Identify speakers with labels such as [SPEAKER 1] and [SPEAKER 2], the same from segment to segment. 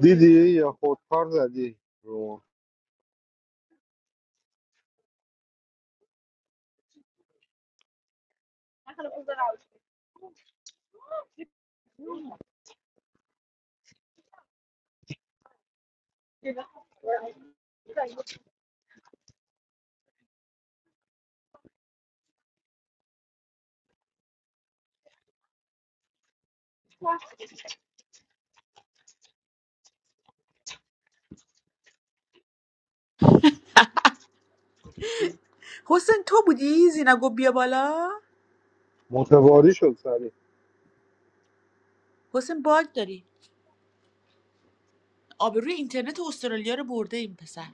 [SPEAKER 1] دیدی یا خودکار زدی رو
[SPEAKER 2] حسین تو بودی زینا گفت بیا بالا
[SPEAKER 1] متواری شد سری
[SPEAKER 2] حسین باگ داری آبروی اینترنت استرالیا رو برده این پسر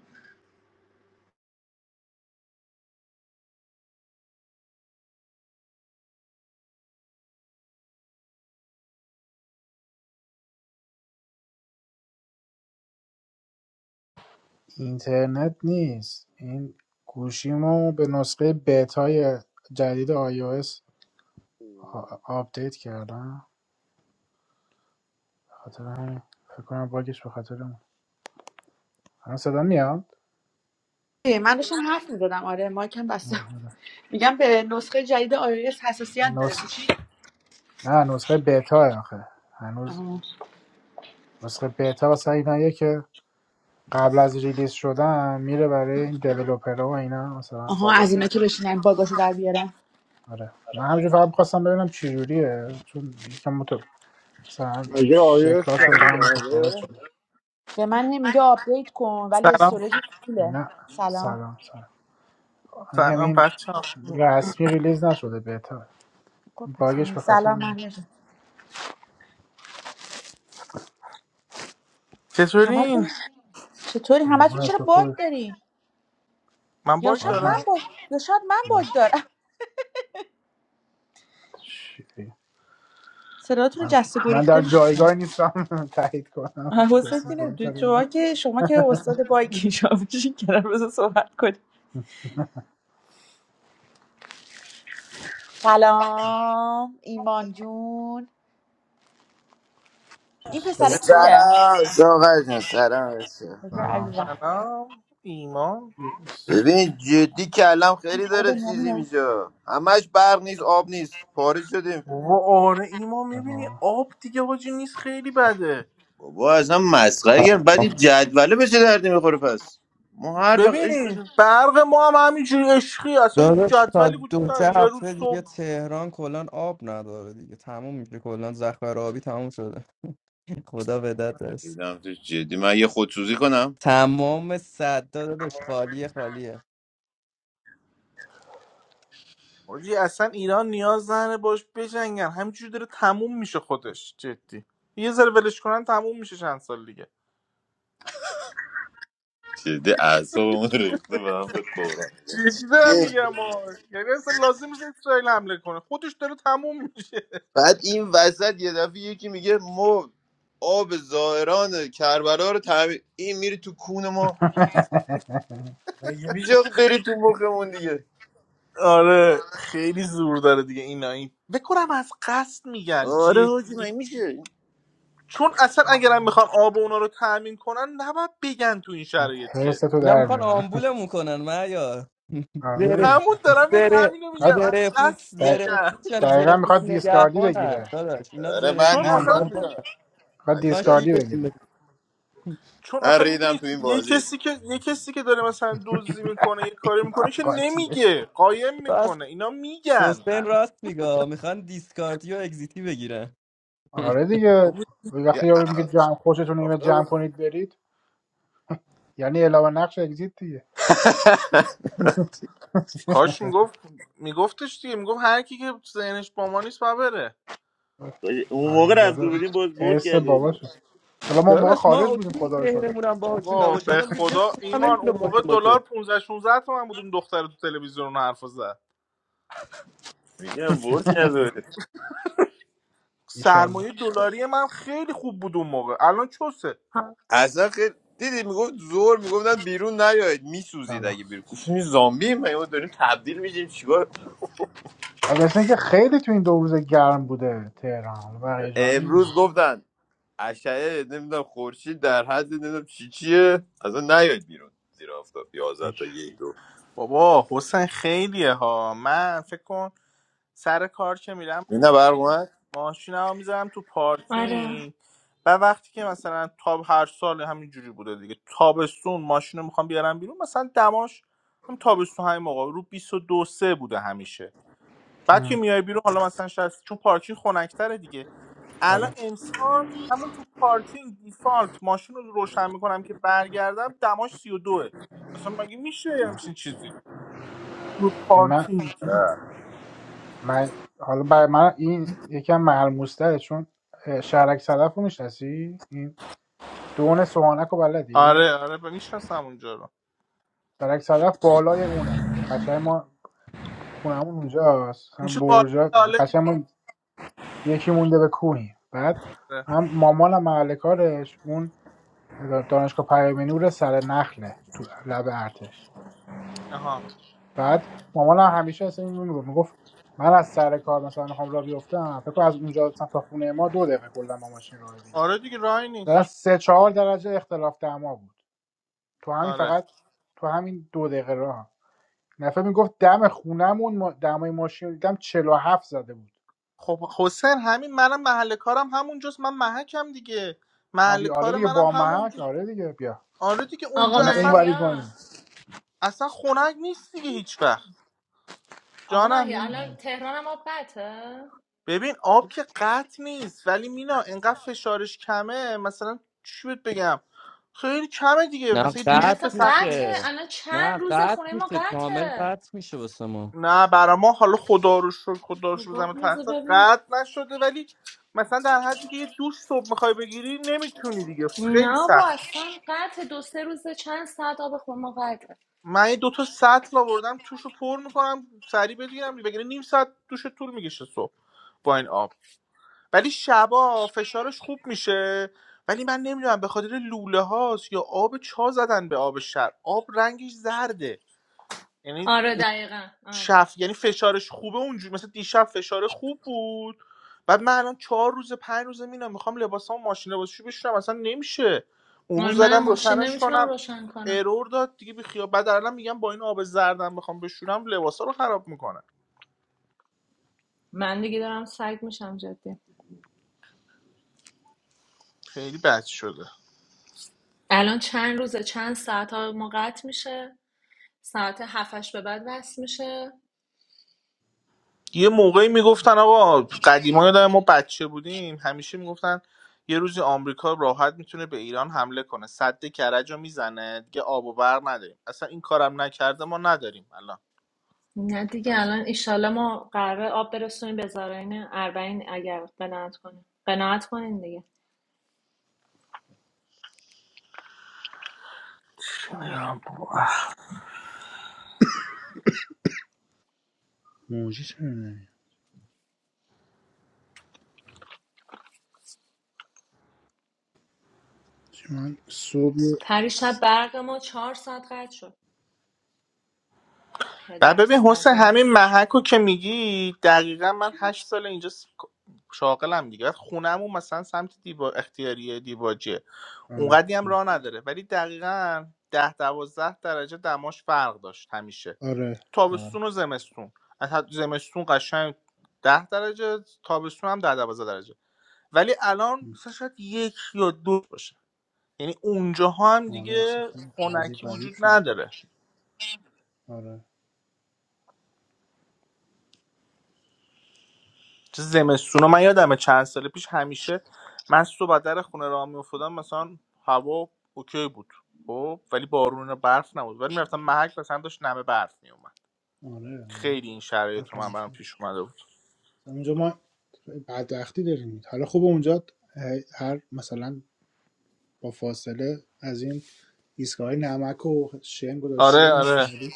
[SPEAKER 3] اینترنت نیست این گوشیمو به نسخه بتای جدید iOS آ- آپدیت کردم به خاطر همین فکر کنم باگش به خاطر اون الان صدا میاد
[SPEAKER 2] ای، من داشتم حرف میزدم آره مایکم بسته بود.
[SPEAKER 3] آره.
[SPEAKER 2] میگم به نسخه جدید iOS حساسیت داره
[SPEAKER 3] نس...
[SPEAKER 2] گوشی
[SPEAKER 3] نه نسخه بتا آخه هنوز
[SPEAKER 2] آها
[SPEAKER 3] نسخه بتا واسه ایناییه که قبل از ریلیز شدن میره برای این دیولوپرها و اینا مثلا
[SPEAKER 2] آها،
[SPEAKER 3] بابا
[SPEAKER 2] از اینا که بشینن باگاشو در بیارن
[SPEAKER 3] آره من همینجور فقط می‌خواستم ببینم چجوریه چون یکم متو... مثلا
[SPEAKER 1] مگه آیس
[SPEAKER 3] شکلاش و
[SPEAKER 1] کردی
[SPEAKER 3] اینا متفاوت
[SPEAKER 1] جمعه
[SPEAKER 3] شده
[SPEAKER 2] به من نمیگه آپدیت کن ولی
[SPEAKER 4] سلام
[SPEAKER 2] استوریج پوله
[SPEAKER 3] نه
[SPEAKER 2] سلام
[SPEAKER 3] سلام سلام میگم
[SPEAKER 4] سلام
[SPEAKER 3] این
[SPEAKER 4] بچه ها
[SPEAKER 3] رسمی ریلیز نشده بتا
[SPEAKER 2] خب پس اون
[SPEAKER 3] باگش به
[SPEAKER 2] نیست.
[SPEAKER 3] خاطر
[SPEAKER 2] سلام
[SPEAKER 3] اینه.
[SPEAKER 2] من
[SPEAKER 4] چطورین؟
[SPEAKER 2] همتون چطوری همتون
[SPEAKER 3] من
[SPEAKER 2] چرا
[SPEAKER 3] تو
[SPEAKER 2] باگ
[SPEAKER 3] خود
[SPEAKER 2] داری
[SPEAKER 4] من
[SPEAKER 2] یا
[SPEAKER 4] باگ
[SPEAKER 2] شاید من
[SPEAKER 4] دارم؟
[SPEAKER 3] بازم
[SPEAKER 2] باگ یا شاید من
[SPEAKER 3] من
[SPEAKER 2] باگ دارم
[SPEAKER 3] چی بگم؟
[SPEAKER 2] صداتون رو
[SPEAKER 3] من,
[SPEAKER 2] جست و
[SPEAKER 3] من در
[SPEAKER 2] گریخته میشه
[SPEAKER 3] جایگاه نیستم تایید کنم
[SPEAKER 2] آه، حسین
[SPEAKER 3] کسی باگ داره
[SPEAKER 2] دیدم
[SPEAKER 3] یا
[SPEAKER 2] شما
[SPEAKER 3] نه
[SPEAKER 2] که شما که استاد بایکی شما بشین کنار بذار صحبت کنیم سلام ایمان جون
[SPEAKER 3] چی
[SPEAKER 2] این پسره
[SPEAKER 3] صبح
[SPEAKER 4] بکنم
[SPEAKER 2] کیه
[SPEAKER 5] سلام ساقه جان سلام بچه‌ها.
[SPEAKER 2] بذار
[SPEAKER 3] سلام
[SPEAKER 2] عزیزم
[SPEAKER 3] سلام
[SPEAKER 4] سلام ایمان
[SPEAKER 5] ببین جدی کلم
[SPEAKER 2] این
[SPEAKER 5] خیلی
[SPEAKER 2] پسره
[SPEAKER 5] داره چیزی
[SPEAKER 2] بنیامینه
[SPEAKER 5] میشه همش برق نیست آب نیست پاره شدیم
[SPEAKER 4] و آره ایمان
[SPEAKER 3] ای
[SPEAKER 4] میبینی
[SPEAKER 3] بابا.
[SPEAKER 4] آب دیگه حاجی نیست خیلی بده
[SPEAKER 5] بابا اصلا مسخره گرم بعد این جدوله بشه دردی میخوره پس ما هر وقت
[SPEAKER 4] ببین
[SPEAKER 5] عشقشون
[SPEAKER 4] برق ما هم همینجوری عشقی اصلا هیچ
[SPEAKER 6] داداش تا
[SPEAKER 4] جدولی وجود
[SPEAKER 6] دو سه
[SPEAKER 4] نداره یه روز
[SPEAKER 6] هفته دیگه
[SPEAKER 4] صبح
[SPEAKER 6] تهران کلا آب نداره دیگه تموم میشه کلا ذخایر آبی تموم شده خدا بدت درست
[SPEAKER 5] دیدم تو جدی من یه خودسوزی کنم
[SPEAKER 6] تمام صد داداش خالیه خالیه
[SPEAKER 4] حاجی اصلا ایران نیاز نداره باش بجنگن همینجوری داره تموم میشه خودش جدی یه ذره ولش کنن تموم میشه چند سال دیگه
[SPEAKER 5] جدی اعصابمون ریخته به هم به قرآن
[SPEAKER 4] جدی دارم
[SPEAKER 5] اه،
[SPEAKER 4] میگم آه. یعنی اصلا لازم نیست اسرائیل حمله کنه خودش داره تموم میشه
[SPEAKER 5] بعد این وسط یه دفعه یکی میگه ما آب زائران کربلا رو تعمیر این میری تو کون ما میشه برید تو مخمون دیگه
[SPEAKER 4] آره خیلی زور داره دیگه اینا این بکنم از قصد میگن
[SPEAKER 5] آره
[SPEAKER 4] جدی
[SPEAKER 5] حاجی من میشه
[SPEAKER 4] چون اصلا اگرم میخوان آب اونا رو تأمین کنن نباید بگن تو این شرایط
[SPEAKER 3] حرص
[SPEAKER 4] که
[SPEAKER 3] تو
[SPEAKER 6] اینا
[SPEAKER 3] در
[SPEAKER 6] میخوان
[SPEAKER 3] بیارم
[SPEAKER 6] آمبولمون کنن من یا
[SPEAKER 3] آره
[SPEAKER 6] زره
[SPEAKER 3] دیگه
[SPEAKER 4] همون دارم بهت
[SPEAKER 6] زره
[SPEAKER 4] همینو میگم
[SPEAKER 3] میخواد
[SPEAKER 4] از
[SPEAKER 6] زره پوش
[SPEAKER 4] قصد
[SPEAKER 6] زره
[SPEAKER 4] میگن
[SPEAKER 6] پوشن زره
[SPEAKER 3] دقیقا
[SPEAKER 6] پوش
[SPEAKER 3] میخواد دیسکاردی
[SPEAKER 6] نگهبانن
[SPEAKER 3] بگیره
[SPEAKER 6] داداش اینا
[SPEAKER 5] آره
[SPEAKER 6] زره
[SPEAKER 5] من
[SPEAKER 6] پوش
[SPEAKER 4] چون
[SPEAKER 3] نه
[SPEAKER 4] آخه
[SPEAKER 3] میخواد
[SPEAKER 5] دیسکارد
[SPEAKER 6] نگهبان
[SPEAKER 4] میدونی
[SPEAKER 5] میکنم
[SPEAKER 3] میخواد
[SPEAKER 5] من
[SPEAKER 6] میخوان
[SPEAKER 5] دیسکارد
[SPEAKER 3] دیسکاردی
[SPEAKER 6] شیلشون
[SPEAKER 3] بگیره
[SPEAKER 6] بگیرن
[SPEAKER 4] چون
[SPEAKER 5] من
[SPEAKER 4] آخه
[SPEAKER 5] ریدم
[SPEAKER 4] میدونی
[SPEAKER 5] تو این
[SPEAKER 4] یه
[SPEAKER 5] بازی
[SPEAKER 4] کسی که یه کسی که داره مثلا دزدی میکنه یه کاری میکنه که
[SPEAKER 3] قاطی
[SPEAKER 4] نمیگه قایم
[SPEAKER 6] راست
[SPEAKER 4] میکنه اینا میگن
[SPEAKER 6] حسین راست میگه میخوان دیسکارتی و اگزیتی بگیرن
[SPEAKER 3] آره دیگه
[SPEAKER 4] بابا،
[SPEAKER 5] یه
[SPEAKER 3] وقتی یارو میگه جمع خوشتون نمیاد جمع
[SPEAKER 5] عقل-
[SPEAKER 3] کنید برید یعنی علاوه نقش اگزیت دیگه
[SPEAKER 4] کاش میگفت میگفتش دیگه میگفت هر کی که ذهنش با ما نیست باید بره
[SPEAKER 5] اون موقع
[SPEAKER 3] حروم
[SPEAKER 5] رفته
[SPEAKER 3] زاده
[SPEAKER 5] بودیم باز برد
[SPEAKER 3] ارث
[SPEAKER 5] کرده بودیم
[SPEAKER 3] باباشه حالا ما اون موقع
[SPEAKER 6] داداش ما
[SPEAKER 3] خارج بودیم
[SPEAKER 6] اوکی
[SPEAKER 3] خدا رو شکر
[SPEAKER 6] ذهنمون هم باهاشون
[SPEAKER 4] بابا
[SPEAKER 6] نباشه
[SPEAKER 4] به
[SPEAKER 6] الان که
[SPEAKER 4] خدا
[SPEAKER 6] جسم هم
[SPEAKER 4] ایمان
[SPEAKER 6] نمیتونه
[SPEAKER 4] اون موقع
[SPEAKER 6] باهاشون
[SPEAKER 4] دلار
[SPEAKER 6] باشه
[SPEAKER 4] 15 16 تومن بود اون دختر تو تلویزیون حرف زد
[SPEAKER 5] میگم برد کرده بود.
[SPEAKER 3] ایشالله
[SPEAKER 4] سرمایه دلاری من خیلی خوب بود اون موقع الان چوسه
[SPEAKER 7] آ-
[SPEAKER 5] اصلا خیلی دیدی میگفت زور میگفتن بیرون نیاید میسوزید
[SPEAKER 3] سلام
[SPEAKER 5] اگه بیرون گفتیم زامبی ما ما داریم تبدیل میشیم چیکار
[SPEAKER 3] از مثل اینکه خیلی تو این دو روز گرم بوده تهران بقیه جا نمی‌دونم.
[SPEAKER 5] امروز گفتن اشعه نمیدونم خورشید در حد نمیدونم چی چیه اصلا نیاید بیرون زیر آفتاب 11
[SPEAKER 3] هیچ
[SPEAKER 5] تا یک دو
[SPEAKER 4] بابا حسین خیلیه ها من فکر کن سر کار که میرم
[SPEAKER 5] اینا برق اومد
[SPEAKER 4] ماشینمو میذارم تو
[SPEAKER 7] آره
[SPEAKER 4] پارکینگ و وقتی که مثلا تاب هر سال همینجوری بوده دیگه تابستون ماشین رو میخوام بیارم بیرون مثلا دماش هم تابستون همین موقع رو بیست و دو 3 بوده همیشه بعد که
[SPEAKER 3] ام،
[SPEAKER 4] میای بیرون حالا مثلا شاید چون پارکینگ خنک‌تره دیگه الان
[SPEAKER 3] آره
[SPEAKER 4] امسال همون تو پارکینگ دیفالت ماشین رو روشن میکنم که برگردم دماش 32 اصلا مگه میشه یه
[SPEAKER 3] اه.
[SPEAKER 4] همچین چیزی رو
[SPEAKER 3] به من,
[SPEAKER 4] پارکینگ
[SPEAKER 3] من حالا برای من این یکم ملموس چون اه، شهرک صدف رو میشناسی این دون سوهانک رو بلدی
[SPEAKER 4] آره آره ب- میشناسم اونجا رو
[SPEAKER 3] شهرک صدف بالای اونه یه قشنگ ما خونمون اونجاست هم
[SPEAKER 4] میشه بالا
[SPEAKER 3] برجا
[SPEAKER 4] لاله
[SPEAKER 3] قشنگ
[SPEAKER 4] دیگه
[SPEAKER 3] ما یکی مونده به کوهی بعد
[SPEAKER 4] آره.
[SPEAKER 3] هم مامانم محل کارش اون دانشگاه پیامی نور سر نخله تو لب ارتش
[SPEAKER 4] آها
[SPEAKER 3] بعد مامانم همیشه اصلا اینو میگفت میگفت من از سر کار مثلا میخوام راه بیفتم فکر کنم از اونجا مثلا تا خونه ما دو دقیقه کلا با ماشین راه دیگه
[SPEAKER 4] آره دیگه راهی
[SPEAKER 3] در
[SPEAKER 4] نیست
[SPEAKER 3] سه چهار درجه اختلاف دما بود تو همین
[SPEAKER 4] آره
[SPEAKER 3] فقط تو همین دو دقیقه راه نفر میگفت دم خونمون ما- دمای ماشین رو دیدم چهل و هفت زده بود
[SPEAKER 4] خب حسین همین منم محل کارم همونجاست من محکم دیگه
[SPEAKER 3] آه
[SPEAKER 4] محل
[SPEAKER 3] بیا آره
[SPEAKER 4] کار
[SPEAKER 3] دیگه
[SPEAKER 4] منم
[SPEAKER 3] با محک
[SPEAKER 4] همونجاست
[SPEAKER 3] آره دیگه بیا
[SPEAKER 4] آره دیگه
[SPEAKER 7] آقا
[SPEAKER 4] اونجا
[SPEAKER 3] شما اون
[SPEAKER 4] اصلا
[SPEAKER 3] ورید ما این.
[SPEAKER 7] مهیا
[SPEAKER 4] اصلا خنک نیست دیگه هیچ وقت
[SPEAKER 7] آقا
[SPEAKER 4] جانم
[SPEAKER 7] مهیا
[SPEAKER 4] مینا
[SPEAKER 7] الان تهران هم آب قطعه
[SPEAKER 4] ببین آب که قطع نیست ولی مینا انقدر فشارش کمه مثلا چی بهت بگم خیلی کمه دیگه
[SPEAKER 6] نه
[SPEAKER 4] مثلا یه
[SPEAKER 7] نه
[SPEAKER 4] دوش
[SPEAKER 6] قطع
[SPEAKER 7] اصلا
[SPEAKER 4] به سختی
[SPEAKER 7] قطعه
[SPEAKER 6] میشه
[SPEAKER 7] الان چند
[SPEAKER 6] نه
[SPEAKER 7] روز
[SPEAKER 6] قطع
[SPEAKER 7] خونه ما
[SPEAKER 6] میشه کامل
[SPEAKER 7] قطعه
[SPEAKER 6] قطع میشه واسه ما
[SPEAKER 4] نه برا ما حالا خدا رو شکر خدا رو شکر
[SPEAKER 7] میگفت
[SPEAKER 4] زمین
[SPEAKER 7] روزه
[SPEAKER 4] تخته
[SPEAKER 7] ببینم
[SPEAKER 4] قطع نشده ولی مثلا در حدی که یه دوش صبح میخوای بگیری نمیتونی دیگه خیلی
[SPEAKER 7] نه با
[SPEAKER 4] سخت
[SPEAKER 7] اصلا قطع دو سه روزه چند ساعت آب خونه ما قطعه
[SPEAKER 4] من یه دوتا سطل آوردم توش رو پر میکنم سریع بگیرم بگیره نیم ساعت دوش طول میکشه صبح با این آب ولی شبا فشارش خوب میشه ولی من نمیدونم به خاطر لوله هاست یا آب چا زدن به آب شب آب رنگش زرده یعنی
[SPEAKER 7] آره دقیقا آره
[SPEAKER 4] شف یعنی فشارش خوبه اونجوری مثل دیشب فشار خوب بود بعد من الان چهار روز پنج روزه میرم میخوام لباسامو ماشین لباسشویی بشورم اصلا نمیشه اون
[SPEAKER 7] آره
[SPEAKER 4] روز
[SPEAKER 7] منم
[SPEAKER 4] زدم
[SPEAKER 7] ماشین
[SPEAKER 4] روشنش
[SPEAKER 7] نمیتونم
[SPEAKER 4] کنم
[SPEAKER 7] روشن کنم
[SPEAKER 4] ارور داد دیگه بی خیال بعد الان میگم با این آب زردم بخوام بشورم لباسا رو خراب میکنه
[SPEAKER 7] من دیگه دارم سگ میشم جدی
[SPEAKER 4] خیلی بد شده
[SPEAKER 7] الان چند روزه چند ساعت آب ما قطع میشه ساعت هفتش به بعد وصل میشه
[SPEAKER 4] یه موقعی میگفتن آقا قدیما یادم ما بچه بودیم همیشه میگفتن یه روزی آمریکا راحت میتونه به ایران حمله کنه سد کرج رو میزنه دیگه آب و برق نداریم اصلا این کارم نکرده ما نداریم الان
[SPEAKER 7] نه دیگه
[SPEAKER 4] همین.
[SPEAKER 7] الان ایشالله ما قراره آب برسونیم به زارعین اربعین اگر قناعت کنیم قناعت کنیم دیگه
[SPEAKER 4] ایران بابا.
[SPEAKER 3] موجی چرا نمیاد چی من صبح
[SPEAKER 7] پری شب برق ما چهار ساعت قطع شد
[SPEAKER 4] و
[SPEAKER 7] پدر
[SPEAKER 4] ببین حسین
[SPEAKER 7] سگا
[SPEAKER 4] همین محک که میگی دقیقا من هشت سال اینجا س- شاغلم دیگه بعد خونهمون مثلا سمت دیبا اختیاریه دیباجیه
[SPEAKER 3] آره
[SPEAKER 4] اونقدی هم
[SPEAKER 3] آره
[SPEAKER 4] راه نداره ولی دقیقا ده دوازده درجه دماش فرق داشت همیشه
[SPEAKER 3] آره آره
[SPEAKER 4] تابستون و زمستون از حد- زمستون قشنگ 10 درجه تابستون هم 10 12 درجه ولی الان مثلا شاید یک یا دو باشه یعنی اونجاها هم
[SPEAKER 3] آره، اصلا
[SPEAKER 4] دیگه
[SPEAKER 3] خیلی عجیب
[SPEAKER 4] خنکی
[SPEAKER 3] غریب
[SPEAKER 4] وجود
[SPEAKER 3] شد
[SPEAKER 4] نداره
[SPEAKER 3] آره
[SPEAKER 4] چه زمستون من یادمه چند سال پیش همیشه من صبح در خونه راه میافتادم مثلا هوا اوکی بود خب ولی بارون و برف نبود ولی میرفتم محک مثلا داشت نمه برف میومد
[SPEAKER 3] آره
[SPEAKER 4] خیلی این شرایط
[SPEAKER 3] حرف
[SPEAKER 4] رو من برام
[SPEAKER 3] همیشه
[SPEAKER 4] پیش اومده بود
[SPEAKER 3] مثلا اونجا ما بدبختی داریم حالا خوب اونجا هر مثلا با فاصله از این ایستگاه نمک و شن گذاشته
[SPEAKER 4] آره
[SPEAKER 3] بودن
[SPEAKER 4] آره
[SPEAKER 3] سنگی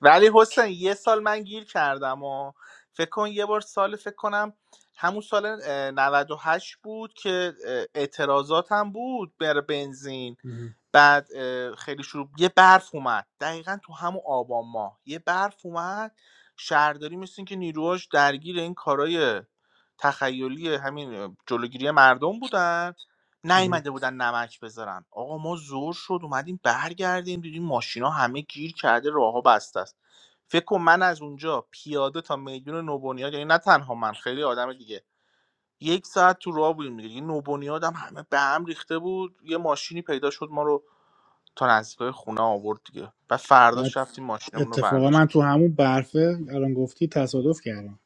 [SPEAKER 4] ولی حسین یه سال من گیر کردم و فکر کن یه بار سال فکر کنم همون سال اه، 98 بود که اه، اعتراضات هم بود بر بنزین
[SPEAKER 3] مهم.
[SPEAKER 4] بعد اه، خیلی شروع یه برف اومد دقیقا تو همون آبان ماه یه برف اومد شهرداری مثل اینکه نیروهاش درگیر این کارای تخیلی همین اه، جلوگیری مردم بودن
[SPEAKER 3] مهم.
[SPEAKER 4] نیومده بودن نمک بذارن آقا ما زور شد اومدیم برگردیم دیدیم ماشینا همه گیر کرده راهها بسته است فکر کن من از اونجا پیاده تا میدون نوبنیاد یعنی نه تنها من خیلی آدم دیگه یک ساعت تو راه بودیم دیگه این نوبنیاد هم همه به هم ریخته بود یه ماشینی پیدا شد ما رو تا نزدیکای خونه آورد دیگه و فرداش
[SPEAKER 3] بعد
[SPEAKER 4] رفتیم ماشینمون رو
[SPEAKER 3] اتفاقا
[SPEAKER 4] برداشت
[SPEAKER 3] من تو همون برفه الان گفتی تصادف کردم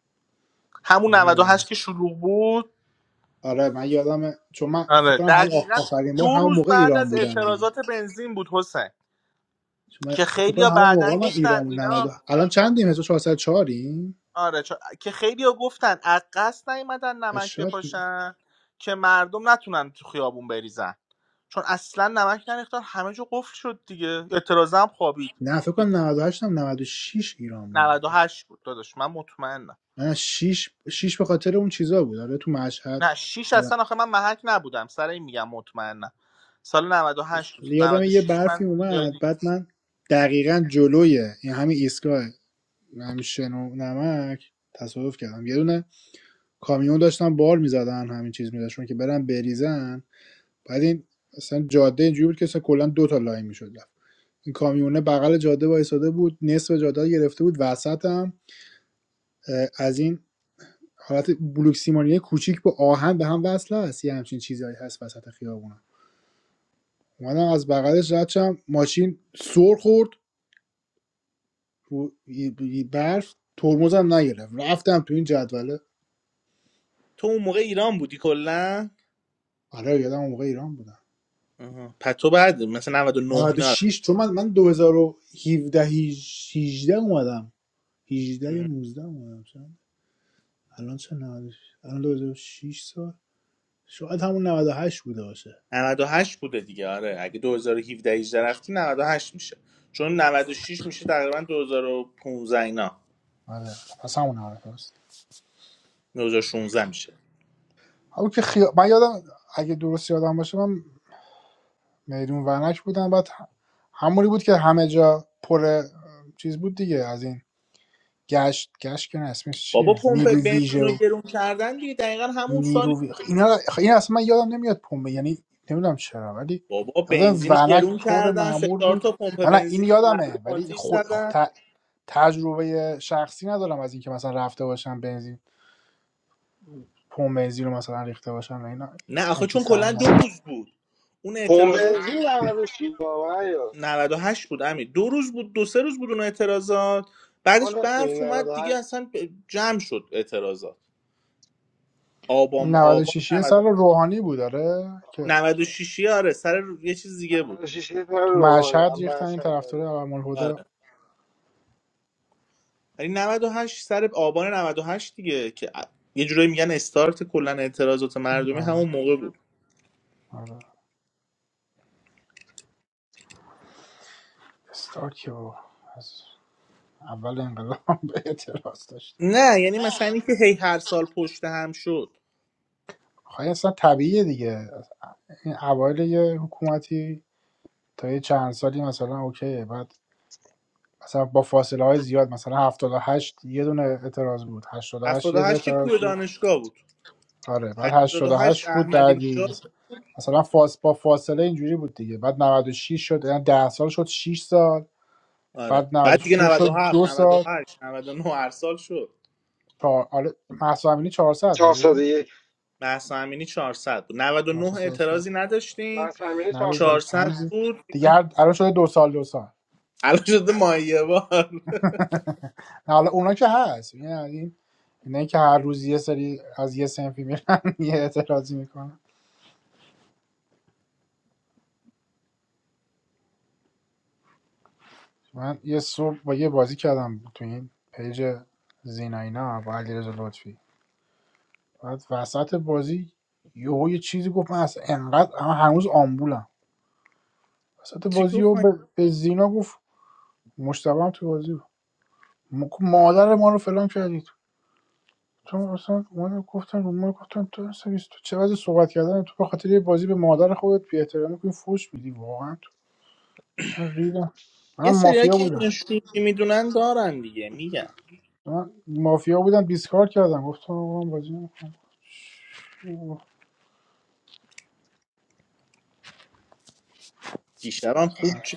[SPEAKER 4] همون
[SPEAKER 3] الان یادم
[SPEAKER 4] 98 که شلوغ بود
[SPEAKER 3] آره من یادمه چون من فکر
[SPEAKER 4] آره
[SPEAKER 3] کنم هم
[SPEAKER 4] دقیقا
[SPEAKER 3] آخرین بار
[SPEAKER 4] دو
[SPEAKER 3] همون
[SPEAKER 4] روز
[SPEAKER 3] موقع
[SPEAKER 4] بعد
[SPEAKER 3] ایران
[SPEAKER 4] از
[SPEAKER 3] بودم دیگه
[SPEAKER 4] اعتراضات بنزین بود حسین
[SPEAKER 3] چون من
[SPEAKER 4] که
[SPEAKER 3] فکر کنم
[SPEAKER 4] خیلیا
[SPEAKER 3] همون موقع
[SPEAKER 4] بعدا
[SPEAKER 3] من ایران
[SPEAKER 4] گفتن
[SPEAKER 3] بود
[SPEAKER 4] اینا
[SPEAKER 3] 90 الان چندیم 1404 این
[SPEAKER 4] آره چا... که خیلی ها گفتن از قصد نیومدن نمک
[SPEAKER 3] شاید
[SPEAKER 4] بپاشن که مردم نتونن تو خیابون بریزن چون اصلا نمک نریختن همه جا قفل شد دیگه اعتراضه هم خوابید
[SPEAKER 3] نه فکر
[SPEAKER 4] یه
[SPEAKER 3] کنم 98 هم نود و شش ایران بودم پس
[SPEAKER 4] 98 بود داداش من مطمئنم
[SPEAKER 3] من شش شش به خاطر اون چیزا بود آره تو مشهد
[SPEAKER 4] نه 6
[SPEAKER 3] آره.
[SPEAKER 4] اصلا آخه من محک نبودم سر این میگم مطمئنم سال 98 بود
[SPEAKER 3] یادم یه
[SPEAKER 4] 96
[SPEAKER 3] برفی
[SPEAKER 4] من یه جای
[SPEAKER 3] اومد
[SPEAKER 4] دیگه
[SPEAKER 3] بعد من دقیقا جلوی این همین ایستگاه همشن و نمک تصادف کردم یه دونه کامیون داشتن بار میزدن همین چیز میذاشون که برن بریزن بعد این اصلا جاده اینجوری بود که اصلا کلا دو تا لاین میشد رفت این کامیونه بغل جاده وایساده بود نصف جاده رو گرفته بود وسط هم اه، از این حالت بلوک سیمانیه کوچیک با آهن به هم وصله است یه همچین چیزهایی هست وسط خیابون اومدم از بغلش رد شم ماشین سر خورد رو برف ترمزم نگرفت رفتم تو این جدوله
[SPEAKER 4] تو اون موقع ایران بودی کلا
[SPEAKER 3] آره یادم اون موقع ایران بودم
[SPEAKER 4] آها. پس تو بعد مثلا 99
[SPEAKER 3] نود و
[SPEAKER 4] اینا
[SPEAKER 3] شش چون من من دو هزار و هفده 18 اومدم 18
[SPEAKER 4] رو.
[SPEAKER 3] یا 19 اومدم چند الان چه 90 الان 2006 سال شاید همون 98 بوده باشه
[SPEAKER 4] 98 بوده دیگه آره اگه 2017 18 رفتی 98 میشه چون نود و شش میشه تقریبا 2015 اینا
[SPEAKER 3] آره پس همون حرف هست
[SPEAKER 4] 2016 میشه
[SPEAKER 3] حالا که خیا... من یادم اگه درست یادم باشه من میدون ورنک بودم بعد همونی بود که همه جا پر چیز بود دیگه از این گشت گشت که نه اسمش
[SPEAKER 4] بابا
[SPEAKER 3] چیه
[SPEAKER 4] پمپ
[SPEAKER 3] نیرو ویژه
[SPEAKER 4] بنزینو
[SPEAKER 3] و
[SPEAKER 4] گرون کردن دیگه دقیقا همون سال
[SPEAKER 3] نیرو وی... خب اینا خب این اصلا من یادم نمیاد پمه یعنی نمیدونم چرا ولی
[SPEAKER 4] بابا
[SPEAKER 3] یادم
[SPEAKER 4] بنزینو
[SPEAKER 3] ورنک
[SPEAKER 4] گرون
[SPEAKER 3] پر
[SPEAKER 4] کردن سه
[SPEAKER 3] معمول
[SPEAKER 4] چهار
[SPEAKER 3] بود
[SPEAKER 4] تا پمپ
[SPEAKER 3] نه نه این
[SPEAKER 4] بنزین مردم
[SPEAKER 3] یادمه ولی
[SPEAKER 4] آتیش
[SPEAKER 3] خود
[SPEAKER 4] زدن
[SPEAKER 3] خود... تجربه شخصی ندارم از اینکه مثلا رفته باشم بنزین پمپ بنزین رو مثلا ریخته باشم و اینا
[SPEAKER 4] نه آخه
[SPEAKER 3] همچین
[SPEAKER 4] چون
[SPEAKER 3] سوال
[SPEAKER 4] کلا دو
[SPEAKER 3] ندارم.
[SPEAKER 4] روز بود اون
[SPEAKER 1] پمپ
[SPEAKER 4] اعتراضات
[SPEAKER 1] بنزین 96 واقعا یا
[SPEAKER 4] 98 بود امیر دو روز بود دو سه روز بود اون اعتراضات
[SPEAKER 1] آن
[SPEAKER 4] بعدش
[SPEAKER 1] راست میگی
[SPEAKER 4] برف اومد دیگه
[SPEAKER 1] 98
[SPEAKER 4] اصلا ب- جمع شد اعتراضات
[SPEAKER 3] اون
[SPEAKER 4] آبام آبان
[SPEAKER 3] 96 یه
[SPEAKER 4] 98
[SPEAKER 3] سال روحانی بود آره که
[SPEAKER 4] 96 -ی، آره سر یه چیز دیگه بود
[SPEAKER 1] 96 نیست، من
[SPEAKER 3] تو
[SPEAKER 1] روحانی
[SPEAKER 3] مشهد
[SPEAKER 1] هم
[SPEAKER 3] ریختن این
[SPEAKER 1] مشهد داده
[SPEAKER 3] طرفدار علم‌الهدا
[SPEAKER 4] آره ولی 98 سر آبان 98 دیگه که یه جورایی میگن استارت کلا اعتراضات مردمی
[SPEAKER 3] آره
[SPEAKER 4] همون موقع بود
[SPEAKER 3] آره استارک بابا. از اول انقلاب به اعتراض داشت
[SPEAKER 4] نه یعنی مثلا اینکه هی هر سال پشت هم شد
[SPEAKER 3] خواهی اصلا طبیعیه دیگه این اوایل یه حکومتی تا یه چند سالی مثلا اوکیه بعد مثلا با فاصله های زیاد مثلا هفتاد و هشت یه دونه اعتراض بود 88 یه
[SPEAKER 4] 78 که
[SPEAKER 3] اعتراض
[SPEAKER 4] کوه
[SPEAKER 3] شد
[SPEAKER 4] دانشگاه بود
[SPEAKER 3] آره بعد هشتاد و
[SPEAKER 4] 88
[SPEAKER 3] هشت بود
[SPEAKER 4] احمدی
[SPEAKER 3] بعدی
[SPEAKER 4] نژاد بود
[SPEAKER 3] مثلا فاس با فاصله اینجوری بود دیگه بعد 96 شد یعنی ده سال شد 6 سال
[SPEAKER 4] آره
[SPEAKER 3] بعد
[SPEAKER 4] بعد دیگه
[SPEAKER 3] 96 شد
[SPEAKER 4] 97
[SPEAKER 3] دو سال
[SPEAKER 4] 98 99 هر سال شد
[SPEAKER 3] چهار آره مهسا امینی 400 بود
[SPEAKER 1] 401
[SPEAKER 4] مهسا امینی چهارصد بود 99
[SPEAKER 3] 400 400
[SPEAKER 4] اعتراضی
[SPEAKER 1] من
[SPEAKER 4] نداشتیم
[SPEAKER 1] سمیره 400
[SPEAKER 3] نه
[SPEAKER 4] چهارصد
[SPEAKER 3] همزی
[SPEAKER 4] بود
[SPEAKER 3] دیگه هر الان شده دو سال دو سال
[SPEAKER 4] الان شده مایه بار
[SPEAKER 3] نه حالا اونا که هست یعنی اینه که هر روز یه سری از یه سنفی میرن یه اعتراضی میکنن من یه صبح با یه بازی کردم تو این پیج زینا اینا با علیرضا لطفی بعد وسط بازی یهو یه چیزی گفت من اصلا انقدر اما هنوز آمبولم وسط
[SPEAKER 4] چی
[SPEAKER 3] بازی
[SPEAKER 4] گفت
[SPEAKER 3] یهو به, به زینا گفت مشتبه هم تو بازی بود. م- مادر ما رو فلان کردی تو تو اصلا من گفتم رو ما گفتم تو اصلا بیست- تو چه وضع صحبت کردن تو به خاطر یه بازی به مادر خودت بی احترامی کنی فوش میدی واقعا تو اصلا ریدم
[SPEAKER 4] یه
[SPEAKER 3] منم
[SPEAKER 4] سریا
[SPEAKER 3] مافیا
[SPEAKER 4] که
[SPEAKER 3] بودم
[SPEAKER 4] اینو شوخی میدونن دارن دیگه میگم
[SPEAKER 3] من مافیا بودم دیسکارد کردم گفتم آقا من بازی نمی‌کنم.
[SPEAKER 4] دیشب هم خوب چ...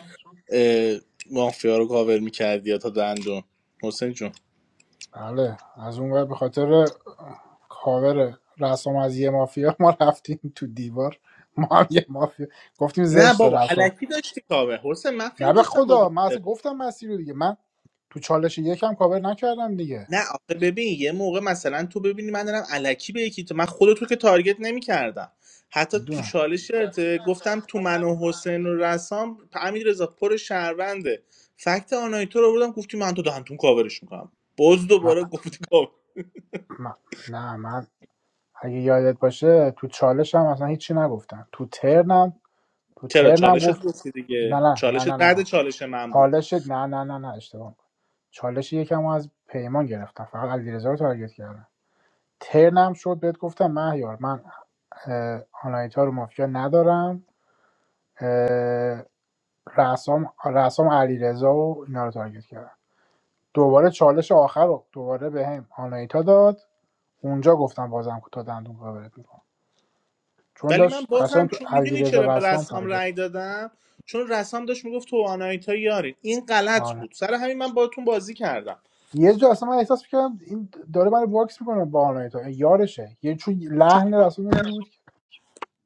[SPEAKER 4] اه، مافیا رو کاور میکردی یا تا دندون حسین جون
[SPEAKER 3] بله از اون ور به خاطر کاوره رسام از یه مافیا ما رفتیم تو دیوار ما هم یه مافیا گفتیم
[SPEAKER 4] نه
[SPEAKER 3] زشت
[SPEAKER 4] بابا
[SPEAKER 3] رسام
[SPEAKER 4] علکی داشتی کاور حسین من
[SPEAKER 3] نه
[SPEAKER 4] خیلی
[SPEAKER 3] به
[SPEAKER 4] داشتم باز
[SPEAKER 3] خدا من اصلا
[SPEAKER 4] می‌کردم.
[SPEAKER 3] گفتم مسیر رو دیگه من تو چالش یکم کاور نکردم دیگه
[SPEAKER 4] نه آخه ببین یه موقع مثلا تو ببینی من دارم علکی به یکی تو من خود تو که تارگت نمیکردم حتی تو
[SPEAKER 3] میدونم
[SPEAKER 4] چالش گفتم تو من و حسین و رسام امیر رضا پر شهرونده فکت آنایتو رو بردم گفتی من تو دندون کاورش میکنم باز
[SPEAKER 3] من,
[SPEAKER 4] دوباره گفتی
[SPEAKER 3] من- نه من اگه یادت باشه تو چالشم اصلا هیچی نگفتم تو ترنم تو
[SPEAKER 4] چرا
[SPEAKER 3] ترنم
[SPEAKER 4] چالشت
[SPEAKER 3] گفت
[SPEAKER 4] گفتی
[SPEAKER 3] نه
[SPEAKER 4] دیگه
[SPEAKER 3] نه نه نه
[SPEAKER 4] چالشت
[SPEAKER 3] نه
[SPEAKER 4] بعد
[SPEAKER 3] نه.
[SPEAKER 4] چالش من بود
[SPEAKER 3] چالش نه نه نه نه اشتباه می‌کنی. چالش یکم رو از پیمان گرفتم فقط علیرضا رو تارگت کردم ترنم شد بهت گفتم مهیار من اه، آنایتا رو مافیا ندارم اه، رسام رسام علیرضا و اینا رو تارگت کردم دوباره چالش آخر رو دوباره به هم آنایتا داد اونجا گفتم بازم تا دندون کاورت میکنم چون
[SPEAKER 4] ولی من
[SPEAKER 3] داشت قشنگ
[SPEAKER 4] بازم
[SPEAKER 3] تو
[SPEAKER 4] چون میدونی
[SPEAKER 3] علیرضا
[SPEAKER 4] چرا به
[SPEAKER 3] رسام
[SPEAKER 4] رسام
[SPEAKER 3] تارگت
[SPEAKER 4] رأی دادم چون رسام داشت میگفت تو و آناهیتا یارین این غلط
[SPEAKER 3] آره
[SPEAKER 4] بود سر همین من باهاتون بازی کردم
[SPEAKER 3] یه جا اصلا من احساس میکردم این داره من باکس میکنه با آنایتا یارشه یه چون لحن رسام یه جوری بود که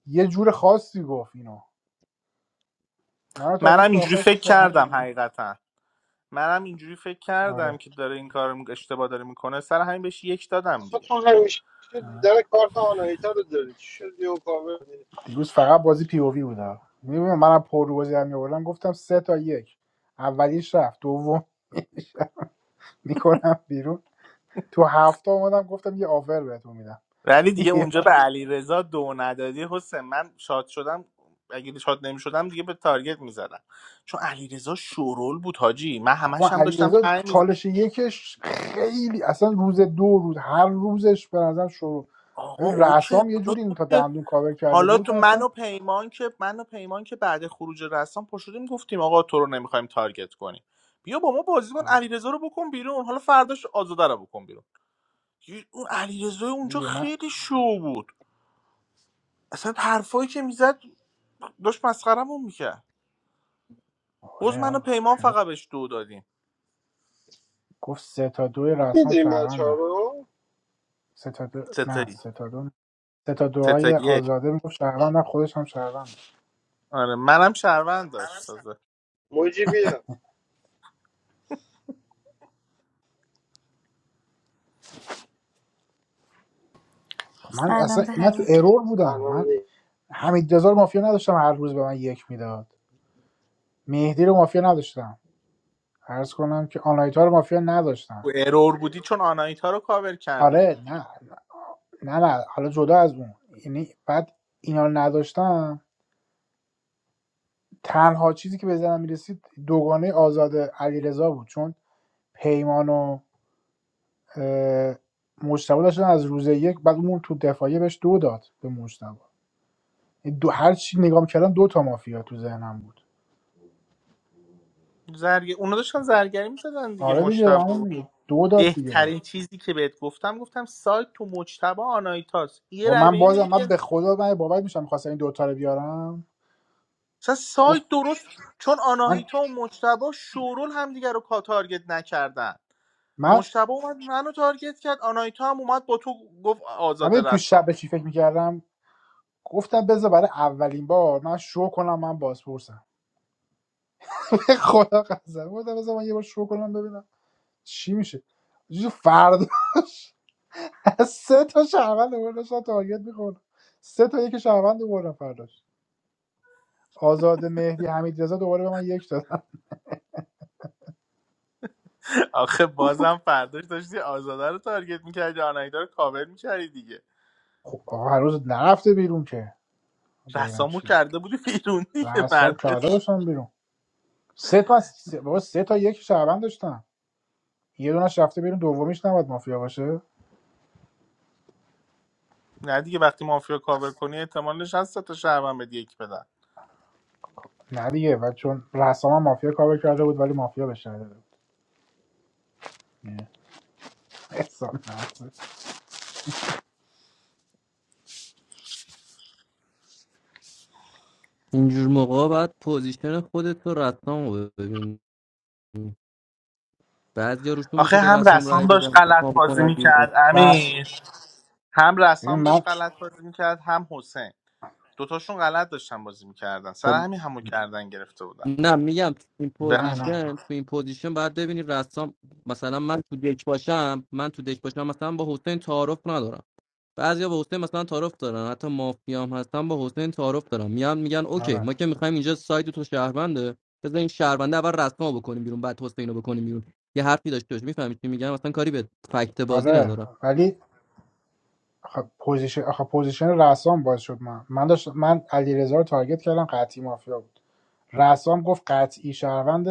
[SPEAKER 3] یه جور خاصی گفت اینو من رو تارگت
[SPEAKER 4] منم
[SPEAKER 3] کرد
[SPEAKER 4] اینجوری
[SPEAKER 3] آخرش
[SPEAKER 4] فکر
[SPEAKER 3] گفت با همین
[SPEAKER 4] کردم
[SPEAKER 3] آنایتا.
[SPEAKER 4] حقیقتا منم اینجوری فکر کردم
[SPEAKER 3] آره
[SPEAKER 4] که داره این کار رو اشتباه داره میکنه سر همین بهش یک دادم
[SPEAKER 1] آخه
[SPEAKER 4] دیگه
[SPEAKER 1] تو همیشه دیدن کارت آنایتا رو داری چی شد یه کاور داری
[SPEAKER 3] دیروز فقط بازی پی او وی بوده میبینم منم پر رو بازی می آوردم گفتم سه تا یک اولیش رفت دوم میکنم بیرون تو هفته اومدم گفتم یه آفر بهتون میدم
[SPEAKER 4] ولی دیگه اونجا به علیرضا رضا دو ندادی حسین من شاد شدم اگه شاد نمیشدم دیگه به تارگت میزدم چون علیرضا شورول بود حاجی من
[SPEAKER 3] ما
[SPEAKER 4] همش هم داشتم
[SPEAKER 3] علیرضا
[SPEAKER 4] پنج می‌زدم.
[SPEAKER 3] چالش یکش خیلی اصلا روز دو روز هر روزش به نظر شروع
[SPEAKER 4] آقا
[SPEAKER 3] ولی
[SPEAKER 4] اوکی
[SPEAKER 3] رسام یه
[SPEAKER 4] حالا
[SPEAKER 3] جوری
[SPEAKER 4] تو
[SPEAKER 3] تا
[SPEAKER 4] که
[SPEAKER 3] دندون کاور کرده
[SPEAKER 4] حالا
[SPEAKER 3] بود
[SPEAKER 4] تو
[SPEAKER 3] من
[SPEAKER 4] من
[SPEAKER 3] اصلا
[SPEAKER 4] و پیمان که من و پیمان که بعد خروج رسام پشودیم گفتیم آقا تو رو نمیخوایم تارگت کنیم بیا با ما بازی کن
[SPEAKER 3] آره.
[SPEAKER 4] علیرضا رو بکن بیرون حالا فرداش آزاده رو بکن بیرون یه- اون علیرضا اونجا
[SPEAKER 3] دیگه من
[SPEAKER 4] خیلی شو بود اصلا حرفایی که میزد داشت مسخرمون میکرد باز
[SPEAKER 3] آره
[SPEAKER 4] من و
[SPEAKER 3] آقا.
[SPEAKER 4] پیمان فقط بهش دو دادیم
[SPEAKER 3] گفت سه تا دو رسام
[SPEAKER 1] میدیم بچه ها
[SPEAKER 3] شهروندم
[SPEAKER 1] رو
[SPEAKER 3] سه تا دو نه
[SPEAKER 4] ستایی
[SPEAKER 3] سه تا دو سه تا دوهای
[SPEAKER 4] ستایی
[SPEAKER 3] آزاده میگفت شهروندم خودش هم شهروند
[SPEAKER 4] آره منم شهروند داشت تازه
[SPEAKER 1] موجی بیا
[SPEAKER 3] من اصلا
[SPEAKER 8] Salam,
[SPEAKER 3] من تو
[SPEAKER 8] Behnam.
[SPEAKER 3] ارور بودم
[SPEAKER 1] سلام
[SPEAKER 3] من
[SPEAKER 1] نی
[SPEAKER 3] حمید رضا رو مافیا نداشتم هر روز به من یک میداد مهدی رو مافیا نداشتم عرض کنم که آنایتا رو مافیا نداشتم
[SPEAKER 4] تو ارور بودی چون آنایتا رو کاور کرده بودی
[SPEAKER 3] آره
[SPEAKER 4] دیگه
[SPEAKER 3] نه نه نه حالا جدا از اون یعنی بعد اینا رو نداشتم تنها چیزی که به ذهنم میرسید دوگانه آزاد علیرضا بود چون پیمان و اه، مجتبی داشتن از روز یک بعد اون تو دفاعیه بهش دو داد به مجتبی این دو هر چی نگاه کردم دو تا مافیا تو ذهنم بود
[SPEAKER 4] زرگ... اونا داشتن زرگری میزدن دیگه
[SPEAKER 3] آره دیگه
[SPEAKER 4] مشتبه
[SPEAKER 3] همون دیگه. دو داد دیگه بگه
[SPEAKER 4] بهترین چیزی که بهت گفتم گفتم سایت تو مجتبا آناهیتاست یه
[SPEAKER 3] و
[SPEAKER 4] رای به
[SPEAKER 3] من
[SPEAKER 4] این میدی
[SPEAKER 3] بازم من
[SPEAKER 4] دیگه
[SPEAKER 3] به خدا من باور میشم میخواستم این دوتا رو بیارم
[SPEAKER 4] اصلا
[SPEAKER 3] گفت
[SPEAKER 4] سایت درست چون
[SPEAKER 3] من
[SPEAKER 4] آناهیتا و مجتبا شورول همدیگه رو کا تارگت نکردن
[SPEAKER 3] من
[SPEAKER 4] مجتبا اومد منو تارگت کرد آناهیتا هم اومد با تو گفت
[SPEAKER 3] من
[SPEAKER 4] آزاده
[SPEAKER 3] ببین تو
[SPEAKER 4] رسام
[SPEAKER 3] شب به چی فکر میکردم گفتم بذار برای اولین بار من شو کنم من بازپرسم به خدا قسم گفتم بذار من یه بار شو کنم ببینم چی میشه جو فردا سه تا شهروند دوباره داشتم تارگت میخورد سه تا یک شهروند دوباره فرداش آزاد مهدی حمید رضا دوباره به من یک داد
[SPEAKER 4] آخه بازم فرداش داشتی آزاده رو تارگت میکردی آناهیتا رو کاور میکردی دیگه
[SPEAKER 3] خب آقا هر روز نرفته بیرون که ببینم
[SPEAKER 4] رسامو
[SPEAKER 3] چی
[SPEAKER 4] کرده بودی بیرون دیگه
[SPEAKER 3] رسام
[SPEAKER 4] مرد
[SPEAKER 3] کرده باشم بیرون سه تا از- سه, بابا سه تا یک شعبان داشتم یه دونش رفته بیرون دومیش نباید مافیا باشه
[SPEAKER 4] نه دیگه وقتی مافیا کاور کنی احتمالش هست تا شهروند بد یک بدن
[SPEAKER 3] نه دیگه و چون رسام هم مافیا کاور کرده بود ولی مافیا بهش نداده بود یه احسان
[SPEAKER 6] اینجور موقع باید پوزیشن خودت رو رسام رو ببینی بعد یا روشون میشه
[SPEAKER 4] آخه
[SPEAKER 6] به
[SPEAKER 4] هم
[SPEAKER 6] رسام رای
[SPEAKER 4] رسام
[SPEAKER 3] نه.
[SPEAKER 6] بدن
[SPEAKER 4] داشت
[SPEAKER 6] ما
[SPEAKER 4] غلط بازی
[SPEAKER 6] بکنن بیرون
[SPEAKER 4] میکرد
[SPEAKER 3] رس
[SPEAKER 4] امیر هم
[SPEAKER 3] ببین
[SPEAKER 4] رسام
[SPEAKER 3] من
[SPEAKER 4] داشت غلط بازی میکرد هم حسین دوتاشون غلط داشتن بازی میکردن سر
[SPEAKER 6] خب
[SPEAKER 4] همین همو گردن گرفته بودن
[SPEAKER 6] نه میگم تو این
[SPEAKER 4] به
[SPEAKER 3] نه
[SPEAKER 4] نظر-
[SPEAKER 3] نه
[SPEAKER 6] پوزیشن تو این پوزیشن باید ببینی رسام مثلا من تو دک باشم من تو دک باشم مثلا با حسین تعارف ندارم بعضیا با حسین مثلا تعارف دارن حتی مافیا هم هستن با حسین تعارف دارن میان میگن اوکی
[SPEAKER 3] آره
[SPEAKER 6] ما که میخوایم اینجا سایت تو شهرونده بذار این شهرونده اول رسما بکنیم بیرون بعد حسین رو بکنیم بیرون یه حرفی داشته باشه میفهمی چی میگم مثلا کاری به فکت بازی
[SPEAKER 3] آره
[SPEAKER 6] ندارم
[SPEAKER 3] ولی خب پوزیشن خب پوزیشن رسام باز شد من من داشت من علیرضا رو تارگت کردم قطعی مافیا بود رسام گفت قطعی شهروند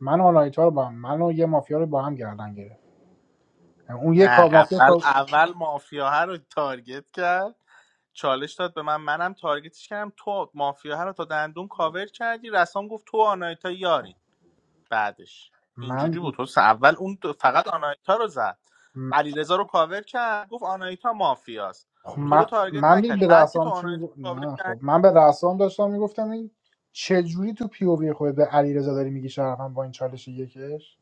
[SPEAKER 3] من و آنایتا رو با هم من و یه مافیا رو با هم گردن گرفت اون یه کار
[SPEAKER 4] نه
[SPEAKER 3] مافیا
[SPEAKER 4] اول
[SPEAKER 3] کار
[SPEAKER 4] اول مافیا رو تارگت کرد چالش داد به من منم تارگتش کردم تو مافیا رو تا دندون کاور کردی رسام گفت تو آنایتا یاری بعدش
[SPEAKER 3] من
[SPEAKER 4] اینجوری بود حسن اول اون دو- فقط آنایتا رو زد
[SPEAKER 3] م-
[SPEAKER 4] علیرضا رو کاور کرد گفت آنایتا مافیاست
[SPEAKER 3] خب
[SPEAKER 4] تو رو
[SPEAKER 3] من
[SPEAKER 4] تارگت
[SPEAKER 3] من می-
[SPEAKER 4] نکرد
[SPEAKER 3] به
[SPEAKER 4] بعد که تو
[SPEAKER 3] رسام چی
[SPEAKER 4] آنایتا رو
[SPEAKER 3] میگو
[SPEAKER 4] کاور
[SPEAKER 3] نه
[SPEAKER 4] کرد
[SPEAKER 3] خب من به رسام داشتم میگفتم این چجوری تو پی او وی خود به علیرضا داری میگی شرفم با این چالش یکش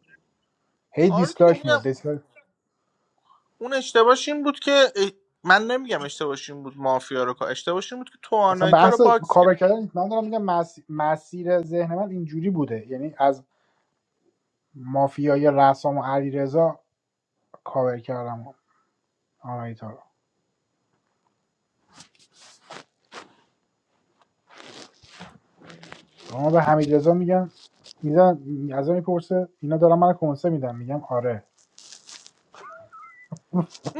[SPEAKER 3] هی
[SPEAKER 4] آره دیگه
[SPEAKER 3] دیسلایک
[SPEAKER 4] اون
[SPEAKER 3] میاد دیسلایک
[SPEAKER 4] اون اشتباهش این بود که اه، من نمیگم اشتباهش این بود مافیا رو کا- اشتباهش این بود که تو
[SPEAKER 3] اصلا
[SPEAKER 4] آنایتا رو
[SPEAKER 3] بحث
[SPEAKER 4] باکس
[SPEAKER 3] کاور
[SPEAKER 4] کرد
[SPEAKER 3] کردن نیست. من دارم میگم مس... مسیر ذهن من اینجوری بوده یعنی از مافیای رسام و علیرضا کاور کردم آنایتا رو اما به حمیدرضا میگم میزن از من میپرسه اینا دارن من کنسه میدم میگم آره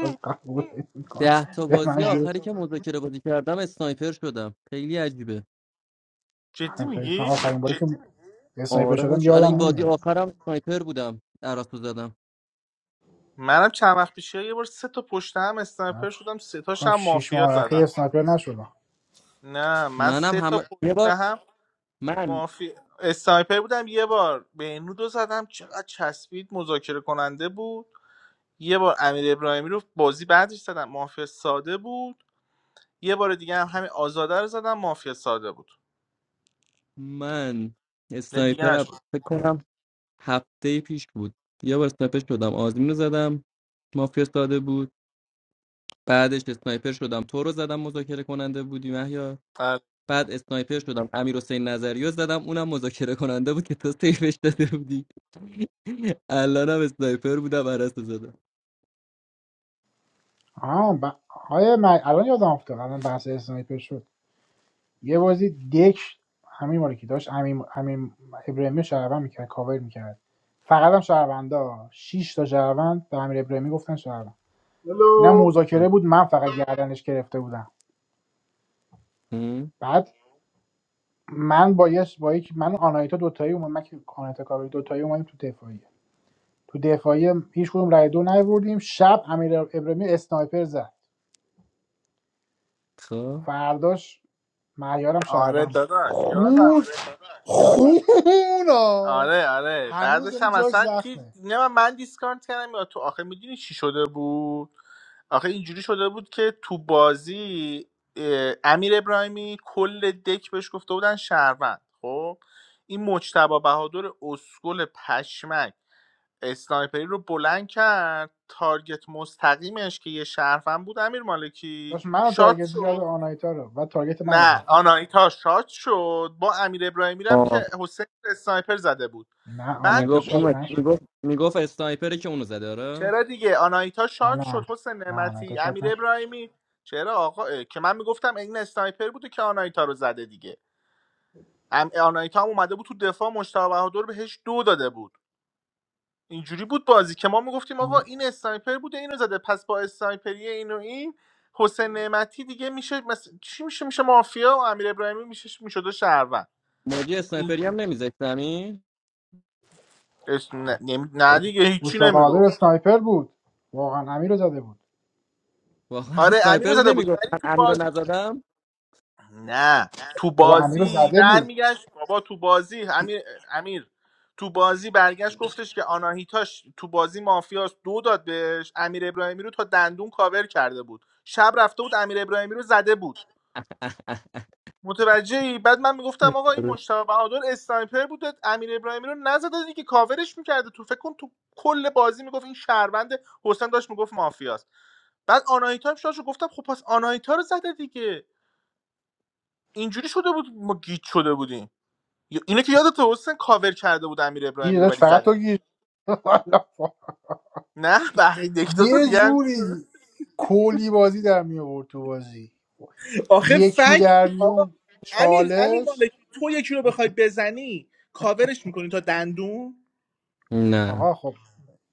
[SPEAKER 3] باز قبول کن
[SPEAKER 6] ده تا
[SPEAKER 3] به من
[SPEAKER 6] بازی
[SPEAKER 3] یه
[SPEAKER 6] آخری که مذاکره بازی کردم اسنایپر شدم خیلی عجیبه
[SPEAKER 4] جدی
[SPEAKER 3] همسایه اسم- من
[SPEAKER 4] میگی
[SPEAKER 3] آخرین باری که اسنایپر
[SPEAKER 6] آره
[SPEAKER 3] شدم
[SPEAKER 6] حاجی الان
[SPEAKER 3] یادم
[SPEAKER 6] این بازی
[SPEAKER 3] نمیاد
[SPEAKER 6] آخرم اسنایپر بودم عراق زدم
[SPEAKER 4] منم چند وقت پیش یه بار سه تا پشت هم
[SPEAKER 3] من
[SPEAKER 4] اسنایپر
[SPEAKER 3] فکر
[SPEAKER 4] شدم سه تاش
[SPEAKER 3] کنم
[SPEAKER 4] هم
[SPEAKER 3] شیش
[SPEAKER 4] مافیا
[SPEAKER 3] ماه اخیر
[SPEAKER 4] زدم
[SPEAKER 3] اسنایپر نشدم
[SPEAKER 4] نه من
[SPEAKER 6] منم
[SPEAKER 4] سه تا
[SPEAKER 6] هم یه
[SPEAKER 4] پشت
[SPEAKER 6] بار
[SPEAKER 4] هم
[SPEAKER 6] من
[SPEAKER 4] مافی اسنایپر بودم یه بار به رو زدم چقدر چسبید مذاکره کننده بود یه بار امیر ابراهیمی رو بازی بعدش زدم مافیا ساده بود یه بار دیگه هم همین آزاده رو زدم مافیا ساده بود
[SPEAKER 6] من
[SPEAKER 4] نه دیگه
[SPEAKER 6] اسنایپر
[SPEAKER 4] نشد
[SPEAKER 6] فکر کنم هفته پیش بود یه بار اسنایپر شدم آزمین رو زدم مافیا ساده بود بعدش اسنایپر شدم تو رو زدم مذاکره کننده بودی مهیا بعد اسنایپر شدم امیر حسین نظری رو زدم اونم مذاکره کننده بود که تو سیفش داده بودی الانم اسنایپر بودم عرصه زدم
[SPEAKER 3] آه ب... های من الان یادم افتاد الان بحث اسنایپر شد یه بازی دک همین مالی که داشت همین همین ابراهیمی شهروند میکرد کاور میکرد فقط هم شهروندا شش تا شهروند به امیر ابراهیمی گفتن شهروند اینم
[SPEAKER 9] هلو
[SPEAKER 3] مذاکره بود من فقط گردنش گرفته بودم
[SPEAKER 6] هم،
[SPEAKER 3] بعد من با یه با یک من و آنایتا دوتایی اومدیم من که آنایتا کابل دوتایی اومدیم تو دفاعیه تو دفاعی هیچ کدوم رای دو نیوردیم شب امیر ابراهیمی اسنایپر زد
[SPEAKER 6] خب
[SPEAKER 3] فرداش معیارم
[SPEAKER 4] آره
[SPEAKER 3] شهروند بود
[SPEAKER 4] داداش یادم
[SPEAKER 3] خون خون آی.
[SPEAKER 4] آره آره
[SPEAKER 3] هنوز
[SPEAKER 4] بعدش
[SPEAKER 3] یعنی
[SPEAKER 4] هم
[SPEAKER 3] جاش
[SPEAKER 4] اصلا کی
[SPEAKER 3] زخمه
[SPEAKER 4] نه من من دیسکارد کردم یا تو آخه میدونی چی شده بود آخه اینجوری شده بود که تو بازی اه، امیر ابراهیمی کل دک بهش گفته بودن شهروند خب این مجتبی بهادر اسکل پشمک اسنایپری رو بلند کرد تارگت مستقیمش که یه شهروند بود امیر مالکی
[SPEAKER 3] داشت منو
[SPEAKER 4] شات
[SPEAKER 3] تارگت
[SPEAKER 4] شد
[SPEAKER 3] میکرد و آنایتا رو و تارگت منو
[SPEAKER 4] نه
[SPEAKER 3] زد
[SPEAKER 4] آناهیتا شاد شد با امیر ابراهیمی هم که
[SPEAKER 6] آه
[SPEAKER 4] حسین اسنایپر زده بود
[SPEAKER 3] نه
[SPEAKER 4] بعد
[SPEAKER 3] آنایتا
[SPEAKER 4] تو
[SPEAKER 6] میگفت اون
[SPEAKER 3] شاد
[SPEAKER 6] وقت-
[SPEAKER 3] نشد
[SPEAKER 6] میگفت میگفت اسنایپره که اونو زده آره
[SPEAKER 4] چرا دیگه آناهیتا
[SPEAKER 3] نه
[SPEAKER 4] شاد
[SPEAKER 3] نه
[SPEAKER 4] شد حسین
[SPEAKER 3] نه آنایتا
[SPEAKER 4] نعمتی
[SPEAKER 3] شاد
[SPEAKER 4] امیر
[SPEAKER 3] نشد
[SPEAKER 4] ابراهیمی چرا آقا اه، که من میگفتم این اسنایپر بوده که آناهیتا رو زده دیگه ام آناهیتا هم اومده بود تو دفاع مشتاق بهادر بهش دو داده بود اینجوری بود بازی که ما میگفتیم آقا این اسنایپر بوده اینو زده پس با اسنایپری این و این حسین نعمتی دیگه میشه مثل... چی میشه میشه مافیا و امیر ابراهیمی میشه میشده شهروند
[SPEAKER 6] موجی اسنایپری هم نمیذاشت زمین
[SPEAKER 4] اسم نه, نمی... نه دیگه هیچی
[SPEAKER 3] مصطفی قادر
[SPEAKER 4] نمیگفت
[SPEAKER 3] اسنایپر بود واقعا امیر رو زده بود
[SPEAKER 6] واقعا
[SPEAKER 4] آره امیر رو
[SPEAKER 6] اسنایپر بود
[SPEAKER 4] زده بود
[SPEAKER 6] نمیگفت
[SPEAKER 4] ولی
[SPEAKER 6] من
[SPEAKER 4] تو
[SPEAKER 6] امیر رو
[SPEAKER 4] باز
[SPEAKER 6] نزدم
[SPEAKER 4] نه تو
[SPEAKER 3] بابا امیر رو
[SPEAKER 4] بازی
[SPEAKER 3] زده بود
[SPEAKER 4] برمیگشت بابا تو بازی امیر امیر تو بازی برگشت گفتش که آناهیتاش تو بازی مافیاست دو داد بهش امیر ابراهیمی رو تا دندون کاور کرده بود شب رفته بود امیر ابراهیمی رو زده بود متوجهی بعد من میگفتم آقا این
[SPEAKER 6] آره.
[SPEAKER 4] مشتبه بهادر اسنایپر بوده امیر ابراهیمی رو نزده دیگه کاورش میکرده تو فکر کن تو کل بازی میگفت این شهروند حسین داشت میگفت مافیاست بعد آناهیتا هم شاش رو گفتم خب پس آناهیتا رو زده دیگه اینجوری شده بود ما گیت شده بودیم یا- اینو که یادت حسین کاور کرده بود امیر
[SPEAKER 3] این
[SPEAKER 4] ابراهیمی رو
[SPEAKER 3] داشت
[SPEAKER 4] ولی
[SPEAKER 3] فقط تو
[SPEAKER 4] زده بود
[SPEAKER 3] گیر والا
[SPEAKER 4] نه بقیه یک دو تا
[SPEAKER 3] یه
[SPEAKER 4] دیگه هم
[SPEAKER 3] جوری کلی بازی در می آورد تو بازی
[SPEAKER 4] آخه
[SPEAKER 3] یکی
[SPEAKER 4] فکت
[SPEAKER 3] در
[SPEAKER 4] آقا
[SPEAKER 3] میون
[SPEAKER 4] امیر امیر
[SPEAKER 3] چالش
[SPEAKER 4] مالکی تو یکی رو بخوای بزنی کاورش میکنی تا دندون
[SPEAKER 6] نه
[SPEAKER 3] آقا خب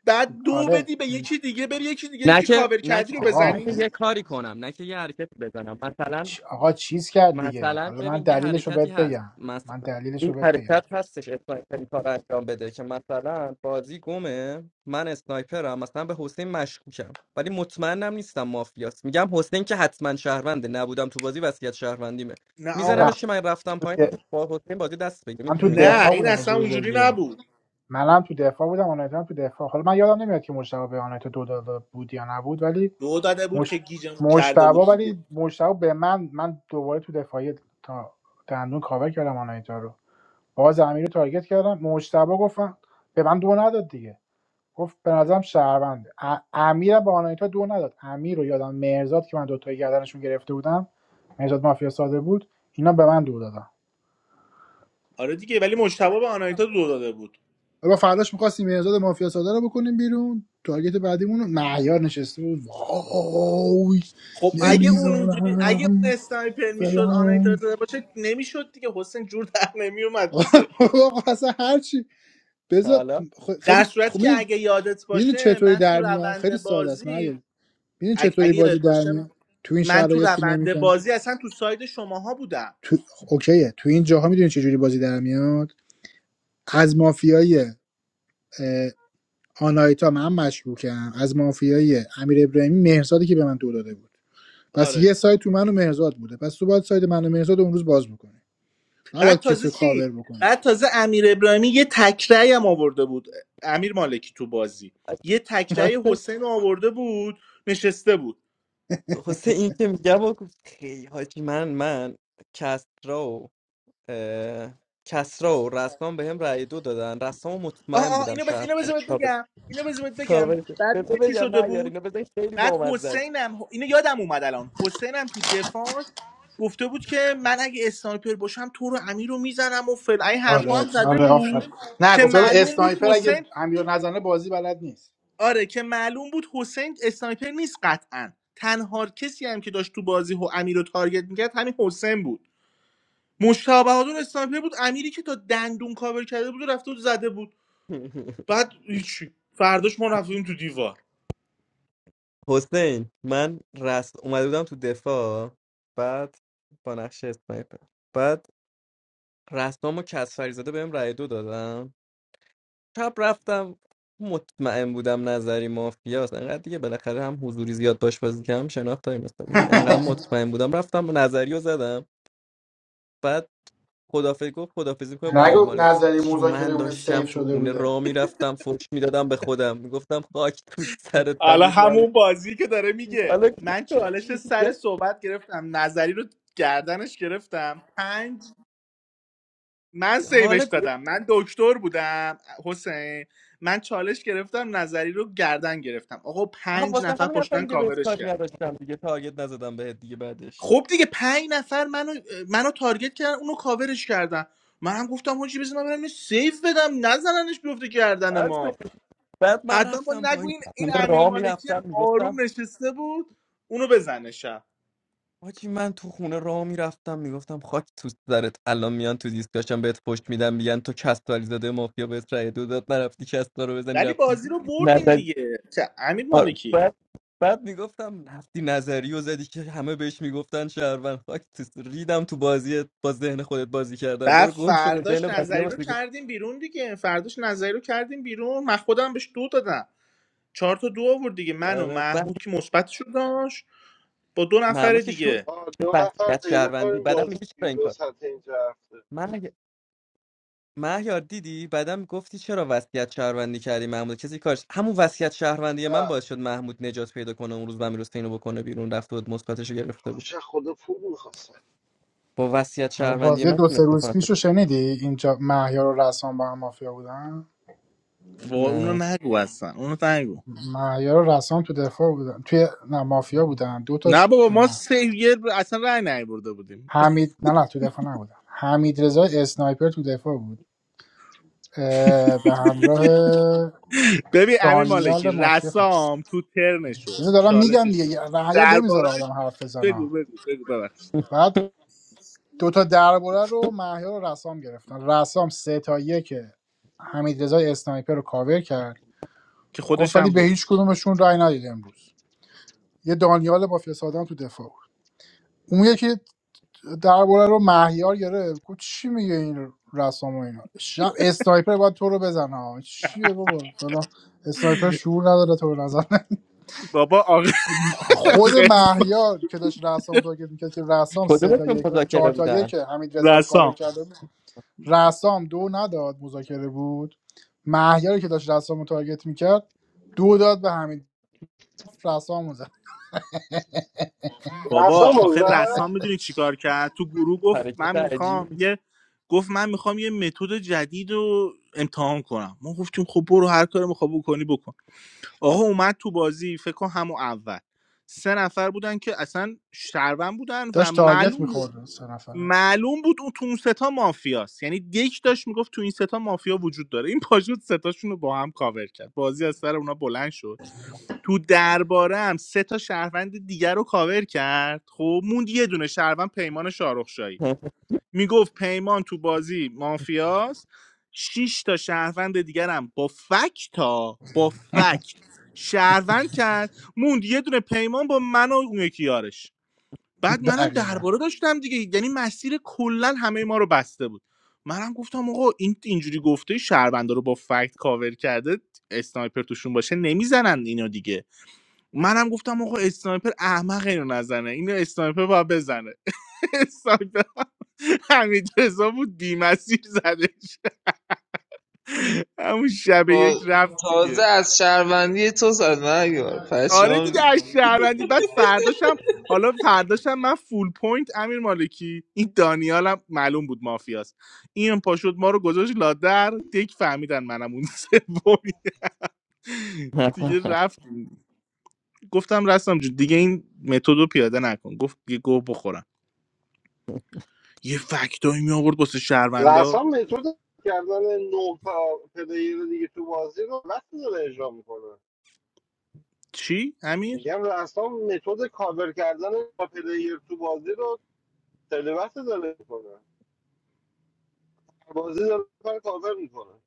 [SPEAKER 4] بعد دو
[SPEAKER 3] آره
[SPEAKER 4] بدی به یکی دیگه بری یکی دیگه
[SPEAKER 6] نه
[SPEAKER 4] یکی
[SPEAKER 6] که
[SPEAKER 4] کاور
[SPEAKER 6] نه
[SPEAKER 4] کردی
[SPEAKER 6] که
[SPEAKER 4] رو
[SPEAKER 3] آقا
[SPEAKER 6] نه که یه
[SPEAKER 4] بزنی
[SPEAKER 3] خب
[SPEAKER 6] کاری کنم نه که یه حرکتی بزنم مثلا
[SPEAKER 3] چ- آقا چیز کرد دیگه
[SPEAKER 6] مثلا
[SPEAKER 3] حالا من
[SPEAKER 6] ببین یه
[SPEAKER 3] دلیلش رو
[SPEAKER 6] حرکتی
[SPEAKER 3] بهت
[SPEAKER 6] هست
[SPEAKER 3] بگم من
[SPEAKER 6] مثلا
[SPEAKER 3] دلیلش رو
[SPEAKER 6] این
[SPEAKER 3] بهت بگم
[SPEAKER 6] حرکت هستش اسنایپر این کار رو انجام بده که مثلا بازی گمه من اسنایپرم مثلا به حسین مشکوکم ولی مطمئنم نیستم مافیاست میگم حسین که حتما شهرونده نبودم تو بازی وصیت شهروندیمه
[SPEAKER 4] نه
[SPEAKER 3] نه
[SPEAKER 4] آقا
[SPEAKER 6] میزنمش که من رفتم
[SPEAKER 3] تو
[SPEAKER 6] پایین
[SPEAKER 3] د-
[SPEAKER 6] با حسین بازی دست بگیرم
[SPEAKER 3] من
[SPEAKER 6] می‌دونی چی
[SPEAKER 3] تو
[SPEAKER 6] میگم
[SPEAKER 4] نه
[SPEAKER 3] دفاع
[SPEAKER 4] این
[SPEAKER 3] بودم از
[SPEAKER 4] اصلا
[SPEAKER 3] روز
[SPEAKER 4] اونجوری
[SPEAKER 3] یک
[SPEAKER 4] نبود
[SPEAKER 3] منم تو دفاع بودم آنایتا هم تو دفاع حالا من یادم نمیاد که مشتبه به آنایتا دو داده بود یا نبود ولی
[SPEAKER 4] دو داده بود
[SPEAKER 3] مش...
[SPEAKER 4] که گیجمون کرده
[SPEAKER 3] مشتبه
[SPEAKER 4] بود دیگه
[SPEAKER 3] ولی مشتبه به من من دوباره تو دفاعی تا دندون کاور کردم آنایتا رو باز امیر رو تارگت کردم مشتبه گفتم به من دو نداد دیگه گفت به نظرم شهرونده ا... امیر به آنایتا دو نداد امیر رو یادم مرزاد که من دوتایی گردنشون گرفته بودم مرزاد مافیا ساده بود اینا به من دو دادن
[SPEAKER 4] آره دیگه ولی مجتبی به آنایتا دو داده بود
[SPEAKER 3] حالا فرداش می‌خواستیم مرزاد مافیا ساده رو بکنیم بیرون تارگت بعدیمون رو معیار نشسته بود وای
[SPEAKER 4] خب اگه اون اونجوری اگه
[SPEAKER 3] نمیذارم
[SPEAKER 4] اون اسنایپر میشد آنایتا
[SPEAKER 3] فلان
[SPEAKER 4] رو زده باشه نمیشد دیگه حسین جور در نمیومد دیگه
[SPEAKER 3] آقا اصلا هرچی بذار
[SPEAKER 6] حالا
[SPEAKER 3] خ-
[SPEAKER 4] در
[SPEAKER 3] خیلی
[SPEAKER 4] صورتی
[SPEAKER 3] خب
[SPEAKER 4] که اگه یادت
[SPEAKER 3] میدونی
[SPEAKER 4] باشه
[SPEAKER 3] چطوری
[SPEAKER 4] من تو
[SPEAKER 3] در میاد خیلی
[SPEAKER 4] روند
[SPEAKER 3] ساده است من
[SPEAKER 4] بازی
[SPEAKER 3] میدونی
[SPEAKER 4] اگه,
[SPEAKER 3] چطوری
[SPEAKER 4] اگه
[SPEAKER 3] بازی
[SPEAKER 4] یادت
[SPEAKER 3] در
[SPEAKER 4] باشه
[SPEAKER 3] میاد تو این
[SPEAKER 4] من تو
[SPEAKER 3] شرایط که
[SPEAKER 4] روند
[SPEAKER 3] نمیفهم
[SPEAKER 4] بازی اصلا تو ساید شماها بودم
[SPEAKER 3] تو اوکیه تو این جاها میدونی چجوری بازی در میاد از مافیای اه، آنایتا من مشکوکم از مافیای امیر ابراهیمی مهرزادی که به من دو داده بود پس یه
[SPEAKER 4] آره
[SPEAKER 3] سایت تو من و مهرزاد بوده پس تو باید سایت من و مهرزاد رو اون روز باز بکنه
[SPEAKER 4] بعد
[SPEAKER 3] نباید
[SPEAKER 4] تازه
[SPEAKER 3] کسی رو
[SPEAKER 4] چی
[SPEAKER 3] کاور بکنه
[SPEAKER 4] بعد تازه امیر ابراهیمی یه تکرای هم آورده بود امیر مالکی تو بازی یه تکرای
[SPEAKER 6] حسین
[SPEAKER 4] حسین رو آورده بود نشسته بود
[SPEAKER 6] حسین این که میگم و گفت خیلی حاجی من من کسرا اه، کسرا و رسام به هم رأی دو دادن رسام
[SPEAKER 4] آه
[SPEAKER 6] مطمئن
[SPEAKER 4] آه
[SPEAKER 6] بودم
[SPEAKER 4] اینو بز
[SPEAKER 6] شهر
[SPEAKER 4] اینو بذار بهت
[SPEAKER 6] کاور
[SPEAKER 4] بگم اینو بذار بهت بگم
[SPEAKER 6] کاور شد.
[SPEAKER 4] بعد
[SPEAKER 6] بذار
[SPEAKER 4] می‌دونی چی
[SPEAKER 6] بگم
[SPEAKER 4] شده
[SPEAKER 6] هر یار
[SPEAKER 4] بود
[SPEAKER 6] اینا بزن خیلی
[SPEAKER 4] بعد
[SPEAKER 6] بامزه است
[SPEAKER 4] حسینم اینو یادم اومد الان حسینم تو دفاعش گفته بود که من اگه اسنایپر باشم تو رو امیر رو میزنم و فلعی حرفا
[SPEAKER 3] آره
[SPEAKER 4] هم زده
[SPEAKER 3] آره
[SPEAKER 4] بود
[SPEAKER 3] آفر نه
[SPEAKER 4] که
[SPEAKER 3] گفتم
[SPEAKER 4] معلوم بود
[SPEAKER 3] اسنایپر اگه
[SPEAKER 4] حسین
[SPEAKER 3] امیر نزنه بازی بلد نیست
[SPEAKER 4] آره که معلوم بود حسین اسنایپر نیست قطعا تنها کسی هم که داشت تو بازی و امیر رو تارگت میکرد همین حسین بود مشتاق بهادر اسنایپر بود امیری که تا دندون کاور کرده بود و رفته بود زده بود بعد هیچی فرداش ما رفتیم تو دیوار
[SPEAKER 6] حسین من رس اومده بودم تو دفاع بعد با نقش اسنایپر بعد رسام و کسفری زاده بهم رأی دو دادم شب رفتم مطمئن بودم نظری مافیاست انقدر دیگه بالاخره هم حضوری زیاد باش بازی کردم شناخت داریم مثلا انقدر مطمئن بودم رفتم نظری رو زدم بعد خدافظی گفت خدافظی کنم با امیر
[SPEAKER 3] نگو
[SPEAKER 6] مالکی
[SPEAKER 3] نظری
[SPEAKER 6] حاجی
[SPEAKER 3] مذاکره
[SPEAKER 6] من
[SPEAKER 3] بوده
[SPEAKER 6] داشتم
[SPEAKER 3] سیف
[SPEAKER 6] تو
[SPEAKER 3] شده
[SPEAKER 6] خونه
[SPEAKER 3] بوده
[SPEAKER 6] را میرفتم فوش میدادم به خودم میگفتم خاک تو سر
[SPEAKER 4] حالا
[SPEAKER 6] امیر
[SPEAKER 4] همون
[SPEAKER 6] مالکی
[SPEAKER 4] بازی که داره میگه
[SPEAKER 6] حالا گوش
[SPEAKER 4] من
[SPEAKER 6] کن
[SPEAKER 4] چالش سر
[SPEAKER 6] میگم،
[SPEAKER 4] صحبت گرفتم نظری رو گردنش گرفتم پنج من
[SPEAKER 6] حالا
[SPEAKER 4] سیوش
[SPEAKER 6] گوش
[SPEAKER 4] دادم من دکتر بودم حسین من چالش گرفتم نظری رو گردن گرفتم آقا
[SPEAKER 6] آها،
[SPEAKER 4] پنج
[SPEAKER 6] واسه
[SPEAKER 4] نفر
[SPEAKER 6] همین اصلا
[SPEAKER 4] پشتن
[SPEAKER 6] دیگه بهت
[SPEAKER 4] کاورش
[SPEAKER 6] کاری
[SPEAKER 4] کرد
[SPEAKER 6] نداشتم دیگه تارگت نزدم بهت دیگه بعدش
[SPEAKER 4] خب دیگه پنج نفر منو منو تارگت کردن اونو کاورش کردن من هم گفتم حاجی بزن من برم یه سیف بدم نزننش بیفته گردن
[SPEAKER 6] از
[SPEAKER 4] ما
[SPEAKER 6] بعد من
[SPEAKER 4] حتما با
[SPEAKER 6] رفتم با
[SPEAKER 4] نگو
[SPEAKER 6] این
[SPEAKER 4] این این
[SPEAKER 6] خونه
[SPEAKER 4] امیر
[SPEAKER 6] را
[SPEAKER 4] مالکی
[SPEAKER 6] میرفتم
[SPEAKER 4] هم
[SPEAKER 6] میگفتم
[SPEAKER 4] آروم نشسته بود اونو بزنه شب
[SPEAKER 6] حاجی من تو خونه راه میرفتم میگفتم خاک تو سرت الان میان تو دیسکاشن بهت پشت میدم میگن تو کسبالی زاده مافیا بهت رای دو داد نرفتی کسبا رو بزنی
[SPEAKER 4] ولی
[SPEAKER 6] رفتی
[SPEAKER 4] بازی رو بردیم
[SPEAKER 6] نظری
[SPEAKER 4] دیگه چه امیر
[SPEAKER 6] آره،
[SPEAKER 4] مالکی
[SPEAKER 6] بعد بعد میگفتم رفتی نظری و زدی که همه بهش میگفتن شهروند خاک تو س- ریدم تو بازی با ذهن خودت بازی کردم
[SPEAKER 4] بعد
[SPEAKER 6] برو گم شو با ذهن
[SPEAKER 4] فرداش
[SPEAKER 6] بقیه
[SPEAKER 4] نظری
[SPEAKER 6] باز
[SPEAKER 4] رو کردیم بیرون دیگه فرداش نظری رو کردیم بیرون من خودم بهش دو دادم چهار تا دو آورد دیگه من و
[SPEAKER 6] آره بعد
[SPEAKER 4] محمود که مثبتش رو داشت با دو نفر
[SPEAKER 6] محمود که شد
[SPEAKER 4] دیگه
[SPEAKER 1] آه، دو نفر
[SPEAKER 6] وضعیت
[SPEAKER 1] پیدا
[SPEAKER 6] شهروندی
[SPEAKER 1] کنیم
[SPEAKER 6] بعدم
[SPEAKER 1] باز
[SPEAKER 6] میگه چرا این
[SPEAKER 1] یورو
[SPEAKER 6] کار
[SPEAKER 1] سطح اینجا هفته
[SPEAKER 6] من مهیار دیدی بعدم گفتی چرا وصیت شهروندی کردی محمود کسی کارش همون وصیت شهروندی من
[SPEAKER 1] نه
[SPEAKER 6] باعث شد محمود نجات پیدا کنه اون روز و امیر رو بکنه بیرون رفت بود مثبتشو گرفته بود
[SPEAKER 1] خوش از خدا پول میخواست
[SPEAKER 6] با وصیت
[SPEAKER 3] آره،
[SPEAKER 6] شهروندی
[SPEAKER 3] بازی
[SPEAKER 6] من
[SPEAKER 3] دو سه
[SPEAKER 6] تونست
[SPEAKER 3] روز
[SPEAKER 6] بکنه
[SPEAKER 3] پیش شنیدی اینجا مهیار و رسام با هم مافیا بودن
[SPEAKER 4] با اونو
[SPEAKER 6] نه
[SPEAKER 4] نگو اصلا اونو نگو
[SPEAKER 3] مهیار و رسام تو دفاع بودن توی نه مافیا بودن دو
[SPEAKER 4] نه
[SPEAKER 3] تاش
[SPEAKER 4] بابا ما
[SPEAKER 3] نه
[SPEAKER 4] سه یه ب- اصلا رای نیورده بودیم
[SPEAKER 3] حمید نه نه تو دفاع نبودن حمید رضا اسنایپر تو دفاع بود اه، به همراه
[SPEAKER 4] ببین امیر مالکی
[SPEAKER 3] دانیال مافیا فکر کنم
[SPEAKER 4] رسام تو ترنشو
[SPEAKER 3] اینو دارم میگم
[SPEAKER 4] چالششو
[SPEAKER 3] دیگه رعیا نمیذاره
[SPEAKER 4] درباره
[SPEAKER 3] آدم حرف بزنه
[SPEAKER 4] بگو بگو بگو ببخش
[SPEAKER 3] بعد دوتا درباره رو محیا و رسام گرفتن رسام سه تا یک حمید اسنایپر رو کاور کرد
[SPEAKER 4] که
[SPEAKER 3] گفت
[SPEAKER 4] خودش
[SPEAKER 3] ولی
[SPEAKER 4] هم
[SPEAKER 3] به
[SPEAKER 4] بود
[SPEAKER 3] هیچ کدومشون رای ندید امروز یه دانیال با فسادن تو دفاع بود اون یکی درباره رو مهیار گرفت گفت چی میگه این رسام و اینا شب اسنایپر باید تو رو بزنه ها. چیه بابا فلان اسنایپر شعور نداره تو به نظر نمی-
[SPEAKER 4] بابا آقا
[SPEAKER 3] خود مهیار که داشت رسام رو تارگت میکرد که رسام سه تا
[SPEAKER 6] کدومشون
[SPEAKER 3] یک
[SPEAKER 6] مذاکره
[SPEAKER 3] چهار تا
[SPEAKER 6] بودن
[SPEAKER 3] یک حمید رو کاور
[SPEAKER 4] رسام
[SPEAKER 3] کرده رسام دو نداد مذاکره بود مهیاری که داشت رسام رو تارگت میکرد دو داد به حمید رسام رو زد
[SPEAKER 4] بابا
[SPEAKER 1] رسام رو
[SPEAKER 4] آخه
[SPEAKER 1] زد
[SPEAKER 4] رسام میدونی چیکار کرد تو گروه گفت
[SPEAKER 6] حرکت
[SPEAKER 4] من میخوام
[SPEAKER 6] عجیبی
[SPEAKER 4] یه گفت من میخوام یه متد جدید رو امتحان کنم ما گفتیم خب برو هر کاری میخوای بکنی بکن آقا اومد تو بازی فکر کن همون اول سه نفر بودن که اصلا شهروند بودن و
[SPEAKER 3] داشت تارگت
[SPEAKER 4] معلوم بود
[SPEAKER 3] میخورد سه نفره
[SPEAKER 4] معلوم بود اون تو اون ستا مافیاست یعنی یک داشت میگفت تو این ستا مافیا وجود داره این پاشوت ستاشون رو با هم کاور کرد بازی از سر اونا بلند شد تو درباره هم سه تا شهروند دیگر رو کاور کرد خب موند یه دونه شهروند پیمان شاهرخشاهی میگفت پیمان تو بازی مافیاست شش تا شهروند دیگر هم با فکت تا با فکت شهروند کرد موند یه دونه پیمان با من و اون یکی یارش بعد منم
[SPEAKER 3] دقیقا
[SPEAKER 4] درباره داشتم دیگه یعنی مسیر کلا همه ما رو بسته بود منم گفتم آقا این اینجوری گفته شهروندا رو با فکت کاور کرده اسنایپر توشون باشه نمیزنن اینو دیگه منم گفتم آقا اسنایپر احمق اینو نزنه اینو اسنایپر باید بزنه اسنایپر همین رضا بود بیمسیر زدش همون شب یک رفت دیگه.
[SPEAKER 10] تازه از شهروندی تو زد مهیار
[SPEAKER 4] آره
[SPEAKER 10] پشمام
[SPEAKER 4] دیگه
[SPEAKER 10] ریخت.
[SPEAKER 4] از شهروندی بعد فرداشم حالا فرداشم من فول پوینت امیر مالکی این دانیالم معلوم بود مافیاست این پاشد ما رو گذاشت لادر دیک فهمیدن منم اون سومی دیگه رفت گفتم رستم جون دیگه این متد رو پیاده نکن گفت یه گوه بخورم یه فکتایی می آورد واسه شهروندا
[SPEAKER 1] رسام متد کردن نه تا پلیر دیگه تو بازی رو وقتی داره اجرا میکنه
[SPEAKER 4] چی امیر
[SPEAKER 1] میگم رسام متد کاور کردن با پلیر تو بازی رو خیلی وقت داره میکنه بازی داره کار کاور میکنه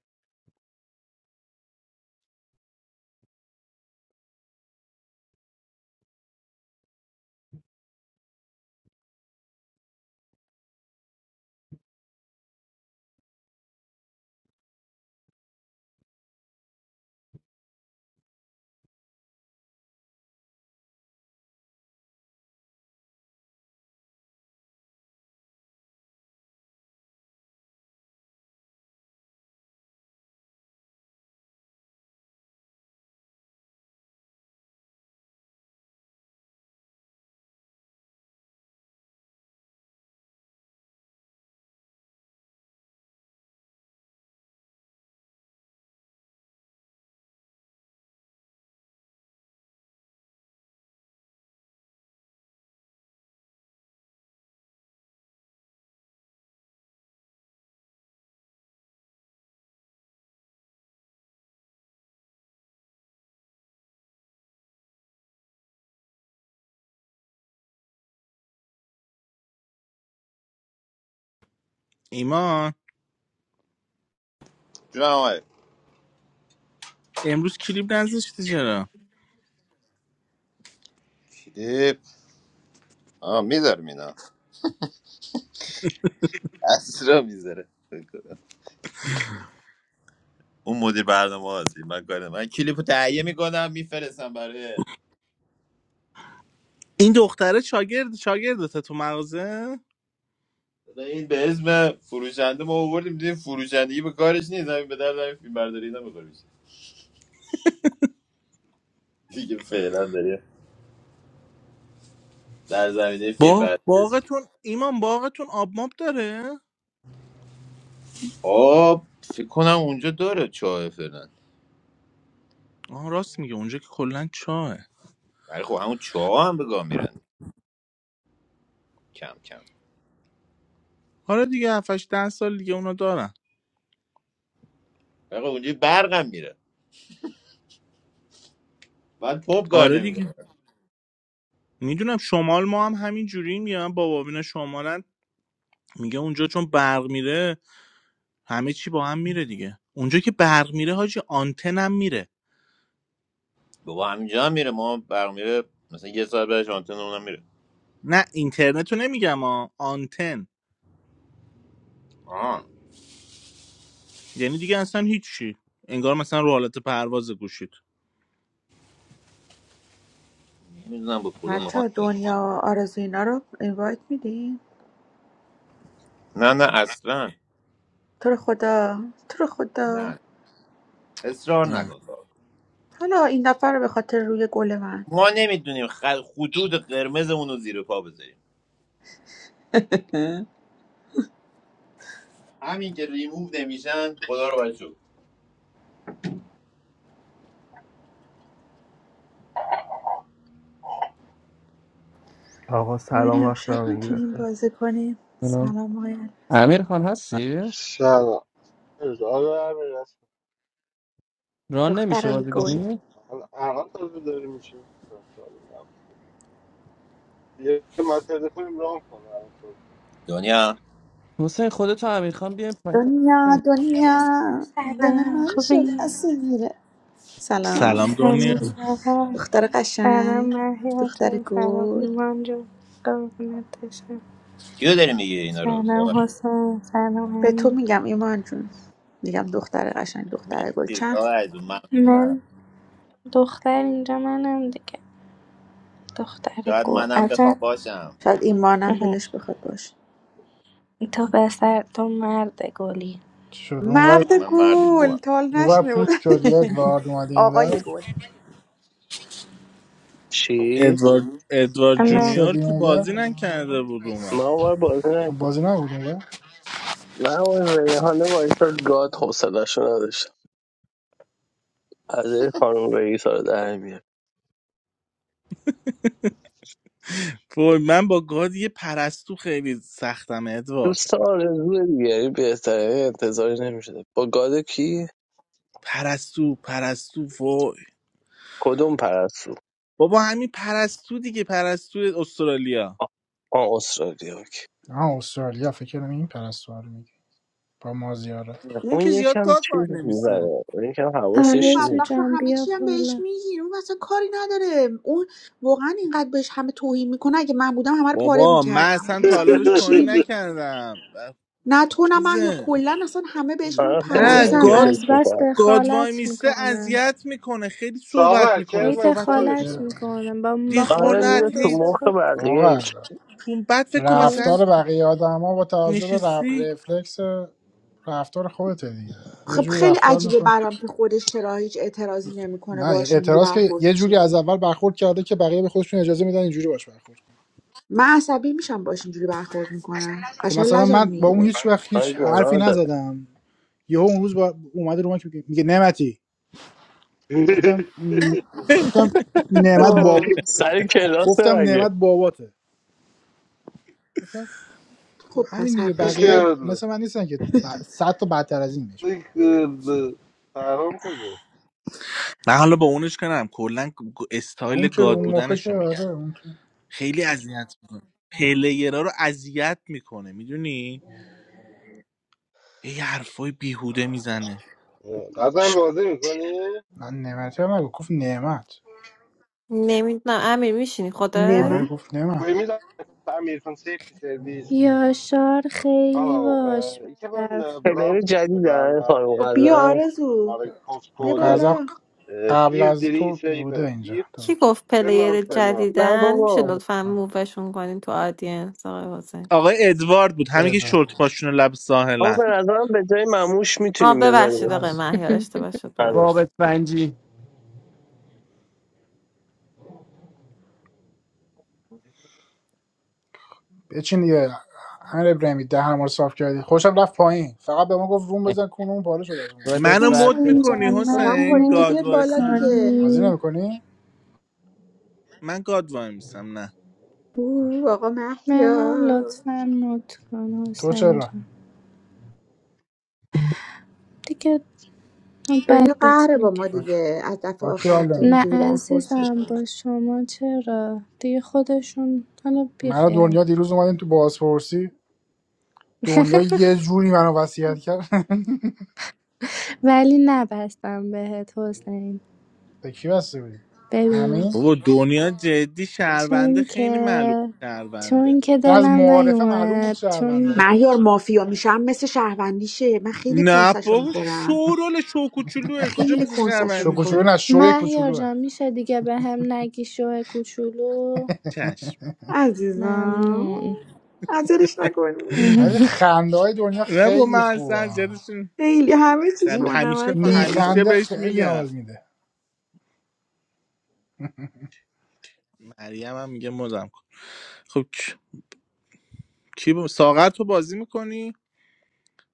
[SPEAKER 4] ایمان
[SPEAKER 5] جون آمد
[SPEAKER 4] امروز کلیپ نذاشتی چرا
[SPEAKER 5] چیده آه میذارم اینا اسرا میذاره اون مدیر برنامه هستی من کار ندارم. من کلیپو تهیه میکنم میفرستم برای
[SPEAKER 4] این دختره شاگرد شاگردته تو مغازه
[SPEAKER 5] مثلا این به اسم فروشنده ما آوردیم دیدیم فروشندگی به کارش نیست همین به در فیلم برداری نمیخوره دیگه فعلا داری در زمینه فیلم
[SPEAKER 4] با
[SPEAKER 5] برداری
[SPEAKER 4] باغتون ایمان باغتون آب ماب داره
[SPEAKER 5] خب فکر کنم اونجا داره چاه فعلا
[SPEAKER 4] آها راست میگه اونجا که کلا چاه
[SPEAKER 5] ولی خب همون چاه هم به گاه میرن کم کم
[SPEAKER 4] آره دیگه 7 8 10 سال دیگه اونا دارن
[SPEAKER 5] ولی خب اونجا برقم میره بعد پمپ کار
[SPEAKER 4] آره
[SPEAKER 5] نمیکنه
[SPEAKER 4] دیگه میدونم شمال ما هم همین جوری میگن بابا اینا شمالن میگه اونجا چون برق میره همه چی با هم میره دیگه اونجا که برق میره حاجی آنتن هم میره
[SPEAKER 5] بابا همینجا هم میره ما برق میره مثلا یه ساعت بعدش آنتن اونم میره
[SPEAKER 4] نه اینترنت رو نمیگم ها آنتن
[SPEAKER 5] آه
[SPEAKER 4] یعنی دیگه اصلا هیچی انگار مثلا رو حالت پرواز گوشید
[SPEAKER 5] نمیدونم به خدا میخوام
[SPEAKER 2] حتی دنیا آرزو اینا رو اینوایت میدین
[SPEAKER 5] نه نه اصلا
[SPEAKER 2] تو رو خدا تو رو خدا
[SPEAKER 5] نه اصرار
[SPEAKER 4] نه.
[SPEAKER 5] نکن کارو.
[SPEAKER 2] حالا این دفعه رو به خاطر روی گل من
[SPEAKER 5] ما نمیدونیم خل... خطوط قرمزمون رو زیر پا بذاریم همین که ریموو نمیشن خدا رو باید شد
[SPEAKER 11] آقا سلام
[SPEAKER 2] ببینیم
[SPEAKER 11] وقت
[SPEAKER 2] شب
[SPEAKER 11] همگی
[SPEAKER 2] میتونیم
[SPEAKER 11] بخیر
[SPEAKER 2] بازی کنیم
[SPEAKER 6] سلام.
[SPEAKER 2] سلام های
[SPEAKER 6] امیر خان هستی
[SPEAKER 1] سلام آره همین رسام
[SPEAKER 6] ران نمیشه
[SPEAKER 2] دخترای گل
[SPEAKER 6] بازیگانی
[SPEAKER 1] الان الان تازه داریم میشه یه ما تلفنیم رام کنه الان تازه
[SPEAKER 5] دنیا
[SPEAKER 6] حسین خودتو امیر خان بیایم پایین
[SPEAKER 2] دنیا دنیا دل
[SPEAKER 12] سلام
[SPEAKER 2] من شد
[SPEAKER 12] خوبی؟
[SPEAKER 2] اسیر سلام
[SPEAKER 4] سلام
[SPEAKER 12] سلام
[SPEAKER 4] دنیا
[SPEAKER 2] چطوری؟
[SPEAKER 12] سارا
[SPEAKER 2] دختر
[SPEAKER 12] سلام
[SPEAKER 2] قشنگ
[SPEAKER 12] محیا
[SPEAKER 2] دختر
[SPEAKER 12] جان سلام
[SPEAKER 2] گل
[SPEAKER 12] ایمان جان قربونت بشم
[SPEAKER 5] کیو داری میگی اینا رو ساغر
[SPEAKER 12] سلام حسین سلام
[SPEAKER 2] به تو
[SPEAKER 12] امین
[SPEAKER 2] میگم ایمان جون میگم دختر قشنگ دختر گل
[SPEAKER 5] مرسی
[SPEAKER 2] چند
[SPEAKER 5] ساغر جون ممنونم
[SPEAKER 12] من دختر اینجا منم دیگه دختر
[SPEAKER 5] شاید
[SPEAKER 12] گل
[SPEAKER 5] منم بخوام
[SPEAKER 12] عجب
[SPEAKER 5] باشم
[SPEAKER 2] شاید ایمانم
[SPEAKER 12] اهم.
[SPEAKER 2] دلش بخواد باشه
[SPEAKER 12] تو پسر تو مرد گلی
[SPEAKER 3] چی شد اونور
[SPEAKER 2] مرد
[SPEAKER 5] من مرد
[SPEAKER 2] گل
[SPEAKER 5] گوام
[SPEAKER 2] تا حالا
[SPEAKER 3] اونور
[SPEAKER 2] نشنیده بود
[SPEAKER 3] پوت شد یه ادوارد اومده
[SPEAKER 2] آقای
[SPEAKER 3] اینور
[SPEAKER 2] گل
[SPEAKER 13] چی؟
[SPEAKER 4] ادوارد ادوارد
[SPEAKER 3] پوت
[SPEAKER 12] اما
[SPEAKER 3] شد
[SPEAKER 4] جونیور
[SPEAKER 3] این
[SPEAKER 4] که
[SPEAKER 3] اونور
[SPEAKER 4] بازی نکرده بود اومد
[SPEAKER 13] من اونور بازی نکردم
[SPEAKER 3] بازی نبود اونور
[SPEAKER 13] من اون ریحانه وایساد گاد حوصله‌شو نداشتم از خانم رئیس رو در میاد
[SPEAKER 4] وای من با گاد یه پرستو خیلی سختم ادوارد
[SPEAKER 13] دوست آرزو دیگری بهتره انتظاری نمیشده با گاد کی؟
[SPEAKER 4] پرستو پرستو وای
[SPEAKER 13] کدوم پرستو؟
[SPEAKER 4] بابا همین پرستو دیگه پرستو استرالیا
[SPEAKER 13] آ آه، استرالیا اوکی.
[SPEAKER 3] آها استرالیا فکر کنم این پرستوار میگه با مازیاره
[SPEAKER 4] اون
[SPEAKER 13] اون
[SPEAKER 4] که زیاد
[SPEAKER 13] یکم
[SPEAKER 4] گاد وای
[SPEAKER 13] چیز
[SPEAKER 4] نمیسه
[SPEAKER 13] میبره اون یکم
[SPEAKER 2] بابا اون
[SPEAKER 13] حواسش
[SPEAKER 12] آرزو
[SPEAKER 13] نیست
[SPEAKER 2] بدبخت رو
[SPEAKER 12] جان
[SPEAKER 2] همه
[SPEAKER 12] بیا
[SPEAKER 2] چی هم بهش
[SPEAKER 12] بالا
[SPEAKER 2] میگی اون اصلا کاری نداره اون واقعا اینقدر بهش همه توهین میکنه اگه من بودم همه رو پاره
[SPEAKER 4] بابا من
[SPEAKER 2] میکردم
[SPEAKER 4] اصلا تا
[SPEAKER 2] مثلا
[SPEAKER 4] حالا
[SPEAKER 2] اون
[SPEAKER 4] بهش
[SPEAKER 2] هیچی
[SPEAKER 4] توهین
[SPEAKER 2] نمی-
[SPEAKER 4] نکردم
[SPEAKER 2] نه تو نه من یا
[SPEAKER 4] چیزه
[SPEAKER 2] کلا اصلا همه بهش
[SPEAKER 13] من
[SPEAKER 2] میپرن
[SPEAKER 13] خیلی
[SPEAKER 4] نه
[SPEAKER 12] عزیزم
[SPEAKER 2] خیلی
[SPEAKER 4] گاد
[SPEAKER 12] از
[SPEAKER 13] اذیتش
[SPEAKER 12] بس
[SPEAKER 13] میکنم
[SPEAKER 4] گاد وای
[SPEAKER 12] دخالت
[SPEAKER 4] میسته
[SPEAKER 12] میکنه
[SPEAKER 4] اذیت میکنه خیلی صحبت
[SPEAKER 1] ساغر
[SPEAKER 4] میکنه
[SPEAKER 12] هی
[SPEAKER 1] کرم از
[SPEAKER 4] صحبت
[SPEAKER 12] دخالت
[SPEAKER 1] خودشه
[SPEAKER 3] یه-
[SPEAKER 12] میکنه با, با خود
[SPEAKER 13] آره میره
[SPEAKER 12] من
[SPEAKER 4] دخالت
[SPEAKER 12] دو
[SPEAKER 13] تو
[SPEAKER 4] هی
[SPEAKER 12] سه
[SPEAKER 13] مخ
[SPEAKER 12] بار
[SPEAKER 13] بقیه
[SPEAKER 3] آقا
[SPEAKER 13] این چ-
[SPEAKER 4] تو بعد فکر کن مثلا
[SPEAKER 3] رفتار
[SPEAKER 12] درست
[SPEAKER 3] بقیه آدما با توجه به رف-
[SPEAKER 4] نشستی
[SPEAKER 3] رفلکس رفتار خودته دیگه یه
[SPEAKER 2] خب
[SPEAKER 3] جوری
[SPEAKER 2] خیلی
[SPEAKER 3] رفتار میکنه
[SPEAKER 2] عجیبه برام که خودش چرا هیچ اعتراضی نمیکنه
[SPEAKER 3] نه یعنی
[SPEAKER 2] باش اینجوری
[SPEAKER 3] اعتراض که
[SPEAKER 2] برخورد
[SPEAKER 3] یه جوری
[SPEAKER 2] میشه
[SPEAKER 3] از اول برخورد کرده که بقیه به خودشون اجازه میدن اینجوری باش برخورد کنن.
[SPEAKER 2] من عصبی میشم باش اینجوری برخورد میکنه
[SPEAKER 3] خب
[SPEAKER 2] قشنگ
[SPEAKER 3] مثلا
[SPEAKER 2] لجم
[SPEAKER 3] من با اون
[SPEAKER 2] میگیره
[SPEAKER 3] هیچ وقت
[SPEAKER 13] من
[SPEAKER 3] هیچ حرفی
[SPEAKER 13] گناه داره
[SPEAKER 3] نزدم یهو اون روز با اومده رو من که میگه نعمتی گفتم م- گفتم نعمت با
[SPEAKER 2] با
[SPEAKER 13] سر کلاس
[SPEAKER 3] گفتم
[SPEAKER 13] مگه
[SPEAKER 3] نعمت باباته مثلا
[SPEAKER 2] خب
[SPEAKER 3] همین
[SPEAKER 2] پس
[SPEAKER 3] دیگه
[SPEAKER 2] حقش
[SPEAKER 3] بقیه
[SPEAKER 2] بوده
[SPEAKER 1] این
[SPEAKER 3] مثل من نیستن که ب- صد تا بدتر از این بشه
[SPEAKER 1] این، اه، فرهام کجاست
[SPEAKER 4] نه حالا با اونش کنم کلا
[SPEAKER 3] حالا
[SPEAKER 4] استایل
[SPEAKER 3] اون که
[SPEAKER 4] گاد
[SPEAKER 3] رو مخه
[SPEAKER 4] بودنش
[SPEAKER 3] که
[SPEAKER 4] رو
[SPEAKER 3] آره
[SPEAKER 4] میگم
[SPEAKER 3] اون که
[SPEAKER 4] خیلی اذیت میکنه پلیرا رو اذیت میکنه میدونی یه حرفای بیهوده میزنه
[SPEAKER 1] اه، غزل بازی میکنی؟
[SPEAKER 3] من نعمتی هم نگفت گفت نعمت
[SPEAKER 14] نمیدونم امیر میشینی خودت
[SPEAKER 3] آره
[SPEAKER 2] نمه
[SPEAKER 3] گفت نعمت
[SPEAKER 1] Goedemiddag, Amir van Safety Service.
[SPEAKER 12] یاشار خیلی
[SPEAKER 1] Hallo,
[SPEAKER 12] باش
[SPEAKER 1] eh, ik heb een eh,
[SPEAKER 12] برف
[SPEAKER 13] پلیر
[SPEAKER 1] brandtest gedaan
[SPEAKER 13] جدیدن
[SPEAKER 1] bij
[SPEAKER 13] خانم
[SPEAKER 2] خب بیا
[SPEAKER 1] eh
[SPEAKER 13] غزل
[SPEAKER 1] Jumbo
[SPEAKER 2] آرزو
[SPEAKER 1] Supermarkt,
[SPEAKER 3] اون
[SPEAKER 2] بیا
[SPEAKER 1] postcode
[SPEAKER 3] غضب
[SPEAKER 2] بالا
[SPEAKER 1] eh
[SPEAKER 3] قبل از تو بوده اینجا
[SPEAKER 1] 4374,
[SPEAKER 14] کی
[SPEAKER 3] درست.
[SPEAKER 14] گفت
[SPEAKER 1] Bernard
[SPEAKER 14] پلیر
[SPEAKER 1] Bernard.
[SPEAKER 13] نه
[SPEAKER 14] جدیدن میشه
[SPEAKER 13] بابا
[SPEAKER 14] لطفا مووشون کنین تو آدینس آقای حسین
[SPEAKER 4] آقای ادوارد بود
[SPEAKER 1] Ja.
[SPEAKER 3] آره،
[SPEAKER 4] همین که شورت
[SPEAKER 3] درست.
[SPEAKER 4] پاشون لب
[SPEAKER 13] اما
[SPEAKER 4] ساحلن
[SPEAKER 13] به نظرم به جای مموش
[SPEAKER 14] آه
[SPEAKER 13] میتونیم
[SPEAKER 14] ببخشید
[SPEAKER 13] بذاریم
[SPEAKER 14] آقای
[SPEAKER 3] از
[SPEAKER 14] مهیار اشتباه شد
[SPEAKER 13] آره
[SPEAKER 14] ببخشید
[SPEAKER 6] رابط سنجی
[SPEAKER 3] بچین دیگه امیر ابراهیمی دهن ما رو صاف کردی خوشم رفت پایین فقط به ما گفت روم بزن کون اون پاره شد از اون
[SPEAKER 6] خودت
[SPEAKER 4] منو
[SPEAKER 6] بعد
[SPEAKER 4] مد
[SPEAKER 12] حسین
[SPEAKER 4] میکنی
[SPEAKER 12] جان
[SPEAKER 2] آقا
[SPEAKER 12] منو
[SPEAKER 4] حسین
[SPEAKER 2] پایین که
[SPEAKER 12] مد
[SPEAKER 4] گاد
[SPEAKER 2] بیاد بالا
[SPEAKER 4] وایسم
[SPEAKER 2] دیگه
[SPEAKER 3] بازی
[SPEAKER 12] میکنی
[SPEAKER 3] نمیکنی
[SPEAKER 4] من گاد وای میسم نه
[SPEAKER 2] او آقا
[SPEAKER 12] منم
[SPEAKER 2] محیا
[SPEAKER 12] لطفا مد کن
[SPEAKER 3] تو
[SPEAKER 12] حسین
[SPEAKER 3] چرا
[SPEAKER 12] جان دیگه بد
[SPEAKER 2] دنیا
[SPEAKER 12] بهت
[SPEAKER 2] قهره با
[SPEAKER 12] میگه
[SPEAKER 2] ما
[SPEAKER 3] با کی
[SPEAKER 2] دیگه از دفعه
[SPEAKER 3] با کی
[SPEAKER 2] آخر
[SPEAKER 3] حال
[SPEAKER 2] که
[SPEAKER 12] نه
[SPEAKER 3] نمیکنی
[SPEAKER 2] اونجوری برخورد
[SPEAKER 12] عزیزم
[SPEAKER 2] شد
[SPEAKER 12] با شما چرا دیگه خودشون حالا
[SPEAKER 3] مرا
[SPEAKER 12] بیخیال
[SPEAKER 3] دنیا دیروز اومدیم تو بازپرسی دنیا یه جوری منو وصیت کرد
[SPEAKER 12] ولی نبستم بهت حسین
[SPEAKER 3] به کی بسته بودی
[SPEAKER 12] ببین
[SPEAKER 3] همین
[SPEAKER 4] بابا دنیا جدی شهرونده
[SPEAKER 12] چون
[SPEAKER 4] خیلی
[SPEAKER 12] که
[SPEAKER 4] معلوم شهرونده
[SPEAKER 12] چون که
[SPEAKER 3] اصلا از
[SPEAKER 12] دلم
[SPEAKER 3] معارفه معلوم بود
[SPEAKER 12] نیومد چون
[SPEAKER 3] شهرونده
[SPEAKER 2] مهیار مافیا میشم مثل شهروندیشه من خیلی
[SPEAKER 4] نه
[SPEAKER 2] کنسشو
[SPEAKER 4] بابا
[SPEAKER 2] میخورم
[SPEAKER 4] شورول شوکوچولوه کجا
[SPEAKER 2] خیلی
[SPEAKER 4] مثل
[SPEAKER 2] کنسشو
[SPEAKER 3] شو کوچولو
[SPEAKER 4] شهروندیشه
[SPEAKER 2] میخورم
[SPEAKER 3] نه شوی
[SPEAKER 12] مهیار
[SPEAKER 3] کوچولوه
[SPEAKER 12] جان میشه دیگه به هم نگی شو کوچولو
[SPEAKER 4] چشم
[SPEAKER 2] عزیزم
[SPEAKER 12] ممنون
[SPEAKER 2] عذرش نکنی
[SPEAKER 3] ولی خنده های دنیا
[SPEAKER 4] نه با من
[SPEAKER 3] خیلی خوبه
[SPEAKER 4] اصلا
[SPEAKER 2] خیلی همه چیش
[SPEAKER 4] خب
[SPEAKER 3] این
[SPEAKER 2] با
[SPEAKER 4] همیشه
[SPEAKER 2] نمک هست
[SPEAKER 4] همیشه
[SPEAKER 3] میخنده
[SPEAKER 4] بهش
[SPEAKER 3] خیلی حال
[SPEAKER 4] میگم
[SPEAKER 3] میده
[SPEAKER 4] مریم هم میگه مزم کن خب کی کی با- ساغر تو بازی میکنی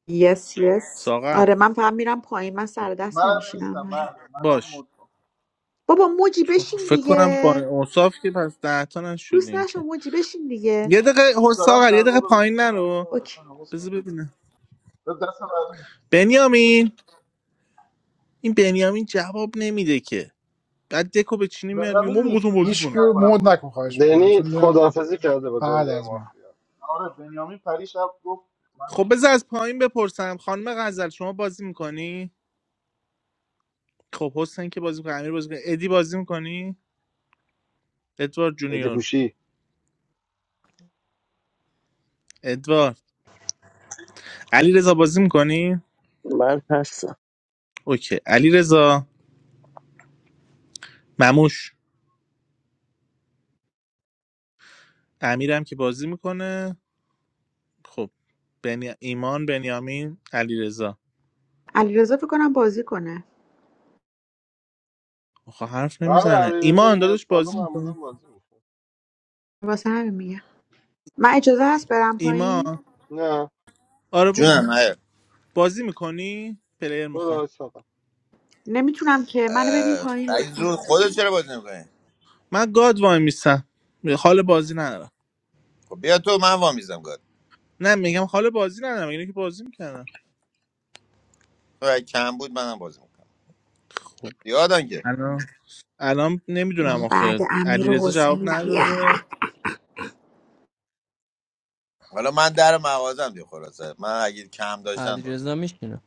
[SPEAKER 2] یس یس
[SPEAKER 4] ساغر
[SPEAKER 2] آره من فقط میرم پایین من
[SPEAKER 4] خب،
[SPEAKER 2] سر دست
[SPEAKER 9] منم نیستم من
[SPEAKER 2] نمیشینم
[SPEAKER 9] منم
[SPEAKER 4] باش
[SPEAKER 9] مد کن.
[SPEAKER 2] بابا موجی
[SPEAKER 4] چون خب
[SPEAKER 2] بشین
[SPEAKER 4] فکر کنم با
[SPEAKER 2] دیگه
[SPEAKER 4] اوصاف که پس ده تا
[SPEAKER 2] لوس
[SPEAKER 4] نشدین
[SPEAKER 2] نشو
[SPEAKER 4] که
[SPEAKER 2] موجی بشین دیگه
[SPEAKER 4] یه دقیقه حس-
[SPEAKER 9] دارم
[SPEAKER 4] ساغر یه
[SPEAKER 9] غذا
[SPEAKER 4] دقیقه
[SPEAKER 9] درست
[SPEAKER 4] پایین
[SPEAKER 9] میکنم
[SPEAKER 4] نرو
[SPEAKER 9] سوال اصلا
[SPEAKER 2] اوکی
[SPEAKER 9] حواسم
[SPEAKER 4] بذار
[SPEAKER 9] نیست
[SPEAKER 4] ببینم
[SPEAKER 9] به دست مردم.
[SPEAKER 4] بنیامین این بنیامین جواب نمیده که بعد دکو به چینی میاد میگه
[SPEAKER 9] بنیامین
[SPEAKER 4] ما
[SPEAKER 9] نیست
[SPEAKER 4] می‌خواستم بازی
[SPEAKER 9] بنیامین
[SPEAKER 3] هیچ کی
[SPEAKER 9] فکر
[SPEAKER 4] کنم
[SPEAKER 3] رو
[SPEAKER 9] نکنم
[SPEAKER 3] مود
[SPEAKER 9] بازی
[SPEAKER 3] نکن
[SPEAKER 9] کنه
[SPEAKER 3] خواهش میکنم چون
[SPEAKER 1] دنی
[SPEAKER 3] دیدم
[SPEAKER 1] خداحافظی کرده با
[SPEAKER 3] بعد
[SPEAKER 1] دنیای
[SPEAKER 3] از من
[SPEAKER 1] مافیا
[SPEAKER 9] آره بنیامین پری شب گفت من
[SPEAKER 4] خب بذار از پایین بپرسم خانم غزل شما بازی میکنی خب حسین که بازی میکنه امیر بازی میکنه ادی بازی میکنی ادوارد
[SPEAKER 1] ادی
[SPEAKER 4] جونیور
[SPEAKER 1] پوشی
[SPEAKER 4] ادوارد علی رضا بازی میکنی؟
[SPEAKER 13] من هستم
[SPEAKER 4] اوکی علی رضا مموش امیرم که بازی میکنه خب بنی... ایمان بنیامین علی رضا
[SPEAKER 2] علیرضا فکر کنم بازی کنه
[SPEAKER 4] آخه حرف
[SPEAKER 1] آره
[SPEAKER 4] نمیزنه
[SPEAKER 1] علیرضا
[SPEAKER 4] ایمان
[SPEAKER 1] میاد
[SPEAKER 4] داداش
[SPEAKER 1] بالا
[SPEAKER 4] بازی
[SPEAKER 1] معمولا
[SPEAKER 4] میکنی؟
[SPEAKER 1] بازی میکنه
[SPEAKER 2] واسه همین میگم من اجازه هست برم پایین
[SPEAKER 4] ایمان
[SPEAKER 1] نه
[SPEAKER 4] آره برو
[SPEAKER 5] جونم آره.
[SPEAKER 4] بازی میکنی؟ پلیر میخوام
[SPEAKER 1] برو آقا
[SPEAKER 2] نمیتونم که منو بدین
[SPEAKER 5] اه،
[SPEAKER 2] پایین
[SPEAKER 5] عزیز
[SPEAKER 2] لطفا
[SPEAKER 5] رو خودت چرا بازی میکنی
[SPEAKER 4] من گاد وای میستم حال بازی ندارم
[SPEAKER 5] خب بیا تو من وامیزم گاد
[SPEAKER 4] نه میگم حال بازی ندارم اینو که بازی میکنم
[SPEAKER 5] تو اگه کم بود منم بازی میکنم
[SPEAKER 4] خب
[SPEAKER 5] یادم که
[SPEAKER 4] الان الان
[SPEAKER 2] من
[SPEAKER 4] نمیدونم
[SPEAKER 2] بعد
[SPEAKER 4] آخه علی
[SPEAKER 2] امیر و
[SPEAKER 4] رضا جواب
[SPEAKER 2] حسینم یه.
[SPEAKER 4] نداده
[SPEAKER 5] حالا من در مغازم دیگه خلاصه من اگه کم داشتن
[SPEAKER 6] علی
[SPEAKER 5] بازی
[SPEAKER 6] رضا میشینه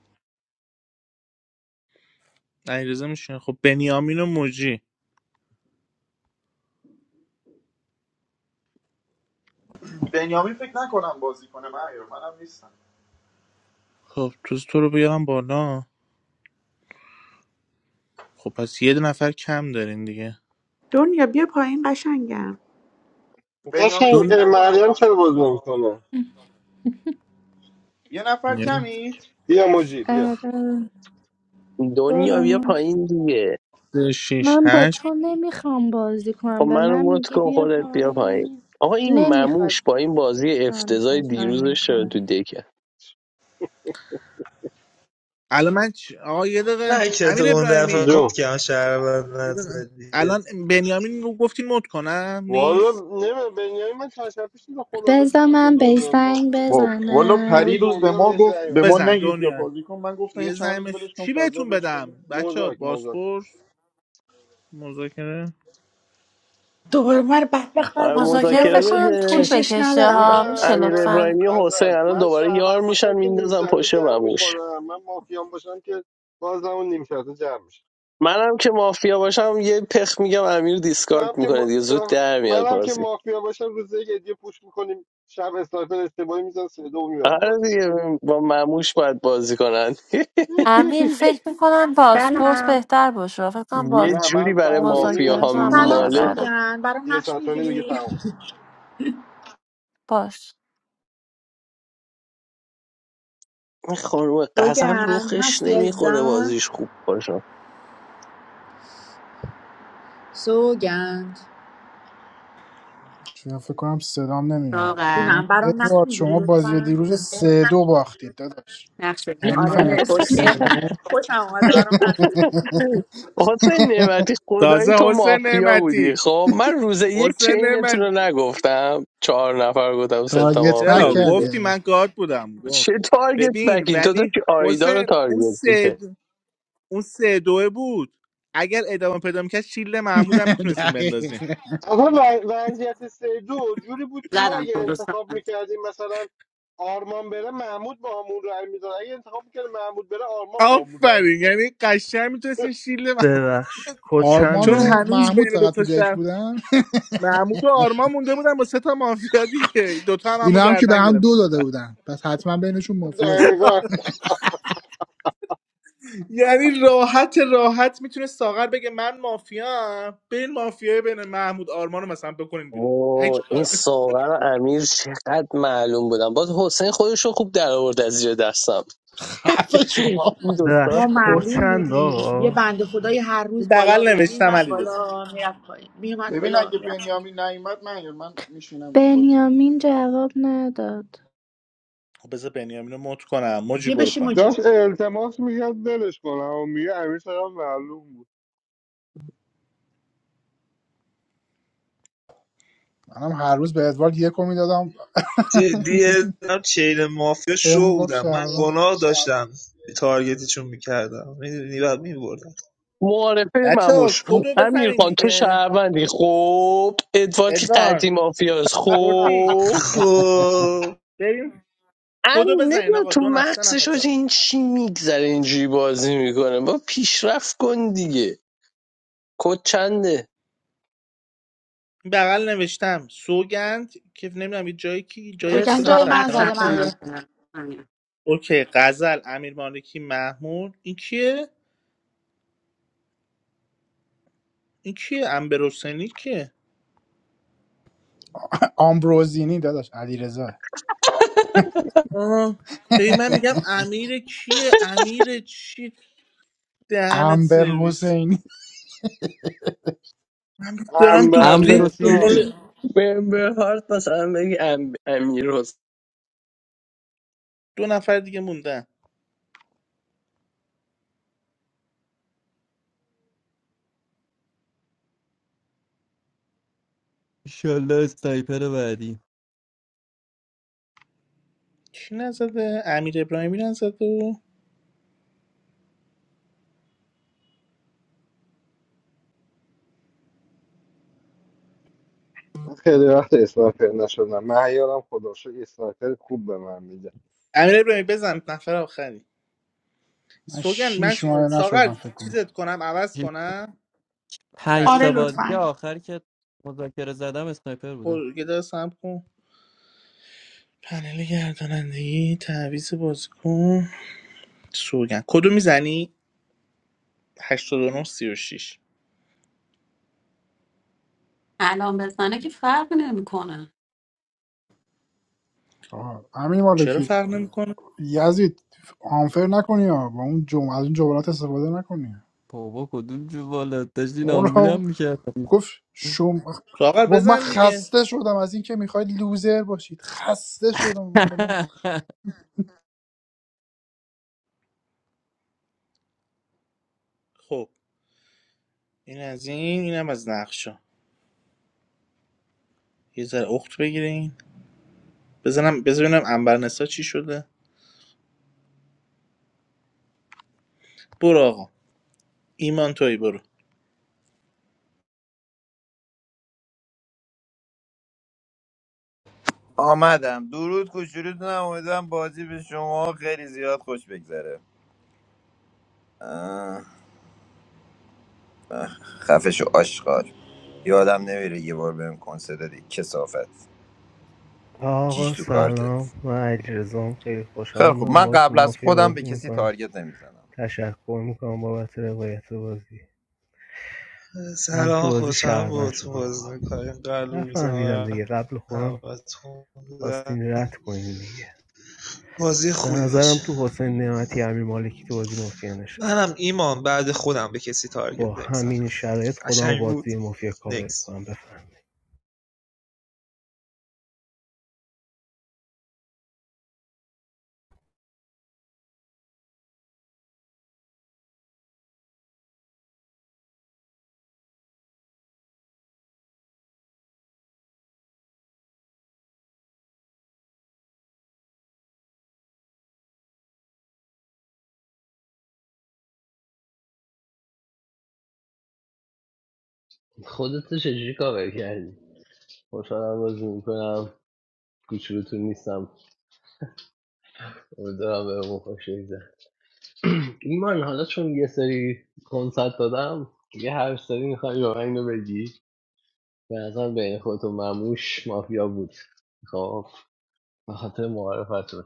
[SPEAKER 4] علیرضا رضا میشه خب بنیامین و موجی
[SPEAKER 9] بنیامین فکر نکنم بازی کنه من منم نیستم
[SPEAKER 4] خب تو تو رو بیارم بالا خب پس یه نفر کم دارین دیگه
[SPEAKER 2] دنیا بیا پایین قشنگم
[SPEAKER 9] بنیامین
[SPEAKER 1] قشنگ
[SPEAKER 4] دو
[SPEAKER 9] فکر
[SPEAKER 1] اه،
[SPEAKER 9] نکنم
[SPEAKER 1] مریم چرا
[SPEAKER 9] بازی
[SPEAKER 1] باز
[SPEAKER 9] کنه ها.
[SPEAKER 1] نمیکنه
[SPEAKER 9] یه نفر
[SPEAKER 4] یه،
[SPEAKER 9] کمی
[SPEAKER 1] بیا موجی
[SPEAKER 12] آره
[SPEAKER 13] دنیا
[SPEAKER 12] برو
[SPEAKER 13] بیا
[SPEAKER 12] موج
[SPEAKER 13] پایین دیگه
[SPEAKER 4] سه، شیش
[SPEAKER 12] من با
[SPEAKER 4] هشت
[SPEAKER 12] تو نمیخوام بازی
[SPEAKER 13] خب
[SPEAKER 12] کنم به
[SPEAKER 13] من
[SPEAKER 12] من
[SPEAKER 13] رو مت
[SPEAKER 12] میگی
[SPEAKER 13] کن
[SPEAKER 12] بیا
[SPEAKER 13] خودت بیا پایین
[SPEAKER 12] پایین
[SPEAKER 13] آقا این
[SPEAKER 12] نمیخواد
[SPEAKER 13] مموش با این بازی
[SPEAKER 12] جان
[SPEAKER 13] افتضاح
[SPEAKER 12] بسن
[SPEAKER 13] دیروزش چرا
[SPEAKER 12] میکنه
[SPEAKER 13] تو دکه
[SPEAKER 4] الان من چ... آقا یه دقیقه
[SPEAKER 10] نه که تو
[SPEAKER 4] امیر
[SPEAKER 10] اون
[SPEAKER 4] ابراهیمی
[SPEAKER 10] دفعه
[SPEAKER 1] بیا
[SPEAKER 10] کات کردم شهروند
[SPEAKER 4] یه دقیقه.
[SPEAKER 10] نزدیه
[SPEAKER 4] الان بنیامین رو گفتین مد کنم
[SPEAKER 1] والا
[SPEAKER 4] نیست
[SPEAKER 1] نمیدونم بنیامین من چند شب پیش دیدم خداحافظی
[SPEAKER 12] بذار
[SPEAKER 1] کرد با
[SPEAKER 12] من به
[SPEAKER 1] دنیا
[SPEAKER 12] سنگ
[SPEAKER 1] مافیا
[SPEAKER 9] با والا
[SPEAKER 1] بذار
[SPEAKER 9] پری
[SPEAKER 12] بزنم
[SPEAKER 9] روز به
[SPEAKER 1] دنیا
[SPEAKER 9] ما
[SPEAKER 1] بهش
[SPEAKER 9] گفت
[SPEAKER 1] رأی
[SPEAKER 9] به ما
[SPEAKER 4] بزن
[SPEAKER 1] بزنم
[SPEAKER 9] نگید بیا
[SPEAKER 4] دنیا
[SPEAKER 9] بازی کن من گفتم یه
[SPEAKER 4] یه
[SPEAKER 9] چند روز
[SPEAKER 4] زنمش
[SPEAKER 9] ولش کن
[SPEAKER 4] چی
[SPEAKER 9] فضا
[SPEAKER 4] بهتون
[SPEAKER 9] بهش بده
[SPEAKER 4] بدم بچه
[SPEAKER 1] مزاک مزاک
[SPEAKER 4] باسپورس مذاکره
[SPEAKER 2] دوباره من بدبخت
[SPEAKER 13] آره
[SPEAKER 2] بعد
[SPEAKER 14] مذاکره
[SPEAKER 2] مافیا
[SPEAKER 14] فکر
[SPEAKER 13] مذاکره
[SPEAKER 2] بشه
[SPEAKER 14] کنم طول
[SPEAKER 13] بده
[SPEAKER 2] چشش
[SPEAKER 14] بکشه
[SPEAKER 2] ندارم
[SPEAKER 1] نه
[SPEAKER 2] به
[SPEAKER 14] ها
[SPEAKER 2] خدا
[SPEAKER 14] میشه
[SPEAKER 13] امیر
[SPEAKER 1] نه
[SPEAKER 14] لطفا
[SPEAKER 13] ابراهیمی و
[SPEAKER 1] نظر
[SPEAKER 13] حسین الان
[SPEAKER 1] من
[SPEAKER 13] دوباره یار
[SPEAKER 1] شهروند
[SPEAKER 13] میشن
[SPEAKER 1] باشم که نیم
[SPEAKER 13] میندازن
[SPEAKER 1] ساعته
[SPEAKER 13] پشت
[SPEAKER 1] جمع
[SPEAKER 13] مموش
[SPEAKER 1] میکنم من مافیام باشم که باز اون نیم ساعته جمع میشه
[SPEAKER 13] منم که مافیا باشم یه پخ میگم امیر
[SPEAKER 1] تو هم
[SPEAKER 13] دیسکارد
[SPEAKER 1] که
[SPEAKER 13] میکنه
[SPEAKER 1] ما...
[SPEAKER 13] دیگه
[SPEAKER 1] تو
[SPEAKER 13] زود
[SPEAKER 1] هم...
[SPEAKER 13] در میاد
[SPEAKER 1] منم که
[SPEAKER 13] بازی
[SPEAKER 1] مافیا باشم روز یک ادیه پوش میکنیم شب استایپر اشتباهی میزن سه دو میبریم
[SPEAKER 13] آره
[SPEAKER 1] بازی
[SPEAKER 13] دیگه با مموش باید بازی کنن
[SPEAKER 14] امیر فکر میکنم بازپرس
[SPEAKER 15] Hello.
[SPEAKER 14] بهتر باشه فکر کنم
[SPEAKER 13] یه
[SPEAKER 14] باز
[SPEAKER 1] نه
[SPEAKER 13] جوری
[SPEAKER 1] من
[SPEAKER 13] برای
[SPEAKER 1] تضمینی
[SPEAKER 13] مافیا
[SPEAKER 1] بهت
[SPEAKER 14] مذاکره
[SPEAKER 13] ها
[SPEAKER 1] قول
[SPEAKER 14] زمان
[SPEAKER 2] سلام
[SPEAKER 1] میدم
[SPEAKER 13] میماله
[SPEAKER 1] تا
[SPEAKER 14] ببره
[SPEAKER 2] سوگن برام
[SPEAKER 1] یه
[SPEAKER 2] نقش
[SPEAKER 1] ساعت و نیم دیگه
[SPEAKER 2] میگیری
[SPEAKER 1] تمام
[SPEAKER 14] باش
[SPEAKER 13] این خانوم غزل
[SPEAKER 2] سوگن
[SPEAKER 13] رخش
[SPEAKER 2] هستی
[SPEAKER 13] نمیخوره
[SPEAKER 2] عزیزم
[SPEAKER 13] بازیش خوب باشه
[SPEAKER 2] سوگند
[SPEAKER 3] چون فکر کنم صدام نمیاد
[SPEAKER 15] Good morning.
[SPEAKER 3] میگم
[SPEAKER 2] جونم برام نقش
[SPEAKER 3] ادوارد
[SPEAKER 2] میگیری
[SPEAKER 3] شما بازی
[SPEAKER 2] لطفا
[SPEAKER 3] دیروز سه دو باختید داداش
[SPEAKER 15] First of
[SPEAKER 3] یعنی
[SPEAKER 15] all, good
[SPEAKER 2] آره
[SPEAKER 3] میفهمی
[SPEAKER 15] morning.
[SPEAKER 3] یعنی چی
[SPEAKER 2] مرسی
[SPEAKER 3] سه دو
[SPEAKER 2] خوشم اومده برام نقش بگیر.
[SPEAKER 13] حسین نعمتی خدایی تو
[SPEAKER 4] تازه حسین
[SPEAKER 13] مافیا بودی
[SPEAKER 4] نعمتی
[SPEAKER 13] خب من روز یک
[SPEAKER 4] حسین
[SPEAKER 13] چینتون رو
[SPEAKER 4] نعمتی
[SPEAKER 13] نگفتم چهار نفر گفتم سه تا
[SPEAKER 3] تارگت بک
[SPEAKER 13] مافیا
[SPEAKER 4] چرا
[SPEAKER 3] کردی
[SPEAKER 13] دیده
[SPEAKER 4] گفتی من
[SPEAKER 3] آره
[SPEAKER 4] گارد بودم گفت
[SPEAKER 13] چه تارگت
[SPEAKER 4] ببین
[SPEAKER 13] بکی تو
[SPEAKER 4] ولی
[SPEAKER 13] داشتی آیدا رو
[SPEAKER 4] حسین اون
[SPEAKER 13] تارگت
[SPEAKER 4] سه
[SPEAKER 13] دیگه
[SPEAKER 4] اون سه دوه بود اگر ادامه پیدا میکرد شیل محمود هم میتونستین بندازین
[SPEAKER 3] دقیقاً.
[SPEAKER 1] آقا و- وضعیت سه دو جوری بود که
[SPEAKER 15] I
[SPEAKER 1] ما
[SPEAKER 15] am
[SPEAKER 1] اگه
[SPEAKER 15] Kudos. Good
[SPEAKER 1] انتخاب
[SPEAKER 15] morning.
[SPEAKER 1] میکردیم مثلا آرمان بره محمود با همون رای میداد اگه انتخاب میکرد محمود بره آرمان با همون رای
[SPEAKER 4] آفرین
[SPEAKER 1] میداد
[SPEAKER 4] یعنی قشنگ میتونستین شیل مح-
[SPEAKER 11] ببخش
[SPEAKER 3] آرمان
[SPEAKER 4] چون
[SPEAKER 3] و
[SPEAKER 11] کوچنده
[SPEAKER 4] هنوز
[SPEAKER 3] محمود
[SPEAKER 4] بین
[SPEAKER 3] فقط تو
[SPEAKER 4] دوتا
[SPEAKER 3] دک
[SPEAKER 4] شهر
[SPEAKER 3] بودن
[SPEAKER 4] محمود و آرمان مونده بودن با سه تا مافیا دیگه دوتا هم همو
[SPEAKER 3] اینا هم که به
[SPEAKER 4] گردن
[SPEAKER 3] هم دو
[SPEAKER 4] گرفته
[SPEAKER 3] داده
[SPEAKER 4] بودن
[SPEAKER 3] بودن پس حتما بینشون مافیا بود
[SPEAKER 1] دقیقا
[SPEAKER 4] یعنی راحت راحت میتونه ساغر بگه من مافیا بین مافیای بین محمود آرمان رو مثلا بکنین بیرون هیچ
[SPEAKER 13] اوه این
[SPEAKER 4] کار
[SPEAKER 13] ساغر و امیر چقدر معلوم بودن باز حسین خودش رو خوب در آورد از زیر دستم
[SPEAKER 3] خفه شما
[SPEAKER 13] این دوتا
[SPEAKER 2] ما
[SPEAKER 11] ببخش
[SPEAKER 2] معلوم
[SPEAKER 11] کوچند
[SPEAKER 2] بودیم یه
[SPEAKER 11] آقا
[SPEAKER 2] بند خدای هر روز بالا
[SPEAKER 4] بغل
[SPEAKER 2] بود
[SPEAKER 4] نوشتم
[SPEAKER 2] میومد
[SPEAKER 4] علی رضا
[SPEAKER 2] بالا میرفت پایین میومد
[SPEAKER 9] ببین
[SPEAKER 2] بالا
[SPEAKER 9] اگه
[SPEAKER 2] میرفت
[SPEAKER 9] بنیامین نیومد من من میشینم به بازی
[SPEAKER 12] بنیامین جواب نداد
[SPEAKER 4] خب بذار بنیامین رو مت کنم موجی
[SPEAKER 2] یه
[SPEAKER 4] برو
[SPEAKER 2] بشی
[SPEAKER 4] پایین
[SPEAKER 2] موجی
[SPEAKER 1] داشت التماس میکرد دلش کنم و میگه امیر هم معلوم بود
[SPEAKER 3] منم هر روز به ادوارد یکو میدادم
[SPEAKER 10] جدیه من چیل مافیا
[SPEAKER 3] به
[SPEAKER 10] شو
[SPEAKER 3] میگفت
[SPEAKER 10] بودم من
[SPEAKER 3] شهروند
[SPEAKER 10] گناه داشتم تارگتی چون میکردم میدونی بعد میبردم
[SPEAKER 13] معارفه
[SPEAKER 4] بچه
[SPEAKER 13] مموش
[SPEAKER 4] کدو
[SPEAKER 13] امیر
[SPEAKER 4] بزنین
[SPEAKER 13] خان تو
[SPEAKER 4] دیگه
[SPEAKER 13] شهروندی خوب، ادوارد که
[SPEAKER 4] ادوارد
[SPEAKER 13] قدیم آفیاز
[SPEAKER 4] شورتی،
[SPEAKER 13] خوب.
[SPEAKER 10] خب
[SPEAKER 4] بریم
[SPEAKER 13] ان
[SPEAKER 4] کدو بزنین
[SPEAKER 13] نمیدونم
[SPEAKER 4] آقا
[SPEAKER 13] تو
[SPEAKER 4] دو نفر سه نفر
[SPEAKER 13] مغزش آجه
[SPEAKER 4] ثبت.
[SPEAKER 13] این چی میگذره اینجوری بازی میکنه با پیشرفت کن دیگه کد چنده
[SPEAKER 4] بغل نوشتم سوگند که نمیدونم یه جایی کی جایی
[SPEAKER 15] Good
[SPEAKER 4] کی
[SPEAKER 2] سوگن
[SPEAKER 4] بگم
[SPEAKER 2] جای من
[SPEAKER 4] ثبت نام
[SPEAKER 2] زده مهیا
[SPEAKER 15] morning,
[SPEAKER 4] کرد
[SPEAKER 15] Mr. Anja.
[SPEAKER 4] اوکی غزل امیر مالکی محمود این کیه این کیه امبر حسینی کیه
[SPEAKER 3] آمبروزینی داداش علیرضا
[SPEAKER 4] آها هی من میگم امیر کیه امیر چی دهنت
[SPEAKER 3] امبر
[SPEAKER 4] سرویس
[SPEAKER 3] حسینی
[SPEAKER 4] من دارم تو
[SPEAKER 1] انبر
[SPEAKER 4] دک
[SPEAKER 1] نسا
[SPEAKER 6] امبروسینی
[SPEAKER 4] دنبال
[SPEAKER 13] به به هارت مثلا بگی ام... امیر حسین
[SPEAKER 4] دو نفر دیگه موندن
[SPEAKER 6] ایشالله اسنایپر بعدی
[SPEAKER 4] کی نزده امیر ابراهیمی نزده
[SPEAKER 1] خیلی وقت اسنایپر نشدم معیارم خدا شکر اسنایپر خوب به من میده
[SPEAKER 4] امیر ابراهیمی بزن نفر آخری
[SPEAKER 3] من
[SPEAKER 4] سوگن من
[SPEAKER 3] شیش
[SPEAKER 4] چ-
[SPEAKER 3] ماه
[SPEAKER 4] ساغر
[SPEAKER 3] نشدم فکر کنم
[SPEAKER 4] چیزت کنم عوض کنم
[SPEAKER 6] پنج
[SPEAKER 2] آره
[SPEAKER 4] تعویض
[SPEAKER 6] تا بازی
[SPEAKER 2] لطفا
[SPEAKER 6] آخر که مذاکره زدم اسنایپر بودم
[SPEAKER 4] پرگدا سم کن پنل گردانندگی تعویض بازیکن سوگن کدو میزنی 89 36
[SPEAKER 15] Hello, Mr. Anja. Good morning, Mr. Anja.
[SPEAKER 3] آه، همین
[SPEAKER 4] چرا
[SPEAKER 3] مالکی
[SPEAKER 4] فرق نمیکنه
[SPEAKER 3] یزید آنفر نکنی ها با اون جم... از اون جملات استفاده نکنی
[SPEAKER 6] بابا کدوم جو بالا داشتی
[SPEAKER 3] برو
[SPEAKER 6] نامبولم
[SPEAKER 3] آقا.
[SPEAKER 6] میکرد
[SPEAKER 3] گفت شم
[SPEAKER 4] ساغر
[SPEAKER 3] گفت من
[SPEAKER 4] بزن دیگه
[SPEAKER 3] خسته شدم از اینکه میخواید لوزر باشید خسته شدم فلان
[SPEAKER 4] خب این از این اینم از نقشا یه ذره اخت بگیرین بزنم بزنم ببینم انبرنسا چی شده برو آقا ایمان توی برو
[SPEAKER 5] آمدم درود کوچولوتونم امیدوارم بازی به شما خیلی زیاد خوش بگذره آه، خفش و آشغال یادم نمیره یه بار بهم کنسه دادی کسافت جیش
[SPEAKER 11] آقا
[SPEAKER 5] تو کارتت
[SPEAKER 11] سلام من اجرزام خیلی
[SPEAKER 5] خیلی
[SPEAKER 11] خوشحالم
[SPEAKER 5] خوب
[SPEAKER 11] من
[SPEAKER 5] من
[SPEAKER 11] با تو
[SPEAKER 5] قبل از
[SPEAKER 11] مافیا
[SPEAKER 5] خودم به
[SPEAKER 11] بازی
[SPEAKER 5] کسی
[SPEAKER 11] میکنم
[SPEAKER 5] تارگت نمیزنم
[SPEAKER 11] تشکر میکنم بابت روایت بازی من تو
[SPEAKER 10] سلام
[SPEAKER 11] بازی
[SPEAKER 10] خوشم با
[SPEAKER 11] شهرمن
[SPEAKER 10] تو
[SPEAKER 11] شدم
[SPEAKER 10] بازی
[SPEAKER 11] آقا
[SPEAKER 10] میکنیم قلب میزنم
[SPEAKER 11] نفهمیدم
[SPEAKER 10] برم
[SPEAKER 11] دیگه قبل خودم
[SPEAKER 10] همه تون.
[SPEAKER 11] خواستین رد کنین دیگه
[SPEAKER 10] بازی
[SPEAKER 11] به
[SPEAKER 10] خوبی باشه
[SPEAKER 11] نظرم تو حسین نعمتی امیر مالکی تو بازی مافیا نشسته
[SPEAKER 10] منم ایمان بعد خودم به کسی تارگت
[SPEAKER 11] با
[SPEAKER 10] نمیزنم
[SPEAKER 11] همین شرایط خودم رو
[SPEAKER 10] قشنگ بود
[SPEAKER 11] بازی مافیا کاور
[SPEAKER 10] نکس
[SPEAKER 11] میکنم بفهم
[SPEAKER 13] خودت رو چجوری کاور کردی خوشحالم بازی میکنم کوچولوتون نیستم امیدوارم به اون خوش بگذره. ایمان حالا چون یه سری کنسرت دادم یه هر سری میخوای روغن رو بگی به نظر بین خود و مموش مافیا بود خب به خاطر معرفتون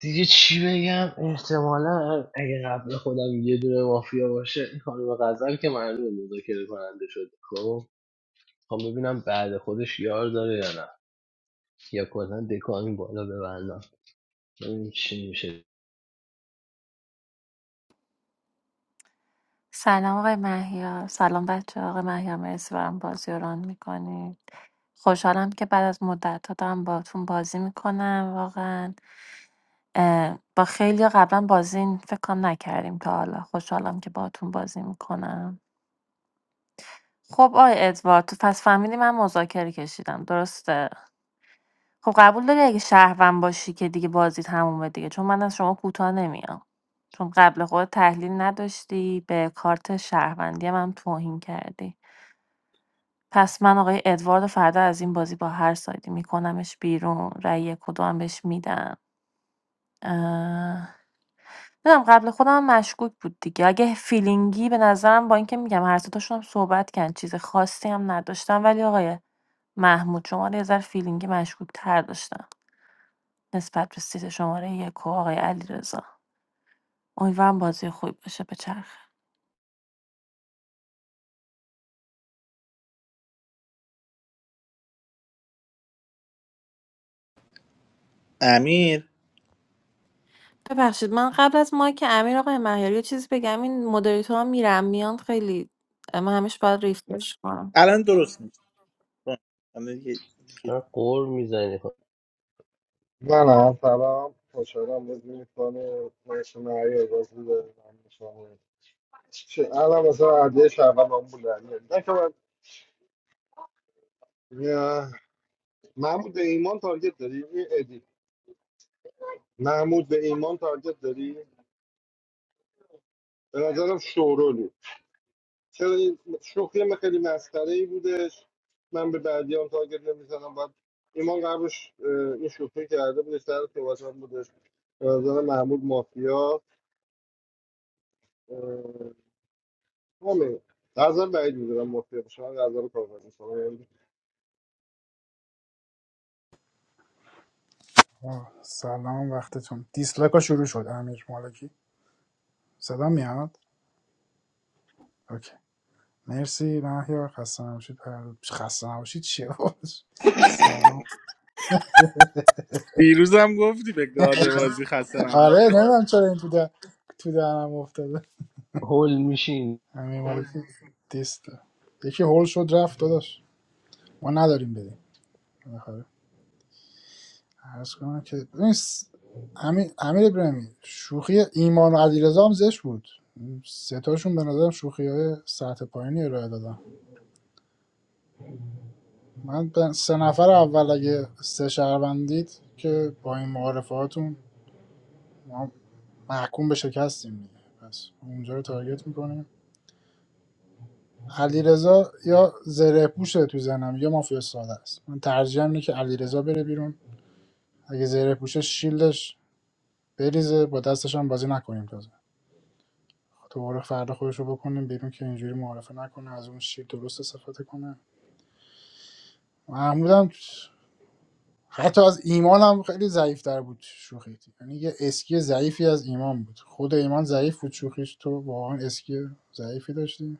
[SPEAKER 13] دیگه چی بگم احتمالا اگه قبل خودم یه دونه مافیا باشه این خانم غزل که معلومه مذاکره کننده شد خب خب ببینم بعد خودش یار داره یا نه یا کلا دکان بالا ببندم ببین چی میشه
[SPEAKER 14] سلام آقای مهیار سلام بچه آقای مهیار مرسی برام بازی رو ران میکنید خوشحالم که بعد از مدت ها دارم باتون بازی میکنم واقعا اه، با خیلی قبلا بازی این فکر کنم نکردیم تا حالا خوشحالم که باتون بازی میکنم خب آقای ادوارد تو پس فهمیدی من مذاکره کشیدم درسته خب قبول داری اگه شهروند باشی که دیگه بازی تمومه دیگه چون من از شما کوتاه نمیام چون قبل خود تحلیل نداشتی به کارت شهروندی من توهین کردی پس من آقای ادوارد و فردا از این بازی با هر سایدی میکنمش بیرون رأی کدوم بهش میدم اه... نمیدونم قبل خودم مشکوک بود دیگه اگه فیلینگی به نظرم با اینکه میگم هر ستاشون هم صحبت کردن چیز خاصی هم نداشتم ولی آقای محمود شما رو یه ذره فیلینگی مشکوک تر داشتم نسبت به سیت شماره یک و آقای علیرضا امیدوارم بازی خوبی باشه به چرخه
[SPEAKER 4] امیر
[SPEAKER 14] ببخشید من قبل از مایک امیر آقای مهیاری یه چیزی بگم این مدریتورها میرم میان خیلی من همیشه باید ریفرش کنم
[SPEAKER 4] الان درست میشه
[SPEAKER 13] قور میزنی
[SPEAKER 1] من هم سلام خوشحالم بازی میکنه مرسی معیار بازی دارم چه الان مثلا عده شهروند آمبول در میاد. نه که من نه. محمود به ایمان تارگت داری این ادی محمود به ایمان تارگت داری به نظرم شورولی چرا این شوخی من خیلی مسخره ای بودش من به بعدی هم تارگت نمیزنم باید ایمان قبلش اه، این شوخی کرده بودش در صحبت هم بودش به نظر محمود مافیا اه، همین در نظر بعید میدونم مافیا باشه من در نظر کار کنم
[SPEAKER 3] آه، سلام وقتتون دیسلایک ها شروع شد امیر مالکی صدا میاد اوکی مرسی مهیار خسته نباشید پر- خسته نباشید چیه باش سلام
[SPEAKER 4] دیروزم گفتی به گاده بازی خسته نباشی.
[SPEAKER 3] آره نمیدونم چرا این تو در تو درم افتاده
[SPEAKER 13] هول میشین
[SPEAKER 3] امیر مالکی دیست یکی هول شد رفت داداش ما نداریم بدیم آخه عرض کنم که ببین س- امیر امیر ابراهیمی شوخی ایمان و علیرضا هم زشت بود سه تاشون به نظرم شوخی های سطح پایینی ارائه دادن من به سه نفر اول اگه سه شهروندید که با این معارفه هاتون ما محکوم به شکستیم دیگه پس اونجا رو تارگت میکنیم علیرضا یا زره پوشه تو زنم یا مافیا ساده است من ترجیحم اینه که علیرضا بره بیرون اگه زره پوشه شیلدش بریزه با دستش هم بازی نکنیم تازه دوباره فردا خودش رو بکنیم بیرون که اینجوری معارفه نکنه از اون شیر درست استفاده کنه محمودم حتی از ایمان هم خیلی ضعیف در بود شوخی یعنی یه اسکی ضعیفی از ایمان بود خود ایمان ضعیف بود شوخیش تو واقعا اسکی ضعیفی داشتی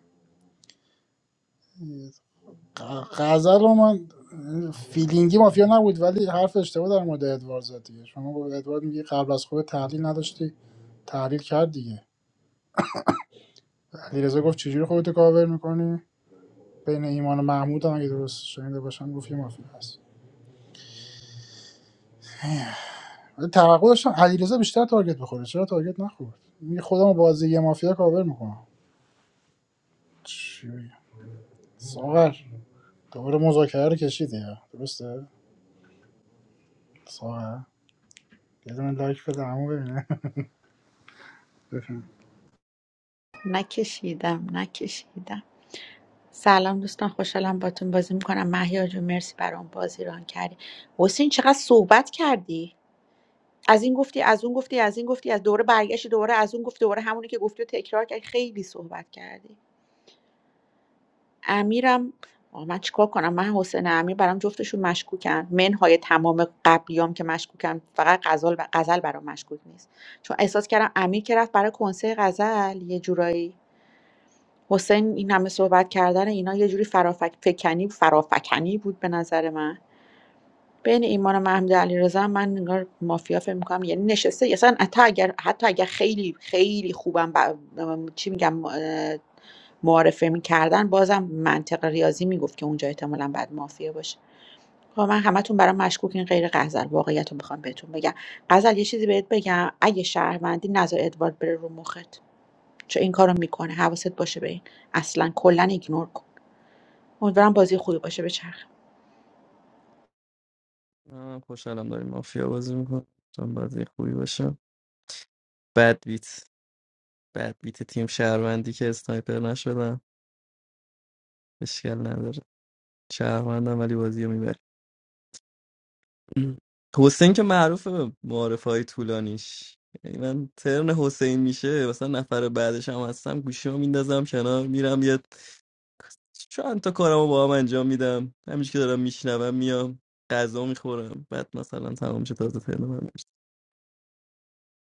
[SPEAKER 3] ق- غزل رو من فیلینگی مافیا نبود ولی حرف اشتباه در مورد ادوارد زد دیگه شما گفت ادوارد میگی قبل از خود تحلیل نداشتی تحلیل کرد دیگه علیرضا گفت چجوری خودتو کاور میکنی بین ایمان و محمود هم اگه درست شنیده باشم گفت یه مافیا هست ولی توقع داشتم علیرضا بیشتر تارگت بخوره چرا تارگت نخورد می خودم رو بازی یه مافیا کاور میکنم چی بگم ساغر دوباره مذاکره رو کشیدی ها؟ درسته ساغر یه دونه لایک بده عمو ببینه بفهم
[SPEAKER 2] نکشیدم نکشیدم سلام دوستان خوشحالم باتون بازی میکنم محیا جون مرسی برام بازی ران کردی حسین چقدر صحبت کردی از این گفتی از اون گفتی از این گفتی از دوره برگشتی دوباره از اون گفتی دوباره همونی که گفتی و تکرار کردی خیلی صحبت کردی امیرم آه، من چیکار کنم من حسین امیر برام جفتشون مشکوکن منهای تمام قبلیام که مشکوکن فقط غزل غزل برام مشکوک نیست چون احساس کردم امیر که رفت برای کنسرت غزل یه جورایی حسین این همه صحبت کردن اینا یه جوری فرافک فکنی فرافکنی بود به نظر من بین ایمان و محمود علیرضا من انگار مافیا فکر می‌کنم یعنی نشسته اصلا حتی اگر حتی اگر خیلی خیلی خوبم ب... چی میگم اه، معارفه میکردن بازم منطق ریاضی میگفت که اونجا احتمالا بعد مافیا باشه خب من همتون برام مشکوکین غیر غزل واقعیت رو میخوام بهتون بگم غزل یه چیزی بهت بگم اگه شهروندی نظر ادوارد بره رو مخت چون این کارو میکنه حواست باشه به این اصلا کلا ایگنور کن امیدوارم بازی خوبی باشه بچرخه
[SPEAKER 6] خوشحالم داریم مافیا بازی میکنم چون بازی خوبی باشه بد بیت بد بیت تیم شهروندی که اسنایپر نشدم اشکال نداره شهروندم ولی بازی رو م. حسین که معروفه به معارف های طولانیش یعنی من ترن حسین میشه مثلا نفر بعدش هم هستم گوشی رو میندازم کنار میرم یه چند تا کارمو با هم انجام میدم همینش که دارم میشنوم میام غذا میخورم بعد مثلا تمام شد تازه ترن من میشه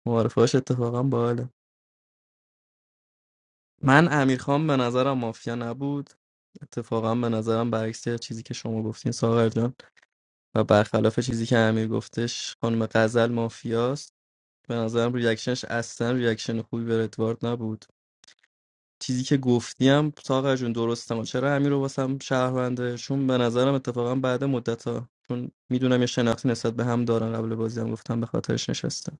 [SPEAKER 6] معارفهاش اتفاقا باحاله من امیرخان به نظرم مافیا نبود اتفاقا به نظرم برعکس چیزی که شما گفتین ساغر جان و برخلاف چیزی که امیر گفتش خانم غزل مافیاست به نظرم ریاکشنش اصلا ریاکشن خوبی به ادوارد نبود چیزی که گفتیم ساقه جون درسته ما چرا امیر رو واسم شهرونده چون به نظرم اتفاقا بعد مدت ها چون میدونم یه شناختی نسبت به هم دارن قبل بازی هم گفتم به خاطرش نشستم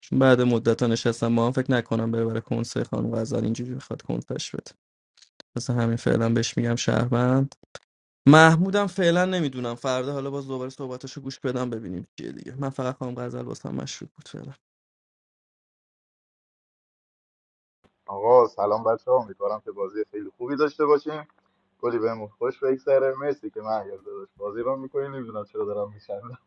[SPEAKER 6] چون بعد مدت ها نشستم ما هم فکر نکنم بره برای کنسای خانم غزال اینجوری بخواد کنسش بده مثلا همین فعلا بهش میگم شهروند محمودم فعلا نمیدونم فردا حالا باز دوباره صحبتاشو گوش بدم ببینیم چیه دیگه من فقط خانم غزل واسم مشروط بود فعلا
[SPEAKER 9] آقا سلام بچه ها امیدوارم که بازی خیلی خوبی داشته باشیم کلی بهمون خوش بگذره مرسی که من یاد داشت بازی رو میکنی نمیدونم چرا دارم میخندم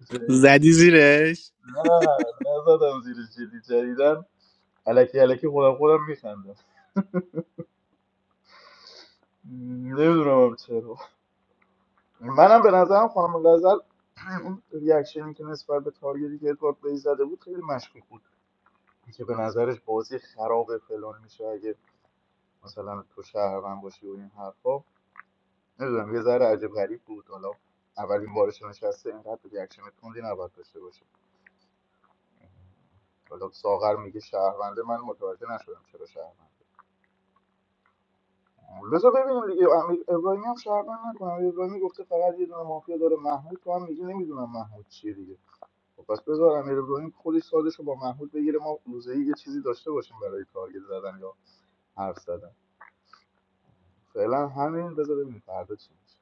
[SPEAKER 4] زدی زیرش
[SPEAKER 9] نه نزدم زیر جیلی جدیدن الکی الکی خودم خودم میخندم نمیدونم هم چرا منم به نظرم خانم غزل اون ریاکشنی که نسبت به تارگتی که ادوارد بی زده بود خیلی مشکوک بود که به نظرش بازی خراب فلان میشه اگه مثلا تو شهر من باشی و این حرفا نمیدونم یه ذره عجب غریب بود حالا اولین بارش نشسته اینقدر ریاکشن تندی نباید داشته باشه حالا ساغر میگه شهرونده من متوجه نشدم چرا شهرونده بذار ببینیم دیگه امیر ابراهیمی هم شهروند نکنه امیر ابراهیمی گفته فقط یه دونه مافیا داره محمود تو هم میگی نمیدونم محمود چیه دیگه خب پس بذار امیر ابراهیم خودش سازش رو با محمود بگیره ما روزه یه چیزی داشته باشیم برای تارگت زدن یا حرف زدن فعلا همین بذار ببینیم فردا چی میشه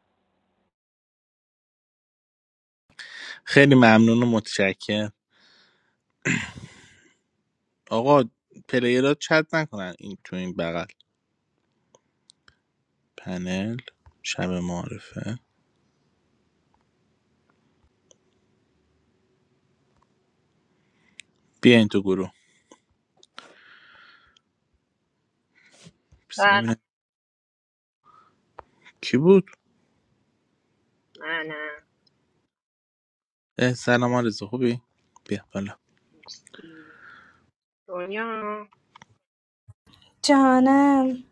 [SPEAKER 4] خیلی ممنون و متشکرم آقا پلیرها چت نکنن این تو این بغل پنل شب معرفه بیاین تو گروه بس ببینم کی بود
[SPEAKER 16] سلام
[SPEAKER 4] اه، سلام آرزو خوبی بیا بالا
[SPEAKER 16] مرسی دنیا
[SPEAKER 12] جانم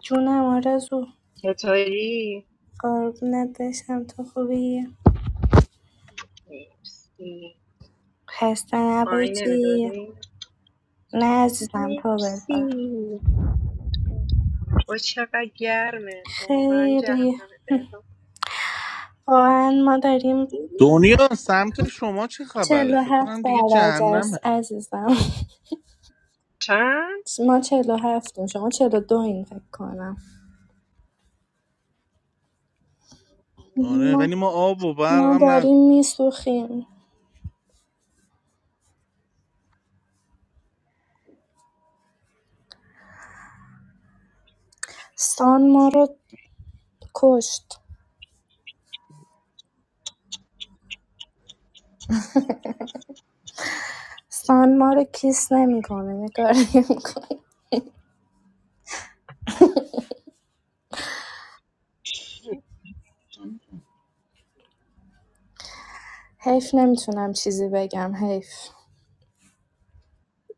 [SPEAKER 12] جونم آرزو
[SPEAKER 16] چطوری
[SPEAKER 12] قربونت بشم تو خوبی
[SPEAKER 16] مرسی
[SPEAKER 12] خسته
[SPEAKER 16] مای
[SPEAKER 12] نباشی
[SPEAKER 16] نمیدادی
[SPEAKER 12] نه عزیزم تو
[SPEAKER 16] مرسی
[SPEAKER 12] بذار
[SPEAKER 16] با چقدر گرمه واقعا
[SPEAKER 12] خیلی
[SPEAKER 16] جهنم تهران
[SPEAKER 12] واقعا ما داریم
[SPEAKER 4] دنیا سمت شما چه خبره فکر
[SPEAKER 12] 47
[SPEAKER 4] کنم دیگه
[SPEAKER 12] درجه است
[SPEAKER 4] جهنمه
[SPEAKER 12] عزیزم
[SPEAKER 16] چند
[SPEAKER 12] ما 47 ایم، شما 42 این فکر کنم
[SPEAKER 4] آره
[SPEAKER 12] ما,
[SPEAKER 4] ولی ما
[SPEAKER 16] اوه.
[SPEAKER 4] آب و
[SPEAKER 12] ما
[SPEAKER 4] برقم نداریم
[SPEAKER 12] داریم میسوخیم سان ما رو کشت سان ما رو کیس نمیکنه نگار نمیکنه حیف نمیتونم چیزی بگم حیف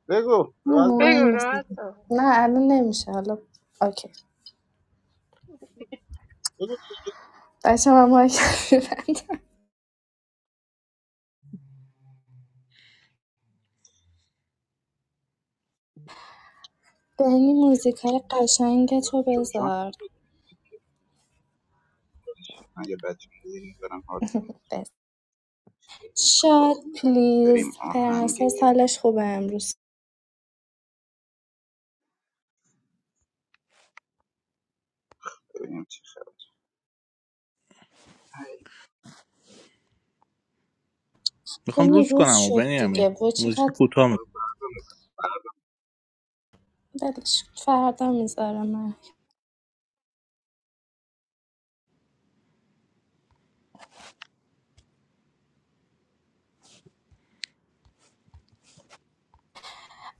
[SPEAKER 17] بگو
[SPEAKER 12] نه
[SPEAKER 17] راحت
[SPEAKER 12] مهم
[SPEAKER 17] باش
[SPEAKER 16] بگو
[SPEAKER 12] نیست
[SPEAKER 16] راست
[SPEAKER 12] نه الان نمیشه حالا اوکی
[SPEAKER 17] بگو تو
[SPEAKER 12] بچه من مایک رو می‌بندم. بنی موزیکای قشنگ تو
[SPEAKER 17] شو شما
[SPEAKER 12] بذار
[SPEAKER 17] من یه بچه میزیدیم برم حال کنم.
[SPEAKER 12] بس. شاد پلیز
[SPEAKER 17] بریم آهنگ
[SPEAKER 12] پرنسس حالش خوبه امروز
[SPEAKER 17] ببینیم چی؟
[SPEAKER 4] میخوام
[SPEAKER 12] بنی
[SPEAKER 4] روز
[SPEAKER 12] روز
[SPEAKER 4] کنم و
[SPEAKER 12] شد
[SPEAKER 4] بنیامین
[SPEAKER 12] دیگه و
[SPEAKER 4] موزیک
[SPEAKER 12] چقدر
[SPEAKER 4] کوتاه میکنم
[SPEAKER 12] دلش فردا میذاره من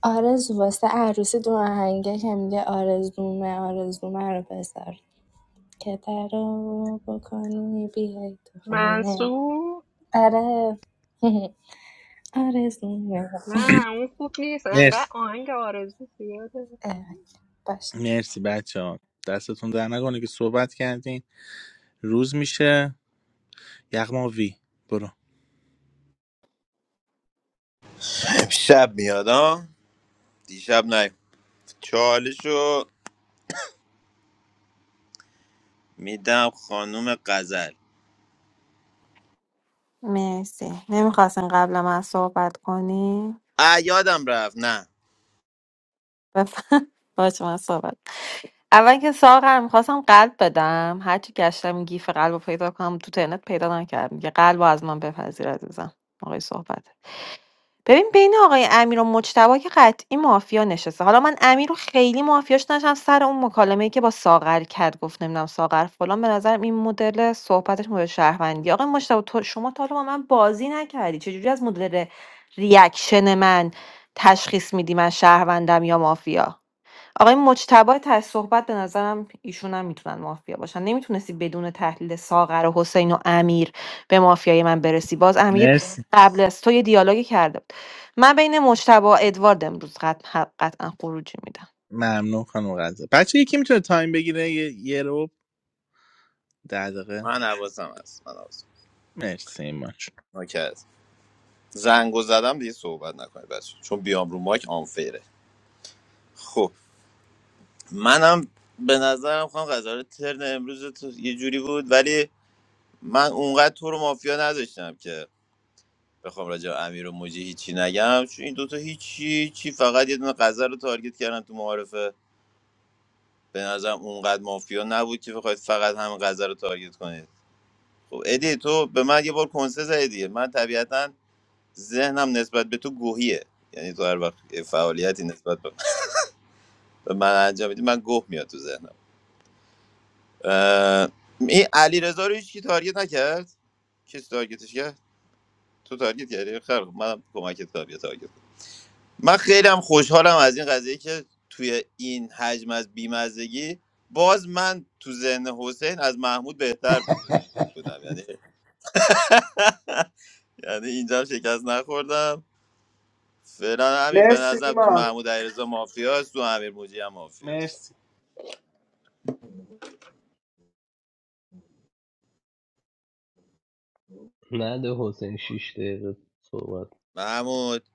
[SPEAKER 12] آرزو واسه عروسی دو آهنگه که میگه آرزومه آرزومه رو بذار که در رو بکنی بیای تو خونه
[SPEAKER 16] منصور
[SPEAKER 12] آره آرزومه
[SPEAKER 16] نه اون خوب نیست انقدر
[SPEAKER 4] مرسی
[SPEAKER 16] آهنگ آرزو زیاده
[SPEAKER 12] اه، باش
[SPEAKER 4] مرسی بچه ها دستتون در نکنه که صحبت کردین روز میشه یغما وی برو
[SPEAKER 5] امشب میاد ها دیشب نه چالشو میدم خانوم قزل
[SPEAKER 14] مرسی نمیخواستین قبل من صحبت کنی
[SPEAKER 5] اه یادم رفت نه
[SPEAKER 14] بفهم باشه من صحبت اول که ساغر میخواستم قلب بدم هرچی گشتم این گیف قلب رو پیدا کنم تو ترنت پیدا نکردم که قلب رو از من بپذیر عزیزم آقای صحبت ببین بین آقای امیر و مجتبی که قطعی مافیا نشسته حالا من امیر رو خیلی مافیاش نداشتم سر اون مکالمه‌ای که با ساغر کرد گفت نمیدونم ساغر فلان به نظرم این مدل صحبتش مدل شهروندی آقای مجتبی تو شما تا حالا با من بازی نکردی چجوری از مدل ر- ریاکشن من تشخیص میدی من شهروندم یا مافیا آقای مجتبی ته صحبت به نظرم ایشون هم میتونن مافیا باشن نمیتونستی بدون تحلیل ساغر و حسین و امیر به مافیای من برسی باز امیر
[SPEAKER 4] مرسی
[SPEAKER 14] قبل از تو یه دیالوگی کرده بود من بین مجتبی و ادوارد امروز قطع- قطعا خروجی میدم
[SPEAKER 4] ممنون خانم غزه بچه یکی میتونه تایم بگیره یه, یه رو ده دقیقه
[SPEAKER 5] من حواسم هست من حواسم هست.
[SPEAKER 4] مرسی ایمان جون.
[SPEAKER 5] نوکه هست. زنگو زدم دیگه صحبت نکنید بچه چون بیام رو مایک آنفیره خب منم به نظرم خواهم قضاوت ترن امروز تو یه جوری بود ولی من اونقدر تو رو مافیا نداشتم که بخوام راجع به امیر و موجی هیچی نگم چون این دوتا هیچی چی فقط یه دونه غزل رو تارگت کردن تو معارفه به نظرم اونقدر مافیا نبود که بخواید فقط همین غزل رو تارگت کنید خب ادی تو به من یه بار کنسه زدی دیگه. من طبیعتا ذهنم نسبت به تو گوهیه یعنی تو هر وقت یه فعالیتی نسبت به به من انجام میدی من گوه میاد تو ذهنم اه، این علی رو هیچ کی تارگت نکرد کسی تارگتش کرد تو تارگت کردی خیر منم کمکت کردم یه تارگت کنم. من خیلی هم خوشحالم از این قضیه که توی این حجم از بیمزگی باز من تو ذهن حسین از محمود بهتر بود بودم یعنی یعنی اینجا هم شکست نخوردم فعلا همین به
[SPEAKER 4] مرسی
[SPEAKER 5] نظرم تو
[SPEAKER 4] ایمان
[SPEAKER 5] محمود علیرضا مافیاست تو امیر موجی هم مافیاست
[SPEAKER 4] مرسی
[SPEAKER 13] نده حسین شیش دقیقه صحبت
[SPEAKER 5] محمود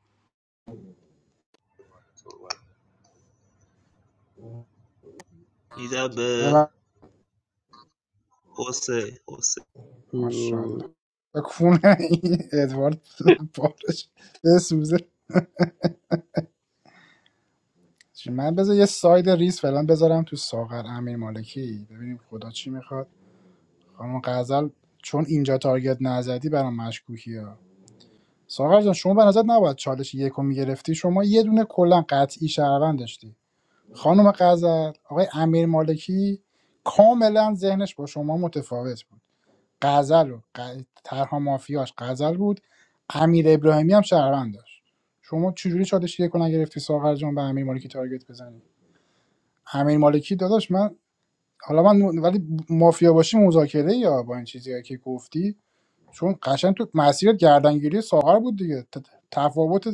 [SPEAKER 10] میدم به حسین حسین
[SPEAKER 3] ماشاءالله
[SPEAKER 13] م،
[SPEAKER 3] کونه این ادوارد بارش بسوزه چی؟ من بذار یه ساید ریس فعلا بذارم تو ساغر امیر مالکی ببینیم خدا چی میخواد خانم غزل چون اینجا تارگت نزدی برام مشکوکی ها ساغر جان شما به نظر نباید چالش یکو میگرفتی شما یه دونه کلا قطعی شهروند داشتی خانم غزل آقای امیر مالکی کاملا ذهنش با شما متفاوت بود غزل و ق- طرح مافیاش غزل بود امیر ابراهیمی هم شهروند داشت شما چجوری چالش یکو نگرفتی ساغر جان به امیر مالکی تارگت بزنی امیر مالکی داداش من حالا من ولی مافیا باشی مذاکره یا با این چیزی که گفتی چون قشنگ تو مسیر گردنگیری ساغر بود دیگه ت- تفاوت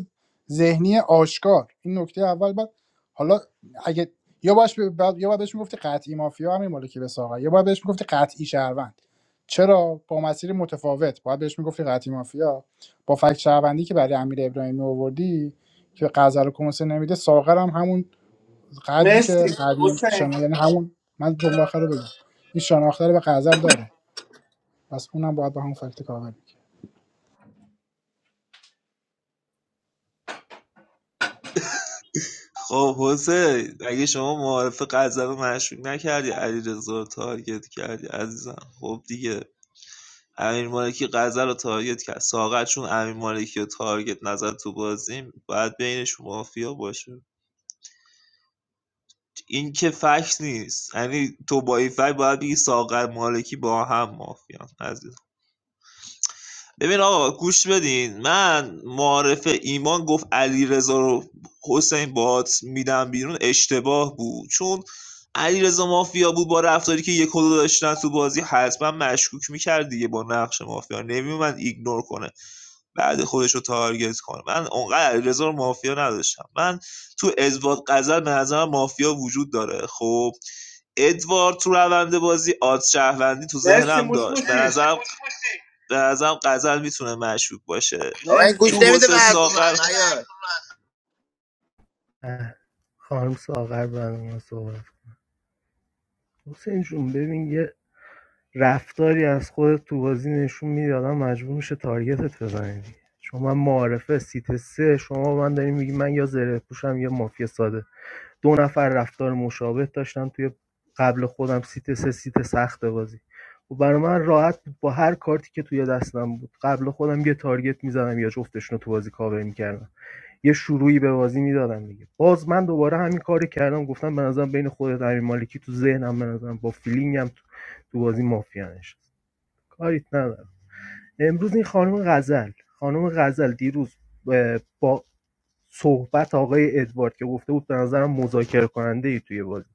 [SPEAKER 3] ذهنی آشکار این نکته اول بعد حالا اگه یا باش بعد یا باید بهش میگفتی قطعی مافیا همین مالکی به ساغر یا باید بهش میگفتی قطعی شهروند چرا با مسیر متفاوت باید بهش میگفتی قطعی مافیا با فکت شهروندی که برای امیر ابراهیمی آوردی که غزل رو کنسه نمیده ساغر هم همون قدری که
[SPEAKER 4] مرسی
[SPEAKER 3] قدیم شنا
[SPEAKER 4] حسین
[SPEAKER 3] یعنی همون من جمله آخر رو بگم این شناخته رو به غزل داره پس اونم باید به همون فکت کامل
[SPEAKER 10] خب حسین اگه شما معارف قذر رو مشروع نکردی علی رو تارگت کردی عزیزم خب دیگه امیر مالکی قذر رو تارگت کرد ساقت چون امیر مالکی رو تارگت نظر تو بازیم باید بینش مافیا باشه این که فکر نیست یعنی تو با این فکر باید بگی ساقت مالکی با هم مافیا عزیزم ببین آقا گوش بدین من معارفه ایمان گفت علی رو حسین بات میدم بیرون اشتباه بود چون علی مافیا بود با رفتاری که یک و دو داشتن تو بازی حتما مشکوک میکرد دیگه با نقش مافیا نمیومد ایگنور کنه بعد خودش رو تارگت کنه من اونقدر علیرضا رو مافیا نداشتم من تو ازباد قزل به نظرم مافیا وجود داره خب ادوارد تو روند بازی آد شهروندی تو
[SPEAKER 4] مرسی
[SPEAKER 10] ذهنم
[SPEAKER 4] موش
[SPEAKER 10] داشت به
[SPEAKER 4] موشی
[SPEAKER 10] نظرم به نظرم قزل میتونه مشکوک باشه
[SPEAKER 5] آقا این گوش
[SPEAKER 4] مرسی
[SPEAKER 10] تو
[SPEAKER 5] نمیده به
[SPEAKER 10] حسین
[SPEAKER 5] حرف
[SPEAKER 10] ساغر
[SPEAKER 5] من نیار
[SPEAKER 11] خانم ساغر بعد من صحبت کن. حسین جون ببین یه رفتاری از خودت تو بازی نشون میدی آدم مجبور میشه تارگتت بزنه دیگه شما من معارفه سیت سه شما من داری میگی من یا زره پوشم یا مافیا ساده دو نفر رفتار مشابه داشتن توی قبل خودم سیت سه سیت سخت بازی و برای من راحت بود با هر کارتی که توی دستم بود قبل خودم یه تارگت میزدم یا جفتشون رو تو بازی کاور میکردم یه شروعی به بازی میدادن دیگه باز من دوباره همین کاری کردم گفتم به نظرم بین خودت امیر مالکی تو ذهنم به نظرم با فیلینگم تو, تو بازی مافیا نشست کاریت ندارم امروز این خانم غزل خانم غزل دیروز با صحبت آقای ادوارد که گفته بود به نظرم مذاکره کننده ای توی بازی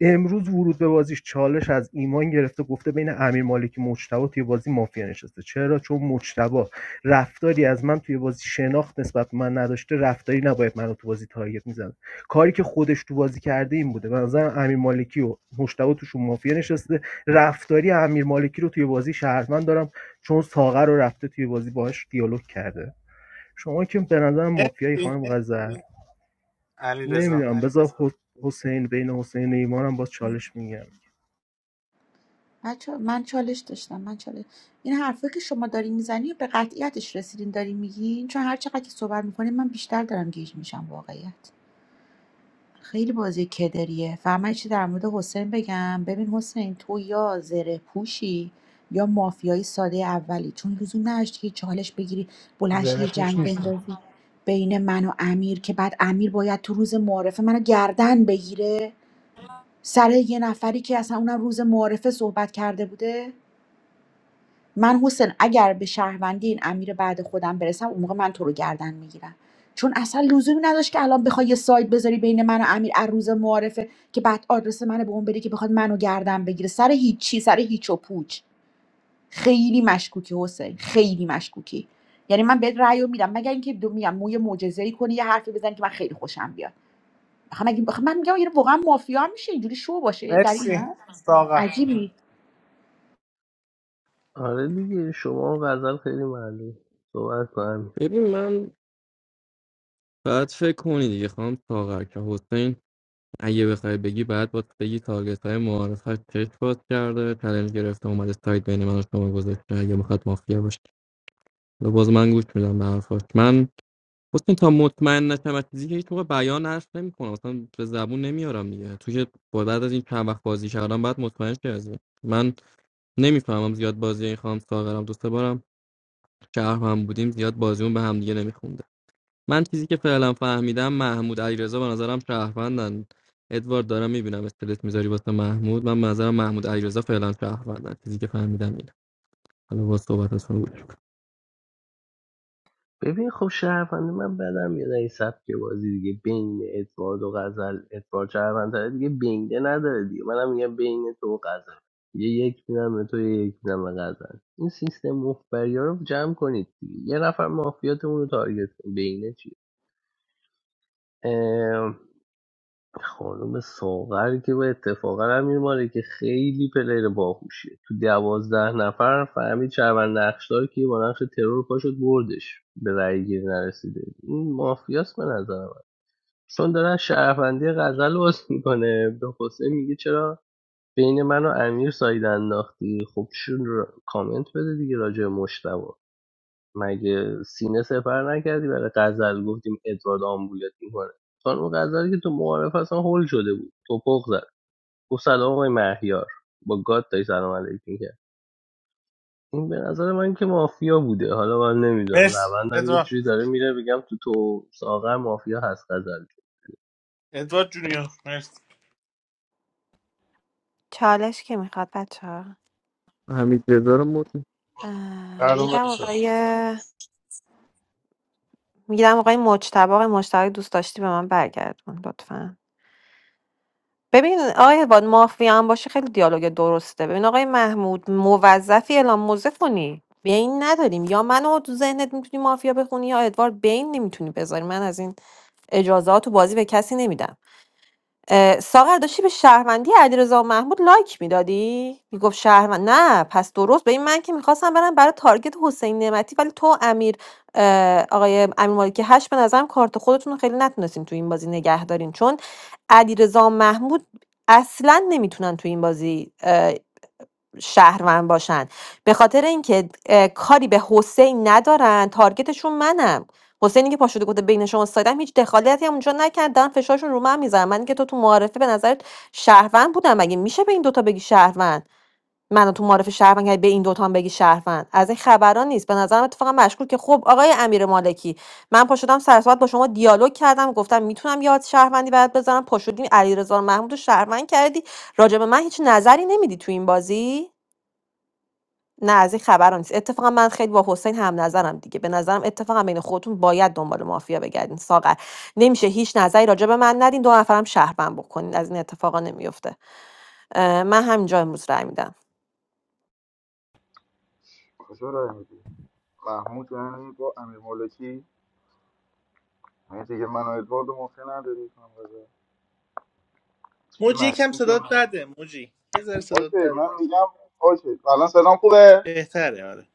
[SPEAKER 11] امروز ورود به بازیش چالش از ایمان گرفته گفته بین امیر مالکی مجتبی توی بازی مافیا نشسته چرا چون مجتبی رفتاری از من توی بازی شناخت نسبت به من نداشته رفتاری نباید منو تو بازی تارگت میزد کاری که خودش تو بازی کرده این بوده به نظرم امیر مالکی و مجتبی توشون مافیا نشسته رفتاری امیر مالکی رو توی بازی شهرمند دارم چون ساغر رو رفته توی بازی باهاش دیالوگ کرده شما که به نظرم مافیایی
[SPEAKER 4] مرسی
[SPEAKER 11] خانم غزل
[SPEAKER 4] علی رضا
[SPEAKER 11] نمیدونم بذار حس- حسین بین حسین و ایمانم باز چالش میگم
[SPEAKER 2] بچه من چالش داشتم من چالش این حرفه که شما داری میزنی به قطعیتش رسیدین داری میگین چون هر چقدر که صحبت میکنین من بیشتر دارم گیج میشم واقعیت خیلی بازی کدریه فقط من چی در مورد حسین بگم ببین حسین تو یا زره پوشی یا مافیایی ساده اولی چون لزوم نداشت که چالش بگیری بلنشی
[SPEAKER 3] زره
[SPEAKER 2] یه
[SPEAKER 3] پوش
[SPEAKER 2] جنگ
[SPEAKER 3] نیستم
[SPEAKER 2] بندازی بین من و امیر که بعد امیر باید تو روز معارفه منو گردن بگیره سر یه نفری که اصلا اونم روز معارفه صحبت کرده بوده من حسین اگر به شهروندی این امیر بعد خودم برسم اون موقع من تو رو گردن میگیرم چون اصلا لزومی نداشت که الان بخوای یه سایت بذاری بین من و امیر از روز معارفه که بعد آدرس منو به اون بده که بخواد منو گردن بگیره سر هیچی سر هیچ و پوچ خیلی مشکوکی حسین خیلی مشکوکی یعنی من بهت رأی رو میدم مگر اینکه دو میگم موی معجزه‌ای کنی یه حرفی بزنی که من خیلی خوشم بیاد آخه مگه آخه من میگم یعنی واقعا مافیا هم میشه اینجوری شو باشه در این
[SPEAKER 4] مرسی
[SPEAKER 2] حد
[SPEAKER 4] ساقه
[SPEAKER 2] عجیبی
[SPEAKER 13] آره دیگه شما و غزل خیلی معلوم صحبت کنم
[SPEAKER 6] ببین من بعد فکر کنی دیگه خانم ساغر که حسین اگه بخوای بگی بعد باید بگی تارگت های معارفش چشم باز کرده چلنج گرفته اومده سایت بین من و شما گذاشته اگه میخواد مافیا باشه و باز من گوش میدم به حرفاش من حسین تا مطمئن نشم از چیزی که هیچ موقع بیان حرف نمیکنم اصلا به زبون نمیارم دیگه تو که با- بعد از این چند وقت بازی کردم بعد مطمئن شی از این. من نمیفهمم زیاد بازی این خانم ساغرم دو سه بارم شهر هم بودیم زیاد بازیمون به هم دیگه نمیخوند. من چیزی که فعلا فهمیدم محمود علیرضا به نظرم شهروندن ادوارد دارم میبینم استلت میذاری واسه محمود من به نظرم محمود علیرضا فعلا شهروندن چیزی که فهمیدم اینه حالا با صحبتاتون گوش کن.
[SPEAKER 13] ببین خب شهرونده من بدم میاد این سبک بازی دیگه بین ادوارد و غزل ادوارد شهرونده دیگه بینده نداره دیگه منم میگم بین تو و غزل یه یک میدم به تو یه یک میدم به غزل این سیستم مفبری ها رو جمع کنید دیگه یه نفر مافیاتمون رو تارگت کن بینه چیه خانم ساغر که به اتفاقا امیر مالک که خیلی پلیر باهوشیه تو دوازده نفر فهمید شهروند نقشدار که با نقش ترور پاشد بردش به رأی گیری نرسیده این مافیاست به نظر من چون داره از شهروندی غزل باز میکنه به حسین میگه چرا بین من و امیر ساید انداختی خب شون کامنت بده دیگه راجع مشتبه مگه سینه سپر نکردی برای غزل گفتیم ادوارد آمبولت میکنه چون اون غزلی که تو معارف اصلا هول شده بود توپق زد گفت سلام آقای مهیار با گاد داری سلام علیک میکرد این به نظر من که مافیا بوده حالا من نمیدونم
[SPEAKER 4] مرسی
[SPEAKER 13] روندم یه
[SPEAKER 4] ادوارد
[SPEAKER 13] چیزی داره میره بگم تو تو ساغر مافیا هست غزل
[SPEAKER 4] ادوارد جونیور مرسی
[SPEAKER 14] چالش که میخواد بچه
[SPEAKER 6] حمید رضا رو مت
[SPEAKER 14] اه،
[SPEAKER 18] سلام
[SPEAKER 14] میدم
[SPEAKER 18] بچه‌ها.
[SPEAKER 14] آقای میدم آقای مجتبی آقای مجتبی اگه دوست داشتی به من برگردون لطفا ببین آقای واد مافیا هم باشه خیلی دیالوگ درسته ببین آقای محمود موظفی اعلام موزه کنی بین نداریم یا منو تو ذهنت میتونی مافیا بخونی یا ادوارد بین نمیتونی بذاری من از این اجازه تو بازی به کسی نمیدم آآ ساغر داشتی به شهروندی علیرضا و محمود لایک میدادی؟ میگفت شهروند نه پس درست به این من که میخواستم برم برای تارگت حسین نعمتی ولی تو امیر آآ آقای امیر مالکی هش به نظرم کارت خودتون رو خیلی نتونستین تو این بازی نگه دارین چون علیرضا و محمود اصلا نمیتونن تو این بازی شهروند باشن به خاطر اینکه اه، کاری به حسین ندارن تارگتشون منم حسینی که پاشده گفته بین شما سایدم هیچ دخالتی هم اونجا نکردن فشارشون رو من میذارم من که تو تو معارفه به نظرت شهروند بودم مگه میشه به این دوتا بگی شهروند منو تو معارف شهروند کردی، به این دوتا هم بگی شهروند از این خبران نیست به نظرم اتفاقا مشکول که خب آقای امیر مالکی من پاشدم سر صحبت با شما دیالوگ کردم گفتم میتونم یاد شهروندی برات بذارم پاشدی علیرضا محمود رو شهروند کردی راجع به من هیچ نظری نمیدی تو این بازی نه از این خبرا نیست اتفاقا من خیلی با حسین هم نظرم دیگه به نظرم اتفاقا بین خودتون باید دنبال مافیا بگردین ساغر نمیشه هیچ نظری راجع به من ندین دو نفرم شهروند بکنین از این اتفاقا نمیفته اه، من همینجا امروز رای میدم
[SPEAKER 9] کجا راه میدی محمود یعنی با امیر مالکی نه دیگه من و ادوارد موقع نداریم خانم رضا. چیزی
[SPEAKER 4] موجی یکم
[SPEAKER 9] مشکوکه
[SPEAKER 4] صدات
[SPEAKER 9] من
[SPEAKER 4] بده موجی یه ذره
[SPEAKER 9] اوکی
[SPEAKER 4] صدات
[SPEAKER 9] من
[SPEAKER 4] بده
[SPEAKER 9] میگم اوکی الان سلام خوبه
[SPEAKER 4] بهتره آره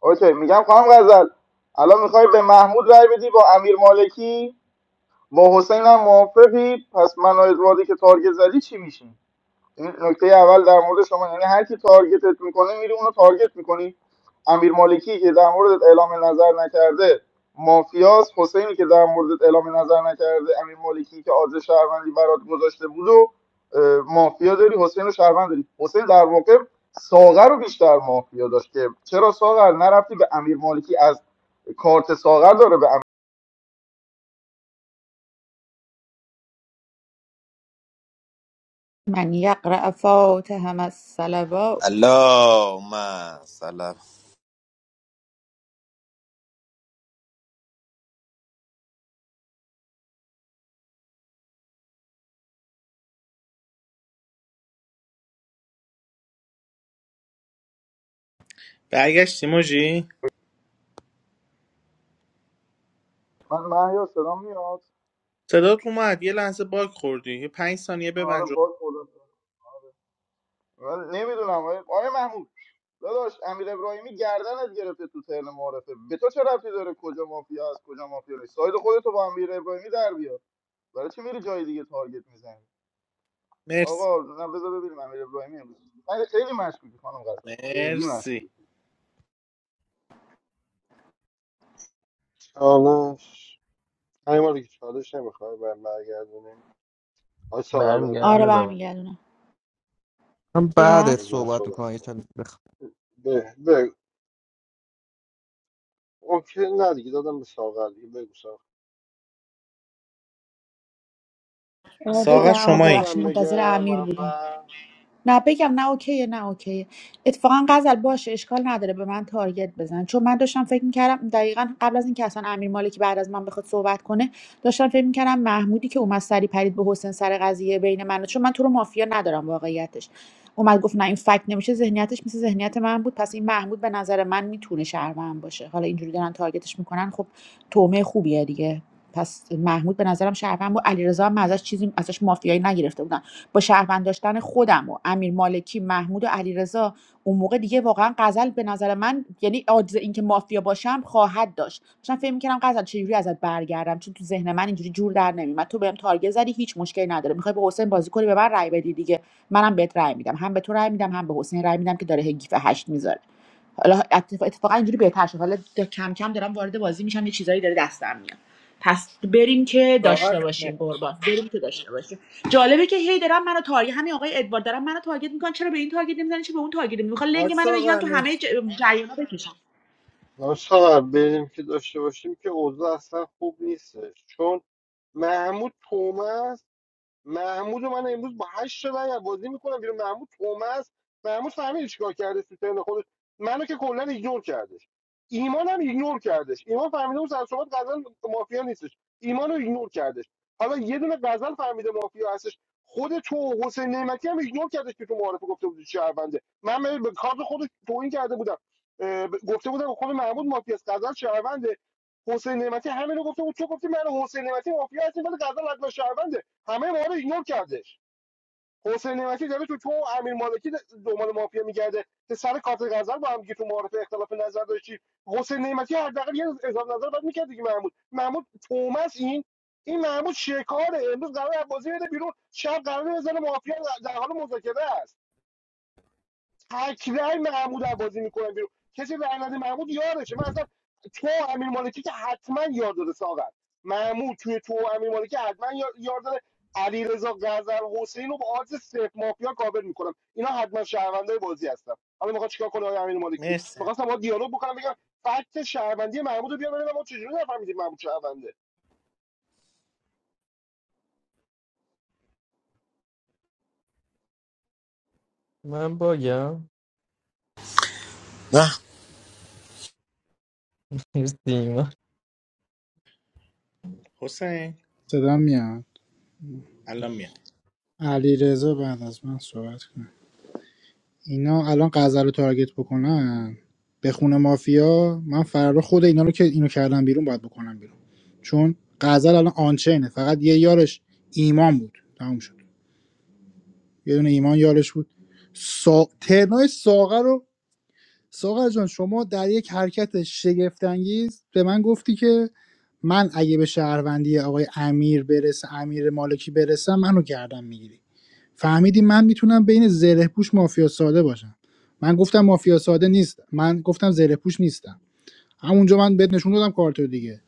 [SPEAKER 9] اوکی میگم خانم غزل الان میخوای به محمود رای بدی با امیر مالکی با حسین هم موافقی پس من و ادواردی که تارگت زدی چی میشیم این نکته اول در مورد شما یعنی هر کی تارگتت میکنه میری اونو تارگت میکنی امیر مالکی که در مورد اعلام نظر نکرده مافیاس حسینی که در مورد اعلام نظر نکرده امیر مالکی که آز شهروندی برات گذاشته بود و اه، مافیا داری حسین رو شهروند داری حسین در واقع ساغر رو بیشتر مافیا داشت که چرا ساغر نرفتی به امیر مالکی از کارت ساغر داره به امیر
[SPEAKER 2] من یقرأ فاتهم الصلوات
[SPEAKER 5] اللهم صل
[SPEAKER 4] برگشتی موجی
[SPEAKER 9] من من یا صدا میاد
[SPEAKER 4] صدات اومد یه لحظه باگ خوردی یه پنج ثانیه
[SPEAKER 9] آره
[SPEAKER 4] ببند رو
[SPEAKER 9] باز خدا من نمیدونم آقای آقای محمود داداش امیر ابراهیمی گردنت گرفته تو ترن معارفه به تو چه ربطی داره کجا مافیا است کجا مافیا نیست ساید خودتو با امیر ابراهیمی در بیار برای چی میری جای دیگه تارگت میزنی
[SPEAKER 4] مرسی
[SPEAKER 9] آقا نه بذار ببینیم امیر ابراهیمی امروز من خیلی مشکوکی خانم غزل خیلی
[SPEAKER 4] مرسی
[SPEAKER 9] مشکوکی
[SPEAKER 1] چالش همین مالی که چالش نمیخوای برم برگردونیم آقای ساغر بهم
[SPEAKER 2] آره
[SPEAKER 13] برمیگردونه به من.
[SPEAKER 1] برمیگرد
[SPEAKER 2] برمیگردونم
[SPEAKER 6] من
[SPEAKER 1] بعد
[SPEAKER 6] بعدت
[SPEAKER 2] بگم
[SPEAKER 1] از من
[SPEAKER 6] صحبت
[SPEAKER 1] صحبت
[SPEAKER 6] میکنم یه
[SPEAKER 1] کن
[SPEAKER 6] چند بخ...
[SPEAKER 1] به به اوکی نه دیگه دادم به ساغر دیگه بگو ساغر
[SPEAKER 2] آه، بگم
[SPEAKER 1] تو
[SPEAKER 4] ساغر
[SPEAKER 2] آه،
[SPEAKER 4] شمایی
[SPEAKER 1] خودم
[SPEAKER 2] ببخشید منتظر
[SPEAKER 1] بگم
[SPEAKER 2] امیر بودم
[SPEAKER 1] اول
[SPEAKER 2] نه بگم نه اوکیه نه اوکیه اتفاقا غزل باشه اشکال نداره به من تارگت بزن چون من داشتم فکر میکردم دقیقا قبل از اینکه اصلا امیر مالکی بعد از من بخواد صحبت کنه داشتم فکر میکردم محمودی که اومد سری پرید به حسین سر قضیه بین من و- چون من تو رو مافیا ندارم واقعیتش اومد گفت نه این فکت نمیشه ذهنیتش مثل ذهنیت من بود پس این محمود به نظر من میتونه شهروند باشه حالا اینجوری دارن تارگتش میکنن خب تومه خوبیه دیگه پس محمود به نظرم شهروند بود علیرضا هم ازش چیزی ازش مافیایی نگرفته بودم با شهروند داشتن خودم و امیر مالکی محمود و علیرضا اون موقع دیگه واقعا غزل به نظر من یعنی عاجز اینکه مافیا باشم خواهد داشت داشتم فکر میکردم غزل چجوری ازت برگردم چون تو ذهن من اینجوری جور در نمیومد تو بهم تارگت زدی هیچ مشکلی نداره میخوای به حسین بازی کنی به من رأی بدی دیگه منم بهت رأی میدم هم به تو رأی میدم هم به حسین رأی میدم که داره هی گیف هشت میذاره حالا اتفاقا اینجوری بهتر شد حالا کم کم دارم وارد بازی میشم یه چیزایی داره دستم میاد پس بریم که داشته
[SPEAKER 4] ساغر جونه.
[SPEAKER 2] باشیم قربان بریم که داشته باشیم جالبه که هی دارن منو تارگت همین آقای ادوارد دارن منو تارگت میکنن چرا به این تارگت نمیزنن چرا به اون تارگت نمیزنن میخوان
[SPEAKER 4] آج
[SPEAKER 2] لنگ منو بگیرن
[SPEAKER 4] ساغر
[SPEAKER 2] تو همه
[SPEAKER 4] مرسی
[SPEAKER 2] ج... جریانا بکشن
[SPEAKER 1] آقای ساغر بریم که داشته باشیم که اوضاع اصلا خوب نیستش چون محمود تومه محمود و من امروز با هشت تا رای از بازی میکنم بیرون محمود تومس محمود فهمیدی چیکار کرده تو ترن خودش منو که کلا ایگنور کردش ایمان هم ایگنور کردش ایمان فهمیده اون سر صحبت غزل مافیا نیستش ایمان رو ایگنور کردش حالا یه دونه غزل فهمیده مافیا هستش خود تو و حسین نعمتی هم ایگنور کردش که تو معارفه گفته بودی شهرونده من به به کارت خود توهین کرده بودم اه، ب- گفته بودم خود محمود مافیاست غزل شهرونده حسین نعمتی همین رو گفته بود تو گفتی من و حسین نعمتی مافیا هستیم ولی غزل حتما شهرونده همه ما رو ایگنور کرده حسین نعمتی داره تو تو و امیر مالکی دنبال مافیا میگرده که سر کارت غزل با هم دیگه تو معارف اختلاف نظر داشتی حسین نعمتی حداقل یه اظهار نظر باید میکرد دیگه محمود محمود تومس این این محمود شکاره امروز قرار بازی بده بیرون شب قرار بزنه مافیا در حال مذاکره است تکرای محمود رو بازی میکنم بیرون کسی رای نده محمود یارشه من اصلا تو و امیر مالکی که حتما یار داره ساغر محمود توی تو و امیر مالکی حتما یا- یار داره علیرضا غزل حسین رو با آدرس صفر مافیا کاور میکنم اینا حتما شهروندای بازی هستن حالا میخواد چیکار کنه آقای امیر مالکی
[SPEAKER 4] مرسی
[SPEAKER 1] میخواستم با دیالوگ بکنم بگم فکت شهروندی محمود رو بیار ببینم ما چجوری نفهمیدیم محمود شهرونده
[SPEAKER 6] من باگم مرسی ایمان.
[SPEAKER 4] حسین
[SPEAKER 3] صدا میاد
[SPEAKER 4] الان میام
[SPEAKER 3] علی رضا بعد از من صحبت کنه اینا الان غزل رو تارگت بکنن به خونه مافیا من فرار خود اینا رو که اینو کردم بیرون باید بکنم بیرون چون غزل الان آنچینه فقط یه یارش ایمان بود تموم شد یه دونه ایمان یارش بود سا... ترنای ساغر رو ساغر جان شما در یک حرکت شگفت انگیز به من گفتی که من اگه به شهروندی آقای امیر برسه امیر مالکی برسم منو گردم میگیری فهمیدی من میتونم بین زره پوش مافیا ساده باشم من گفتم مافیا ساده نیست من گفتم زره پوش نیستم همونجا من بهت نشون دادم کارتو دیگه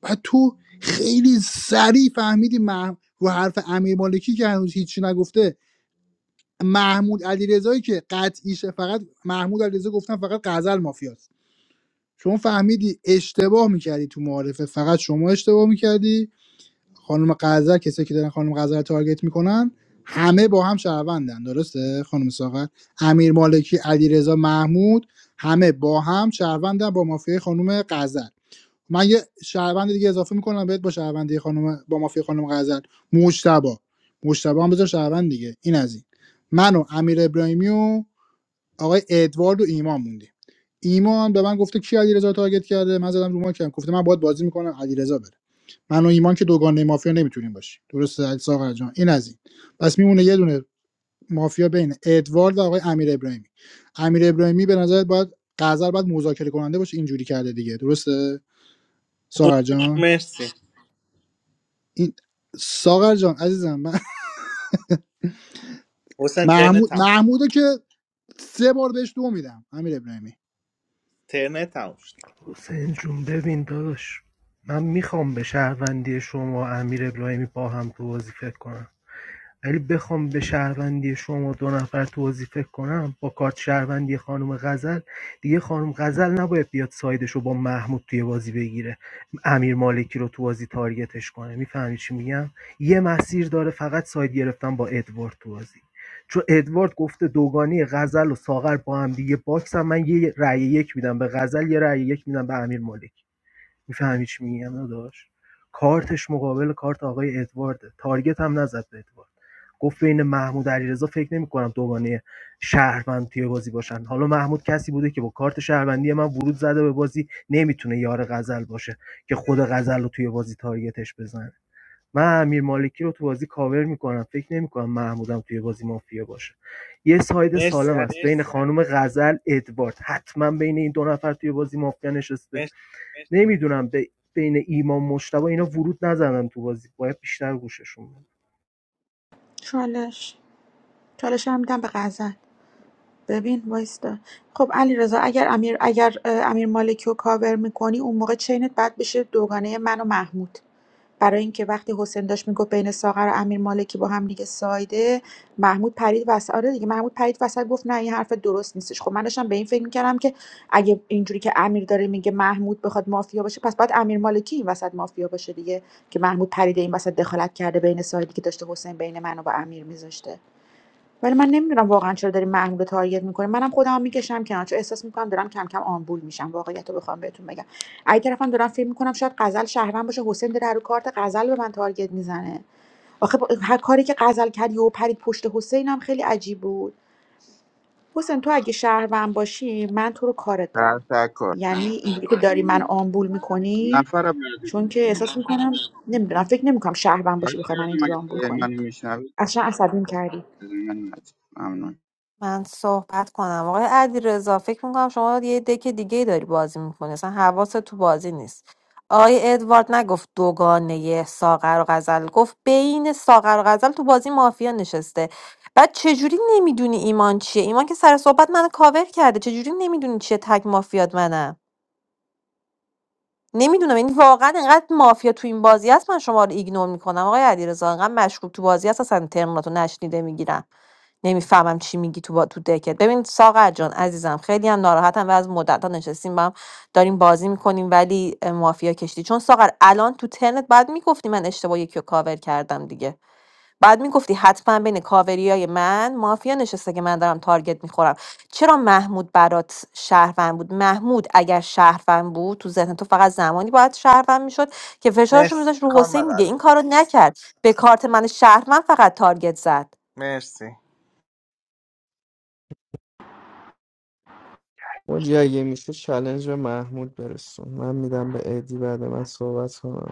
[SPEAKER 3] بعد تو خیلی سریع فهمیدی مح... رو حرف امیر مالکی که هنوز هیچی نگفته محمود علیرضایی که قطعیشه فقط محمود علیرضا گفتن فقط غزل مافیاست شما فهمیدی اشتباه میکردی تو معارفه فقط شما اشتباه میکردی خانم غزل کسایی که دارن خانم غزل رو تارگت میکنن همه با هم شهروندن درسته خانم ساغر امیر مالکی علیرضا محمود همه با هم شهروندن با مافیای خانم غزل من یه شهروند دیگه اضافه میکنم بهت با شهروندی خانم با مافیای خانم غزل مجتبا مجتبا هم بذار شهروند دیگه این از این من و امیر ابراهیمی و آقای ادوارد و ایمان موندیم ایمان به من گفته کی علیرضا رو تارگت کرده من زدم رو ماکم گفته من باید بازی میکنم علیرضا بره من و ایمان که دوگانه مافیا نمیتونیم باشیم درسته علی ساغر جان این از این پس میمونه یه دونه مافیا بین ادوارد و آقای امیر ابراهیمی امیر ابراهیمی به نظرت باید قذر باید مذاکره کننده باشه اینجوری کرده دیگه درسته ساغر
[SPEAKER 4] حسین
[SPEAKER 3] جان
[SPEAKER 4] مرسی
[SPEAKER 3] این ساغر جان عزیزم من
[SPEAKER 4] حسین ترنه
[SPEAKER 3] محمود
[SPEAKER 4] تموم
[SPEAKER 3] محمودو که سه بار بهش دو میدم امیر ابراهیمی
[SPEAKER 4] ترنه تموم شد
[SPEAKER 11] حسین جون ببین داداش من میخوام به شهروندی شما و امیر ابراهیمی با هم تو بازی فکر کنم ولی بخوام به شهروندی شما دو نفر توضیح فکر کنم با کارت شهروندی خانم غزل دیگه خانم غزل نباید بیاد سایدش رو با محمود توی بازی بگیره امیر مالکی رو تو بازی تارگتش کنه میفهمی چی میگم یه مسیر داره فقط ساید گرفتن با ادوارد تو بازی چون ادوارد گفته دوگانی غزل و ساغر با هم دیگه باکسن من یه رأی یک میدم به غزل یه رأی یک میدم به امیر مالکی میفهمی چی میگم داداش کارتش مقابل کارت آقای ادوارده تارگت هم نزد به ادوارد گفت بین محمود علیرضا فکر نمی‌کنم دوگانه شهروند توی بازی باشن حالا محمود کسی بوده که با کارت شهروندی من ورود زده به بازی نمیتونه یار غزل باشه که خود غزل رو توی بازی تارگتش بزنه من امیر مالکی رو تو بازی کاور میکنم فکر نمیکنم محمودم توی بازی مافیا باشه یه ساید
[SPEAKER 4] مرسی
[SPEAKER 11] سالم است
[SPEAKER 4] علی رضا.
[SPEAKER 11] بین خانم غزل ادوارد حتما بین این دو نفر توی بازی مافیا نشسته
[SPEAKER 4] مرسی
[SPEAKER 11] نمیدونم بین ایمان مشتبه اینا ورود نزدن تو بازی باید بیشتر گوششون بدم.
[SPEAKER 2] چالش چالش هم میدم به غزل ببین وایستا خب علی رضا اگر امیر اگر اه، امیر مالکی رو کاور میکنی اون موقع چینت بعد بشه دوگانه من و محمود برای اینکه وقتی حسین داشت میگفت بین ساغر و امیر مالکی با هم دیگه سایده محمود پرید وسط آره دیگه محمود پرید وسط گفت نه این حرف درست نیستش خب من داشتم به این فکر میکردم که اگه اینجوری که امیر داره میگه محمود بخواد مافیا باشه پس باید امیر مالکی این وسط مافیا باشه دیگه که محمود پرید این وسط دخالت کرده بین سایدی که داشته حسین بین منو و با امیر میذاشته ولی من نمیدونم واقعا چرا داری محمول رو تارگت میکنی منم خودم میکشم کنار چون احساس میکنم دارم کم کم آمبول میشم واقعیت رو بخوام بهتون بگم اگه طرفم دارم فکر میکنم شاید غزل شهروند باشه حسین داره رو کارت غزل به من تارگت میزنه آخه با- هر کاری که غزل کرد و پرید پشت حسین هم خیلی عجیب بود حسین تو اگه شهروند باشی من تو رو کارت
[SPEAKER 17] خبر
[SPEAKER 2] دارم
[SPEAKER 17] تر
[SPEAKER 2] یعنی
[SPEAKER 17] کنیم
[SPEAKER 2] اینجوری که داری من آمبول میکنی
[SPEAKER 17] نفر بعدی رو
[SPEAKER 2] چون که
[SPEAKER 17] کنیم
[SPEAKER 2] احساس میکنم نمیدونم فکر نمیکنم شهروند
[SPEAKER 17] حال
[SPEAKER 2] باشی بخوای من
[SPEAKER 17] کردم
[SPEAKER 2] اینجوری
[SPEAKER 17] اگه
[SPEAKER 2] آمبول
[SPEAKER 17] صدای
[SPEAKER 2] کنی
[SPEAKER 17] من میشنوید
[SPEAKER 2] اصلا عصبیم کردی
[SPEAKER 17] صدای من نزد ممنون
[SPEAKER 14] من صحبت کنم آقای علیرضا فکر میکنم شما یه دک دیگه داری بازی میکنی اصلا حواست تو بازی نیست آقای ادوارد نگفت دوگانه ساغر و غزل گفت بین ساغر و غزل تو بازی مافیا نشسته بعد چجوری نمیدونی ایمان چیه ایمان که سر صحبت منو کاور کرده چجوری نمیدونی چیه تک مافیات منم نمیدونم این واقعا انقدر مافیا تو این بازی هست من شما رو ایگنور میکنم آقای علیرضا انقدر مشکوک تو بازی هست اصلا ترمیناتو نشنیده میگیرم نمیفهمم چی میگی تو با... تو دکت ببین ساغر جان عزیزم خیلی هم ناراحتم و از مدت ها نشستیم با هم داریم بازی میکنیم ولی اه، مافیا کشتی چون ساغر الان تو ترنت بعد میگفتی من اشتباه یکی رو کاور کردم دیگه بعد میگفتی حتما بین کاوریای من مافیا نشسته که من دارم تارگت میخورم چرا محمود برات شهروند بود محمود اگر شهروند بود تو ذهن تو فقط زمانی باید شهروند میشد که فشارش رو
[SPEAKER 4] مرسی
[SPEAKER 14] میذاشت رو
[SPEAKER 4] خانم
[SPEAKER 14] حسین دیگه این
[SPEAKER 4] غزه
[SPEAKER 14] کارو نکرد به کارت من شهروند فقط تارگت زد
[SPEAKER 4] مرسی
[SPEAKER 6] اون جایی میشه چلنج به محمود برسون من میدم به ادی بعد من صحبت کنم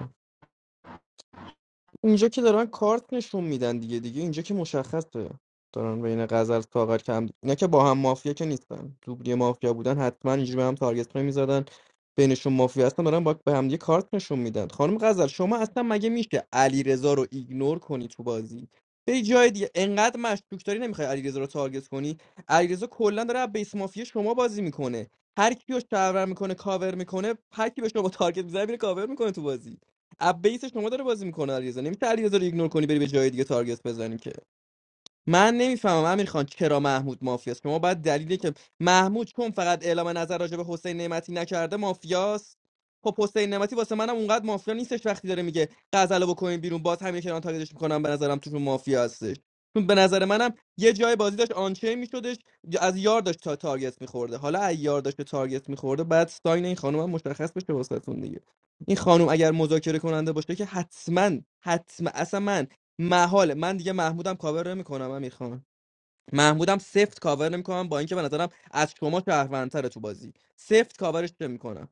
[SPEAKER 6] اینجا که دارن کارت نشون میدن دیگه دیگه اینجا که مشخصه دارن بین غزل ساغر کم اینا که با هم مافیا که نیستن دوبلی مافیا بودن حتما اینجوری به هم تارگت نمیزدن بینشون مافیا هستن دارن با به هم دیگه کارت نشون میدن خانم غزل شما اصلا مگه میشه علیرضا رو ایگنور کنی تو بازی به جای دیگه انقدر مشکوک داری نمیخوای علیرضا رو تارگت کنی علیرضا کلا داره از بیس مافیا شما بازی میکنه هر کیو شهرور میکنه کاور میکنه هر کی به با تارگت میزنه میره کاور میکنه تو بازی اب بیس شما داره بازی میکنه علیرضا نمیشه علیرضا رو ایگنور کنی بری به جای دیگه تارگت بزنی که من نمیفهمم امیر خان چرا محمود مافیاست شما باید دلیلی که محمود چون فقط اعلام نظر راجع به حسین نعمتی نکرده مافیاست خب حسین نعمتی واسه منم اونقدر مافیا نیستش وقتی داره میگه غزل رو بکنین بیرون باز همین کنان تاگیدش میکنم به نظرم تو مافیا هستش چون به نظر منم یه جای بازی داشت آنچه میشدش از یار داشت تا تارگت میخورده حالا از یار داشت به تارگت میخورده بعد ساین این خانم هم مشخص بشه واسهتون دیگه این خانم اگر مذاکره کننده باشه که حتما حتما اصلا من محاله من دیگه محمودم کاور نمیکنم من میخوام محمودم سفت کاور نمیکنم با اینکه به نظرم از شما شهروندتره تو بازی سفت کاورش نمیکنم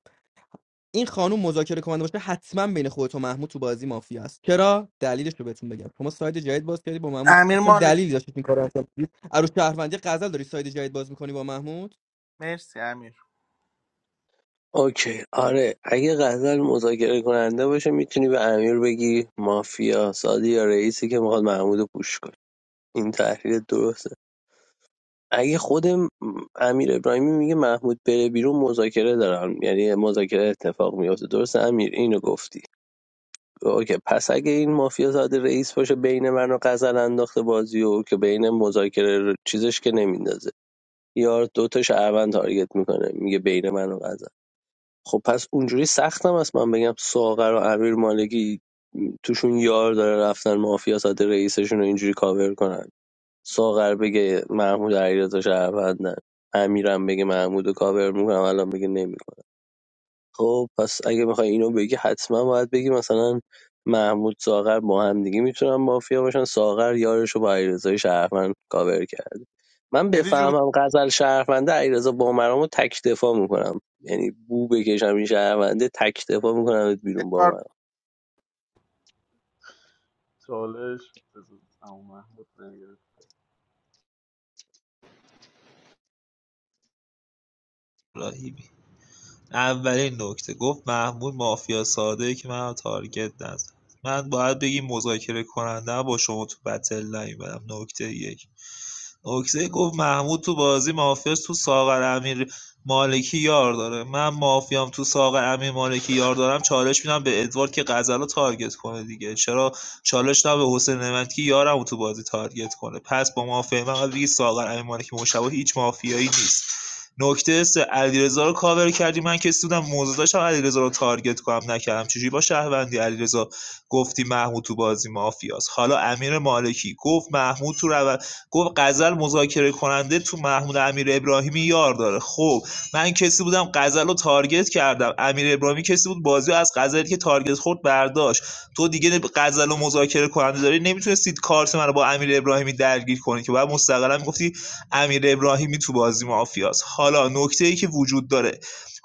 [SPEAKER 6] این خانوم مذاکره کننده باشه حتما بین خودت و محمود تو بازی مافیا است چرا دلیلش رو بهتون بگم شما ساید جدید باز کردی با محمود
[SPEAKER 4] امیر
[SPEAKER 6] اصلا
[SPEAKER 4] مالک
[SPEAKER 6] دلیلی داشت این کارو انجام بدی عروس شهروندی غزل داری ساید جدید باز میکنی با محمود
[SPEAKER 4] مرسی امیر
[SPEAKER 13] اوکی آره اگه غزل مذاکره کننده باشه میتونی به امیر بگی مافیا سادی یا رئیسی که میخواد محمود رو پوش کنه این تحلیل درست اگه خود م- امیر ابراهیمی میگه محمود بره بیرون مذاکره دارن یعنی مذاکره اتفاق میفته درسته امیر اینو گفتی اوکی پس اگه این مافیا زاده رئیس باشه بین من و قزل انداخته بازی و که بین مذاکره رو- چیزش که نمیندازه یار دوتا شهروند تارگت میکنه میگه بین من و قزل خب پس اونجوری سختم است من بگم ساغر و امیر مالکی توشون یار داره رفتن مافیا ساده رئیسشون رو اینجوری کاور کنن ساغر بگه محمود علیرضا شهروند نه امیرم بگه محمود و کاور میکنم الان بگه نمیکنم خب پس اگه بخوای اینو بگی حتما باید بگی مثلا محمود ساغر با هم دیگه میتونن مافیا باشن ساغر یارش رو با علیرضا شهروند کاور کرده من
[SPEAKER 4] ادی جون
[SPEAKER 13] بفهمم غزل شهرونده علیرضا بامرام رو تک دفاع میکنم یعنی بو بکشم این شهرونده تک دفاع میکنم بیرون بامرام
[SPEAKER 4] ادوارد
[SPEAKER 9] چالش بذار اما محمود نگرفت
[SPEAKER 10] راهیبی اولین نکته گفت محمود مافیا ساده ای که من تارگت نزد من باید بگی مذاکره کننده با شما تو بتل نیومدم نکته یک نکته گفت محمود تو بازی مافیاس تو ساغر امیر مالکی یار داره من مافیام تو ساغر امیر مالکی یار دارم چالش میدم به ادوارد که غزل رو تارگت کنه دیگه چرا چالش نه به حسین نعمتی یارم رو تو بازی تارگت کنه پس با مافیا من قبل دیگه ساغر امیر مالکی مشابه هیچ مافیایی نیست نکته سه علیرضا رو کاور کردی من که سودم موضوع داشتم علیرضا رو تارگت کنم نکردم چجوری با شهروندی علیرضا گفتی محمود تو بازی مافیاست حالا امیر مالکی گفت محمود تو رو گفت غزل مذاکره کننده تو محمود امیر ابراهیمی یار داره خب من کسی بودم غزل رو تارگت کردم امیر ابراهیمی کسی بود بازی از غزلی که تارگت خورد برداشت تو دیگه غزل و مذاکره کننده داری نمیتونستید کارت من با امیر ابراهیمی درگیر کنی که بعد مستقلا میگفتی امیر ابراهیمی تو بازی مافیاست حالا نکته ای که وجود داره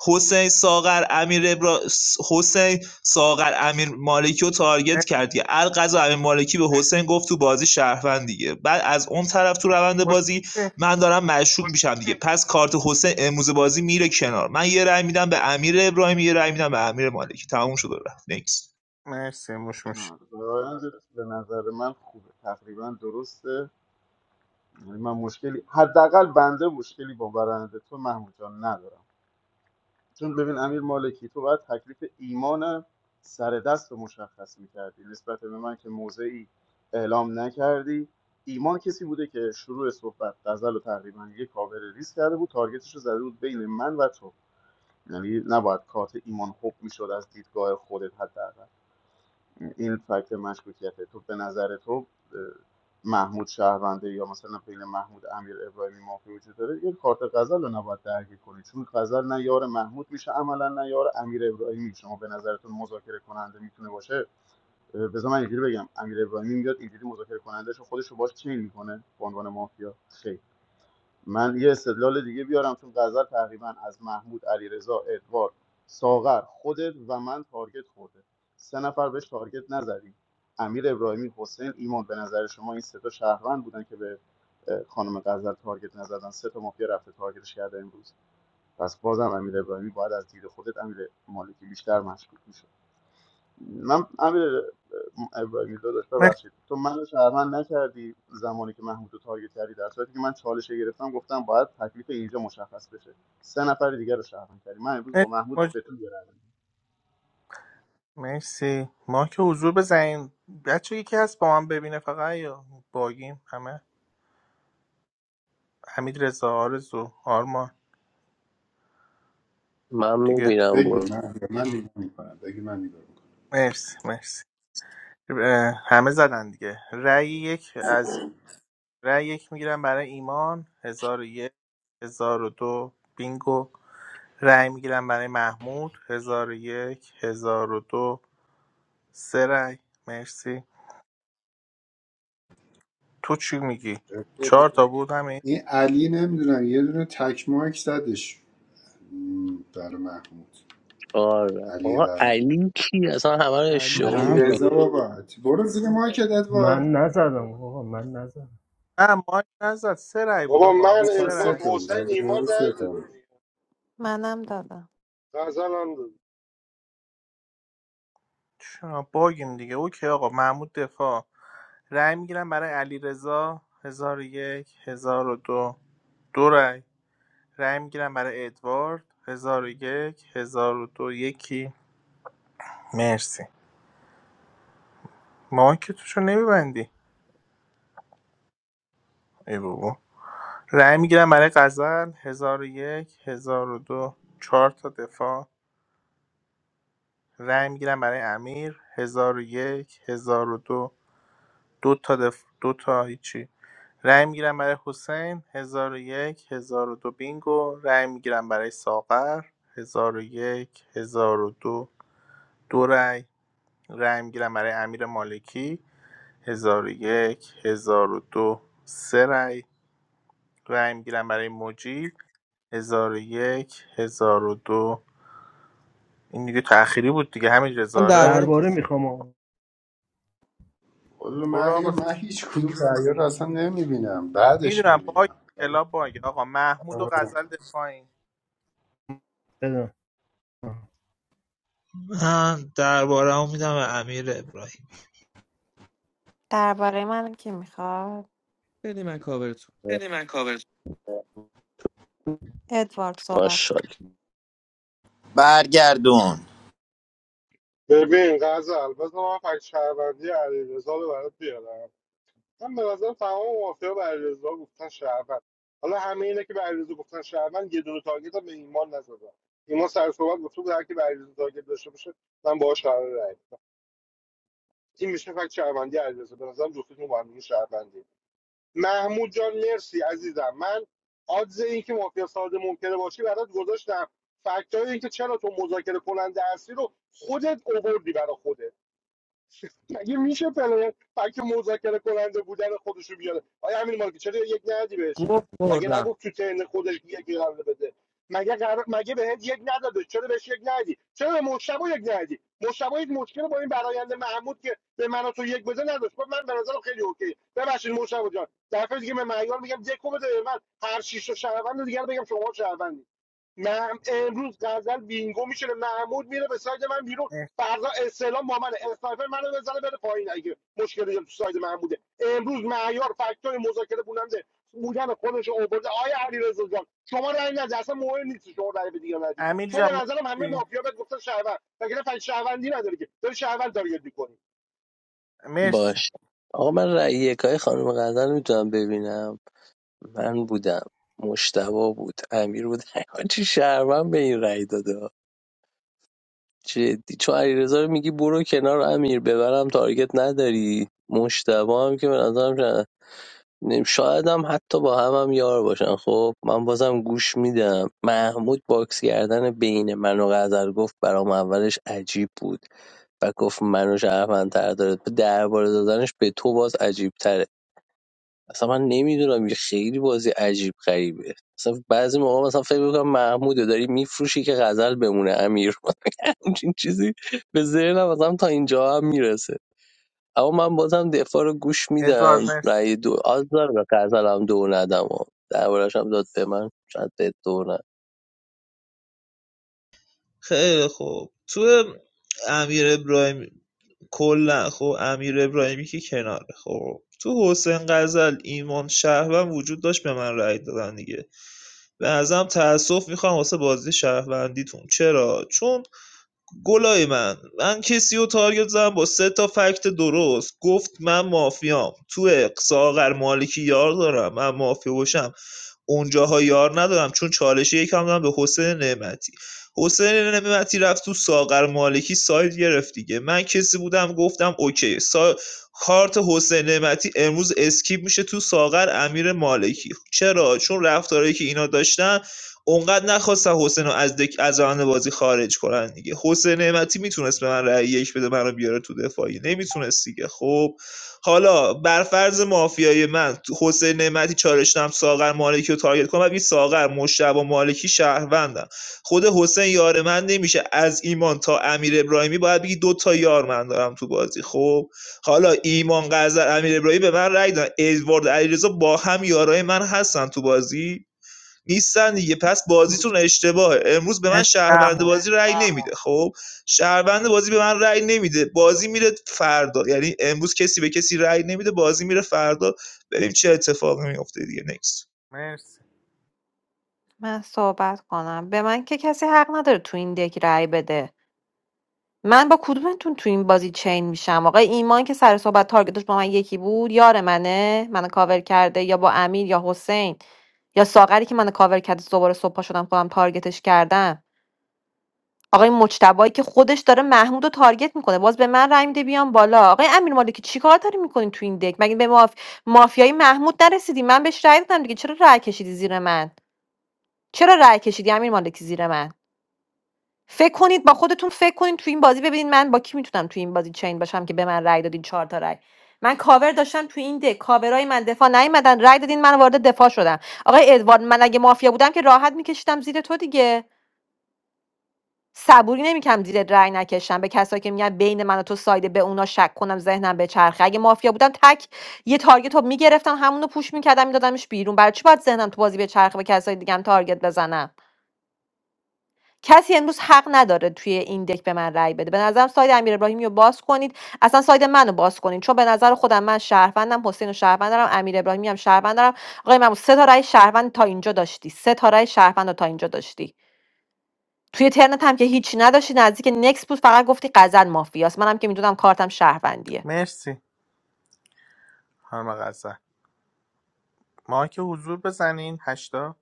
[SPEAKER 10] حسین ساغر امیر ابرا... حسین ساغر امیرمالکی رو تارگت کرد دیگه القضا امیر مالکی به حسین گفت تو بازی شهروند دیگه بعد از اون طرف تو روند بازی
[SPEAKER 4] مرسی
[SPEAKER 10] من دارم مشروع میشم دیگه پس کارت حسین امروز بازی میره کنار من یه رأی میدم به امیر ابراهیمی یه رأی میدم به امیر مالکی تموم شد و رفت نکس
[SPEAKER 4] مرسی موش موش
[SPEAKER 9] نه به نظر من خوبه تقریبا درسته یعنی من مشکلی حداقل بنده مشکلی با برنده تو محمود جان ندارم چون ببین امیر مالکی تو باید تکلیف ایمان سر دست رو مشخص میکردی نسبت به من که موضعی اعلام نکردی ایمان کسی بوده که شروع صحبت غزل و تقریبا یک کاور ریس کرده بود تارگتش رو زده بود بین من و تو یعنی نباید کارت ایمان خوب میشد از دیدگاه خودت حداقل این فکت مشکوکیته تو به نظر تو اه، محمود شهرونده یا مثلا بین محمود امیر ابراهیمی مافی وجود داره یه کارت غزل رو نباید درگیر کنید چون غزل نه یار محمود میشه عملا نه یار امیر ابراهیمی شما به نظرتون مذاکره کننده میتونه باشه اه، بذار من اینجوری بگم امیر ابراهیمی میاد اینجوری مذاکره کنندهش رو خودش رو باش چین میکنه به عنوان مافیا خیر من یه استدلال دیگه بیارم چون غزل تقریبا از محمود علیرضا ادوارد ساغر خودت و من تارگت خورده سه نفر بهش تارگت نزدیم امیر ابراهیمی حسین ایمان به نظر شما این سه تا شهروند بودن که به خانم غزل تارگت نزدن سه تا مافیا رفته تارگتش کرده امروز پس بازم امیر ابراهیمی باید از دید خودت امیر مالکی بیشتر مشکوک می‌شد. من امیر ابراهیمی داداش
[SPEAKER 4] مرسی
[SPEAKER 9] ببخشید تو منو شهروند نکردی زمانی که محمود رو تارگت کردی در صورتی که من چالش گرفتم گفتم باید تکلیف اینجا مشخص بشه سه نفر دیگر رو شهروند کردی من امروز با
[SPEAKER 4] مرسی
[SPEAKER 9] محمود
[SPEAKER 4] موج.
[SPEAKER 9] به تو گرم
[SPEAKER 4] مرسی. ما که حضور بزنیم بچه یکی هست با من ببینه فقط یا باگیم همه حمید رضا آرزو آرمان
[SPEAKER 13] من
[SPEAKER 4] دیگه
[SPEAKER 13] میبینم
[SPEAKER 18] بگی
[SPEAKER 13] برو
[SPEAKER 18] من من نگاه میکنم بگی من نگاه
[SPEAKER 4] مرسی مرسی اه، همه زدن دیگه رأی یک از رأی یک میگیرم برای ایمان هزار و یک هزار و دو بینگو رأی میگیرم برای محمود هزار و یک هزار و دو سه رأی مرسی تو چی میگی
[SPEAKER 18] میکنم
[SPEAKER 4] چهار تا بود همین
[SPEAKER 18] این علی نمیدونم یه دونه تک مایک زدش م، برای محمود
[SPEAKER 13] آره
[SPEAKER 18] علی
[SPEAKER 13] آقا
[SPEAKER 18] برام
[SPEAKER 13] علی کی اصلا همه رو
[SPEAKER 6] علی
[SPEAKER 13] اشتباه
[SPEAKER 18] علی
[SPEAKER 3] من
[SPEAKER 6] کیه
[SPEAKER 3] داد
[SPEAKER 18] رضا
[SPEAKER 13] میبینی
[SPEAKER 18] بابا برو زیر مایکت ادوار
[SPEAKER 11] من نزدم آقا من نزدم
[SPEAKER 4] نه مایک نزد سه رأی بود
[SPEAKER 1] بابا
[SPEAKER 4] آقا
[SPEAKER 1] من
[SPEAKER 18] با
[SPEAKER 4] سه
[SPEAKER 18] پس سه
[SPEAKER 1] ادوارد
[SPEAKER 4] رأی
[SPEAKER 18] تا بود
[SPEAKER 1] حسین
[SPEAKER 18] اگه نه
[SPEAKER 1] ایمان
[SPEAKER 18] بود سه
[SPEAKER 1] رای
[SPEAKER 18] تا
[SPEAKER 1] دادیم
[SPEAKER 18] بود
[SPEAKER 14] منم دادم
[SPEAKER 1] غزل هم دادیم.
[SPEAKER 4] چرا باگیم دیگه اوکی آقا محمود دفاع رأی میگیرم برای علیرضا هزار و یک هزار و دو دو رأی رأی میگیرم برای ادوارد 1001 1002 یکی مرسی مایکتوشو نمیبندی ای بابا رأی میگیرم برای غزل 1001 1002 4 تا دفاع رأی میگیرم برای امیر 1001 1002 دو دو تا دف... دو تا هیچی رأی میگیرم برای حسین 1001 1002 بینگو رأی میگیرم برای ساغر 1001 1002 دو دو رأی رأی میگیرم برای امیر مالکی ۱۰۰۱ ۱۰۰۲ سه رأی رای میگیرم برای موجی ۱۰۰۱ دو این دیگه تأخیری بود دیگه همین
[SPEAKER 6] من درباره
[SPEAKER 4] رزاره
[SPEAKER 11] درباره
[SPEAKER 6] میخواستم
[SPEAKER 11] میخوام آقا
[SPEAKER 18] والا
[SPEAKER 4] برو
[SPEAKER 18] من هی-
[SPEAKER 4] آقا ز-
[SPEAKER 18] من هیچ کدوم رأیا رو اصلا نمیبینم بعدش
[SPEAKER 4] میدونم باگ
[SPEAKER 18] میبینم
[SPEAKER 4] کلاب باگ آقا محمود و غزل ده پایین
[SPEAKER 11] بدم
[SPEAKER 10] من درباره میدم به امیر ابراهیم
[SPEAKER 14] درباره من کی میخواد
[SPEAKER 6] بدی من کاورتون
[SPEAKER 14] بده من کاور ادوارد صحبت کن.
[SPEAKER 13] ماشاءالله
[SPEAKER 5] برگردون
[SPEAKER 1] ببین غزل بذار من فکر شهروندی علیرضا رو برات بیارم من به نظر تمام مافیا به علیرضا گفتن شهروند حالا همه اینا که به علیرضا گفتن شهروند یه دونه تارگت هم به ایمان نزدن ایمان سر صحبت گفته بود هر کی به علیرضا تارگت داشته باشه من باهاش قرار رای بدم این میشه فکر شهروندی علیرضا به نظرم جفتتون با هم دیگه شهروندی محمود جان مرسی عزیزم من آدز این که مافیا ساده ممکنه باشی برات گذاشتم فکتای این که چرا تو مذاکره کننده اصلی رو خودت اووردی برا خودت مگه میشه پلیر فکت مذاکره کننده بودن خودش رو بیاره آیا همین مارکی چرا یک ندی بهش
[SPEAKER 6] گفت
[SPEAKER 1] مگه
[SPEAKER 6] خوردم
[SPEAKER 1] نگفت تو ترن خودش یکی قرار بده مگه قرار... مگه بهت یک نداده چرا بهش یک ندی چرا به مشتبه یک ندی مشتبه یک مشکل با این برایند محمود که به من و تو یک بده نداشت گفت من به نظرم خیلی اوکی ببخشید مشتبه جان دفعه دیگه به معیار میگم دکو بده به من هر شیش شهروند دیگه رو بگم شما شهروندی نعم امروز غزل وینگو میشینه محمود میره به ساید من بیرون
[SPEAKER 4] اه.
[SPEAKER 1] فردا استعلام با منه اسنایپر منو بزنه بره پایین اگه مشکلی تو ساید محموده امروز معیار فاکتور مذاکره بوننده بودن خودش رو آورده آیا علیرضا جان شما رأی نده اصلا مهم نیست شما رأی به دیگه ندی
[SPEAKER 4] امیر
[SPEAKER 1] تو به
[SPEAKER 4] جان
[SPEAKER 1] نظرم همه
[SPEAKER 4] مرسی
[SPEAKER 1] مافیا بهت گفتن شهروند مگر فن شهروندی نداری که داری شهروند تارگت میکنی
[SPEAKER 4] مرسی
[SPEAKER 13] باش آقا من رأی یکای خانم غزل میتونم ببینم من بودم مشتبا بود امیر بود چی شرمم به این رأی داده ها. جدی چون علیرضا رو میگی برو کنار امیر ببرم تارگت نداری مشتبا هم که به نظرم نه. نیم- شاید هم حتی با هم هم یار باشن خب من بازم گوش میدم محمود باکس کردن بین من و غزل گفت برام اولش عجیب بود و گفت منو شهروندتر داره درباره دادنش به تو باز عجیب تره اصلا من نمیدونم خیلی بازی عجیب غریبه اصلا بعضی موقع مثلا فکر میکنم محموده داری میفروشی که غزل بمونه امیر همچین چیزی به ذهنم مثلا تا اینجا هم میرسه اما من بازم دفاع رو گوش
[SPEAKER 4] ادوارد
[SPEAKER 13] میدم
[SPEAKER 4] مرسی
[SPEAKER 13] رأی دو آز داره به غزل هم دو ندم و دربارش هم داد به من شاید به دو ندم
[SPEAKER 10] خیلی خوب تو امیر ابراهیم کلا خب امیر ابراهیمی که کناره خب تو حسین غزل ایمان شهروند وجود داشت به من رأی دادن دیگه به نظرم تأسف میخوام واسه بازی شهروندیتون چرا چون گلای من من کسی رو تارگت زدم با سه تا فکت درست گفت من مافیام تو ساغر مالکی یار دارم من مافیا باشم اونجاها یار ندارم چون چالش یکم دادم به حسین نعمتی حسین نعمتی رفت تو ساغر مالکی ساید گرفت دیگه من کسی بودم گفتم اوکی سا... کارت حسین نعمتی امروز اسکیپ میشه تو ساغر امیر مالکی چرا چون رفتارهایی که اینا داشتن اونقدر نخواستن حسین رو از دک از روند بازی خارج کنن دیگه حسین نعمتی میتونست به من رأی یک بده منو بیاره تو دفاعی نمیتونست دیگه خب حالا بر فرض مافیای من تو- حسین نعمتی چالش نم ساغر مالکی رو تارگت کنم بگی ساغر مشتبه مالکی شهروندم خود حسین یار من نمیشه از ایمان تا امیر ابراهیمی باید بگی دو تا یار من دارم تو بازی خب حالا ایمان قذر امیر ابراهیمی به من رای دادن ادوارد علیرضا با هم یارای من هستن تو بازی نیستن دیگه پس بازیتون اشتباهه امروز به من
[SPEAKER 4] مرسی
[SPEAKER 10] شهروند
[SPEAKER 4] محمود
[SPEAKER 10] بازی رأی نمیده خب شهروند بازی به من رأی نمیده بازی میره فردا یعنی امروز کسی به کسی رأی نمیده بازی میره فردا بریم چه اتفاقی میفته دیگه نکس
[SPEAKER 4] مرسی
[SPEAKER 14] من صحبت کنم به من که کسی حق نداره تو این دک رأی بده من با کدومتون تو این بازی چین میشم آقای ایمان که سر صحبت تارگتش با من یکی بود یار منه منو کاور کرده یا با امیر یا حسین یا ساغری که منو کاور کرده دوباره صبح پا شدم خودم تارگتش کردم آقای مجتبایی که خودش داره محمود رو تارگت میکنه باز به من رای میده بیام بالا آقای امیر مالکی چیکار داری میکنی تو این دک مگه به ماف... مافیای محمود نرسیدی من بهش رای دادم دیگه چرا رای کشیدی زیر من چرا رای کشیدی امیر مالکی زیر من فکر کنید با خودتون فکر کنید تو این بازی ببینید من با کی میتونم تو این بازی چین باشم که به من رأی دادین چهار تا رأی من کاور داشتم تو این ده کاورای من دفاع نیومدن رأی دادین من وارد دفاع شدم آقای ادوارد من اگه مافیا بودم که راحت میکشیدم زیر تو دیگه صبوری نمیکنم زیر رأی نکشم به کسایی که میگن بین من و تو سایده به اونا شک کنم ذهنم به چرخه اگه مافیا بودم تک یه تارگت رو میگرفتم همونو پوش میکردم میدادمش بیرون برای چی باید ذهنم تو بازی به چرخه به کسای دیگه هم تارگت بزنم کسی امروز حق نداره توی این دک به من رأی بده به نظرم ساید امیر ابراهیمی رو باز کنید اصلا ساید منو باز کنید چون به نظر خودم من شهروندم حسین رو شهروند دارم امیر ابراهیمی هم شهروند دارم آقای محمود سه تا رأی شهروند تا اینجا داشتی سه تا رأی شهروند رو تا اینجا داشتی توی ترنت هم که هیچی نداشتی نزدیک نکس بود فقط گفتی غزل مافیاست منم که میدونم کارتم شهروندیه
[SPEAKER 4] مرسی خانم غزل ما که حضور بزنین هشتا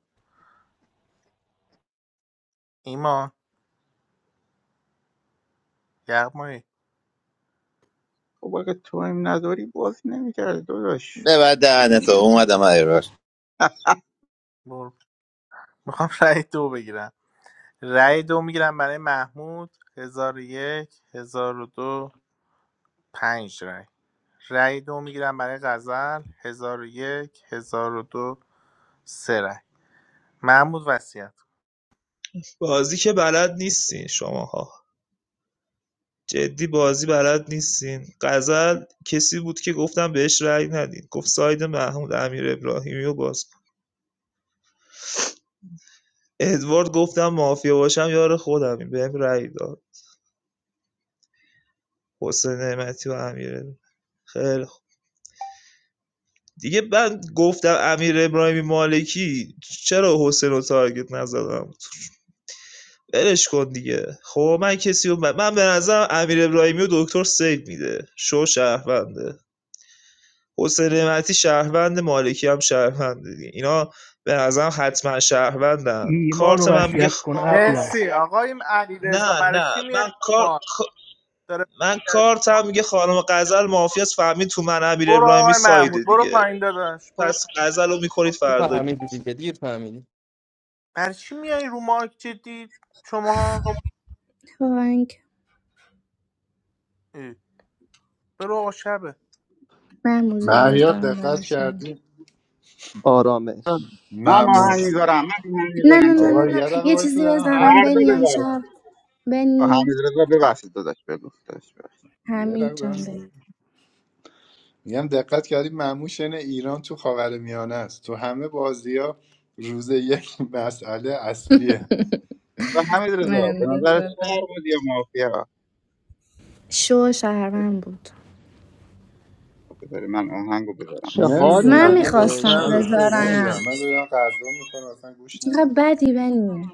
[SPEAKER 4] ایمان یغمایی
[SPEAKER 17] خب اگه تو هم نداری بازی نمیکرد داداش
[SPEAKER 5] ببر دهنتو
[SPEAKER 17] نمی‌فهم.
[SPEAKER 5] اومدم ایراش
[SPEAKER 4] برو میخوام رای دو بگیرم رای دو میگیرم برای محمود هزار و یک هزار و دو پنج رأی رأی دو میگیرم برای غزل هزار و یک هزار و دو سه رأی محمود وصیت
[SPEAKER 10] بازی که بلد نیستین شماها جدی بازی بلد نیستین غزل کسی بود که گفتم بهش رأی ندین گفت ساید محمود امیر ابراهیمی رو باز کن. ادوارد گفتم مافیا باشم یار خودم بهم رأی داد حسین نعمتی و امیر خیلی خوب دیگه من گفتم امیر ابراهیمی مالکی چرا حسین رو تارگت نزدم ولش کن دیگه خب من کسی رو من به نظرم امیر ابراهیمی و دکتر سیف میده شو شهرونده حسین نعمتی شهروند مالکی هم شهرونده دیگه اینا به نظرم حتما شهروندن
[SPEAKER 11] ایمان
[SPEAKER 10] کارت من میگه
[SPEAKER 11] وصیت
[SPEAKER 10] خ-
[SPEAKER 11] کن ابله
[SPEAKER 4] مرسی آقای علیرضا
[SPEAKER 10] نه
[SPEAKER 4] برای
[SPEAKER 10] نه
[SPEAKER 4] چی میای
[SPEAKER 10] من کار
[SPEAKER 4] ما داره
[SPEAKER 10] من
[SPEAKER 4] وصیت
[SPEAKER 10] کارتم
[SPEAKER 4] می‌کنه.
[SPEAKER 10] میگه خانم غزل مافیاس فهمید تو من امیر
[SPEAKER 4] برو
[SPEAKER 10] ابراهیمی
[SPEAKER 4] آقای
[SPEAKER 10] سایده
[SPEAKER 4] محمود برو
[SPEAKER 10] دیگه
[SPEAKER 4] پایین داداش برو
[SPEAKER 10] پس
[SPEAKER 4] پایین.
[SPEAKER 10] غزل رو میکنید فردا بیر
[SPEAKER 6] فهمیدی دیگه دیر فهمیدی
[SPEAKER 4] برای چی میای رو مارک جدی شماها
[SPEAKER 12] بانک
[SPEAKER 4] اه، برو آقا شبه
[SPEAKER 12] من موزیک
[SPEAKER 18] مهیار
[SPEAKER 12] بذارم
[SPEAKER 18] دقت
[SPEAKER 12] براشون
[SPEAKER 18] کردی
[SPEAKER 19] آرامش
[SPEAKER 17] من آهنگ
[SPEAKER 18] مموش
[SPEAKER 19] آرامش
[SPEAKER 17] میذارم من آهنگ
[SPEAKER 12] نه نه
[SPEAKER 17] میذارم تو
[SPEAKER 12] نه
[SPEAKER 17] رو
[SPEAKER 12] نه
[SPEAKER 18] آقا
[SPEAKER 12] نه
[SPEAKER 17] خدا
[SPEAKER 18] یه دقیقه
[SPEAKER 12] یه
[SPEAKER 18] وایسا
[SPEAKER 12] چیزی
[SPEAKER 18] دارم
[SPEAKER 12] بذارم
[SPEAKER 18] حرف
[SPEAKER 17] فردا
[SPEAKER 12] بنی
[SPEAKER 17] بذار
[SPEAKER 12] امشب
[SPEAKER 18] میزنم
[SPEAKER 12] بنی
[SPEAKER 17] حمید رضا ببخشید داداش بگو داداش ببخشید
[SPEAKER 18] یه
[SPEAKER 12] حمید
[SPEAKER 18] دقیقه
[SPEAKER 12] جان
[SPEAKER 18] دارم
[SPEAKER 12] بنی
[SPEAKER 18] میگم دقت کردی معموشن ایران تو خاورمیانه است تو همه بازی ها روز یک مسئله اصلیه
[SPEAKER 17] حمید رضا به
[SPEAKER 12] من
[SPEAKER 17] نظر شهر
[SPEAKER 12] دادم
[SPEAKER 17] بود یا مافیا
[SPEAKER 12] شو شهرون بود
[SPEAKER 17] بذاری من آهنگو بذارم
[SPEAKER 19] چه حالی
[SPEAKER 12] من
[SPEAKER 18] نمیدونم
[SPEAKER 19] داری
[SPEAKER 18] من
[SPEAKER 19] به
[SPEAKER 18] گوش
[SPEAKER 12] میخواستم
[SPEAKER 19] شمید
[SPEAKER 18] ندارم
[SPEAKER 19] رضا
[SPEAKER 18] نمیدونم
[SPEAKER 12] بذارم
[SPEAKER 18] من دارم غذا میکنم اصلا گوش
[SPEAKER 12] چقدر
[SPEAKER 18] نمیدونم
[SPEAKER 12] بدی بنی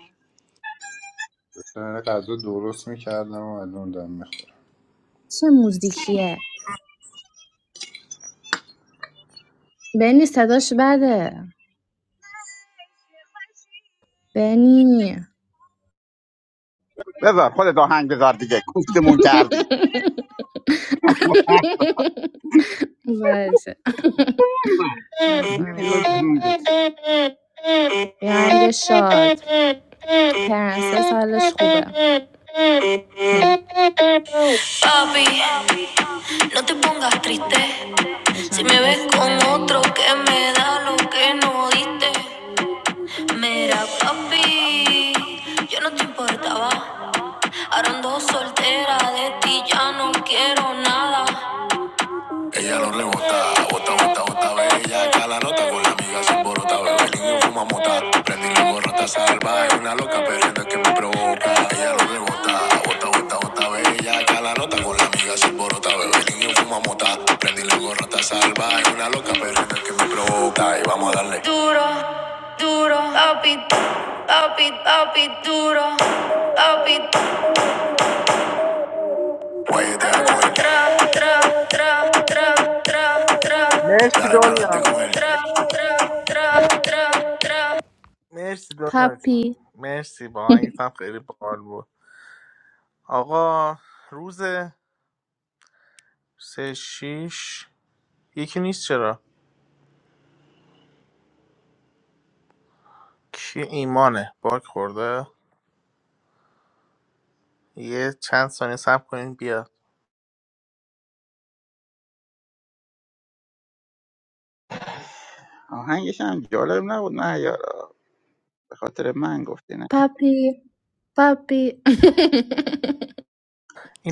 [SPEAKER 18] من غذا درست میکردم و الان دارم میخورم
[SPEAKER 12] چه موزیکیه بنی صداش بده بنی
[SPEAKER 17] بذار خودت آهنگ بذار دیگه کوفتمون کردی
[SPEAKER 12] باشه یه بذارم.
[SPEAKER 17] بذار آهنگ بذار.
[SPEAKER 12] شاد پرنسس حالش خوبه Papi, no te pongas triste. Si me ves con otro que me da lo que no diste, mira papi, yo no te importaba. Ahora ando soltera de ti, ya no quiero nada ya no rebota. Bota, bota, bota, bella, cala nota con la amiga sin borota. Bebe lío, fuma mota. Prendí la borrata salvaje, una loca perdiendo que me provoca. Ella no rebota. Bota, bota, bota, bella, cala nota con la amiga sin borota. Bebe lío, fuma mota. Prendí la borrata salvaje, una loca perdiendo que me provoca. Y vamos a darle. Duro, duro, papi, papi, papi, duro, papi. Oye, te da con
[SPEAKER 4] مرسی دنیا مرسی دنیا
[SPEAKER 12] Papi,
[SPEAKER 4] جان. مرسی با آهنگت هم خیلی باحال بود آقا روز سه شیش یکی نیست چرا کی ایمانه باک خورده یه چند ثانیه صبر کنین بیاد
[SPEAKER 17] آهنگش هم جالب نبود نه یارا به خاطر من گفتی نه
[SPEAKER 12] papi, papi.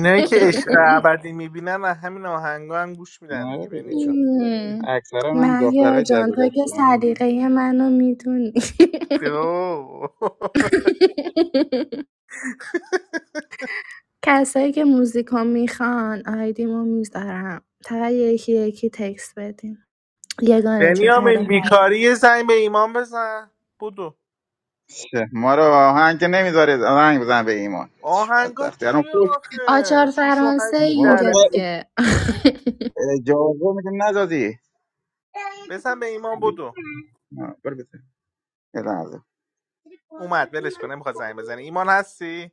[SPEAKER 17] از
[SPEAKER 4] که
[SPEAKER 17] دختر
[SPEAKER 4] عشق
[SPEAKER 17] دبیرستان
[SPEAKER 4] ابدی میبینن از همین آهنگا هم گوش میدن
[SPEAKER 17] آره
[SPEAKER 4] دیگه بنی جون
[SPEAKER 17] دیگه
[SPEAKER 12] Hmm.
[SPEAKER 17] اکثرا هم
[SPEAKER 12] مهیا
[SPEAKER 17] دخترای
[SPEAKER 12] جان تو که
[SPEAKER 17] دبیرستانی
[SPEAKER 12] سلیقه منو میدونی
[SPEAKER 4] اوه.
[SPEAKER 12] کسایی که موزیکو میخوان آیدیمو میذارم فقط یکی یکی تکس بدیم یگانه جون
[SPEAKER 4] بنیامین
[SPEAKER 12] آره
[SPEAKER 4] بیکاری یه زنگ به ایمان بزن بودو
[SPEAKER 17] چه، ما رو آهنگ که نمیذارید آهنگ بزن به ایمان چه
[SPEAKER 4] آهنگا
[SPEAKER 17] بدبختی الان
[SPEAKER 4] چی
[SPEAKER 17] خوش
[SPEAKER 4] آخه
[SPEAKER 12] آچار
[SPEAKER 4] شیش و
[SPEAKER 12] فرانسه
[SPEAKER 4] هشت
[SPEAKER 17] ما
[SPEAKER 12] اینجا
[SPEAKER 4] در
[SPEAKER 17] نه-
[SPEAKER 4] پی
[SPEAKER 12] دیگه
[SPEAKER 17] اجازه میگه ندادی
[SPEAKER 4] بزن به ایمان بودو
[SPEAKER 17] آه، برو بزن. یه
[SPEAKER 4] اومد ولش کنه نمیخواد زنگ بزنه ایمان هستی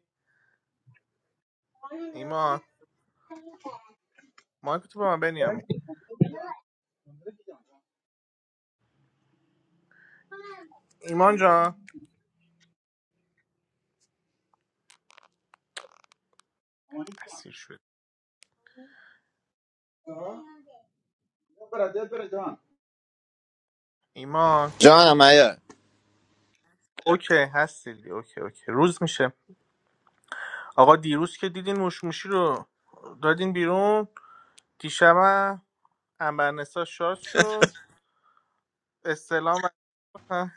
[SPEAKER 4] ایمان مایک تو به من بنیامین
[SPEAKER 17] لحظه
[SPEAKER 4] ایمان جان اسیر شد
[SPEAKER 17] é o para dez para cima
[SPEAKER 4] ایمان
[SPEAKER 5] جانم ایار
[SPEAKER 4] اوکی هستی دیگه. اوکی اوکی روز میشه آقا دیروز که دیدین موشموشی رو دادین بیرون دیشب انبرنسا شاد شد استلام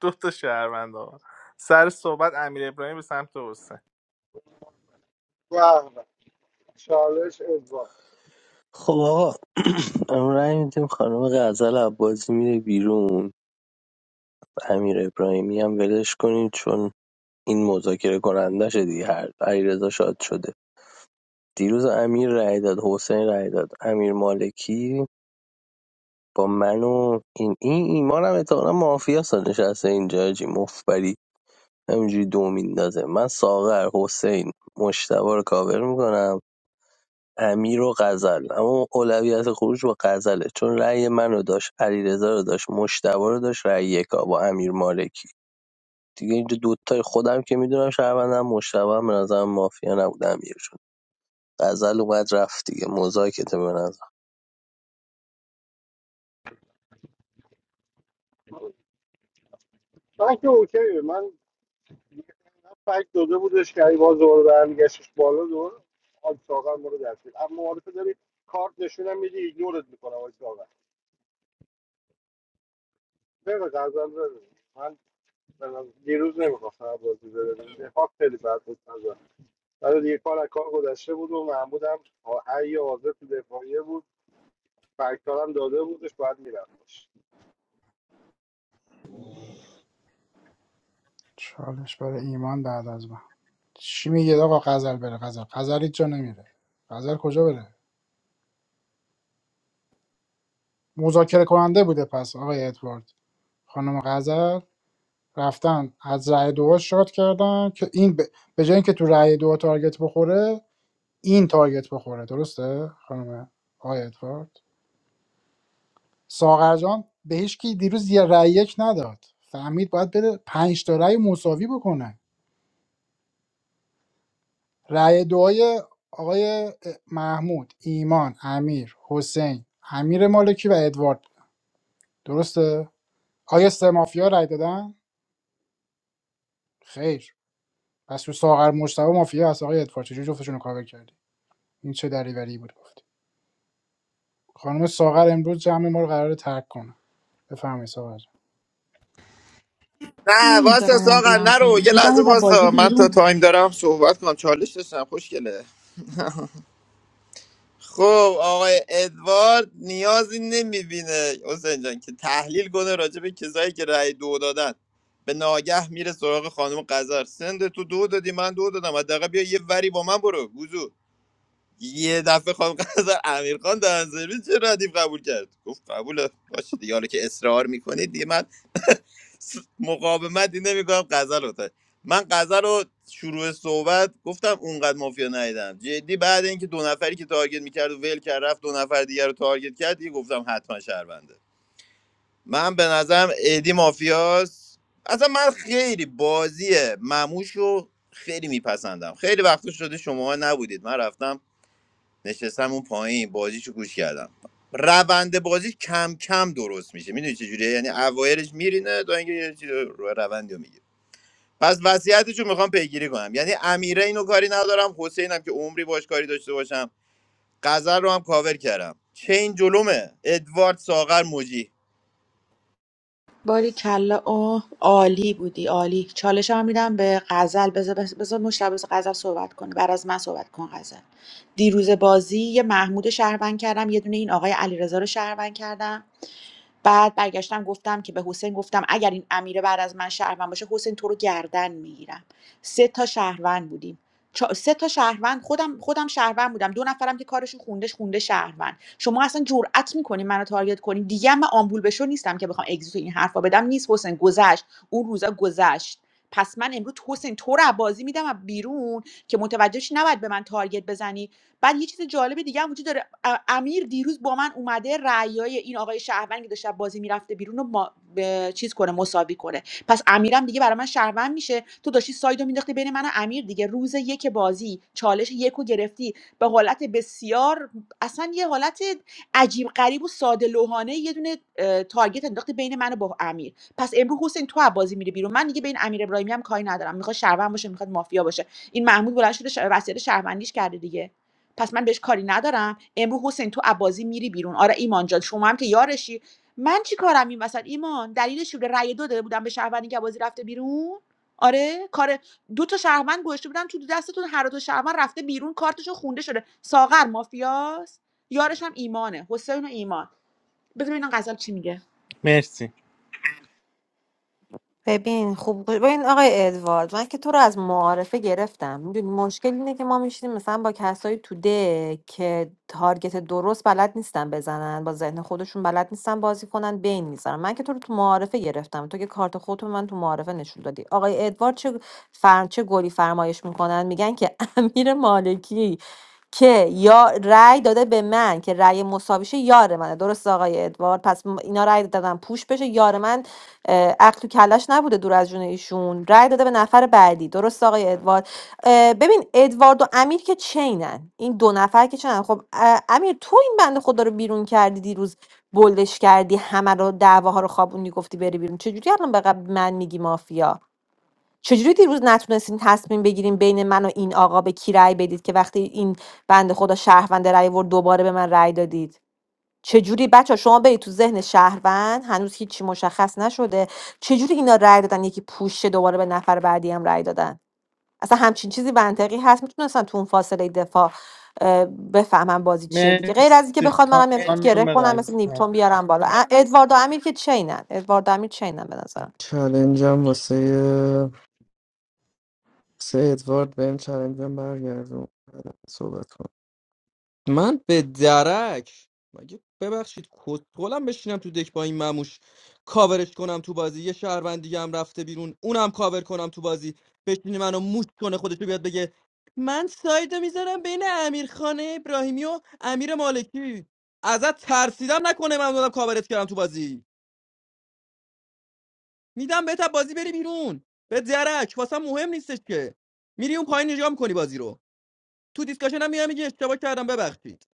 [SPEAKER 4] دو تا شهروند آقا سر صحبت امیر ابراهیم به سمت حسین
[SPEAKER 1] به به. چالش ادوار
[SPEAKER 13] خب آقا امروز رأی میدیم خانم غزل عباسی میره بیرون امیرابراهیمی هم ولش کنید چون این مذاکره کنندشه دیگه هر علیرضا شاد شده دیروز امیر رای داد حسین رای داد امیر مالکی با من و این این ایمان هم اتحالا مافیا سا نشسته اینجا حاجی مفبری همینجوری دو میندازه من ساغر حسین مشتبه رو کاور میکنم امیر و غزل اما اولویت خروج با غزله چون رأی من رو داشت علیرضا رو داشت مشتبه رو داشت رأی یکا با امیر مالکی دیگه اینجا دوتای خودم که میدونم شهروندم مشتبه هم به نظرم مافیا نبود امیر شد غزل اومد رفت دیگه مزاکته به نظر
[SPEAKER 1] من که اوکی من فکر داده بودش که ای باز دوباره برمیگشتش بالا دوباره آج ساغر ما رو دستگیر اما معارفه داری کارت نشونم میدی ایگنورت میکنم آج ساغر بره قرضم بره من به نظر- دیروز نمیخواستم بازی بره دفاع خیلی بد بود نظر برای دیگه کار از کار گذشته بود و محمود هم حی حاضر تو دفاعیه بود فکرارم داده بودش باید میرفتش
[SPEAKER 3] چالش برای ایمان بعد از من چی میگه آقا غزل بره غزل غزل هیچ جا نمیره غزل کجا بره مذاکره کننده بوده پس آقای ادوارد خانم غزل رفتن از رأی دو شاد کردن که این ب... به جای اینکه تو رأی دو تارگت بخوره این تارگت بخوره درسته خانم آقای ادوارد ساغر جان به هیچ کی دیروز یه رأی یک نداد فهمید باید بره پنج تا رأی مساوی بکنه رأی دعای آقای محمود ایمان امیر حسین امیر مالکی و ادوارد درسته آیا سه مافیا رأی دادن خیر پس تو ساغر مجتبی مافیا هست آقای ادوارد چجوری جفتشون رو کاور کردی این چه دریوری بود گفت خانم ساغر امروز جمع ما رو قرار ترک کنه بفرمایید ساغر جان.
[SPEAKER 5] نه واسه
[SPEAKER 2] نمیذارم
[SPEAKER 5] ساقر
[SPEAKER 2] آمبولم
[SPEAKER 5] نرو
[SPEAKER 2] کنی
[SPEAKER 5] یه
[SPEAKER 2] میدم
[SPEAKER 5] لحظه
[SPEAKER 2] و بازی
[SPEAKER 5] واسه من تا
[SPEAKER 2] بیرون
[SPEAKER 5] تایم دارم صحبت کنم چالش داشتم خوشگله خب آقای ادوارد نیازی نمیبینه حسین جان که تحلیل کنه راجع به کسایی که رأی دو دادن به ناگه میره سراغ خانم قذر سند تو دو دادی من دو دادم حداقل بیا یه وری با من برو وضو یه دفعه خانم قزل امیرخان دهنسرویس چه ردیف قبول کرد گفت قبوله باشه دیگه حالا که اصرار میکنید دیگه من س- مقاومتی نمیکنم قزل رو تا- من قزل رو شروع صحبت گفتم اونقدر مافیا ندیدم جدی بعد اینکه دو نفری که تارگت میکرد و ول کرد رفت دو نفر دیگر رو تارگت کرد دیگه گفتم حتما شهرونده من به نظرم ادی مافیاس اصلا من خیلی بازی مموش رو خیلی میپسندم خیلی وقت شده شما نبودید من رفتم نشستم اون پایین بازیشو گوش کردم روند بازی کم کم درست میشه میدونی چه جوریه یعنی اوایرش میرینه تا اینکه یه چیز رو روندی رو میگیره پس وصیتش رو میخوام پیگیری کنم یعنی امیره اینو کاری ندارم حسینم که عمری باش کاری داشته باشم قذر رو هم کاور کردم چه این جلومه ادوارد ساغر موجی
[SPEAKER 2] باری کلا اوه عالی بودی عالی چالش هم میدم به غزل بذار بذار مشتبه غزل صحبت کنه بعد از من صحبت کن غزل دیروز بازی یه محمود شهروند کردم یه دونه این آقای علیرضا رو شهروند کردم بعد برگشتم گفتم که به حسین گفتم اگر این امیره بعد از من شهروند باشه حسین تو رو گردن میگیرم سه تا شهروند بودیم چا- سه تا شهروند خودم خودم شهروند بودم دو نفرم که کارشون خوندش خونده شهروند شما اصلا جرئت میکنین منو تارگت کنین دیگه هم من آمبول بشو نیستم که بخوام اگزییت این حرفا بدم نیست حسین گذشت اون روزا گذشت پس من امروز حسین تو رو از بازی میدم و بیرون که متوجه شی نباید به من تارگت بزنی بعد یه چیز جالب دیگه هم وجود داره امیر دیروز با من اومده رأیای این آقای شهروند که داشت بازی میرفته بیرون رو ما... ب- چیز کنه مساوی کنه پس امیرم دیگه برای من شهروند میشه تو داشتی سایدو مینداختی بین من و امیر دیگه روز یک بازی چالش یکو گرفتی به حالت بسیار اصلا یه حالت عجیب غریب و ساده لوحانه یه دونه اه، تارگت انداختی بین من و با امیر پس امروز حسین تو از بازی میری بیرون من دیگه به این امیر ابراهیمی هم کاری ندارم میخواد شهروند باشه میخواد مافیا باشه این محمود بلند شده ش... وصیت شهروندیش کرده دیگه پس من بهش کاری ندارم امروز حسین تو عبازی میری بیرون آره ایمان جان شما هم که یارشی من چی کارم این وسط ایمان دلیلش چی بوده رأی دو داده بودم به شهروندی که عبازی رفته بیرون آره کار دو تا شهروند گوشته بودن تو دستتون هر دو شهروند رفته بیرون کارتشون خونده شده ساغر مافیاست یارش هم ایمانه حسین و ایمان بذار ببینم غزل چی میگه
[SPEAKER 4] مرسی
[SPEAKER 14] ببین خوب گوش ببین آقای ادوارد من که تو رو از معارفه گرفتم میدونی مشکل اینه که ما میشینیم مثلا با کسایی تو ده که تارگت درست بلد نیستن بزنن با ذهن خودشون بلد نیستن بازی کنن بین میذارن من که تو رو تو معارفه گرفتم تو که کارت خودت رو به من تو معارفه نشون دادی آقای ادوارد چه فر... چه گلی فرمایش میکنن میگن که امیر مالکی که یا رأی داده به من که رأی مساویشه یار منه درست آقای ادوارد پس م- اینا رأی دادن پوش بشه یار من اه، عقل تو کلش نبوده دور از جون ایشون رأی داده به نفر بعدی درست آقای ادوارد اه، ببین ادوارد و امیر که چینن این دو نفر که چینن خب اه، امیر تو این بنده خدا رو بیرون کردی دیروز بلدش کردی همه رو دعواها رو خوابوندی گفتی بری بیرون چجوری الان به قبل من میگی مافیا چجوری دیروز نتونستین تصمیم بگیریم بین من و این آقا به کی رأی بدید که وقتی این بنده خدا شهرونده رأی ورد دوباره به من رأی دادید چجوری بچه شما برید تو ذهن شهروند هنوز هیچی مشخص نشده چجوری اینا رأی دادن یکی پوشه دوباره به نفر بعدی هم رأی دادن اصلا همچین چیزی منطقی هست میتونستن تو اون فاصله دفاع اه، بفهمن بازی چیه دیگه غیر از اینکه
[SPEAKER 4] مرسی
[SPEAKER 14] بخواد منم یه گره
[SPEAKER 4] خانم
[SPEAKER 14] کنم مثل نیپتون
[SPEAKER 4] غزنه
[SPEAKER 14] بیارم بالا ا- ادوارد و امیر که چینن ادوارد و امیر چینن به نظرم
[SPEAKER 6] چالنجم واسه سه ادوارد بهم چلنجم برگردون صحبت کن من به درک مگه ببخشید کتولم بشینم تو دک با این مموش کاورش کنم تو بازی یه شهروند دیگه هم رفته بیرون اونم کاور کنم تو بازی بشینه منو موش کنه خودش رو بیاد بگه من سایدو میذارم بین امیرخانه ابراهیمی و امیر مالکی ازت ترسیدم نکنه من دادم کاورت کردم تو بازی میدم بهت از بازی بری بیرون به درک واسه مهم نیستش که میری اون پایین نگاه میکنی بازی رو تو دیسکشن هم میام میگه اشتباه کردم ببخشید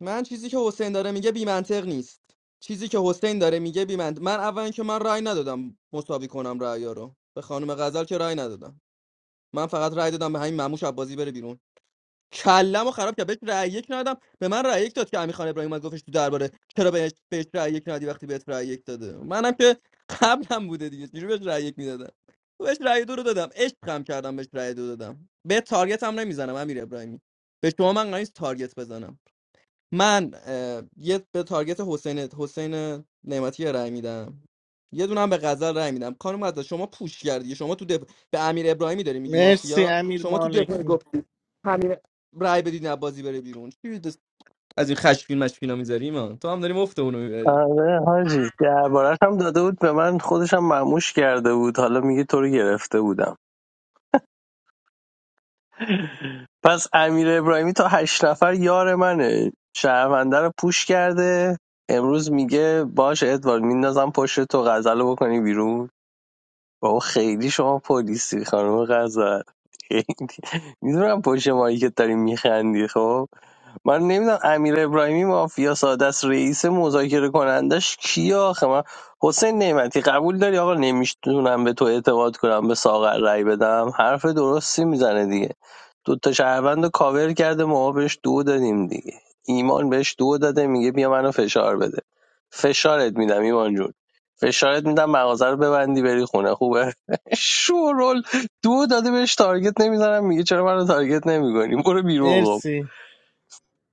[SPEAKER 6] من چیزی که حسین داره میگه بی منطق نیست چیزی که حسین داره میگه بی منطق من اول که من رأی ندادم مساوی کنم رأیا رو به خانم غزل که رأی ندادم من فقط رأی دادم به همین مموش عباسی بره بیرون کلمو خراب کرد بهش رأی یک ندادم به من رأی یک داد که امیر خان ابراهیم اومد گفتش تو درباره چرا بهش بهش رأی یک ندادی وقتی بهت رأی یک داده منم که قبلم بوده دیگه چجوری بهش رأی یک میدادم بهش رأی دو رو دادم عشقم کردم بهش رأی دو دادم به تارگت هم نمیزنم امیر ابراهیمی به شما من قرار نیست تارگت بزنم من اه، یه به تارگت حسین حسین نعمتی رای میدم یه دونه هم به غزل رای میدم خانم غزل شما پوش کردی شما تو دف... به امیر ابراهیمی داری میگی
[SPEAKER 4] مرسی
[SPEAKER 6] مافیا
[SPEAKER 4] امیر
[SPEAKER 6] شما تو دفاع
[SPEAKER 4] مالکی
[SPEAKER 6] گفتی همین رای بدید نه بازی بره بیرون چی دست؟ از این خشمگین مشکینا میذاری من تو هم داری مفت اونو میبری
[SPEAKER 13] آره حاجی دربارش هم داده بود به من خودش هم مموش کرده بود حالا میگه تو رو گرفته بودم پس امیر ابراهیمی تا هشت نفر یار منه شهرونده رو پوش کرده امروز میگه باش ادوارد میندازم پشت تو غزل رو بکنی بیرون بابا خیلی شما پلیسی خانم غزل میدونم پشت مایی که داری میخندی خب من نمیدونم امیر ابراهیمی مافیا ساده است رئیس مذاکره کنندش کیه آخه من حسین نعمتی قبول داری آقا نمیتونم به تو اعتماد کنم به ساغر رأی بدم حرف درستی میزنه دیگه دو تا شهروند رو کاور کرده ما بهش دو دادیم دیگه ایمان بهش دو داده میگه بیا منو فشار بده فشارت میدم ایمان جون فشارت میدم مغازه رو ببندی بری خونه خوبه شورول دو داده بهش تارگت نمیزنم میگه چرا منو تارگت نمیکنی برو بیرون خب
[SPEAKER 4] مرسی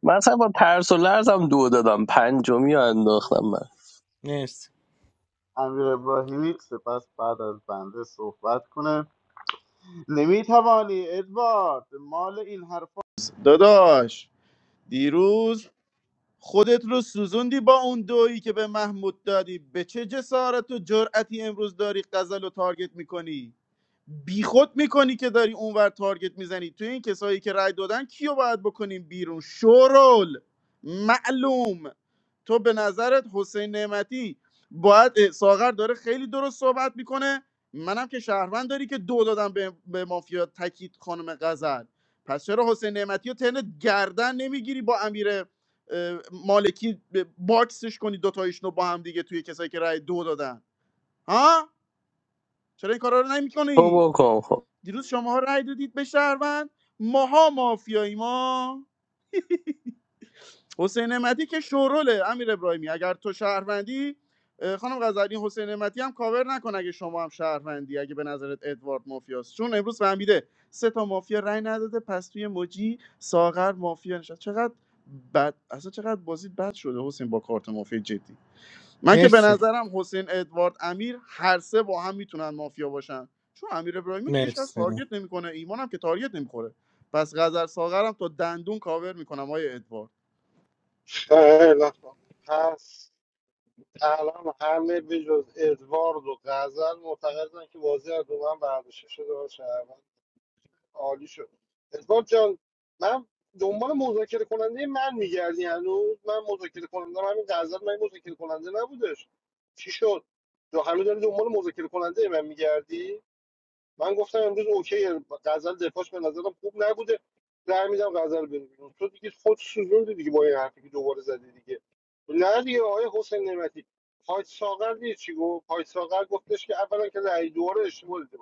[SPEAKER 13] من اصلا با ترس و لرزم دو دادم پنجمی رو انداختم من
[SPEAKER 4] مرسی
[SPEAKER 9] امیر ابراهیمی سپس بعد از بنده صحبت کنه نمیتوانی ادوارد مال این حرفا داداش دیروز خودت رو سوزوندی با اون دویی که به محمود دادی به چه جسارت و جرأتی امروز داری غزل رو تارگت میکنی بیخود میکنی که داری اونور تارگت میزنی توی این کسایی که رای دادن کیو باید بکنیم بیرون شورول معلوم تو به نظرت حسین نعمتی باید اه، ساغر داره خیلی درست صحبت میکنه منم که شهروند داری که دو دادم به, به مافیا کیت خانم غزل پس چرا حسین نعمتی رو تنت گردن نمیگیری با امیر اه، مالکی ب- باکسش کنی دوتایشون رو با هم دیگه توی کسایی که رای دو دادن ها چرا این کارا رو
[SPEAKER 13] تو
[SPEAKER 9] نمیکنی
[SPEAKER 13] بکن خب
[SPEAKER 9] دیروز شماها رأی دادید به شهروند ماها مافیایی ما حسین نعمتی که شوروله امیر ابراهیمی اگر تو شهروندی اه، خانم غزالی حسین نعمتی هم کاور نکن اگه شما هم شهروندی اگه به نظرت ادوارد مافیاست چون امروز فهمیده سه تا مافیا رأی نداده پس توی موجی ساغر مافیا نشد چقدر بد اصلا چقدر بازی بد شده حسین با کارت مافیا جدی من که به
[SPEAKER 4] مرسی
[SPEAKER 9] نظرم حسین ادوارد امیر هر سه با هم میتونن مافیا باشن چون امیر ابراهیمی که هیچکس
[SPEAKER 4] مرسی
[SPEAKER 9] تارگت نمیکنه ایمان هم که تارگت نمیخوره پس غزل ساغرم تا دندون کاور میکنم آیه ادوارد
[SPEAKER 1] خیلی خوب. پس الان همه به جز ادوارد و غزل معتقدن که بازی از دومن برداشته شده باشه عالی شد ادوارد جان من دنبال مذاکره کننده من میگردی هنوز من مذاکره کننده همین غزل من مذاکره کننده نبودش چی شد تو هنوز داری دنبال مذاکره کننده من میگردی من گفتم امروز اوکی غزل دفاعش به نظرم خوب نبوده رای میدم غزل بره بیرون تو دیگه خود سوزوندی دیگه با این حرفی که دوباره زدی دیگه نه دیگه آقای حسین نعمتی پایت ساغر دیدی چی گفت پایت ساغر گفتش که اولا که رأی دوره اشتباه دیده.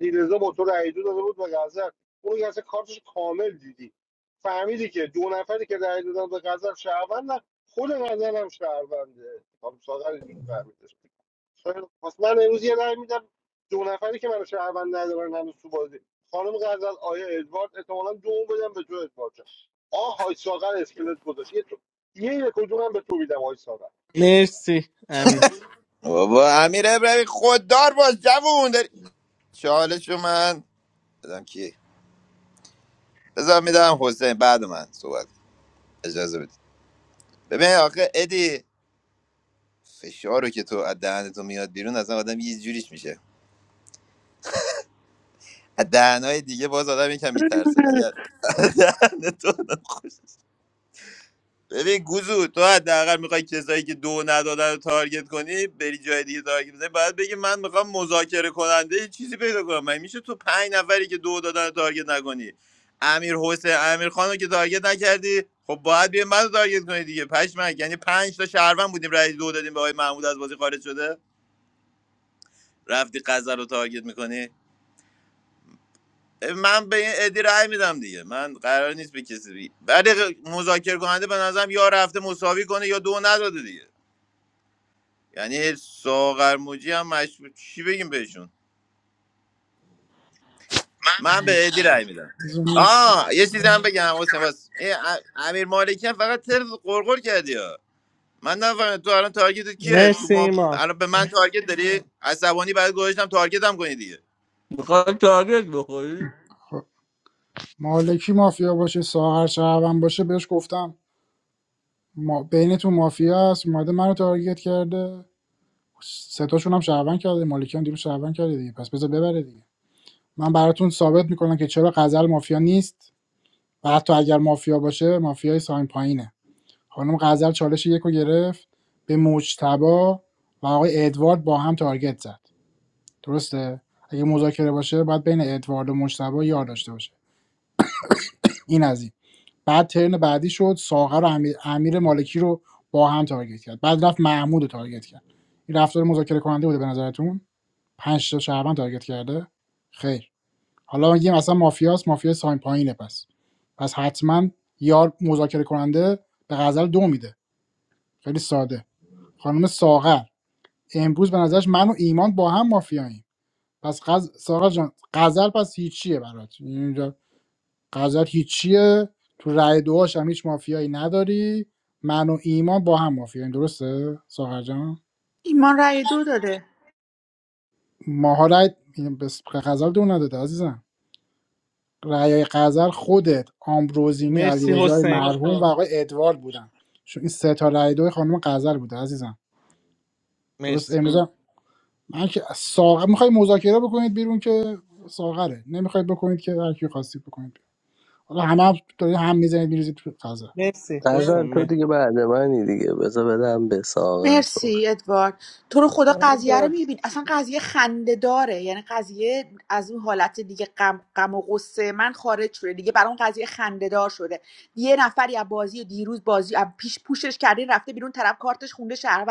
[SPEAKER 1] علیرضا با تو رأی دو داده بود به غزل اون که اصلا کارتش کامل دیدی فهمیدی که دو نفری که رأی دادن به غزل شهروند نه، خود غزل هم شهرونده خانم ساغر اینجوری فهمیدش خیلی- پس من امروز یه رأی میدم دو نفری که منو شهروند ندارن هنوز تو بازی خانم غزل آیا ادوارد احتمالاً دوم بدم به تو ادوارد جان آه های ساغر اسکلت گذاشت یه تو یه کدوم هم به تو میدم های ساغر
[SPEAKER 4] مرسی امیر
[SPEAKER 5] بابا امیر ابراهیمی خوددار باش جوون داری چالشو من بدم کی بذار میدم حسین بعد من صحبت کن. اجازه بدید ببین آخه ادی فشار رو که تو از دهن تو میاد بیرون اصلا آدم یه جوریش میشه از دهنهای دیگه باز آدم یکم میترسه ولی از دهن تو آدم خوش- ببین گوزو تو حداقل میخوای کسایی که دو ندادن رو تارگت کنی بری جای دیگه تارگت بزنی باید بگی من میخوام مذاکره کننده یه چیزی پیدا کنم من میشه تو پنج نفری که دو دادن رو تارگت نکنی امیر حسین امیر خان رو که تارگت نکردی خب باید بیا منو تارگت کنی دیگه پشمک یعنی پنج تا شهروند بودیم رای دو دادیم به آقای محمود از بازی خارج شده رفتی قزل رو تارگت میکنی من به این ادی رأی میدم دیگه من قرار نیست به کسی بی... ولی مذاکره کننده به نظرم یا رفته مساوی کنه یا دو نداده دیگه یعنی ساغر موجی هم مشروع چی بگیم بهشون من به ادی رأی میدم
[SPEAKER 3] زمین
[SPEAKER 5] آه یه چیزی هم بگم حسین واس این ا- امیر مالکی هم فقط تلف قرقر کردی ها من نفهمیدم تو الان تارگت کیه تو
[SPEAKER 4] مرسی
[SPEAKER 5] ما
[SPEAKER 4] ایمان
[SPEAKER 5] الان به من تارگت داری عصبانی بعد گذاشتم تارگت هم کنی دیگه
[SPEAKER 6] میخوای تارگت بخوری
[SPEAKER 3] خب، مالکی مافیا باشه ساغر شهروند باشه بهش گفتم ما بین تو مافیا است اومده منو تارگت کرده ستاشون هم شهروند کرده مالکی هم دیروز شهروند کرده دیگه پس بذار ببره دیگه من براتون ثابت میکنم که چرا غزل مافیا نیست و حتی اگر مافیا باشه مافیای ساین پایینه خانم غزل چالش یکو گرفت به مجتبا و آقای ادوارد با هم تارگت زد درسته اگه مذاکره باشه باید بین ادوارد و مجتبی یار داشته باشه این از این بعد ترن بعدی شد ساغر و امیر, امیر مالکی رو با هم تارگت کرد بعد رفت محمود رو تارگت کرد این رفتار مذاکره کننده بوده به نظرتون پنج تا شهروند تارگت کرده خیر حالا میگیم اصلا مافیاس مافیا ساین پایینه پس پس حتما یار مذاکره کننده به غزل دو میده خیلی ساده خانم ساغر امروز به نظرش من و ایمان با هم مافیاییم پس غز... سارا جان غزل پس هیچیه برات یعنی اینجا غزل هیچیه تو رأی دوهاش هم هیچ مافیایی نداری من و ایمان با هم مافیاییم درسته ساغر جان
[SPEAKER 2] ایمان رأی دو داده
[SPEAKER 3] ماها رأی بس غزل دو نداده عزیزم رأی غزل خودت آمبروزینی
[SPEAKER 4] مرسی
[SPEAKER 3] علیرضای
[SPEAKER 4] حسین
[SPEAKER 3] مرحوم و آقای ادوارد بودن چون این سه تا رأی دوی خانم غزل بوده عزیزم درست
[SPEAKER 4] مرسی
[SPEAKER 3] امروز هم- من که ساغر میخوای مذاکره بکنید بیرون که ساغره نمیخواید بکنید که هر کی خواستید بکنید بیرون. حالا همه هم داری هم میزنید میریزید تو فضا
[SPEAKER 4] مرسی حسین
[SPEAKER 13] نظر تو
[SPEAKER 4] مر-
[SPEAKER 13] دیگه بعد منی دیگه بذار بدم به ساغر صحبت
[SPEAKER 2] مرسی ادوارد تو رو خدا قضیه رو میبین اصلا قضیه خنده داره یعنی قضیه از اون حالت دیگه غم غم و غصه من خارج شده دیگه برای اون قضیه خنده دار شده یه نفری از بازی دیروز بازی از پیش پوشش کردین رفته بیرون طرف کارتش خونده شهروند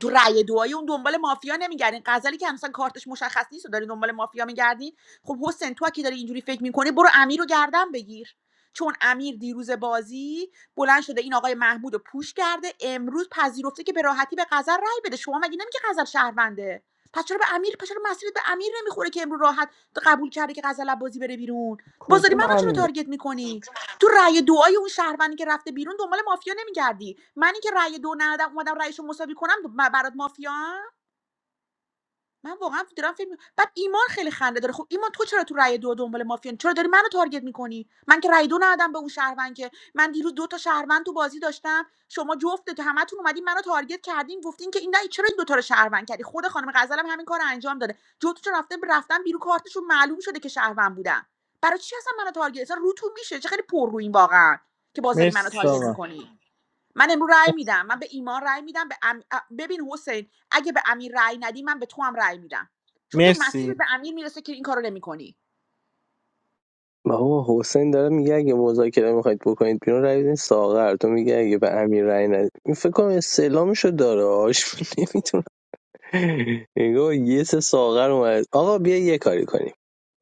[SPEAKER 2] تو رأی دعایی اون دنبال مافیا نمیگردین غزلی که مثلا کارتش مشخص نیست و داری دنبال مافیا میگردین خب حسین تو که داری اینجوری فکر میکنی برو امیر رو گردن بگیر چون امیر دیروز بازی بلند شده این آقای محمود رو پوش کرده امروز پذیرفته که به راحتی به غزل رأی بده شما مگه نمیگه غزل شهرونده پس چرا به امیر پس چرا مسیرت به امیر نمیخوره که امروز راحت قبول کرده که غزل از بازی بره بیرون بازاری
[SPEAKER 6] کدوم
[SPEAKER 2] منو چرا
[SPEAKER 6] امیر
[SPEAKER 2] تارگت میکنی تو رأی دعای اون شهروندی که رفته بیرون دنبال مافیا نمیگردی من اینکه رأی دو ندادم اومدم رأیشو مساوی کنم ب- برات مافیا من واقعا دارم فکر می- بعد ایمان خیلی خنده داره خب ایمان تو چرا تو رأی دو دنبال مافیا چرا داری منو تارگت میکنی من که رأی دو ندادم به اون شهروند که من دیروز دو تا شهروند تو بازی داشتم شما جفت تو همتون اومدین منو تارگت کردین گفتین که این نه چرا این دو تا رو شهروند کردی خود خانم غزلم همین کار انجام داده جفتشون رفته رفتن بیرو کارتشون معلوم شده که شهروند بودن برای چی اصلا منو تارگت اصلا روتون میشه چه خیلی پر رو این واقعا که بازاری
[SPEAKER 4] مرسی
[SPEAKER 2] منو تارگت
[SPEAKER 4] ساما
[SPEAKER 2] میکنی من امروز رأی میدم من به ایمان رأی میدم به ام... ببین حسین اگه به امیر رأی ندی من به تو هم رأی میدم چون تو مسیر
[SPEAKER 4] مرسی
[SPEAKER 2] به امیر میرسه که این کارو نمیکنی
[SPEAKER 13] بابا حسین داره میگه اگه مذاکره میخواید بکنید بیرون رای بدین ساغر تو میگه اگه به امیر رای ندید این فکر کنم استعلامشو داره آش نمیتونه نگاه یه سه ساغر اومد آقا بیا یه کاری کنیم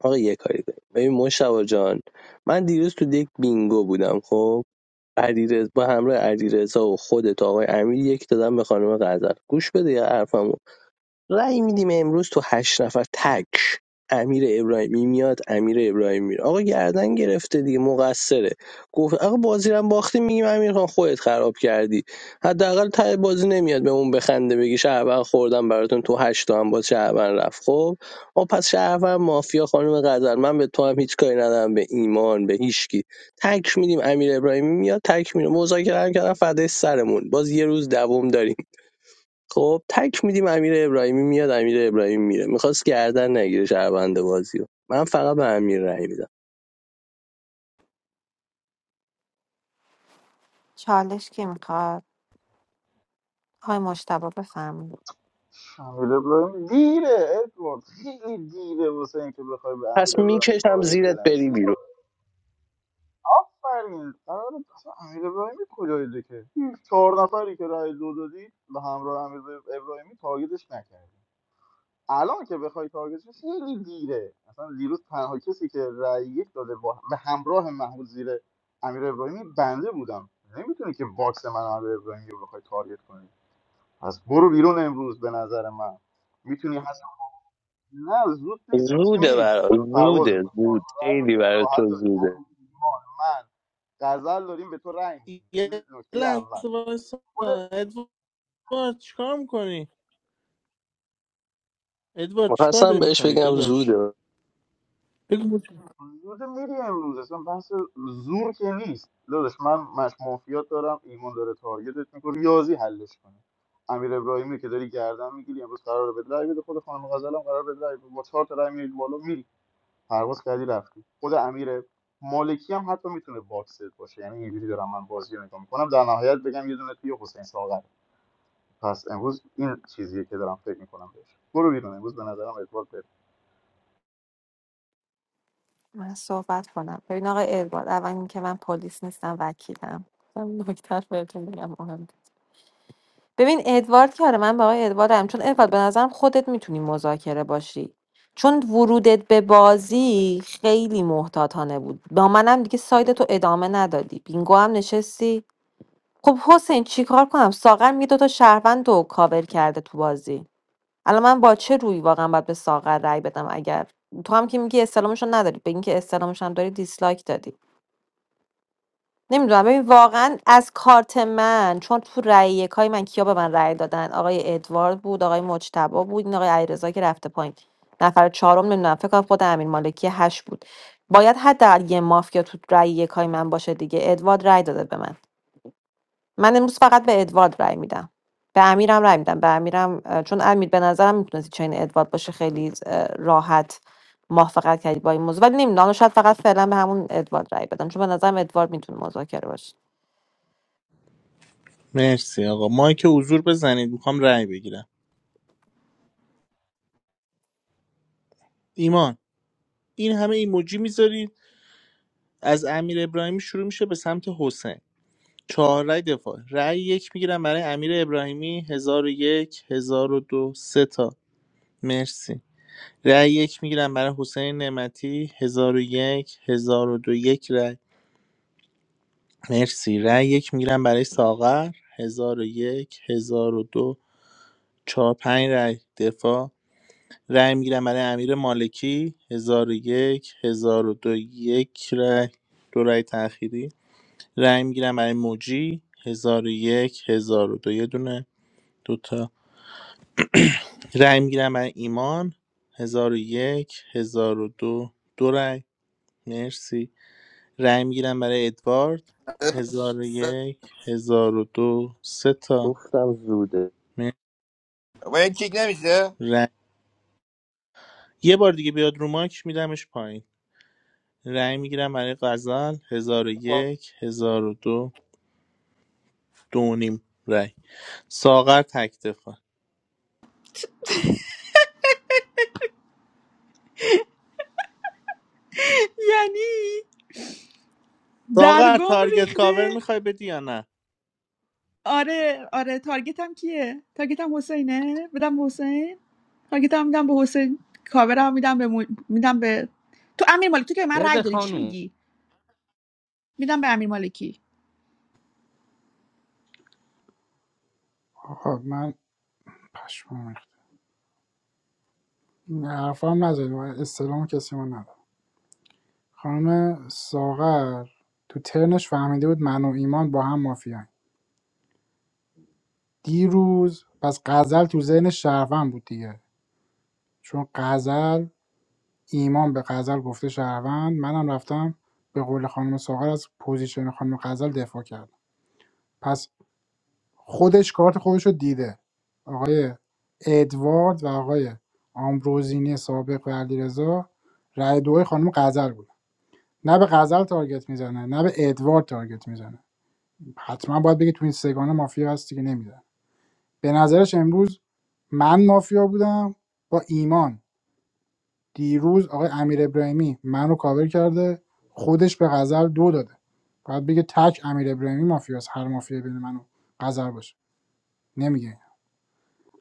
[SPEAKER 13] آقا یه کاری کنیم ببین مشتبه جان من دیروز تو یک بینگو بودم خب علیرضا با همراه علیرضا و خودت و آقای امیر یک دادن به خانم غزل گوش بده یه حرفمو رأی میدیم امروز تو هشت نفر تک امیر ابراهیمی میاد امیر ابراهیمی میره آقا گردن گرفته دیگه مقصره گفت آقا بازی رو هم باختیم میگیم امیر خان خودت خراب کردی حداقل ته بازی نمیاد به اون بخنده بگی شهروند خوردم براتون تو هشت تا هم باز شهروند رفت خب ما پس شهروند مافیا خانم غزل من به تو هم هیچ کاری ندارم به ایمان به هیچکی تک میدیم امیر ابراهیمی میاد تک میره مذاکره هم کردن فدای سرمون باز یه روز دوم داریم خب تک میدیم امیر ابراهیمی میاد امیر ابراهیمی میره میخواست گردن نگیره شهربنده بازی رو من فقط به امیر رأی میدم
[SPEAKER 14] چالش کی میخواد های مشتبه بفرمایید
[SPEAKER 9] امیر ابراهیمی دیره ادوارد خیلی دیره واسه اینکه بخوای به
[SPEAKER 13] پس
[SPEAKER 9] امیر ابراهیمی
[SPEAKER 13] میکشم
[SPEAKER 9] تارگت
[SPEAKER 13] زیرت
[SPEAKER 9] بزنی
[SPEAKER 13] بری بیرون
[SPEAKER 9] آفرین قرار اصلا امیر ابراهیمی کجای دکه چهار نفری که رای دو دادی به همراه امیر ابراهیمی تارگتش نکردی الان که بخوای تارگت بشی، خیلی دیره اصلا دیروز تنها کسی که رأی یک داده با به همراه محمود زیر امیر ابراهیمی بنده بودم نمیتونی که باکس من و امیر ابراهیمی رو بخوای تارگت کنی پس برو بیرون امروز به نظر من میتونی هست نه زود نیست امروز که
[SPEAKER 13] زوده
[SPEAKER 9] میری
[SPEAKER 13] برا
[SPEAKER 9] امروز پرواز
[SPEAKER 13] زوده
[SPEAKER 9] میکنی
[SPEAKER 13] زود خیلی
[SPEAKER 9] خیلی
[SPEAKER 13] برای
[SPEAKER 9] راحت
[SPEAKER 13] تو
[SPEAKER 9] داری
[SPEAKER 13] زوده
[SPEAKER 9] امیر، ایمان، من غزل داریم به تو رأی میدیم این
[SPEAKER 4] یه
[SPEAKER 9] نکته
[SPEAKER 4] لحظه
[SPEAKER 9] اول
[SPEAKER 4] وایسا
[SPEAKER 9] خود
[SPEAKER 4] ادوارد چیکار میکنی؟ ادوارد چیکار
[SPEAKER 13] میخواستم
[SPEAKER 4] داری
[SPEAKER 13] بهش
[SPEAKER 4] میکنی
[SPEAKER 13] بگم
[SPEAKER 4] داداش؟
[SPEAKER 13] زوده
[SPEAKER 4] بگو بگو.
[SPEAKER 9] زود میری امروز اصلا بحث زور که نیست داداش من مش مافیات دارم ایمان داره تارگتت میکنه ریاضی حلش کنه امیر ابراهیمی که داری گردن میگیری امروز قرار به رای بده خود خانم غزل هم قرار بده رای بده. با چهار تا رای میری بالا میری پرواز کردی رفتی خود امیر مالکی هم حتی میتونه باکسر باشه یعنی اینجوری دارم من بازی رو نگاه میکنم در نهایت بگم یه دونه توی حسین ساغر پس امروز این چیزیه که دارم فکر میکنم بهش برو بیرون امروز به نظرم ادوارد بره.
[SPEAKER 14] من صحبت کنم ببین آقای ادوارد اول اینکه من پلیس نیستم وکیلم نکتر بهتون بگم مهم ببین ادوارد که آره من با آقای ادواردم چون ادوارد به نظرم خودت میتونی مذاکره باشی چون ورودت به بازی خیلی محتاطانه بود با منم دیگه سایدتو ادامه ندادی بینگو هم نشستی خب حسین چیکار کنم ساغر میگه دوتا شهروند رو کاور کرده تو بازی الان من با چه روی واقعا باید به ساغر رأی بدم اگر تو هم که میگی استلامشون نداری به اینکه استلامشون داری دیسلایک دادی نمیدونم ببین واقعا از کارت من چون تو رأی یکای من کیا به من رأی دادن آقای ادوارد بود آقای مجتبی بود این آقای علیرضا که رفته پایین نفر چهارم نمیدونم فکر کنم خود امین مالکی هشت بود باید حداقل یه مافیا تو رأی یکای من باشه دیگه ادوارد رأی داده به من من امروز فقط به ادوارد رأی میدم به امیرم رأی میدم به امیرم اه، چون امیر به نظرم میتونستی چین ادوارد باشه خیلی اه، راحت موافقت کردی با این موضوع ولی نمیدونم شاید فقط فعلا به همون ادوارد رأی بدم چون به نظرم ادوارد میتونه مذاکره باشه
[SPEAKER 4] مرسی آقا مایک حضور بزنید میخوام رأی بگیرم ایمان این همه ایموجی میذارید از امیر ابراهیمی شروع میشه به سمت حسین چهار رأی دفاع رأی یک میگیرم برای امیر ابراهیمی هزار و یک هزار و دو سه تا مرسی رأی یک میگیرم برای حسین نعمتی 1001 1002 یک هزار و دو، یک رأی مرسی رأی یک میگیرم برای ساغر 1001 1002 4 5 رأی دفاع رأی میگیرم برای امیر مالکی 1001 1002 یک هزار و دو، یک رأی دو رأی تأخیری رأی میگیرم برای موجی 1001 1002 یه دونه دوتا تا رأی میگیرم برای ایمان 1001 1002 دو دو رأی مرسی رأی میگیرم برای ادوارد 1001 1002 سه تا
[SPEAKER 13] گفتم زوده
[SPEAKER 4] م
[SPEAKER 5] و این کیک نمیشه
[SPEAKER 4] رأی یه بار دیگه بیاد رو ماک میدمش پایین رأی میگیرم برای غزل هزار و 1002 دو دو و نیم رأی ساغر تک دفاع ساغر تارگت کاور میخوای بدی یا نه
[SPEAKER 2] آره آره تارگتم کیه تارگتم حسینه بدم به حسین تارگتم میدم به حسین کاورم میدم به مو- میدم به تو امیر مالکی تو که به من رأی
[SPEAKER 6] برده
[SPEAKER 2] داری چی
[SPEAKER 6] خانوم
[SPEAKER 2] میگی میدم به امیر مالکی
[SPEAKER 3] آقا من پشمام ریخت. این حرفا هم نزدید من استلام کسی ما ندارم خانم ساغر تو ترنش فهمیده بود من و ایمان با هم مافیان دیروز پس غزل تو ذهن شهروند بود دیگه چون غزل ایمان به غزل گفته شهروند منم رفتم به قول خانم ساغر از پوزیشن خانم غزل دفاع کردم پس خودش کارت خودش رو دیده آقای ادوارد و آقای آمبروزینی سابق و علیرضا رأی دو خانم غزل بود نه به غزل تارگت میزنه نه به ادوارد تارگت میزنه حتما باید بگه تو این سگانه مافیا هستی که نمیزنه به نظرش امروز من مافیا بودم با ایمان دیروز آقای امیر ابراهیمی منو کاور کرده خودش به غزل دو داده باید بگه تک امیر ابراهیمی مافیاست هر مافیایی بین منو غزل باشه نمیگه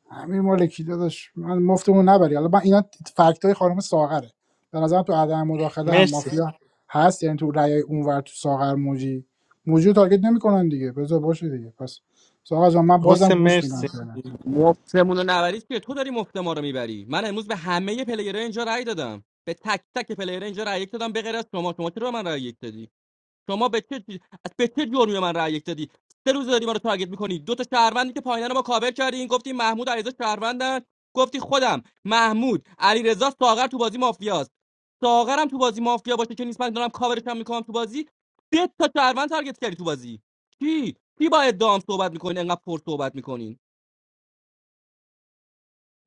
[SPEAKER 3] امیر مالکی داداش من مفتمون نبری حالا من اینا فکت های خانم ساغره به نظرم تو عدم مداخله هم
[SPEAKER 4] مرسی
[SPEAKER 3] مافیا هست یعنی تو رأی اونور تو ساغر موجی موجی رو تارگت نمیکنن دیگه بذار باشه دیگه پس ساغر جان من بازم
[SPEAKER 4] حسین
[SPEAKER 3] گوش میدم
[SPEAKER 4] مرسی
[SPEAKER 3] فعلا
[SPEAKER 6] مفتمون رو نبریش که تو داری مفت ما رو میبری من امروز به همه پلیرها اینجا رأی دادم به تک تک پلیرها اینجا رأی یک دادم به غیر از شما شما چرا به من رأی یک دادی شما به چه چیز- از به چه جرمی به من رأی یک دادی سه روز داری ما رو تارگت میکنی دو تا شهروندی که پایینا رو ما کاور کردی گفتی محمود علیرضا شهروندن گفتی خودم محمود علیرضا ساغر تو بازی مافیاست ساغرم تو بازی مافیا باشه که نیست من دارم کاورش هم میکنم تو بازی سه تا شهروند تارگت کردی تو بازی کی کی با ادام صحبت میکنین انقدر پر صحبت میکنین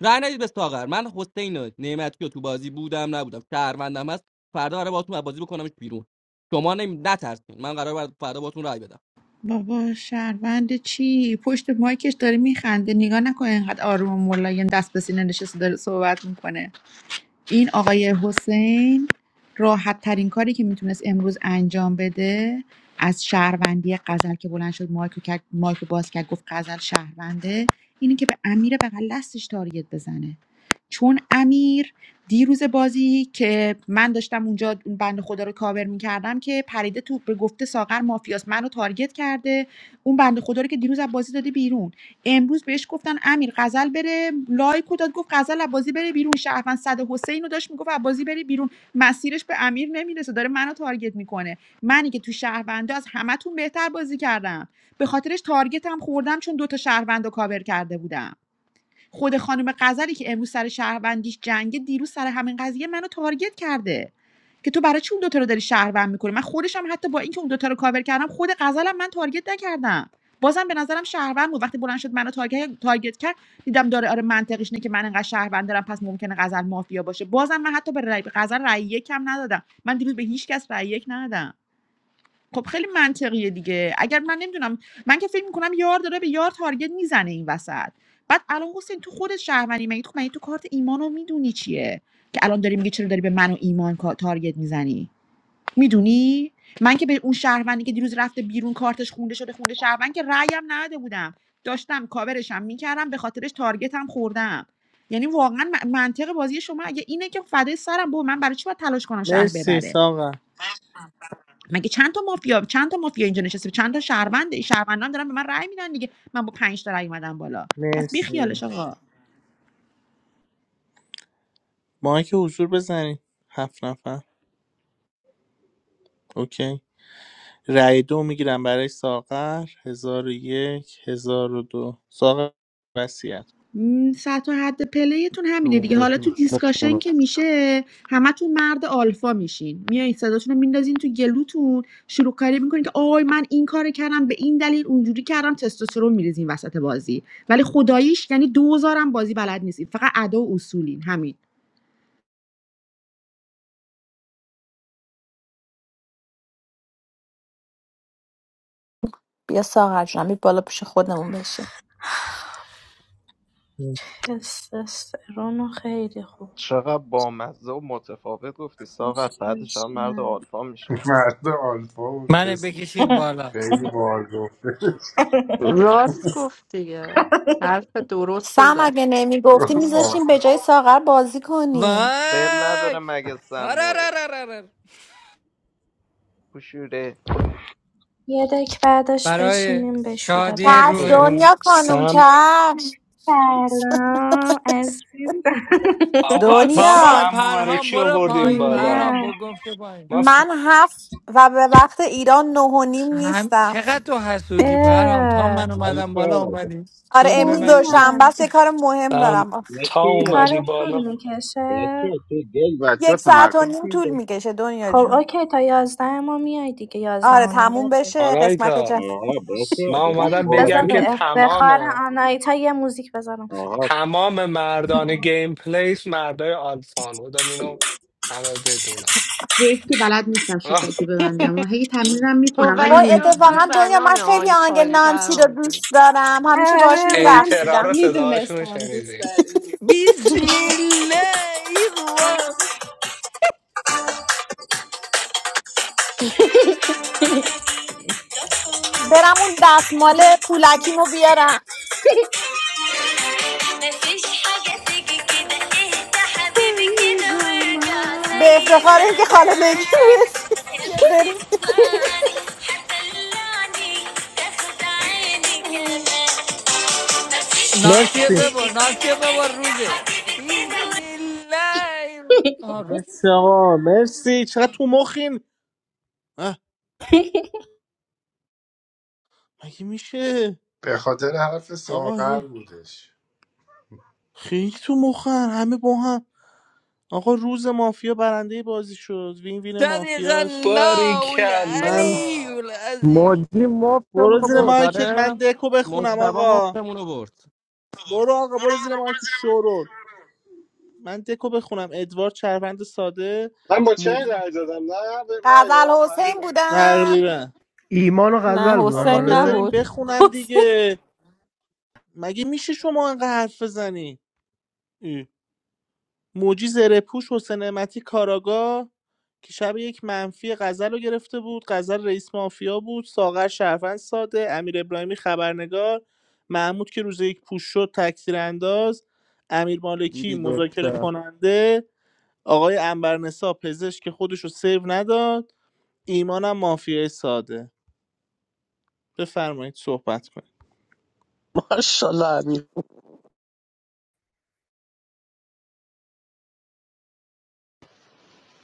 [SPEAKER 6] رأی ندید به ساغر من حسین نعمتی رو تو بازی بودم نبودم شهروندم هست فردا قرار باهاتون بازی بکنمش بیرون شما نمی... نترسین من قرار فردا باهاتون رأی بدم
[SPEAKER 2] بابا شهروند چی پشت مایکش داره میخنده نگاه نکنه اینقدر آروم و ملایم دست به سینه نشسته داره صحبت میکنه این آقای حسین راحت ترین کاری که میتونست امروز انجام بده از شهروندی غزل که بلند شد مایک رو کرد مایک رو باز کرد گفت غزل شهرونده اینی که به امیر بغل دستش تارگت بزنه چون امیر دیروز بازی که من داشتم اونجا اون بند خدا رو کاور میکردم که پریده تو به گفته ساغر مافیاس منو تارگت کرده اون بند خدا رو که دیروز از بازی داده بیرون امروز بهش گفتن امیر غزل بره لایک و داد گفت غزل بازی بره بیرون شهروند صد حسین رو داشت میگفت بازی بره بیرون مسیرش به امیر نمیرسه داره منو تارگت میکنه منی که تو شهروندا از همتون بهتر بازی کردم به خاطرش تارگتم خوردم چون دوتا شهروند رو کاور کرده بودم خود خانم غزلی که امروز سر شهروندیش جنگه دیروز سر همین قضیه منو تارگت کرده که تو برای چی اون دوتا رو داری شهروند میکنی من خودش هم حتی با اینکه اون دوتا رو کاور کردم خود غزلم من تارگت نکردم بازم به نظرم شهروند بود وقتی بلند شد منو تارگت تارگت کرد دیدم داره آره منطقش اینه که من انقدر شهروند دارم پس ممکنه غزل مافیا باشه بازم من حتی به رأی- به غزل رأی یکم ندادم من دیروز به هیچ کس رأی یک ندادم خب خیلی منطقیه دیگه اگر من نمیدونم من که فکر میکنم یار داره به یار تارگت میزنه این وسط بعد الان حسین تو خود شهروندی مگه تو مگه تو کارت ایمانو میدونی چیه که الان داری میگی چرا داری به من و ایمان کا- تارگت میزنی میدونی من که به اون شهروندی که دیروز رفته بیرون کارتش خونده شده خونده شهروند که رأیم نداده بودم داشتم کاورشم میکردم به خاطرش تارگتم خوردم یعنی واقعا من- منطق بازی شما اگه اینه که فدای سرم بود من برای چی باید تلاش کنم شهر
[SPEAKER 4] مرسی
[SPEAKER 2] ببره
[SPEAKER 4] ساغر
[SPEAKER 2] مگه چند تا مافیا چند تا مافیا اینجا نشسته چند تا شهروند این شهروندا هم دارن به من رأی میدن دیگه من با 5 تا رأی اومدم بالا پس بی
[SPEAKER 4] مرسی
[SPEAKER 2] خیالش آقا
[SPEAKER 4] مایک حضور بزنید هفت نفر اوکی رأی دو میگیرم برای ساغر هزار و یک هزار و دو ساغر وصیت
[SPEAKER 2] م، سطح و حد پلیتون همینه دیگه حالا
[SPEAKER 6] موجی
[SPEAKER 2] تو دیسکاشن
[SPEAKER 6] مفتمونو
[SPEAKER 2] که میشه همتون مرد آلفا میشین میایین صداتون رو میندازین تو گلوتون شروع کاری میکنین که آی من این کار کردم به این دلیل اونجوری کردم تستوسترون میریزین وسط بازی ولی خداییش یعنی دوزارم بازی بلد نیستین فقط ادا و اصولین همین
[SPEAKER 20] بیا ساغر جونم بیا بالا پیش خودمون بشین
[SPEAKER 4] کن.
[SPEAKER 12] تستوسترون خیلی خوب
[SPEAKER 19] چقدر بامزه و متفاوت گفتی ساغر
[SPEAKER 12] دوست
[SPEAKER 19] بعدش هم مرد
[SPEAKER 12] داشتم.
[SPEAKER 19] آلفا میشه
[SPEAKER 18] مرد آلفا و
[SPEAKER 21] منو
[SPEAKER 18] تست
[SPEAKER 21] بکشید بالا
[SPEAKER 18] خیلی بار گفته
[SPEAKER 16] راست گفت دیگه حرف درست رو
[SPEAKER 20] سم
[SPEAKER 16] زد
[SPEAKER 20] اگه نمیگفتی
[SPEAKER 18] گفت
[SPEAKER 20] میذاشتیم به
[SPEAKER 18] آخر.
[SPEAKER 20] جای ساغر بازی کنی
[SPEAKER 19] دل نداره
[SPEAKER 21] وای
[SPEAKER 19] مگه سموئل
[SPEAKER 21] آرارارارارار.
[SPEAKER 19] پوشوره
[SPEAKER 12] یه دک بعدش
[SPEAKER 21] برای
[SPEAKER 12] بچینیم بشوره
[SPEAKER 21] شادی
[SPEAKER 20] چشم
[SPEAKER 12] ببرم
[SPEAKER 21] روح
[SPEAKER 22] In
[SPEAKER 20] دنیا خانم
[SPEAKER 22] Sam,
[SPEAKER 20] چشم
[SPEAKER 12] سلام عزیزم
[SPEAKER 22] Ava,
[SPEAKER 21] بابا
[SPEAKER 20] دنیا
[SPEAKER 22] Sam, who are
[SPEAKER 21] پرهام
[SPEAKER 22] richy
[SPEAKER 21] برو
[SPEAKER 22] about him,
[SPEAKER 21] پایین
[SPEAKER 22] Balaa,
[SPEAKER 21] پرهام
[SPEAKER 12] جونم
[SPEAKER 21] با گمشه پایین
[SPEAKER 22] must
[SPEAKER 20] من هفت و به وقت ایران نه و نیم
[SPEAKER 21] هم
[SPEAKER 20] نیستم
[SPEAKER 21] چقدر تو حسودی پرهام تا
[SPEAKER 12] اه،
[SPEAKER 21] من
[SPEAKER 17] bom é
[SPEAKER 21] اومدم بالا
[SPEAKER 17] isso
[SPEAKER 21] اومدی
[SPEAKER 20] آره
[SPEAKER 21] دم به
[SPEAKER 20] امروز
[SPEAKER 12] کی
[SPEAKER 21] من
[SPEAKER 20] دوشنبه
[SPEAKER 12] میای
[SPEAKER 20] است یه کار مهم
[SPEAKER 22] Sam
[SPEAKER 20] دارم
[SPEAKER 17] é isso
[SPEAKER 12] کار
[SPEAKER 22] Thaumadi Balaa,
[SPEAKER 12] طول
[SPEAKER 17] é
[SPEAKER 12] میکشه
[SPEAKER 17] isso dez para cima
[SPEAKER 20] یک
[SPEAKER 17] tá
[SPEAKER 20] ساعت و
[SPEAKER 17] marcou
[SPEAKER 20] نیم
[SPEAKER 17] sim tá
[SPEAKER 20] طول میکشه دنیا
[SPEAKER 12] خب
[SPEAKER 20] جون
[SPEAKER 12] اوکی تا یازده ما میای دیگه یازده
[SPEAKER 20] آره
[SPEAKER 12] و نیم
[SPEAKER 20] تموم
[SPEAKER 12] بعد بازی
[SPEAKER 20] بشه قسمت
[SPEAKER 22] alrighta.
[SPEAKER 20] جن
[SPEAKER 17] ah bom
[SPEAKER 12] باش.
[SPEAKER 17] é
[SPEAKER 22] Now, I'm
[SPEAKER 17] bom boa
[SPEAKER 12] بذار
[SPEAKER 22] saying
[SPEAKER 17] dívida
[SPEAKER 12] به
[SPEAKER 22] that all of
[SPEAKER 12] افتخار آنایتا یه موزیک بذارم
[SPEAKER 17] ah
[SPEAKER 22] all of the men are gameplays, men are alfan. I'm saying that all of them
[SPEAKER 2] حیف که بلد نیستم
[SPEAKER 22] are.
[SPEAKER 2] شیشکی ببندم و هی تمیزم
[SPEAKER 16] تو
[SPEAKER 2] میکنم ولی
[SPEAKER 16] ولی
[SPEAKER 20] وای
[SPEAKER 2] نمیتونم
[SPEAKER 16] جزو
[SPEAKER 20] اتفاقا دنیا
[SPEAKER 16] زنان
[SPEAKER 20] من خیلی آهنگ
[SPEAKER 16] آلپایی
[SPEAKER 20] نانسی رو
[SPEAKER 16] پرهام
[SPEAKER 20] دوست دارم همیشه باش
[SPEAKER 12] آره
[SPEAKER 22] Hey,
[SPEAKER 12] من
[SPEAKER 22] this is a very
[SPEAKER 20] میرقصیدم
[SPEAKER 22] sad
[SPEAKER 12] میدونستم دوست
[SPEAKER 22] situation.
[SPEAKER 12] داری
[SPEAKER 21] بسم الله الرحمن
[SPEAKER 20] برم اون دستمال پولکیمو بیارم
[SPEAKER 12] مفيش حاجة تيجي كده اهدى حبيبي كده وارجع
[SPEAKER 21] الرحیم
[SPEAKER 20] به
[SPEAKER 12] زي
[SPEAKER 20] افتخار اینکه خاله نگین
[SPEAKER 12] زمان
[SPEAKER 20] رسید یه غریب
[SPEAKER 12] تسمعني هتدلعني تاخد عيني كمان مفيش
[SPEAKER 21] ناسیه
[SPEAKER 12] حاجة
[SPEAKER 4] مرسی
[SPEAKER 12] تيجي
[SPEAKER 21] ببر
[SPEAKER 12] كده
[SPEAKER 21] ناسیه ببر روزه بسم الله الرحمن
[SPEAKER 4] مرسی آقا مرسی چقدر تو مخین اه، مگه میشه
[SPEAKER 18] به خاطر حرف
[SPEAKER 4] آقا
[SPEAKER 18] ساغر
[SPEAKER 4] رو
[SPEAKER 18] بودش
[SPEAKER 4] خیلی تو مخن همه با هم آقا روز مافیا برنده بازی شد وین وین
[SPEAKER 21] صدق
[SPEAKER 4] مافیاست
[SPEAKER 21] الله
[SPEAKER 4] من
[SPEAKER 21] العلی
[SPEAKER 22] Perikeyala,
[SPEAKER 21] العظیم
[SPEAKER 6] موجی
[SPEAKER 4] برو
[SPEAKER 6] مفتمونو
[SPEAKER 4] زیر
[SPEAKER 6] برد
[SPEAKER 4] مایکت من
[SPEAKER 6] آره
[SPEAKER 4] دکو بخونم
[SPEAKER 6] مجتبا
[SPEAKER 4] آقا
[SPEAKER 6] مفتمونو برد
[SPEAKER 4] برو آقا برو زیر مایکت شورول من دکو بخونم ادوارد چربند ساده
[SPEAKER 1] من با چه
[SPEAKER 4] مد...
[SPEAKER 1] رأی دادم نه به من
[SPEAKER 20] غزل
[SPEAKER 1] یا
[SPEAKER 20] حسین
[SPEAKER 1] فهمیدم
[SPEAKER 20] بودن
[SPEAKER 4] تقریبا
[SPEAKER 11] ایمانو
[SPEAKER 14] نه
[SPEAKER 11] غزل بودن
[SPEAKER 4] آقا
[SPEAKER 14] حسین
[SPEAKER 11] آره
[SPEAKER 4] بذارین
[SPEAKER 14] نبود
[SPEAKER 4] بخونم
[SPEAKER 14] حسین
[SPEAKER 4] دیگه مگه میشه شما انقدر حرف بزنی اه. موجی زره پوش حسین نعمتی کاراگاه که شب یک منفی غزل رو گرفته بود غزل رئیس مافیا بود ساغر شرفن ساده امیر ابراهیمی خبرنگار محمود که روز یک پوش شد تکثیر انداز امیر مالکی
[SPEAKER 6] دیدی
[SPEAKER 4] مذاکره
[SPEAKER 6] گفتم
[SPEAKER 4] کننده آقای انبرنسا پزشک که خودش رو سیو نداد ایمانم مافیای ساده بفرمایید صحبت کنید
[SPEAKER 13] ماشاءالله امیر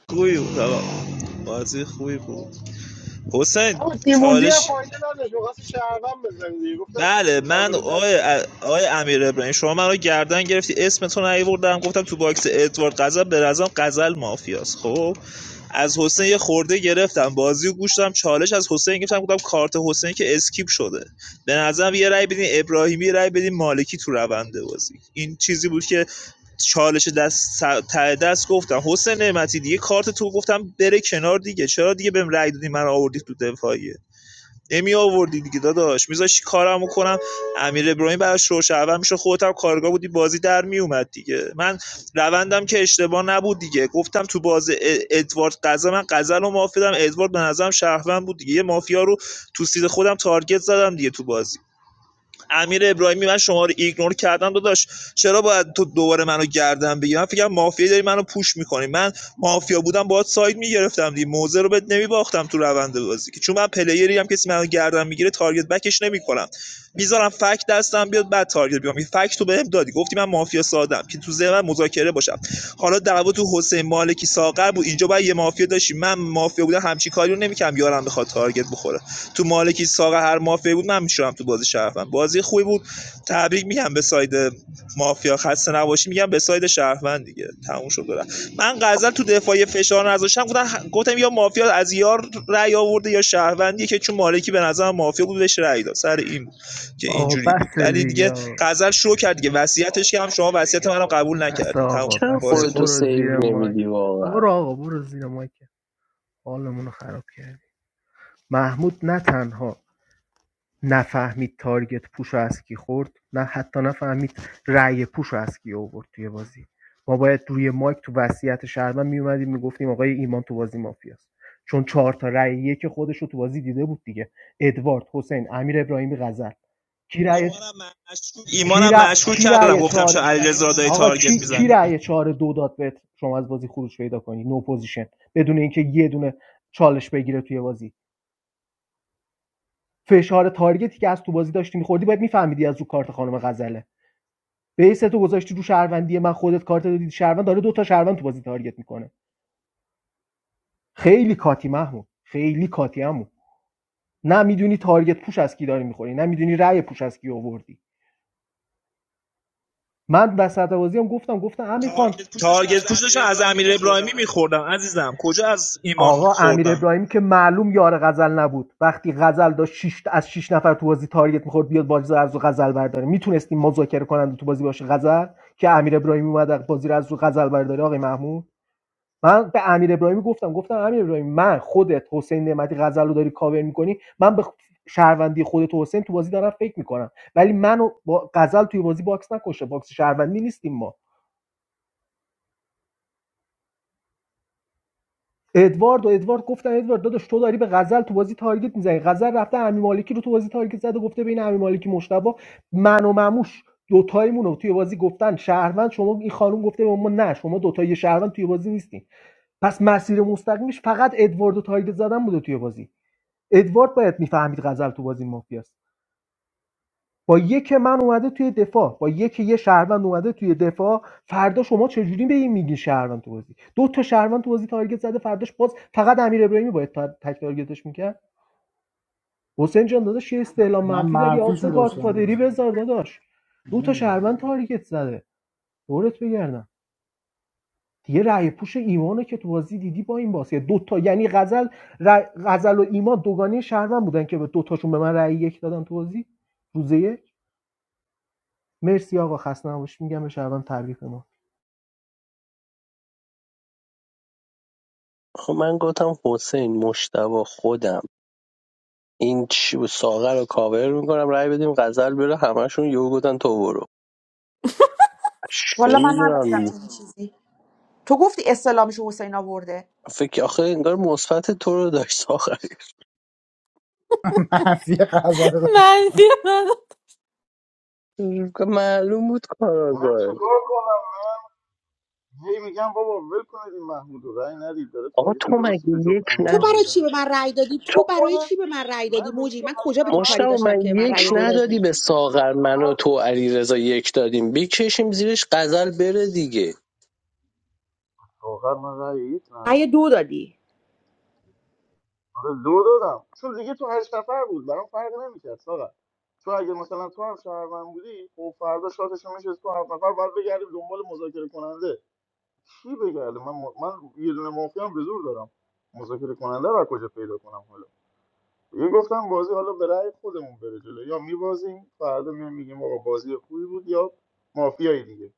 [SPEAKER 10] خوبی بود آقا بازی خوبی بود حسین
[SPEAKER 1] اما دیموندی
[SPEAKER 10] چالش
[SPEAKER 1] هم فایده نداشت میخواست شهروند بزنه دیگه گفتم
[SPEAKER 10] بله من
[SPEAKER 1] آبروت حفظ
[SPEAKER 10] آقای
[SPEAKER 1] شه
[SPEAKER 10] آقای امیر ابراهیم شما من رو گردن گرفتی اسمتون نیوردم گفتم تو باکس ادوارد غزل به نظرم غزل مافیاست خب از حسین یه خورده گرفتم بازیو و گوش دادم چالش از حسین گرفتم گفتم کارت حسین که اسکیپ شده به نظرم یه رأی بدین ابراهیمی یه رأی بدین مالکی تو رونده بازی این چیزی بود که چالش دست سر- ته دست گفتم حسین نعمتی دیگه کارت تو گفتم بره کنار دیگه چرا دیگه بهم رأی دادی من آوردی تو دفاعیه امی آوردی دیگه داداش میذاشی کارمو کنم امیر ابراهیم براش روش اول میشه خودت هم کارگاه بودی بازی در میومد دیگه من روندم که اشتباه نبود دیگه گفتم تو باز ا- ادوارد قزل من قزل رو معافیدم ادوارد به نظرم شهروند بود دیگه یه مافیا رو تو سید خودم تارگت زدم دیگه تو بازی امیر ابراهیمی من شما رو ایگنور کردم داداش چرا باید تو دوباره منو گردن بگیری من فکرم مافیا داری منو پوش میکنی من مافیا بودم باید ساید میگرفتم دیگه موزه رو بهت نمیباختم تو روند بازی که چون من پلیری هم کسی منو گردن میگیره تارگت بکش نمیکنم میذارم فک دستم بیاد بعد تارگت بیام این فک تو بهم دادی گفتی من مافیا سادم که تو ذهن مذاکره باشم حالا دعوا تو حسین مالکی ساغر بود اینجا باید یه مافیا داشی من مافیا بودم همچی کاری رو نمیکردم یارم بخواد تارگت بخوره تو مالکی ساق هر مافیا بود من میشورم تو بازی شرفم بازی خوبی بود تبریک میگم به ساید مافیا خسته نباشی میگم به ساید شهروند دیگه تموم شد و من غزل تو دفاعی فشار نذاشتم گفتن گفتم یا مافیا از یار رأی آورده یا شهروندی که چون مالکی به نظر مافیا بود بهش رأی داد سر این بود که
[SPEAKER 11] آقا
[SPEAKER 10] اینجوری بود
[SPEAKER 11] بس
[SPEAKER 10] ولی
[SPEAKER 11] دیگه
[SPEAKER 10] دیگه
[SPEAKER 11] آقا
[SPEAKER 10] غزل شو کرد دیگه وصیتش که هم شما وصیت منو قبول
[SPEAKER 11] بس
[SPEAKER 10] نکردی تموم
[SPEAKER 11] آقا
[SPEAKER 13] چرا
[SPEAKER 11] بس
[SPEAKER 10] بازی
[SPEAKER 13] خودتو
[SPEAKER 10] خوبی بود.
[SPEAKER 11] برو
[SPEAKER 13] سیو
[SPEAKER 11] زیر مای
[SPEAKER 13] نمیدی واقعا
[SPEAKER 11] برو آقا برو زیر مای که حالمون رو خراب کردی محمود نه تنها نفهمید تارگت پوشو از کی خورد نه حتی نفهمید رأی پوشو از کی آورد توی بازی ما باید روی مایک تو وصیت شهرمن میومدیم میگفتیم آقای ایمان تو بازی مافیاست چون چهار تا رأی یک خودش رو تو بازی دیده بود دیگه ادوارد حسین امیر ابراهیمی غزل کی رأی کی
[SPEAKER 10] ایمانم
[SPEAKER 11] رأی
[SPEAKER 10] مشکوک
[SPEAKER 11] کی
[SPEAKER 10] کردم
[SPEAKER 11] رأی
[SPEAKER 10] گفتم
[SPEAKER 11] چهار
[SPEAKER 10] شاید علیرضا دای
[SPEAKER 11] آقا
[SPEAKER 10] تارگت
[SPEAKER 11] کی
[SPEAKER 10] میزنی
[SPEAKER 11] کی رأی چهار دو داد بهت شما از بازی خروج پیدا کنی نو پوزیشن بدون اینکه یه دونه چالش بگیره توی بازی فشار تارگتی که از تو بازی داشتی میخوردی باید میفهمیدی از رو کارت خانم غزله بیس تو گذاشتی رو شهروندی من خودت کارت رو دیدی شهروند داره دو تا شهروند تو بازی تارگت میکنه خیلی کاتی محمود خیلی کاتی عمو نه میدونی تارگت پوش از کی داری میخوری نه میدونی رأی پوش از کی آوردی من وسط بازی هم گفتم گفتم امیر خان
[SPEAKER 10] تارگت پوش داشتن از امیر ابراهیمی میخوردن عزیزم کجا از ایمان
[SPEAKER 11] آقا امیر
[SPEAKER 10] خوردن
[SPEAKER 11] امیرابراهیمی که معلوم یار غزل نبود وقتی غزل داشت شیش از شش نفر تو بازی تارگت میخورد بیاد بازی رو غزل برداره میتونستیم مذاکره کننده تو بازی باشه غزل که امیر ابراهیمی اومد بازی رو از رو غزل برداره آقای محمود من به امیر ابراهیمی گفتم گفتم امیر ابراهیمی من خودت حسین نعمتی غزل رو داری کاور میکنی من به شهروندی خودت و حسین تو بازی دارم فکر میکنم ولی منو با غزل توی بازی باکس نکشه باکس شهروندی نیستیم ما ادوارد و ادوارد گفتن ادوارد داداش تو داری به غزل تو بازی تارگت میزنی غزل رفته امی مالکی رو تو بازی تارگت زده گفته بین امی مالکی مشتبه من و مموش دوتایمون رو توی بازی گفتن شهروند شما این خانم گفته به ما نه شما دوتایی شهروند توی بازی نیستین پس مسیر مستقیمش فقط ادوارد و تارگت زدن بوده توی بازی ادوارد باید میفهمید غزل تو بازی مافیاست با یک من اومده توی دفاع با یک یه شهروند اومده توی دفاع فردا شما چجوری به این میگین شهروند تو بازی دو تا شهروند تو بازی تارگت زده فرداش باز فقط امیر ابراهیمی باید تا- تک تارگتش میکرد حسین جان داداش یه استعلام
[SPEAKER 3] من
[SPEAKER 11] منفی داری آدرس
[SPEAKER 3] منفیشو
[SPEAKER 11] گادفادری
[SPEAKER 3] داشتم
[SPEAKER 11] بذار داداش دو تا
[SPEAKER 3] نمی‌ذارم.
[SPEAKER 11] شهروند تارگت زده دورت بگردم دیگه رأی پوش ایمانه که تو بازی دیدی با این باسه دو تا یعنی غزل ر- غزل و ایمان دوگانه شهروند بودن که به دو تاشون به من رأی یک دادن تو بازی روزه مرسی آقا خسته نباشید میگم به شهروند تبریک به ما
[SPEAKER 13] خب من گفتم حسین مشتبه خودم این چی بود؟ ساغر رو کاور میکنم رأی بدیم غزل بره همشون یهو گفتن تو برو چه
[SPEAKER 2] والا من نگفتم
[SPEAKER 13] میدونم
[SPEAKER 2] چنین چیزی تو گفتی استلامشو حسین آورده
[SPEAKER 13] فکر آخه انگار مثبت تو رو داشت آخر
[SPEAKER 3] منفی غزل رو داشتم
[SPEAKER 14] مندی من
[SPEAKER 13] معلوم بود
[SPEAKER 9] من
[SPEAKER 13] کاراگاه
[SPEAKER 9] چیکار کنم هی میگم بابا ول کنید این محمود رو رأی ندید داره
[SPEAKER 13] آقا
[SPEAKER 9] تارگت
[SPEAKER 13] تو
[SPEAKER 9] درستی
[SPEAKER 13] مگه
[SPEAKER 9] به
[SPEAKER 13] یک
[SPEAKER 9] جفت
[SPEAKER 2] تو
[SPEAKER 9] امیرا
[SPEAKER 13] نه
[SPEAKER 2] برای چی
[SPEAKER 9] میزنه
[SPEAKER 2] به من رأی دادی
[SPEAKER 9] تو
[SPEAKER 13] تو...
[SPEAKER 2] تو برای
[SPEAKER 9] خودت
[SPEAKER 2] چی به من رأی
[SPEAKER 9] من
[SPEAKER 2] دادی
[SPEAKER 9] دیروز
[SPEAKER 2] موجی
[SPEAKER 9] تو
[SPEAKER 2] من
[SPEAKER 9] هشت
[SPEAKER 2] کجا به تو کاری
[SPEAKER 9] نفر
[SPEAKER 13] مشتبه
[SPEAKER 2] داشتم که به
[SPEAKER 13] من
[SPEAKER 2] من
[SPEAKER 13] یک
[SPEAKER 2] رأی
[SPEAKER 9] الان
[SPEAKER 2] دو
[SPEAKER 9] بهت
[SPEAKER 13] ندادی
[SPEAKER 2] دادی
[SPEAKER 9] میگم
[SPEAKER 13] به
[SPEAKER 9] هشت
[SPEAKER 13] ساغر من و
[SPEAKER 9] نفر
[SPEAKER 13] تو علی یک دادیم بکشیم زیرش قزل بره دیگه
[SPEAKER 9] آخر من رأی یک
[SPEAKER 2] رأی
[SPEAKER 9] ندادم
[SPEAKER 2] دو دادی
[SPEAKER 9] آره دو دادم چون دیگه تو هشت نفر بود برام فرق نمیکرد ساقا تو اگه مثلا تو هم شهروند بودی خب فردا شاتش میشه تو هفت نفر باید بگردیم دنبال مذاکره کننده کی بگرده من من یه دونه مافیا هم به زور دارم مذاکره کننده رو از کجا پیدا کنم حالا؟ من گفتم بازی حالا به رأی خودمون بره جلو یا میبازیم فردا میایم میگیم آقا بازی خوبی بود یا مافیایی دیگه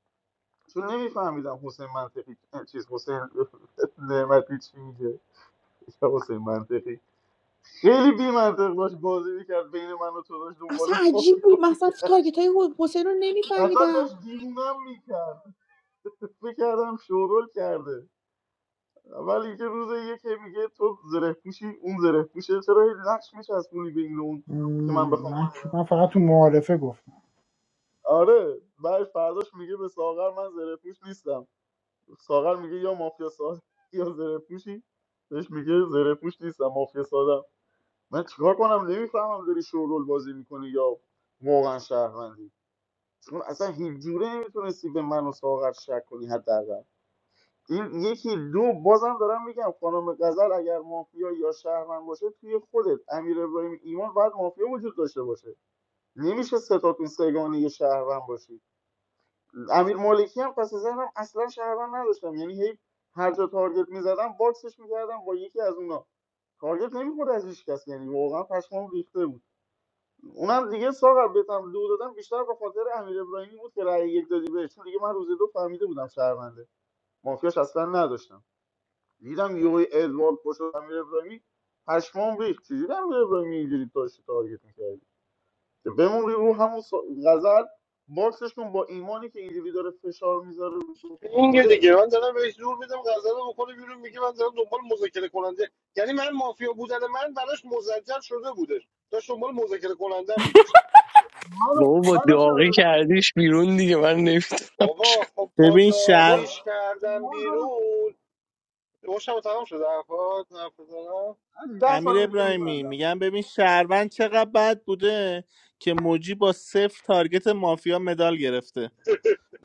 [SPEAKER 9] چون نمیفهمیدم حسین منطقی چیز حسین نعمتی چی میگه یا حسین منطقی خیلی بی منطق داشت بازی میکرد بین من و تو داشت
[SPEAKER 2] اصلا
[SPEAKER 9] دنبال
[SPEAKER 2] عجیب بود
[SPEAKER 9] مافیا
[SPEAKER 2] مثلا
[SPEAKER 9] میکرد
[SPEAKER 2] تارگت های حسین رو
[SPEAKER 9] اصلا
[SPEAKER 2] نمیفهمیدم
[SPEAKER 9] داشت دیوونم میکرد فکر کردم شورول کرده ولی اینکه روز یکی میگه تو زره پوشی اون زره پوشه چرا هی نقش میچسبونی به این و اون
[SPEAKER 3] م،
[SPEAKER 9] که من
[SPEAKER 3] من
[SPEAKER 9] بخوام
[SPEAKER 3] من فقط تو معارفه گفتم
[SPEAKER 9] آره بعد فرداش میگه به ساغر من زره پوش نیستم ساغر میگه یا مافیا ساده یا زره پوشی بهش میگه زره پوش نیستم مافیا ساده من چیکار کنم نمیفهمم داری شورول بازی میکنی یا واقعا شهروندی چون اصلا هیچ جوره نمیتونستی به من و ساغر شک کنی حداقل این یکی دو بازم دارم میگم خانم غزل اگر مافیا یا شهروند باشه توی خودت امیر ابراهیم ایمان باید مافیا وجود داشته باشه نمیشه ستاتون سگانه یه شهروند باشی امیر مالکی هم پس ذهنم اصلا شهروند نداشتم یعنی هی هر جا تارگت میزدم باکسش میکردم با یکی از اونا تارگت نمیخورد از هیچ کس یعنی واقعا پشمام ریخته بود اونم دیگه ساغر بتم دو دادم بیشتر به خاطر امیر ابراهیمی بود که رأی یک دادی بهش چون دیگه من روز دو فهمیده بودم شهرونده مافیاش اصلا نداشتم دیدم یهو ادوارد پشت امیر ابراهیمی پشمام ریخت چجوری امیر ابراهیمی اینجوری داشت تارگت می‌کرد بمون رو همون سا- غزل باکسش کن با ایمانی که اینجوری داره فشار میذاره رو
[SPEAKER 1] این دیگه
[SPEAKER 9] خودت
[SPEAKER 1] دیگه من دارم بهش زور میدم غزل رو بکنه بیرون میگه من دارم دنبال مذاکره کننده یعنی من مافیا بودن من براش مزجر شده بودش داشت دنبال مذاکره کننده میگشت
[SPEAKER 9] منو
[SPEAKER 13] بابا با
[SPEAKER 9] منو چرا
[SPEAKER 13] داغی
[SPEAKER 9] داری
[SPEAKER 13] کردیش بیرون دیگه من نمیدونم
[SPEAKER 1] بابا خب با
[SPEAKER 4] ببین
[SPEAKER 9] با
[SPEAKER 4] شرم
[SPEAKER 1] داغیش کردم
[SPEAKER 9] ایمان داره
[SPEAKER 1] بیرون روشم تمام شده حرفات حرف بزنم
[SPEAKER 9] ده
[SPEAKER 4] امیر
[SPEAKER 9] ثانیه دیگه
[SPEAKER 4] ابراهیمی
[SPEAKER 9] میبندم
[SPEAKER 4] میگم ببین شهروند چقدر بد بوده که موجی با صفر تارگت مافیا مدال گرفته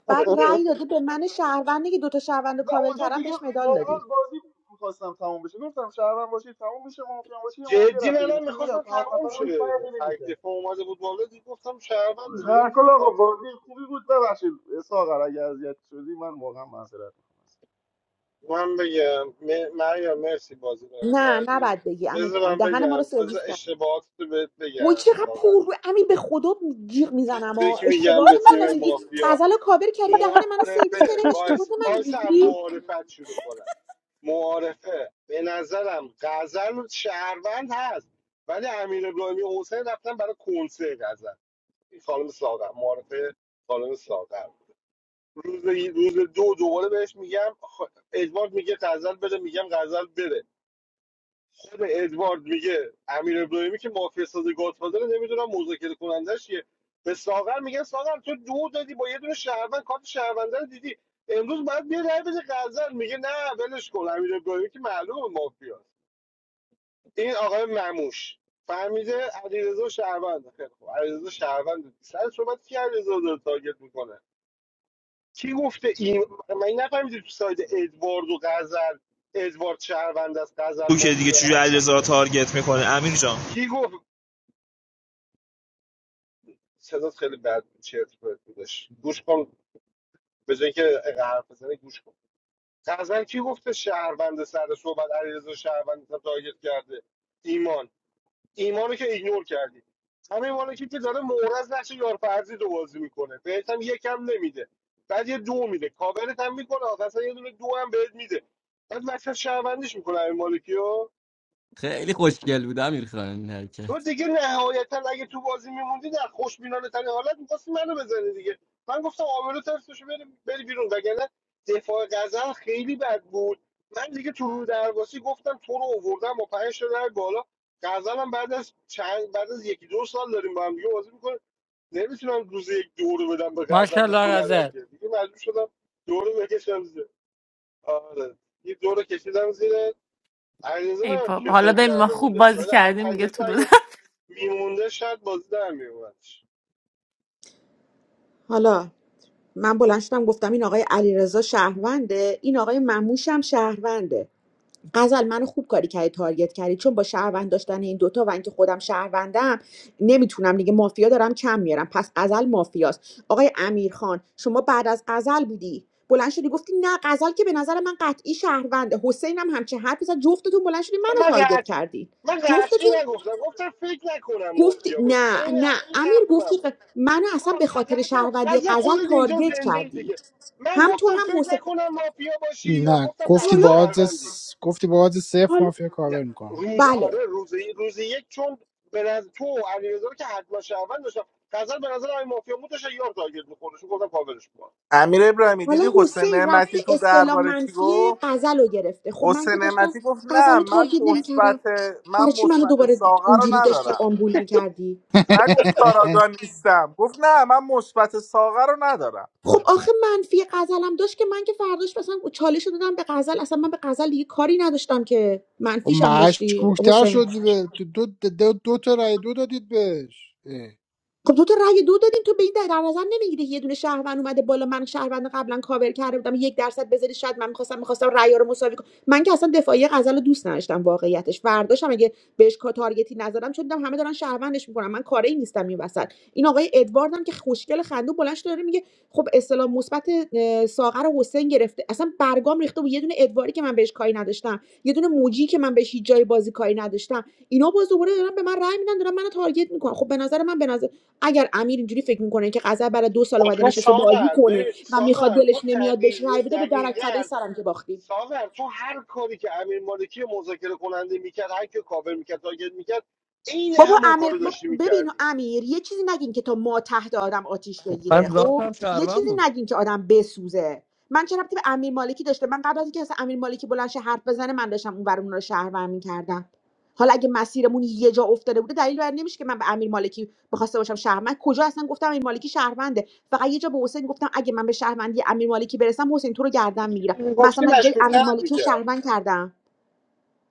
[SPEAKER 2] بعد رأی داده به من شهروندی که دوتا شهروند رو
[SPEAKER 9] نه
[SPEAKER 2] کاور
[SPEAKER 9] اونجا
[SPEAKER 2] کردم
[SPEAKER 9] دیگه
[SPEAKER 2] بهش مدال دادی
[SPEAKER 9] واقعا بازی میخواستم تموم بشه گفتم شهرم باشی تموم بشه مافیا هم یه مافیا
[SPEAKER 1] جدی
[SPEAKER 9] رفته دیگه
[SPEAKER 1] منم
[SPEAKER 9] چون میگم
[SPEAKER 1] میخواستم
[SPEAKER 9] تو هفت
[SPEAKER 1] تمام
[SPEAKER 9] نفر اون
[SPEAKER 1] شه
[SPEAKER 9] فرقی
[SPEAKER 1] تک دفعه
[SPEAKER 9] نمیکنه
[SPEAKER 1] اومده بود بالا دیگه گفتم
[SPEAKER 9] در کل
[SPEAKER 1] شهروند
[SPEAKER 9] آقا بازی خوبی بود ببخشید ساغر اگه اذیت شدی من واقعا معذرت
[SPEAKER 1] من بگم م- مریم مرسی بازی رو
[SPEAKER 2] نه
[SPEAKER 1] کردی
[SPEAKER 2] نباید بگی امیر
[SPEAKER 1] بذار
[SPEAKER 2] خان
[SPEAKER 1] من
[SPEAKER 2] دهن ما رو
[SPEAKER 1] بگم
[SPEAKER 2] سرویس
[SPEAKER 1] بذار
[SPEAKER 2] کرد
[SPEAKER 1] اشتباهات رو بهت
[SPEAKER 2] وای
[SPEAKER 1] بگم
[SPEAKER 2] چقدر پر
[SPEAKER 1] ساقت
[SPEAKER 2] رو امیر به خدا جیغ میزنم و
[SPEAKER 1] تبریک میگم
[SPEAKER 2] اشتباهات
[SPEAKER 1] به تیم
[SPEAKER 2] منو میگی
[SPEAKER 1] مافیا
[SPEAKER 2] غزل رو کاور کردی دهن منو سرویس کردی
[SPEAKER 1] معارفه
[SPEAKER 2] اشتباهات
[SPEAKER 1] وایس
[SPEAKER 2] منو
[SPEAKER 1] وایس هم
[SPEAKER 2] میگی
[SPEAKER 1] معارفت شروع کنم معارفه به نظرم غزل شهروند هست ولی امیر ابراهیمی و حسین رفتن برای کنسه غزل این خانم ساقر معارفه خانم ساقر روز روز دو دوباره بهش میگم خ- ادوارد میگه غزل بره میگم غزل بره خود ادوارد میگه امیر ابراهیمی که مافیا ساز گادفادر نمیدونم مذاکره کنندش یه به ساغر میگن ساغر تو دو دادی با یه دونه شهروند کارت شهرونده رو دیدی امروز باید بیا رای بده قزل میگه نه ولش کن امیر ابراهیمی که معلومه مافیاست این آقای مموش فهمیده علیرضا شهروند خیلی خوب علیرضا شهروند سر صحبت کی علیرضا داره تارگت میکنه کی گفته این من این نفهمیدم تو ساید ادوارد و غزل ادوارد شهروند است غزل
[SPEAKER 10] تو که دیگه
[SPEAKER 1] مافیا
[SPEAKER 10] چجوری
[SPEAKER 1] است
[SPEAKER 10] علیرضا رو تارگت میکنه
[SPEAKER 1] کی
[SPEAKER 10] امیر جان
[SPEAKER 1] کی گفت صدات خیلی بد بود، چرت و پرت بودش گوش کن به جای اینکه اینقدر حرف بزنی گوش کن غزل کی گفته شهروند سر صحبت علیرضا شهروند رو تارگت کرده ایمان ایمانو که ایگنور کردی همین مالا که داره مورز نقش یارفرزی رو بازی میکنه بهت هم یکم نمیده بعد یه دو میده کاورت هم میکنه آخه اصلا یه دونه دو هم بهت میده بعد وسط شهروندیش میکنه همین مالکی رو.
[SPEAKER 6] خیلی خوشگل بود امیر خان این
[SPEAKER 1] تو
[SPEAKER 6] حرکت
[SPEAKER 1] دیگه نهایتا اگه تو بازی میموندی در خوشبینانه ترین حالت میخواستی منو بزنی دیگه من گفتم آبرو ترس بشه بری, بری بیرون وگرنه دفاع غزل خیلی بد بود من دیگه تو رو درواسی گفتم تو رو آوردم با پنج تا در بالا غزل هم بعد از چند بعد از یکی دو سال داریم با هم دیگه بازی میکنه نمیتونم روز یک دورو بدم به غزل به
[SPEAKER 21] ماشاءالله
[SPEAKER 1] تو ندم
[SPEAKER 21] غزل
[SPEAKER 1] که دیگه مجبور شدم دورو بکشم زیر آره یه دورو کشیدم زیر علیرضا
[SPEAKER 14] ای
[SPEAKER 1] نمی‌دونم
[SPEAKER 14] بابا
[SPEAKER 1] کیو
[SPEAKER 14] حالا
[SPEAKER 1] سیو
[SPEAKER 14] ببین ما
[SPEAKER 1] کرده
[SPEAKER 14] خوب
[SPEAKER 1] بودش
[SPEAKER 14] بازی
[SPEAKER 1] ولی علی-
[SPEAKER 14] کردیم میگه تو
[SPEAKER 1] علیرضا
[SPEAKER 14] رو
[SPEAKER 1] میمونده شاید بازی در میومدش
[SPEAKER 2] حالا من بلند شدم گفتم این آقای علیرضا شهرونده این آقای مموش هم شهرونده غزل منو خوب کاری کردی تارگت کردی چون با شهروند داشتن این دوتا و اینکه خودم شهروندم نمیتونم دیگه مافیا دارم کم میارم پس غزل مافیاست آقای امیرخان شما بعد از غزل بودی بلند شدی گفتی نه غزل که به نظر من قطعی شهرونده حسین هم همچه حرفی زد جفتتون بلند شدی
[SPEAKER 1] خب
[SPEAKER 2] منو
[SPEAKER 1] من
[SPEAKER 2] تارگت
[SPEAKER 1] قطع
[SPEAKER 2] کردی
[SPEAKER 1] من قطعی
[SPEAKER 2] جفتتون
[SPEAKER 1] نگفتم گفتم فکر نکنم
[SPEAKER 2] گفتی
[SPEAKER 1] مافیا باشه
[SPEAKER 2] نه
[SPEAKER 1] عین
[SPEAKER 2] نه
[SPEAKER 1] همین
[SPEAKER 2] امیر
[SPEAKER 1] حرف من
[SPEAKER 2] گفتی
[SPEAKER 1] بود
[SPEAKER 2] ق- منو اصلا
[SPEAKER 1] آقا
[SPEAKER 2] به خاطر
[SPEAKER 1] قضیه
[SPEAKER 2] شهروندی
[SPEAKER 1] قضیه
[SPEAKER 2] غزل
[SPEAKER 1] خودت اینجا
[SPEAKER 2] تارگت
[SPEAKER 1] زنده ای
[SPEAKER 2] کردی
[SPEAKER 1] دیگه من
[SPEAKER 2] هم تو
[SPEAKER 1] گفتم
[SPEAKER 2] هم
[SPEAKER 1] فکر
[SPEAKER 2] حسین
[SPEAKER 1] نکنم مافیا باشی یا
[SPEAKER 3] نه
[SPEAKER 1] گفتم
[SPEAKER 3] گفتی
[SPEAKER 1] قطعی
[SPEAKER 2] حالا
[SPEAKER 3] با
[SPEAKER 1] شهروندی
[SPEAKER 3] آدرس گفتی با آدرس صفر
[SPEAKER 2] حالا
[SPEAKER 3] مافیا
[SPEAKER 1] نه
[SPEAKER 3] کاور میکنم
[SPEAKER 1] روز آره
[SPEAKER 2] بله
[SPEAKER 1] روز روز یک چون به نظر تو و علیرضا رو که حتما شهروند داشتم قزل به نظر این مافیا بود داشت یار تارگت می‌خوردش گفتم کاورش کن
[SPEAKER 4] امیر ابراهیمی
[SPEAKER 2] حالا
[SPEAKER 4] دیدی حسین
[SPEAKER 2] حسین رفته
[SPEAKER 4] نعمتی تو
[SPEAKER 2] اصطلاح
[SPEAKER 4] درباره چی
[SPEAKER 2] منفی
[SPEAKER 4] گفت
[SPEAKER 2] غزل رو گرفته خب من
[SPEAKER 4] حسین
[SPEAKER 2] که داشتم
[SPEAKER 4] نعمتی گفت
[SPEAKER 2] غزل
[SPEAKER 4] نه
[SPEAKER 2] رو
[SPEAKER 4] من
[SPEAKER 2] تارگت نمیکردم
[SPEAKER 4] مثبت من
[SPEAKER 2] برای چی منو
[SPEAKER 4] مثبت
[SPEAKER 2] دوباره
[SPEAKER 4] ساقه رو
[SPEAKER 2] اونجوری داشتی
[SPEAKER 4] ندارم
[SPEAKER 2] آمبول میکردی
[SPEAKER 4] نگفت کاراگاه نیستم گفت نه من مثبت ساقه رو ندارم
[SPEAKER 2] خب آخه منفی غزلم داشت که من که فرداش مثلا چالش رو دادم به غزل اصلا من به غزل دیگه کاری نداشتم که
[SPEAKER 3] خب
[SPEAKER 2] منفیشم داشتی
[SPEAKER 3] مشکوکتر
[SPEAKER 2] حسین
[SPEAKER 3] شدی به دو, دو, دو, دو تا رای دو دادید بهش اه،
[SPEAKER 2] خب تو تو رأی دو دادیم تو به این در نظر نمیگیری یه دونه شهروند اومده بالا من شهروند قبلا کاور کرده بودم یک درصد بذاری شاید من میخواستم میخواستم رأی رو مساوی کنم من که اصلا دفاعی غزل رو دوست نداشتم واقعیتش فرداشم اگه بهش کا- تارگتی نزدم چون دیدم همه دارن شهروندش میکنن من کاری نیستم این وسط این آقای ادوارد هم که خوشگل خندو بلند شده داره میگه خب اسلام مثبت اه، ساغر و حسین گرفته اصلا برگام ریخته بود یه دونه ادواری که من بهش کاری نداشتم یه دونه موجی که من بهش هیچ جای بازی کاری نداشتم اینا باز دوباره دارن به من رأی میدن دارن منو تارگت میکنن خب به نظر من به نظر اگر امیر اینجوری فکر میکنه که قذر برای دو سال اومده
[SPEAKER 1] آخه
[SPEAKER 2] نشسته بازی
[SPEAKER 1] ساغر
[SPEAKER 2] کنه
[SPEAKER 1] به
[SPEAKER 2] و میخواد
[SPEAKER 1] ساغر تو
[SPEAKER 2] دلش نمیاد بهش
[SPEAKER 1] دقیقه
[SPEAKER 2] رای بده به درک فدای
[SPEAKER 1] دقیقاً
[SPEAKER 2] سرم که باختیم
[SPEAKER 1] ساور تو هر کاری که امیر مالکی مذاکره کننده میکرد هر کی کاور میکرد تارگت میکرد عین
[SPEAKER 2] بابا
[SPEAKER 1] همون
[SPEAKER 2] امیر
[SPEAKER 1] کارو
[SPEAKER 2] بابا
[SPEAKER 1] داشتی
[SPEAKER 2] ببین
[SPEAKER 1] میکردی
[SPEAKER 2] امیر یه چیزی نگین که تا ما تحت آدم آتیش بگیره
[SPEAKER 6] پس ذات
[SPEAKER 2] خب
[SPEAKER 6] هم
[SPEAKER 2] یه
[SPEAKER 6] شهروند
[SPEAKER 2] چیزی
[SPEAKER 6] بود
[SPEAKER 2] نگین که آدم بسوزه من چه ربطی به امیر مالکی داشته من قبل از اینکه اصلا امیر مالکی بلند شه حرف بزنه من داشتم اون اون رو شهروند میکردم حالا اگه مسیرمون یه جا افتاده بوده دلیل بر این نمیشه که من به امیر مالکی بخواسته باشم شهروند من کجا اصلا گفتم امیر مالکی شهرونده فقط یه جا به حسین گفتم اگه من به شهروندی امیر مالکی برسم حسین تو رو گردن میگیرم مثلا
[SPEAKER 1] میگفتی
[SPEAKER 2] من جای امیر
[SPEAKER 1] مشکوکترت
[SPEAKER 2] مالکی رو
[SPEAKER 1] میکرد
[SPEAKER 2] شهروند کردم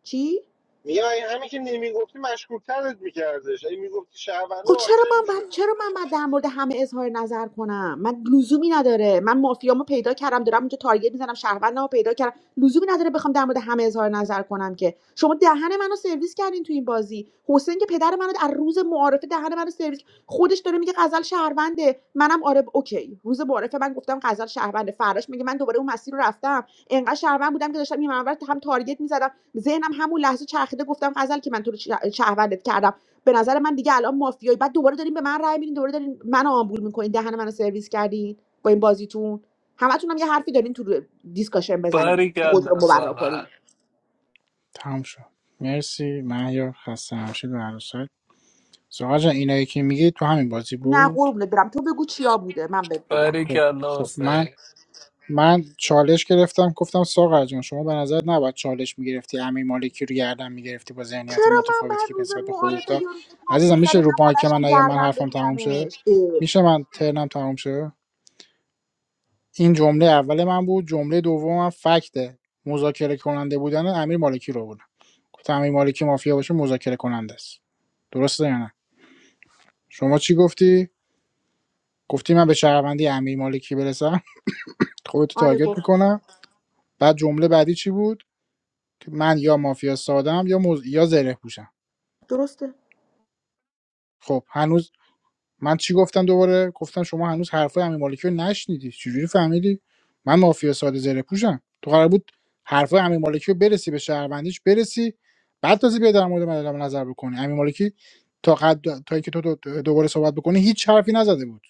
[SPEAKER 2] چی
[SPEAKER 1] میگم اگه همین که نمیگفتی مشکوکترت میکردش اگه میگفتی شهرونده
[SPEAKER 2] خب چرا
[SPEAKER 1] آنچه
[SPEAKER 2] من بعد
[SPEAKER 1] میشدی
[SPEAKER 2] چرا من بعد در مورد همه اظهار نظر کنم من لزومی نداره من مافیامو پیدا کردم دارم اونجا تارگت میزنم شهروندمو پیدا کردم لزومی نداره بخوام در مورد همه اظهار نظر کنم که شما دهن منو سرویس کردین تو این بازی حسین که پدر منو از روز معارفه دهن منو سرویس خودش داره میگه غزل شهرونده منم آره ب- اوکی روز معارفه من گفتم غزل شهرونده فراش میگه من دوباره اون مسیر رو رفتم انقدر شهروند بودم که داشتم این منور هم تارگت میزدم ذهنم همون لحظه چرخیده گفتم غزل که من تو رو شهروندت کردم به نظر من دیگه الان مافیایی بعد دوباره دارین به من رأی میدین دوباره دارین منو آمبول میکنین دهن منو سرویس کردین با این بازیتون همتون هم یه حرفی دارین تو دیسکاشن بزنین خود رو
[SPEAKER 22] perikeyala,
[SPEAKER 2] مبرا
[SPEAKER 22] sir,
[SPEAKER 2] کنین
[SPEAKER 3] تموم شد مرسی مهیار خسته نباشید به هر سایت ساقا جان اینایی که میگی تو همین بازی
[SPEAKER 2] نه
[SPEAKER 3] بود
[SPEAKER 2] قربونت برم تو بگو چیا بوده من بهت بگم
[SPEAKER 3] خب
[SPEAKER 22] perikeyala,
[SPEAKER 3] خب من
[SPEAKER 22] sir.
[SPEAKER 3] من چالش گرفتم گفتم ساقر جان شما به نظر نباید چالش میگرفتی امیر مالکی رو گردن میگرفتی با ذهنیت
[SPEAKER 2] چرا من
[SPEAKER 3] متفاوتی
[SPEAKER 2] بعد
[SPEAKER 3] که
[SPEAKER 2] روز
[SPEAKER 3] نسبت به خودت
[SPEAKER 2] معارفه
[SPEAKER 3] داشت.
[SPEAKER 2] یا روز ترکیه
[SPEAKER 3] عزیزم میشه
[SPEAKER 2] زده من
[SPEAKER 3] رو که من
[SPEAKER 2] بلشم
[SPEAKER 3] یا من
[SPEAKER 2] گردم
[SPEAKER 3] حرفم تموم شه
[SPEAKER 2] بگیرمش اه.
[SPEAKER 3] میشه من ترنم تموم شه این جمله اول من بود جمله دومم فکت مذاکره کننده بودن امیر مالکی رو بودم گفتم امیر مالکی مافیا باشه مذاکره کننده است درسته یا نه شما چی گفتی گفتی من به شهروندی امیر مالکی برسم خودتو
[SPEAKER 2] آره
[SPEAKER 3] تارگت
[SPEAKER 2] گفتم
[SPEAKER 3] میکنم بعد جمله بعدی چی بود که من یا مافیا سادم یا مز... یا زره پوشم
[SPEAKER 2] درسته
[SPEAKER 3] خب هنوز من چی گفتم دوباره گفتم شما هنوز حرفای امیر مالکی رو نشنیدی چجوری فهمیدی من مافیا ساده زره پوشم تو قرار بود حرفای امیر مالکی رو برسی به شهروندیش برسی بعد تازه بیا در مورد من اعلام نظر بکنی امیر مالکی تا قد تا اینکه تو دوباره صحبت بکنی هیچ حرفی نزده بود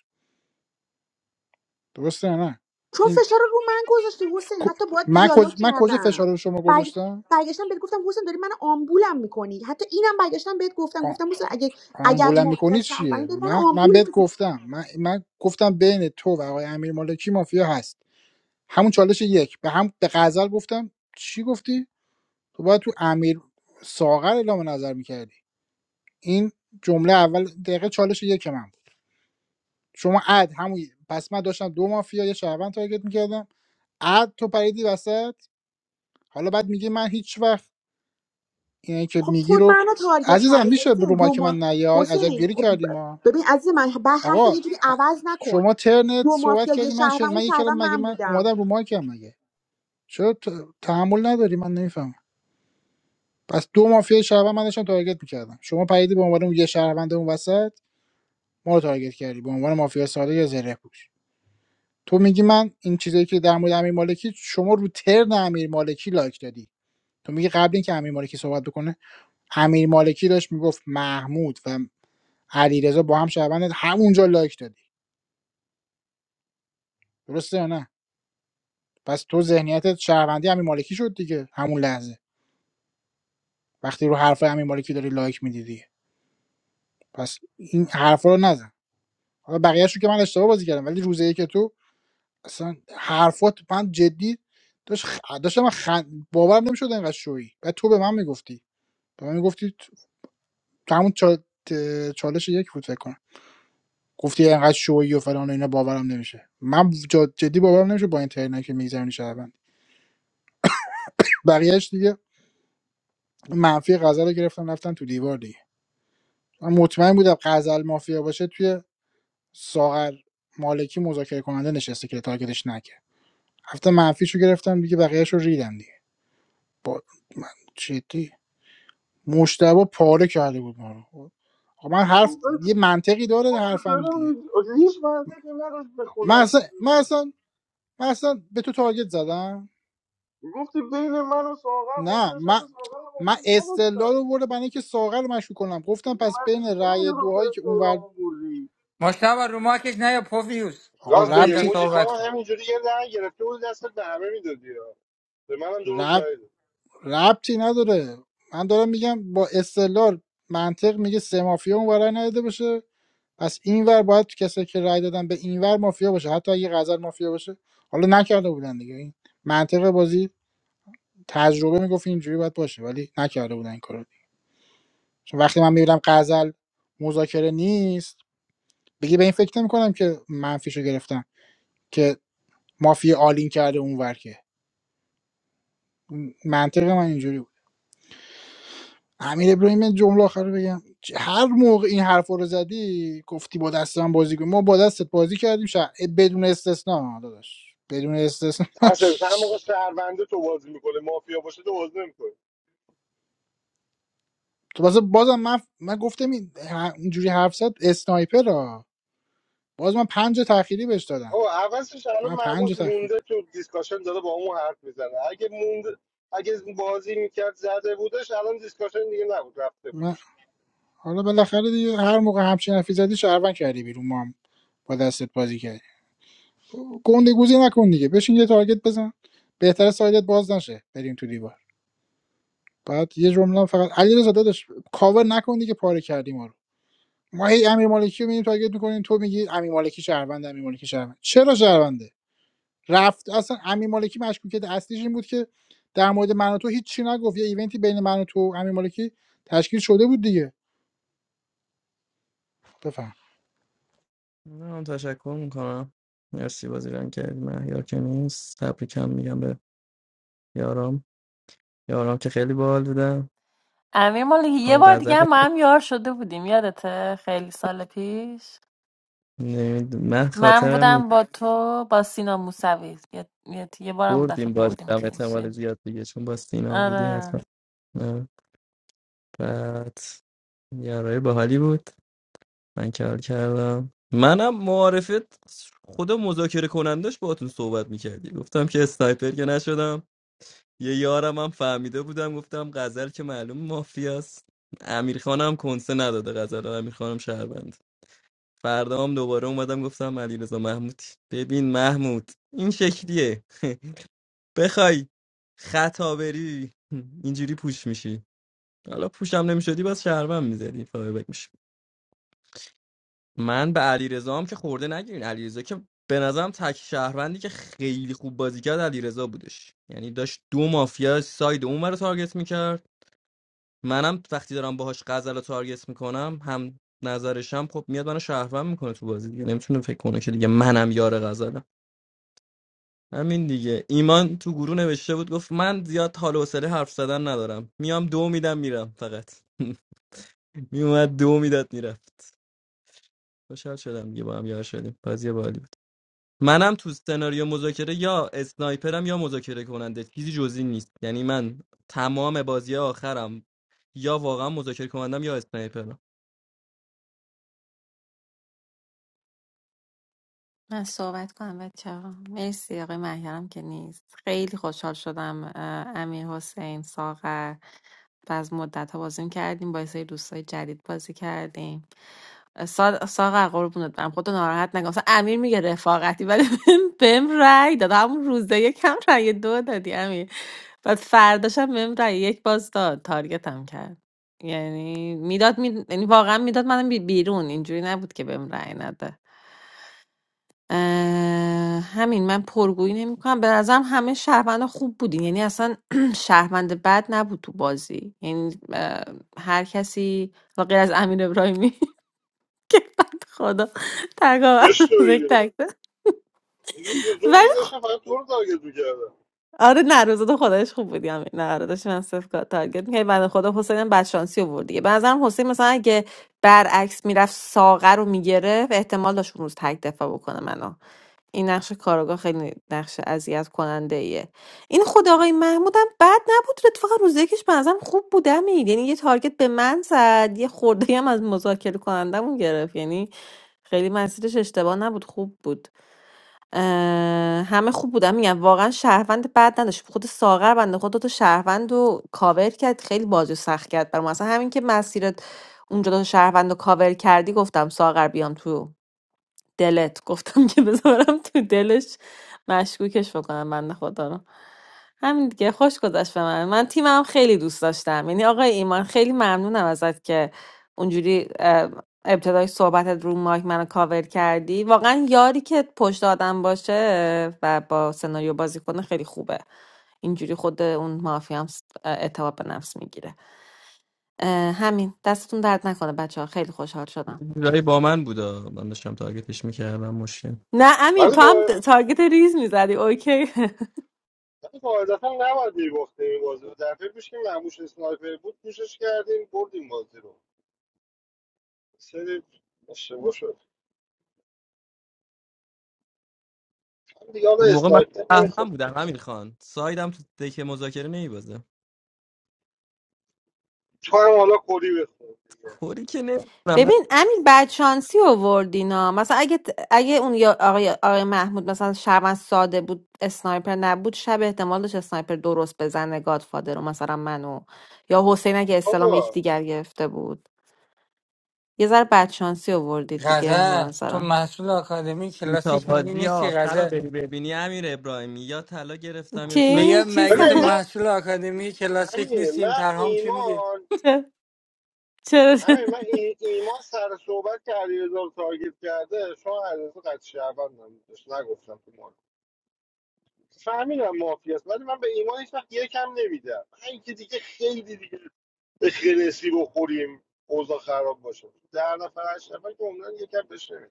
[SPEAKER 3] درسته یا نه
[SPEAKER 2] چون
[SPEAKER 3] این
[SPEAKER 2] فشار رو من گذاشتی حسین حتی باید
[SPEAKER 3] من
[SPEAKER 2] دیالوگ
[SPEAKER 3] کجا من کجا
[SPEAKER 2] کردم
[SPEAKER 3] فشار رو شما
[SPEAKER 2] برگ...
[SPEAKER 3] گذاشتم
[SPEAKER 2] برگشتم بهت گفتم حسین داری من آمبولم میکنی حتی اینم برگشتم بهت گفتم
[SPEAKER 3] آ-
[SPEAKER 2] گفتم حسین اگه اگر
[SPEAKER 3] آمبولم
[SPEAKER 2] ما اگر
[SPEAKER 3] میکنی
[SPEAKER 2] شهروندی
[SPEAKER 3] چیه
[SPEAKER 2] داری من
[SPEAKER 3] من من
[SPEAKER 2] آمبول
[SPEAKER 3] بهت
[SPEAKER 2] میکنی
[SPEAKER 3] گفتم من من گفتم بین تو و آقای امیر مالکی مافیا هست همون چالش یک به هم به غزل گفتم چی گفتی تو باید تو امیر ساغر اعلام نظر میکردی این جمله اول دقیقه چالش یک من بود شما اد همون پس من داشتم دو مافیا یه شهروند تارگت میکردم اد تو پریدی وسط حالا بعد میگی من هیچ وقت اینه که
[SPEAKER 2] خب
[SPEAKER 3] میگی
[SPEAKER 2] تو
[SPEAKER 3] رو
[SPEAKER 2] منو تارگت
[SPEAKER 3] عزیزم
[SPEAKER 2] کردی
[SPEAKER 3] میشه به
[SPEAKER 2] حسین
[SPEAKER 3] روما
[SPEAKER 2] دو
[SPEAKER 3] که من
[SPEAKER 2] ما
[SPEAKER 3] نیای عجب
[SPEAKER 2] حسین
[SPEAKER 3] گیری
[SPEAKER 2] خب
[SPEAKER 3] کردیم ما
[SPEAKER 2] ب- ببین عزیز من بر حرف
[SPEAKER 3] آقا
[SPEAKER 2] یه جوری
[SPEAKER 3] ه-
[SPEAKER 2] عوض نکن
[SPEAKER 3] شما ترنت
[SPEAKER 2] دو
[SPEAKER 3] صحبت
[SPEAKER 2] مافیا یه
[SPEAKER 3] کردی من
[SPEAKER 2] شهروند
[SPEAKER 3] شن...
[SPEAKER 2] اون
[SPEAKER 3] من یه
[SPEAKER 2] شهروند
[SPEAKER 3] کلام مگه
[SPEAKER 2] من
[SPEAKER 3] من
[SPEAKER 2] بودم
[SPEAKER 3] اومدم رو مایکم مگه چرا ت- تحمل نداری من نمیفهمم پس دو مافیا شهروند من داشتم تارگت میکردم شما پریدی به عنوان اون یه شهروند اون وسط ما رو تارگت کردی به عنوان مافیا ساده یا زره پوش تو میگی من این چیزایی که در مورد امیر مالکی شما رو ترن امیر مالکی لایک دادی تو میگی قبل اینکه امیر مالکی صحبت بکنه امیر مالکی داشت میگفت محمود و علیرضا با هم شهروند همونجا لایک دادی درسته یا نه پس تو ذهنیتت شهروندی امیر مالکی شد دیگه همون لحظه وقتی رو حرف امیر مالکی داری لایک میدی دیگه پس این حرفا رو نزن حالا بقیه‌اشو که من اشتباه بازی کردم ولی روزه ای که تو اصلا حرفات من جدی داشت خ... داشتم من خن... باورم نمیشد اینقدر شویی و تو به من میگفتی به من میگفتی تو تو همون چال... ت- چالش یک بود فکر کنم گفتی اینقدر شویی و فلان و اینا باورم نمیشه من جا- جدی باورم نمیشه با این ترینایی که میگذرونی شهروند بقیهش دیگه منفی غزل رو گرفتم رفتن تو دیوار دیگه من مطمئن بودم غزل مافیا باشه توی ساغر مالکی مذاکره کننده نشسته که تارگتش نکرد هفته منفیشو گرفتم دیگه بقیه‌اشو ریدم دیگه. من جدی مشتبه پاره کرده بود ما رو خب. آقا من حرف
[SPEAKER 9] می‌خوام. آخه
[SPEAKER 3] یه منطقی داره حرفم دیگه
[SPEAKER 9] داریم داریم هیچ منطقی نداشت به
[SPEAKER 3] من اصلا
[SPEAKER 9] خدا
[SPEAKER 3] من اصلا, من اصلا به تو تارگت زدم
[SPEAKER 9] گفتی بین من و ساغر
[SPEAKER 3] نه
[SPEAKER 9] مافیا
[SPEAKER 3] من
[SPEAKER 9] نشسته ساغر رو
[SPEAKER 3] من
[SPEAKER 9] مافیا
[SPEAKER 3] استدلال
[SPEAKER 9] نداشتم
[SPEAKER 3] رو برده برای اینکه ساغر رو مشکوک کنم گفتم
[SPEAKER 9] دیگه
[SPEAKER 3] پس
[SPEAKER 9] من
[SPEAKER 3] بین رأی
[SPEAKER 9] نمیدونم تو
[SPEAKER 3] دوهایی که اونور
[SPEAKER 9] استعلامو بردی
[SPEAKER 21] مشتبه رو ماکش نه یا پوفیوس
[SPEAKER 3] آقا
[SPEAKER 1] راست
[SPEAKER 21] حسین
[SPEAKER 1] میگه
[SPEAKER 21] جان
[SPEAKER 3] ربطی
[SPEAKER 1] موجی تو
[SPEAKER 21] صحبت
[SPEAKER 1] هم
[SPEAKER 21] کن
[SPEAKER 1] همینجوری یه رنگ گرفته بود دستت به همه میدادی ها به منم دو روز
[SPEAKER 3] رب...
[SPEAKER 1] دارید
[SPEAKER 3] ربطی نداره من دارم میگم با استدلال منطق میگه سه مافیا اونور رأی نداده باشه پس اینور باید تو کسایی که رای دادن به اینور مافیا باشه حتی اگه غزل مافیا باشه حالا نکرده بودن دیگه این منطق بازی تجربه میگفت اینجوری باید باشه ولی نکرده بودن این کارو دیگه. چون وقتی من میبینم غزل مذاکره نیست دیگه به این فکر نمیکنم که منفیشو گرفتم که مافیا آلین کرده اونور که منطق من اینجوری بود امیر ابراهیم من جمله آخر رو بگم هر موقع این حرف رو زدی گفتی با دست من بازی کن ما با دستت بازی کردیم شا... بدون استثنا داداش بدون استثنا
[SPEAKER 1] اصلا هر موقع شهرونده تو بازی میکنه مافیا باشه تو بازی نمیکنه
[SPEAKER 3] تو بازم بازم من من گفتم این ه- اینجوری حرف زد اسنایپر ها باز من پنج تأخیری بهش دادم
[SPEAKER 1] آقا عوضش الان
[SPEAKER 3] من پنج
[SPEAKER 1] مرموش
[SPEAKER 3] تأخیر
[SPEAKER 1] مونده تو دیسکاشن داره با اون حرف میزنه اگه موند اگه بازی میکرد زده بودش الان دیسکاشن دیگه نبود رفته
[SPEAKER 3] من
[SPEAKER 1] بودش
[SPEAKER 3] حالا بالاخره دیگه هر موقع همچین حرفی زدی شهروند کردی بیرون ما هم با دستت بازی کردیم گنده گوزی نکن دیگه بشین یه تارگت بزن بهتره سایدت باز نشه بریم تو دیوار بعد یه جمله هم فقط علیرضا داداش کاور نکن دیگه پاره کردی ما رو ما هی امیر مالکی رو می‌بینیم تارگت میکنیم تو میگی امیر مالکی شهروند امیر مالکی شهروند چرا شهرونده رفت اصلا امیر مالکی مشکوکیت اصلیش این بود که در مورد من و تو هیچ چی نگفت یه ایونتی بین من و تو و امیر مالکی تشکیل شده بود دیگه بفهم
[SPEAKER 6] آه، مهیار که نیست تبریکم میگم به یارام یارام که خیلی باحال بودم
[SPEAKER 14] امیر مالکی یه
[SPEAKER 6] هم
[SPEAKER 14] بار دیگه
[SPEAKER 6] غزل
[SPEAKER 14] هم ما هم یار شده بودیم یادته خیلی سال پیش
[SPEAKER 6] نمید من
[SPEAKER 14] من
[SPEAKER 6] خاطرم
[SPEAKER 14] بودم
[SPEAKER 6] نیست
[SPEAKER 14] با تو با سینا موسوی یه, یه, یه بارم اون
[SPEAKER 6] بردیم
[SPEAKER 14] دفعه
[SPEAKER 6] باز
[SPEAKER 14] بردیم
[SPEAKER 6] هم احتمال
[SPEAKER 14] کلینشی
[SPEAKER 6] زیاد دیگه چون با سینا بودیم
[SPEAKER 14] آره
[SPEAKER 6] حتما نه، بعد یارای باحالی بود من کار کردم منم معارفت خدا مذاکره کنندش باهاتون صحبت میکردی گفتم که اسنایپر که نشدم یه یارم هم فهمیده بودم گفتم غزل که معلوم مافیاست امیر خانم کنسه نداده غزل رو، امیر خانم شهروند فردا هم دوباره اومدم گفتم علیرضا محمودی ببین محمود این شکلیه بخوای خطا بری اینجوری پوش میشی حالا پوشم نمیشدی بس شهروند میزدی فایبک من به علیرضا هم که خورده نگیرین علیرضا که به نظرم تک شهروندی که خیلی خوب بازی کرد علیرضا بودش یعنی داشت دو مافیا ساید اون رو تارگت میکرد منم وقتی دارم باهاش غزل رو تارگت میکنم هم نظرشم خب میاد منو شهروند میکنه تو بازی دیگه نمیتونه فکر کنه که دیگه منم یار غزلم همین دیگه ایمان تو گروه نوشته بود گفت من زیاد حال و حوصله حرف زدن ندارم میام دو میدم میرم فقط میومد دو میداد میرفت خوشحال شدم دیگه با هم یار شدیم بازی بالی بود. منم تو سناریو مذاکره یا اسنایپرم یا مذاکره کننده چیزی جزی نیست یعنی من تمام بازی آخرم یا واقعا مذاکره کنندم یا اسنایپرم
[SPEAKER 14] من صحبت کنم بچه ها مرسی آقای مهیارم که نیست خیلی خوشحال شدم اه، امیر حسین ساغر و از مدت ها بازی کردیم با یه سری دوستای جدید بازی کردیم سا- ساغر قربونت برم خودتو ناراحت نکن مثلا امیر میگه رفاقتی ولی بهم بهم رأی داد همون روزه یکم رأی دو دادی امیر بعد فرداشم بهم رأی یک باز داد تارگتم کرد یعنی میداد می... یعنی واقعا میداد منم بی- بیرون اینجوری نبود که بهم رأی نده اه، همین من پرگویی نمیکنم به نظرم همه شهروند خوب بودین یعنی اصلا شهروند بد نبود تو بازی یعنی اه، هر کسی و غیر از امیر ابراهیمی بعد خدا تکاور
[SPEAKER 1] چش تو
[SPEAKER 14] روز یک
[SPEAKER 1] بگیره
[SPEAKER 14] تک داد.
[SPEAKER 1] این روز دو
[SPEAKER 14] ولی
[SPEAKER 1] دیگه
[SPEAKER 14] خ-
[SPEAKER 1] داشتم فقط تو رو تارگت میکردم
[SPEAKER 14] آره نه روز دو خدایش خوب بودی همین نه آره داشتی من صرف کا- تارگت می‌کردی بنده خدا حسین هم بدشانسی آورد دیگه به نظرم حسین مثلا اگه برعکس میرفت ساغر رو میگرفت احتمال داشت اون روز تک دفاع بکنه منو این نقش کاراگاه خیلی نقش اذیت کننده ایه این خود آقای محمود هم بد نبود اتفاقا روز یکیش به نظرم خوب بود امیر یعنی یه تارگت به من زد یه خورده هم از مذاکره کنندمون گرفت یعنی خیلی مسیرش اشتباه نبود خوب بود اه، همه خوب بودن میگم واقعا شهروند بد نداشت خود ساغر بنده خود دو شهروند رو کاور کرد خیلی بازی رو سخت کرد برام اصلا همین که مسیرت اونجا دو تا شهروند رو کاور کردی گفتم ساغر بیام تو دلت گفتم که بذارم تو دلش مشکوکش بکنم من خدا رو همین دیگه خوش گذشت به من من تیمم خیلی دوست داشتم یعنی آقای ایمان خیلی ممنونم ازت که اونجوری اه، ابتدای صحبتت رو مایک منو کاور کردی واقعا یاری که پشت آدم باشه و با سناریو بازی کنه خیلی خوبه اینجوری خود اون مافیا هم س- اعتماد به نفس میگیره همین دستتون درد نکنه بچه ها خیلی خوشحال شدم
[SPEAKER 6] رای با من بودا من داشتم تارگتش میکردم مشکل
[SPEAKER 14] نه امیر
[SPEAKER 1] ولی
[SPEAKER 14] تو هم
[SPEAKER 1] با
[SPEAKER 14] تارگت ریز میزدی اوکی
[SPEAKER 1] ولی قاعدتا نباید میباختیم این بازی رو دفعه پیش که مرموش اسنایپر بود پوشش کردیم بردیم بازی رو سری اشتباه شد من دیگه حالا
[SPEAKER 6] اون موقع من
[SPEAKER 1] اسنایپر
[SPEAKER 6] فهمم
[SPEAKER 1] نمیخواد
[SPEAKER 6] بودم همین خان سایدم تو دک مذاکره نیبازه
[SPEAKER 1] تو هم حالا کلی بخور دیگه
[SPEAKER 6] کوری که نمیدونم من
[SPEAKER 14] ببین امیر بعد شانسی اووردینا مثلا اگه اگه اون یا آقای, آقای محمود مثلا شرمن ساده بود اسنایپر نبود شب احتمال داشت اسنایپر درست بزنه گادفادر رو مثلا منو یا حسین اگه اسلام
[SPEAKER 1] آقا
[SPEAKER 14] یکدیگر گرفته بود یه ذره بعد شانسی اووردید دیگه به
[SPEAKER 21] غزل تو
[SPEAKER 14] نظرم
[SPEAKER 21] محصول آکادمی
[SPEAKER 6] تا
[SPEAKER 21] کلاسیک مگه
[SPEAKER 6] بازی
[SPEAKER 21] نیستی
[SPEAKER 6] آخر رو
[SPEAKER 21] غزل
[SPEAKER 6] بری ببینی امیر ابراهیمی یا طلا گرفتم یا
[SPEAKER 14] چی
[SPEAKER 6] سایت
[SPEAKER 21] میگم
[SPEAKER 14] چی
[SPEAKER 21] مگه
[SPEAKER 1] ببین
[SPEAKER 21] تو
[SPEAKER 14] سن-
[SPEAKER 1] من
[SPEAKER 21] محصول آکادمی کلاسیک
[SPEAKER 1] همین
[SPEAKER 21] نیستی این
[SPEAKER 1] من
[SPEAKER 21] پرهام چی میگه
[SPEAKER 1] ایمان
[SPEAKER 14] چه؟ چرا
[SPEAKER 1] همین من ای- ایمان سر صحبت که علیرضا رو تارگت کرده شما علیرضا قد شهروند هم بودش. نگفتم تو مارک فهمیدم مافیا است ولی من به ایمان هیچ وقت یکم نمیدم من که دیگه خیلی دیگه به خرسی بخوریم اوضاع خراب باشه در نفر هشت نفر که عمرن یکم بشه نمیدم.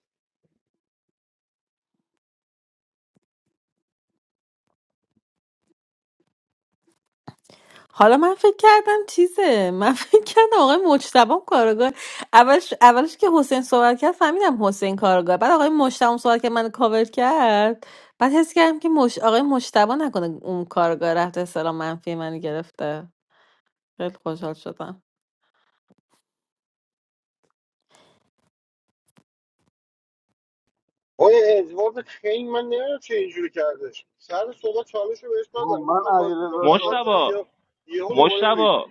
[SPEAKER 14] حالا من فکر کردم چیزه من فکر کردم آقای مجتبی هم کارگاه اولش اولش که حسین صحبت کرد فهمیدم حسین کارگاه بعد آقای مجتبی هم صحبت که من کاور کرد بعد حس کردم که مش... آقای مجتبی نکنه اون کارگاه رفته سلام منفی من گرفته خیلی خوشحال شدم
[SPEAKER 1] آیا ادوارد خیلی من نمیدونم چه اینجوری کردش سر صحبت چالش رو بهش
[SPEAKER 9] آقا
[SPEAKER 1] دادم
[SPEAKER 9] من
[SPEAKER 1] گفتم بازی میکنم
[SPEAKER 9] علیرضا
[SPEAKER 1] غزل
[SPEAKER 9] شاد شد
[SPEAKER 1] بره
[SPEAKER 10] مشتبا
[SPEAKER 1] یه یهو دوباره
[SPEAKER 10] مشتبا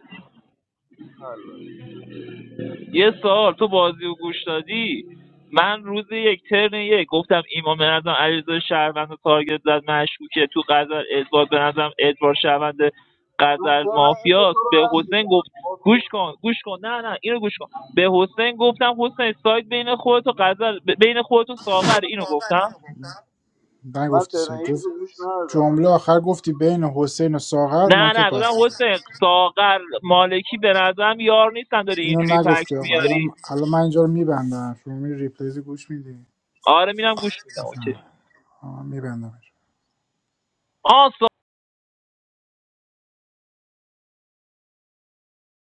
[SPEAKER 9] نه البته
[SPEAKER 10] یه سال تو بازی و گوش دادی من روز یک ترن یک گفتم ایمان به نظرم علیرضا شهروند و تارگت زد مشکوکه تو غزل ادوارد به نظرم ادوارد شهروند
[SPEAKER 9] من
[SPEAKER 10] غزل
[SPEAKER 9] ترن یک تو
[SPEAKER 10] مافیاست
[SPEAKER 9] رو
[SPEAKER 10] به حسین
[SPEAKER 9] نشیدم
[SPEAKER 10] گفت
[SPEAKER 9] باز
[SPEAKER 10] گوش
[SPEAKER 9] خوردم
[SPEAKER 10] کن گوش کن نه نه اینو گوش کن به حسین گفتم حسین سایت بین خودت و قزل ب- بین خودت و ساغر اینو گفتم
[SPEAKER 9] من
[SPEAKER 3] نگفتی سر
[SPEAKER 9] ترن یک
[SPEAKER 3] گفت
[SPEAKER 9] تو گوش ندادم
[SPEAKER 3] جمله آخر گفتی بین حسین و ساغر
[SPEAKER 10] نه
[SPEAKER 3] مارکت
[SPEAKER 10] نه گفتم
[SPEAKER 3] بسته شد
[SPEAKER 10] حسین ساغر مالکی به نظرم یار نیستن داری
[SPEAKER 3] اینو
[SPEAKER 10] اینجوری فکت
[SPEAKER 3] نگفتی آقا الان
[SPEAKER 10] میاری
[SPEAKER 3] الان من اینجا رو میبندم شما می ریپلیز گوش میدی
[SPEAKER 10] آره میرم گوش میدم اوکی
[SPEAKER 3] میبندم
[SPEAKER 10] آ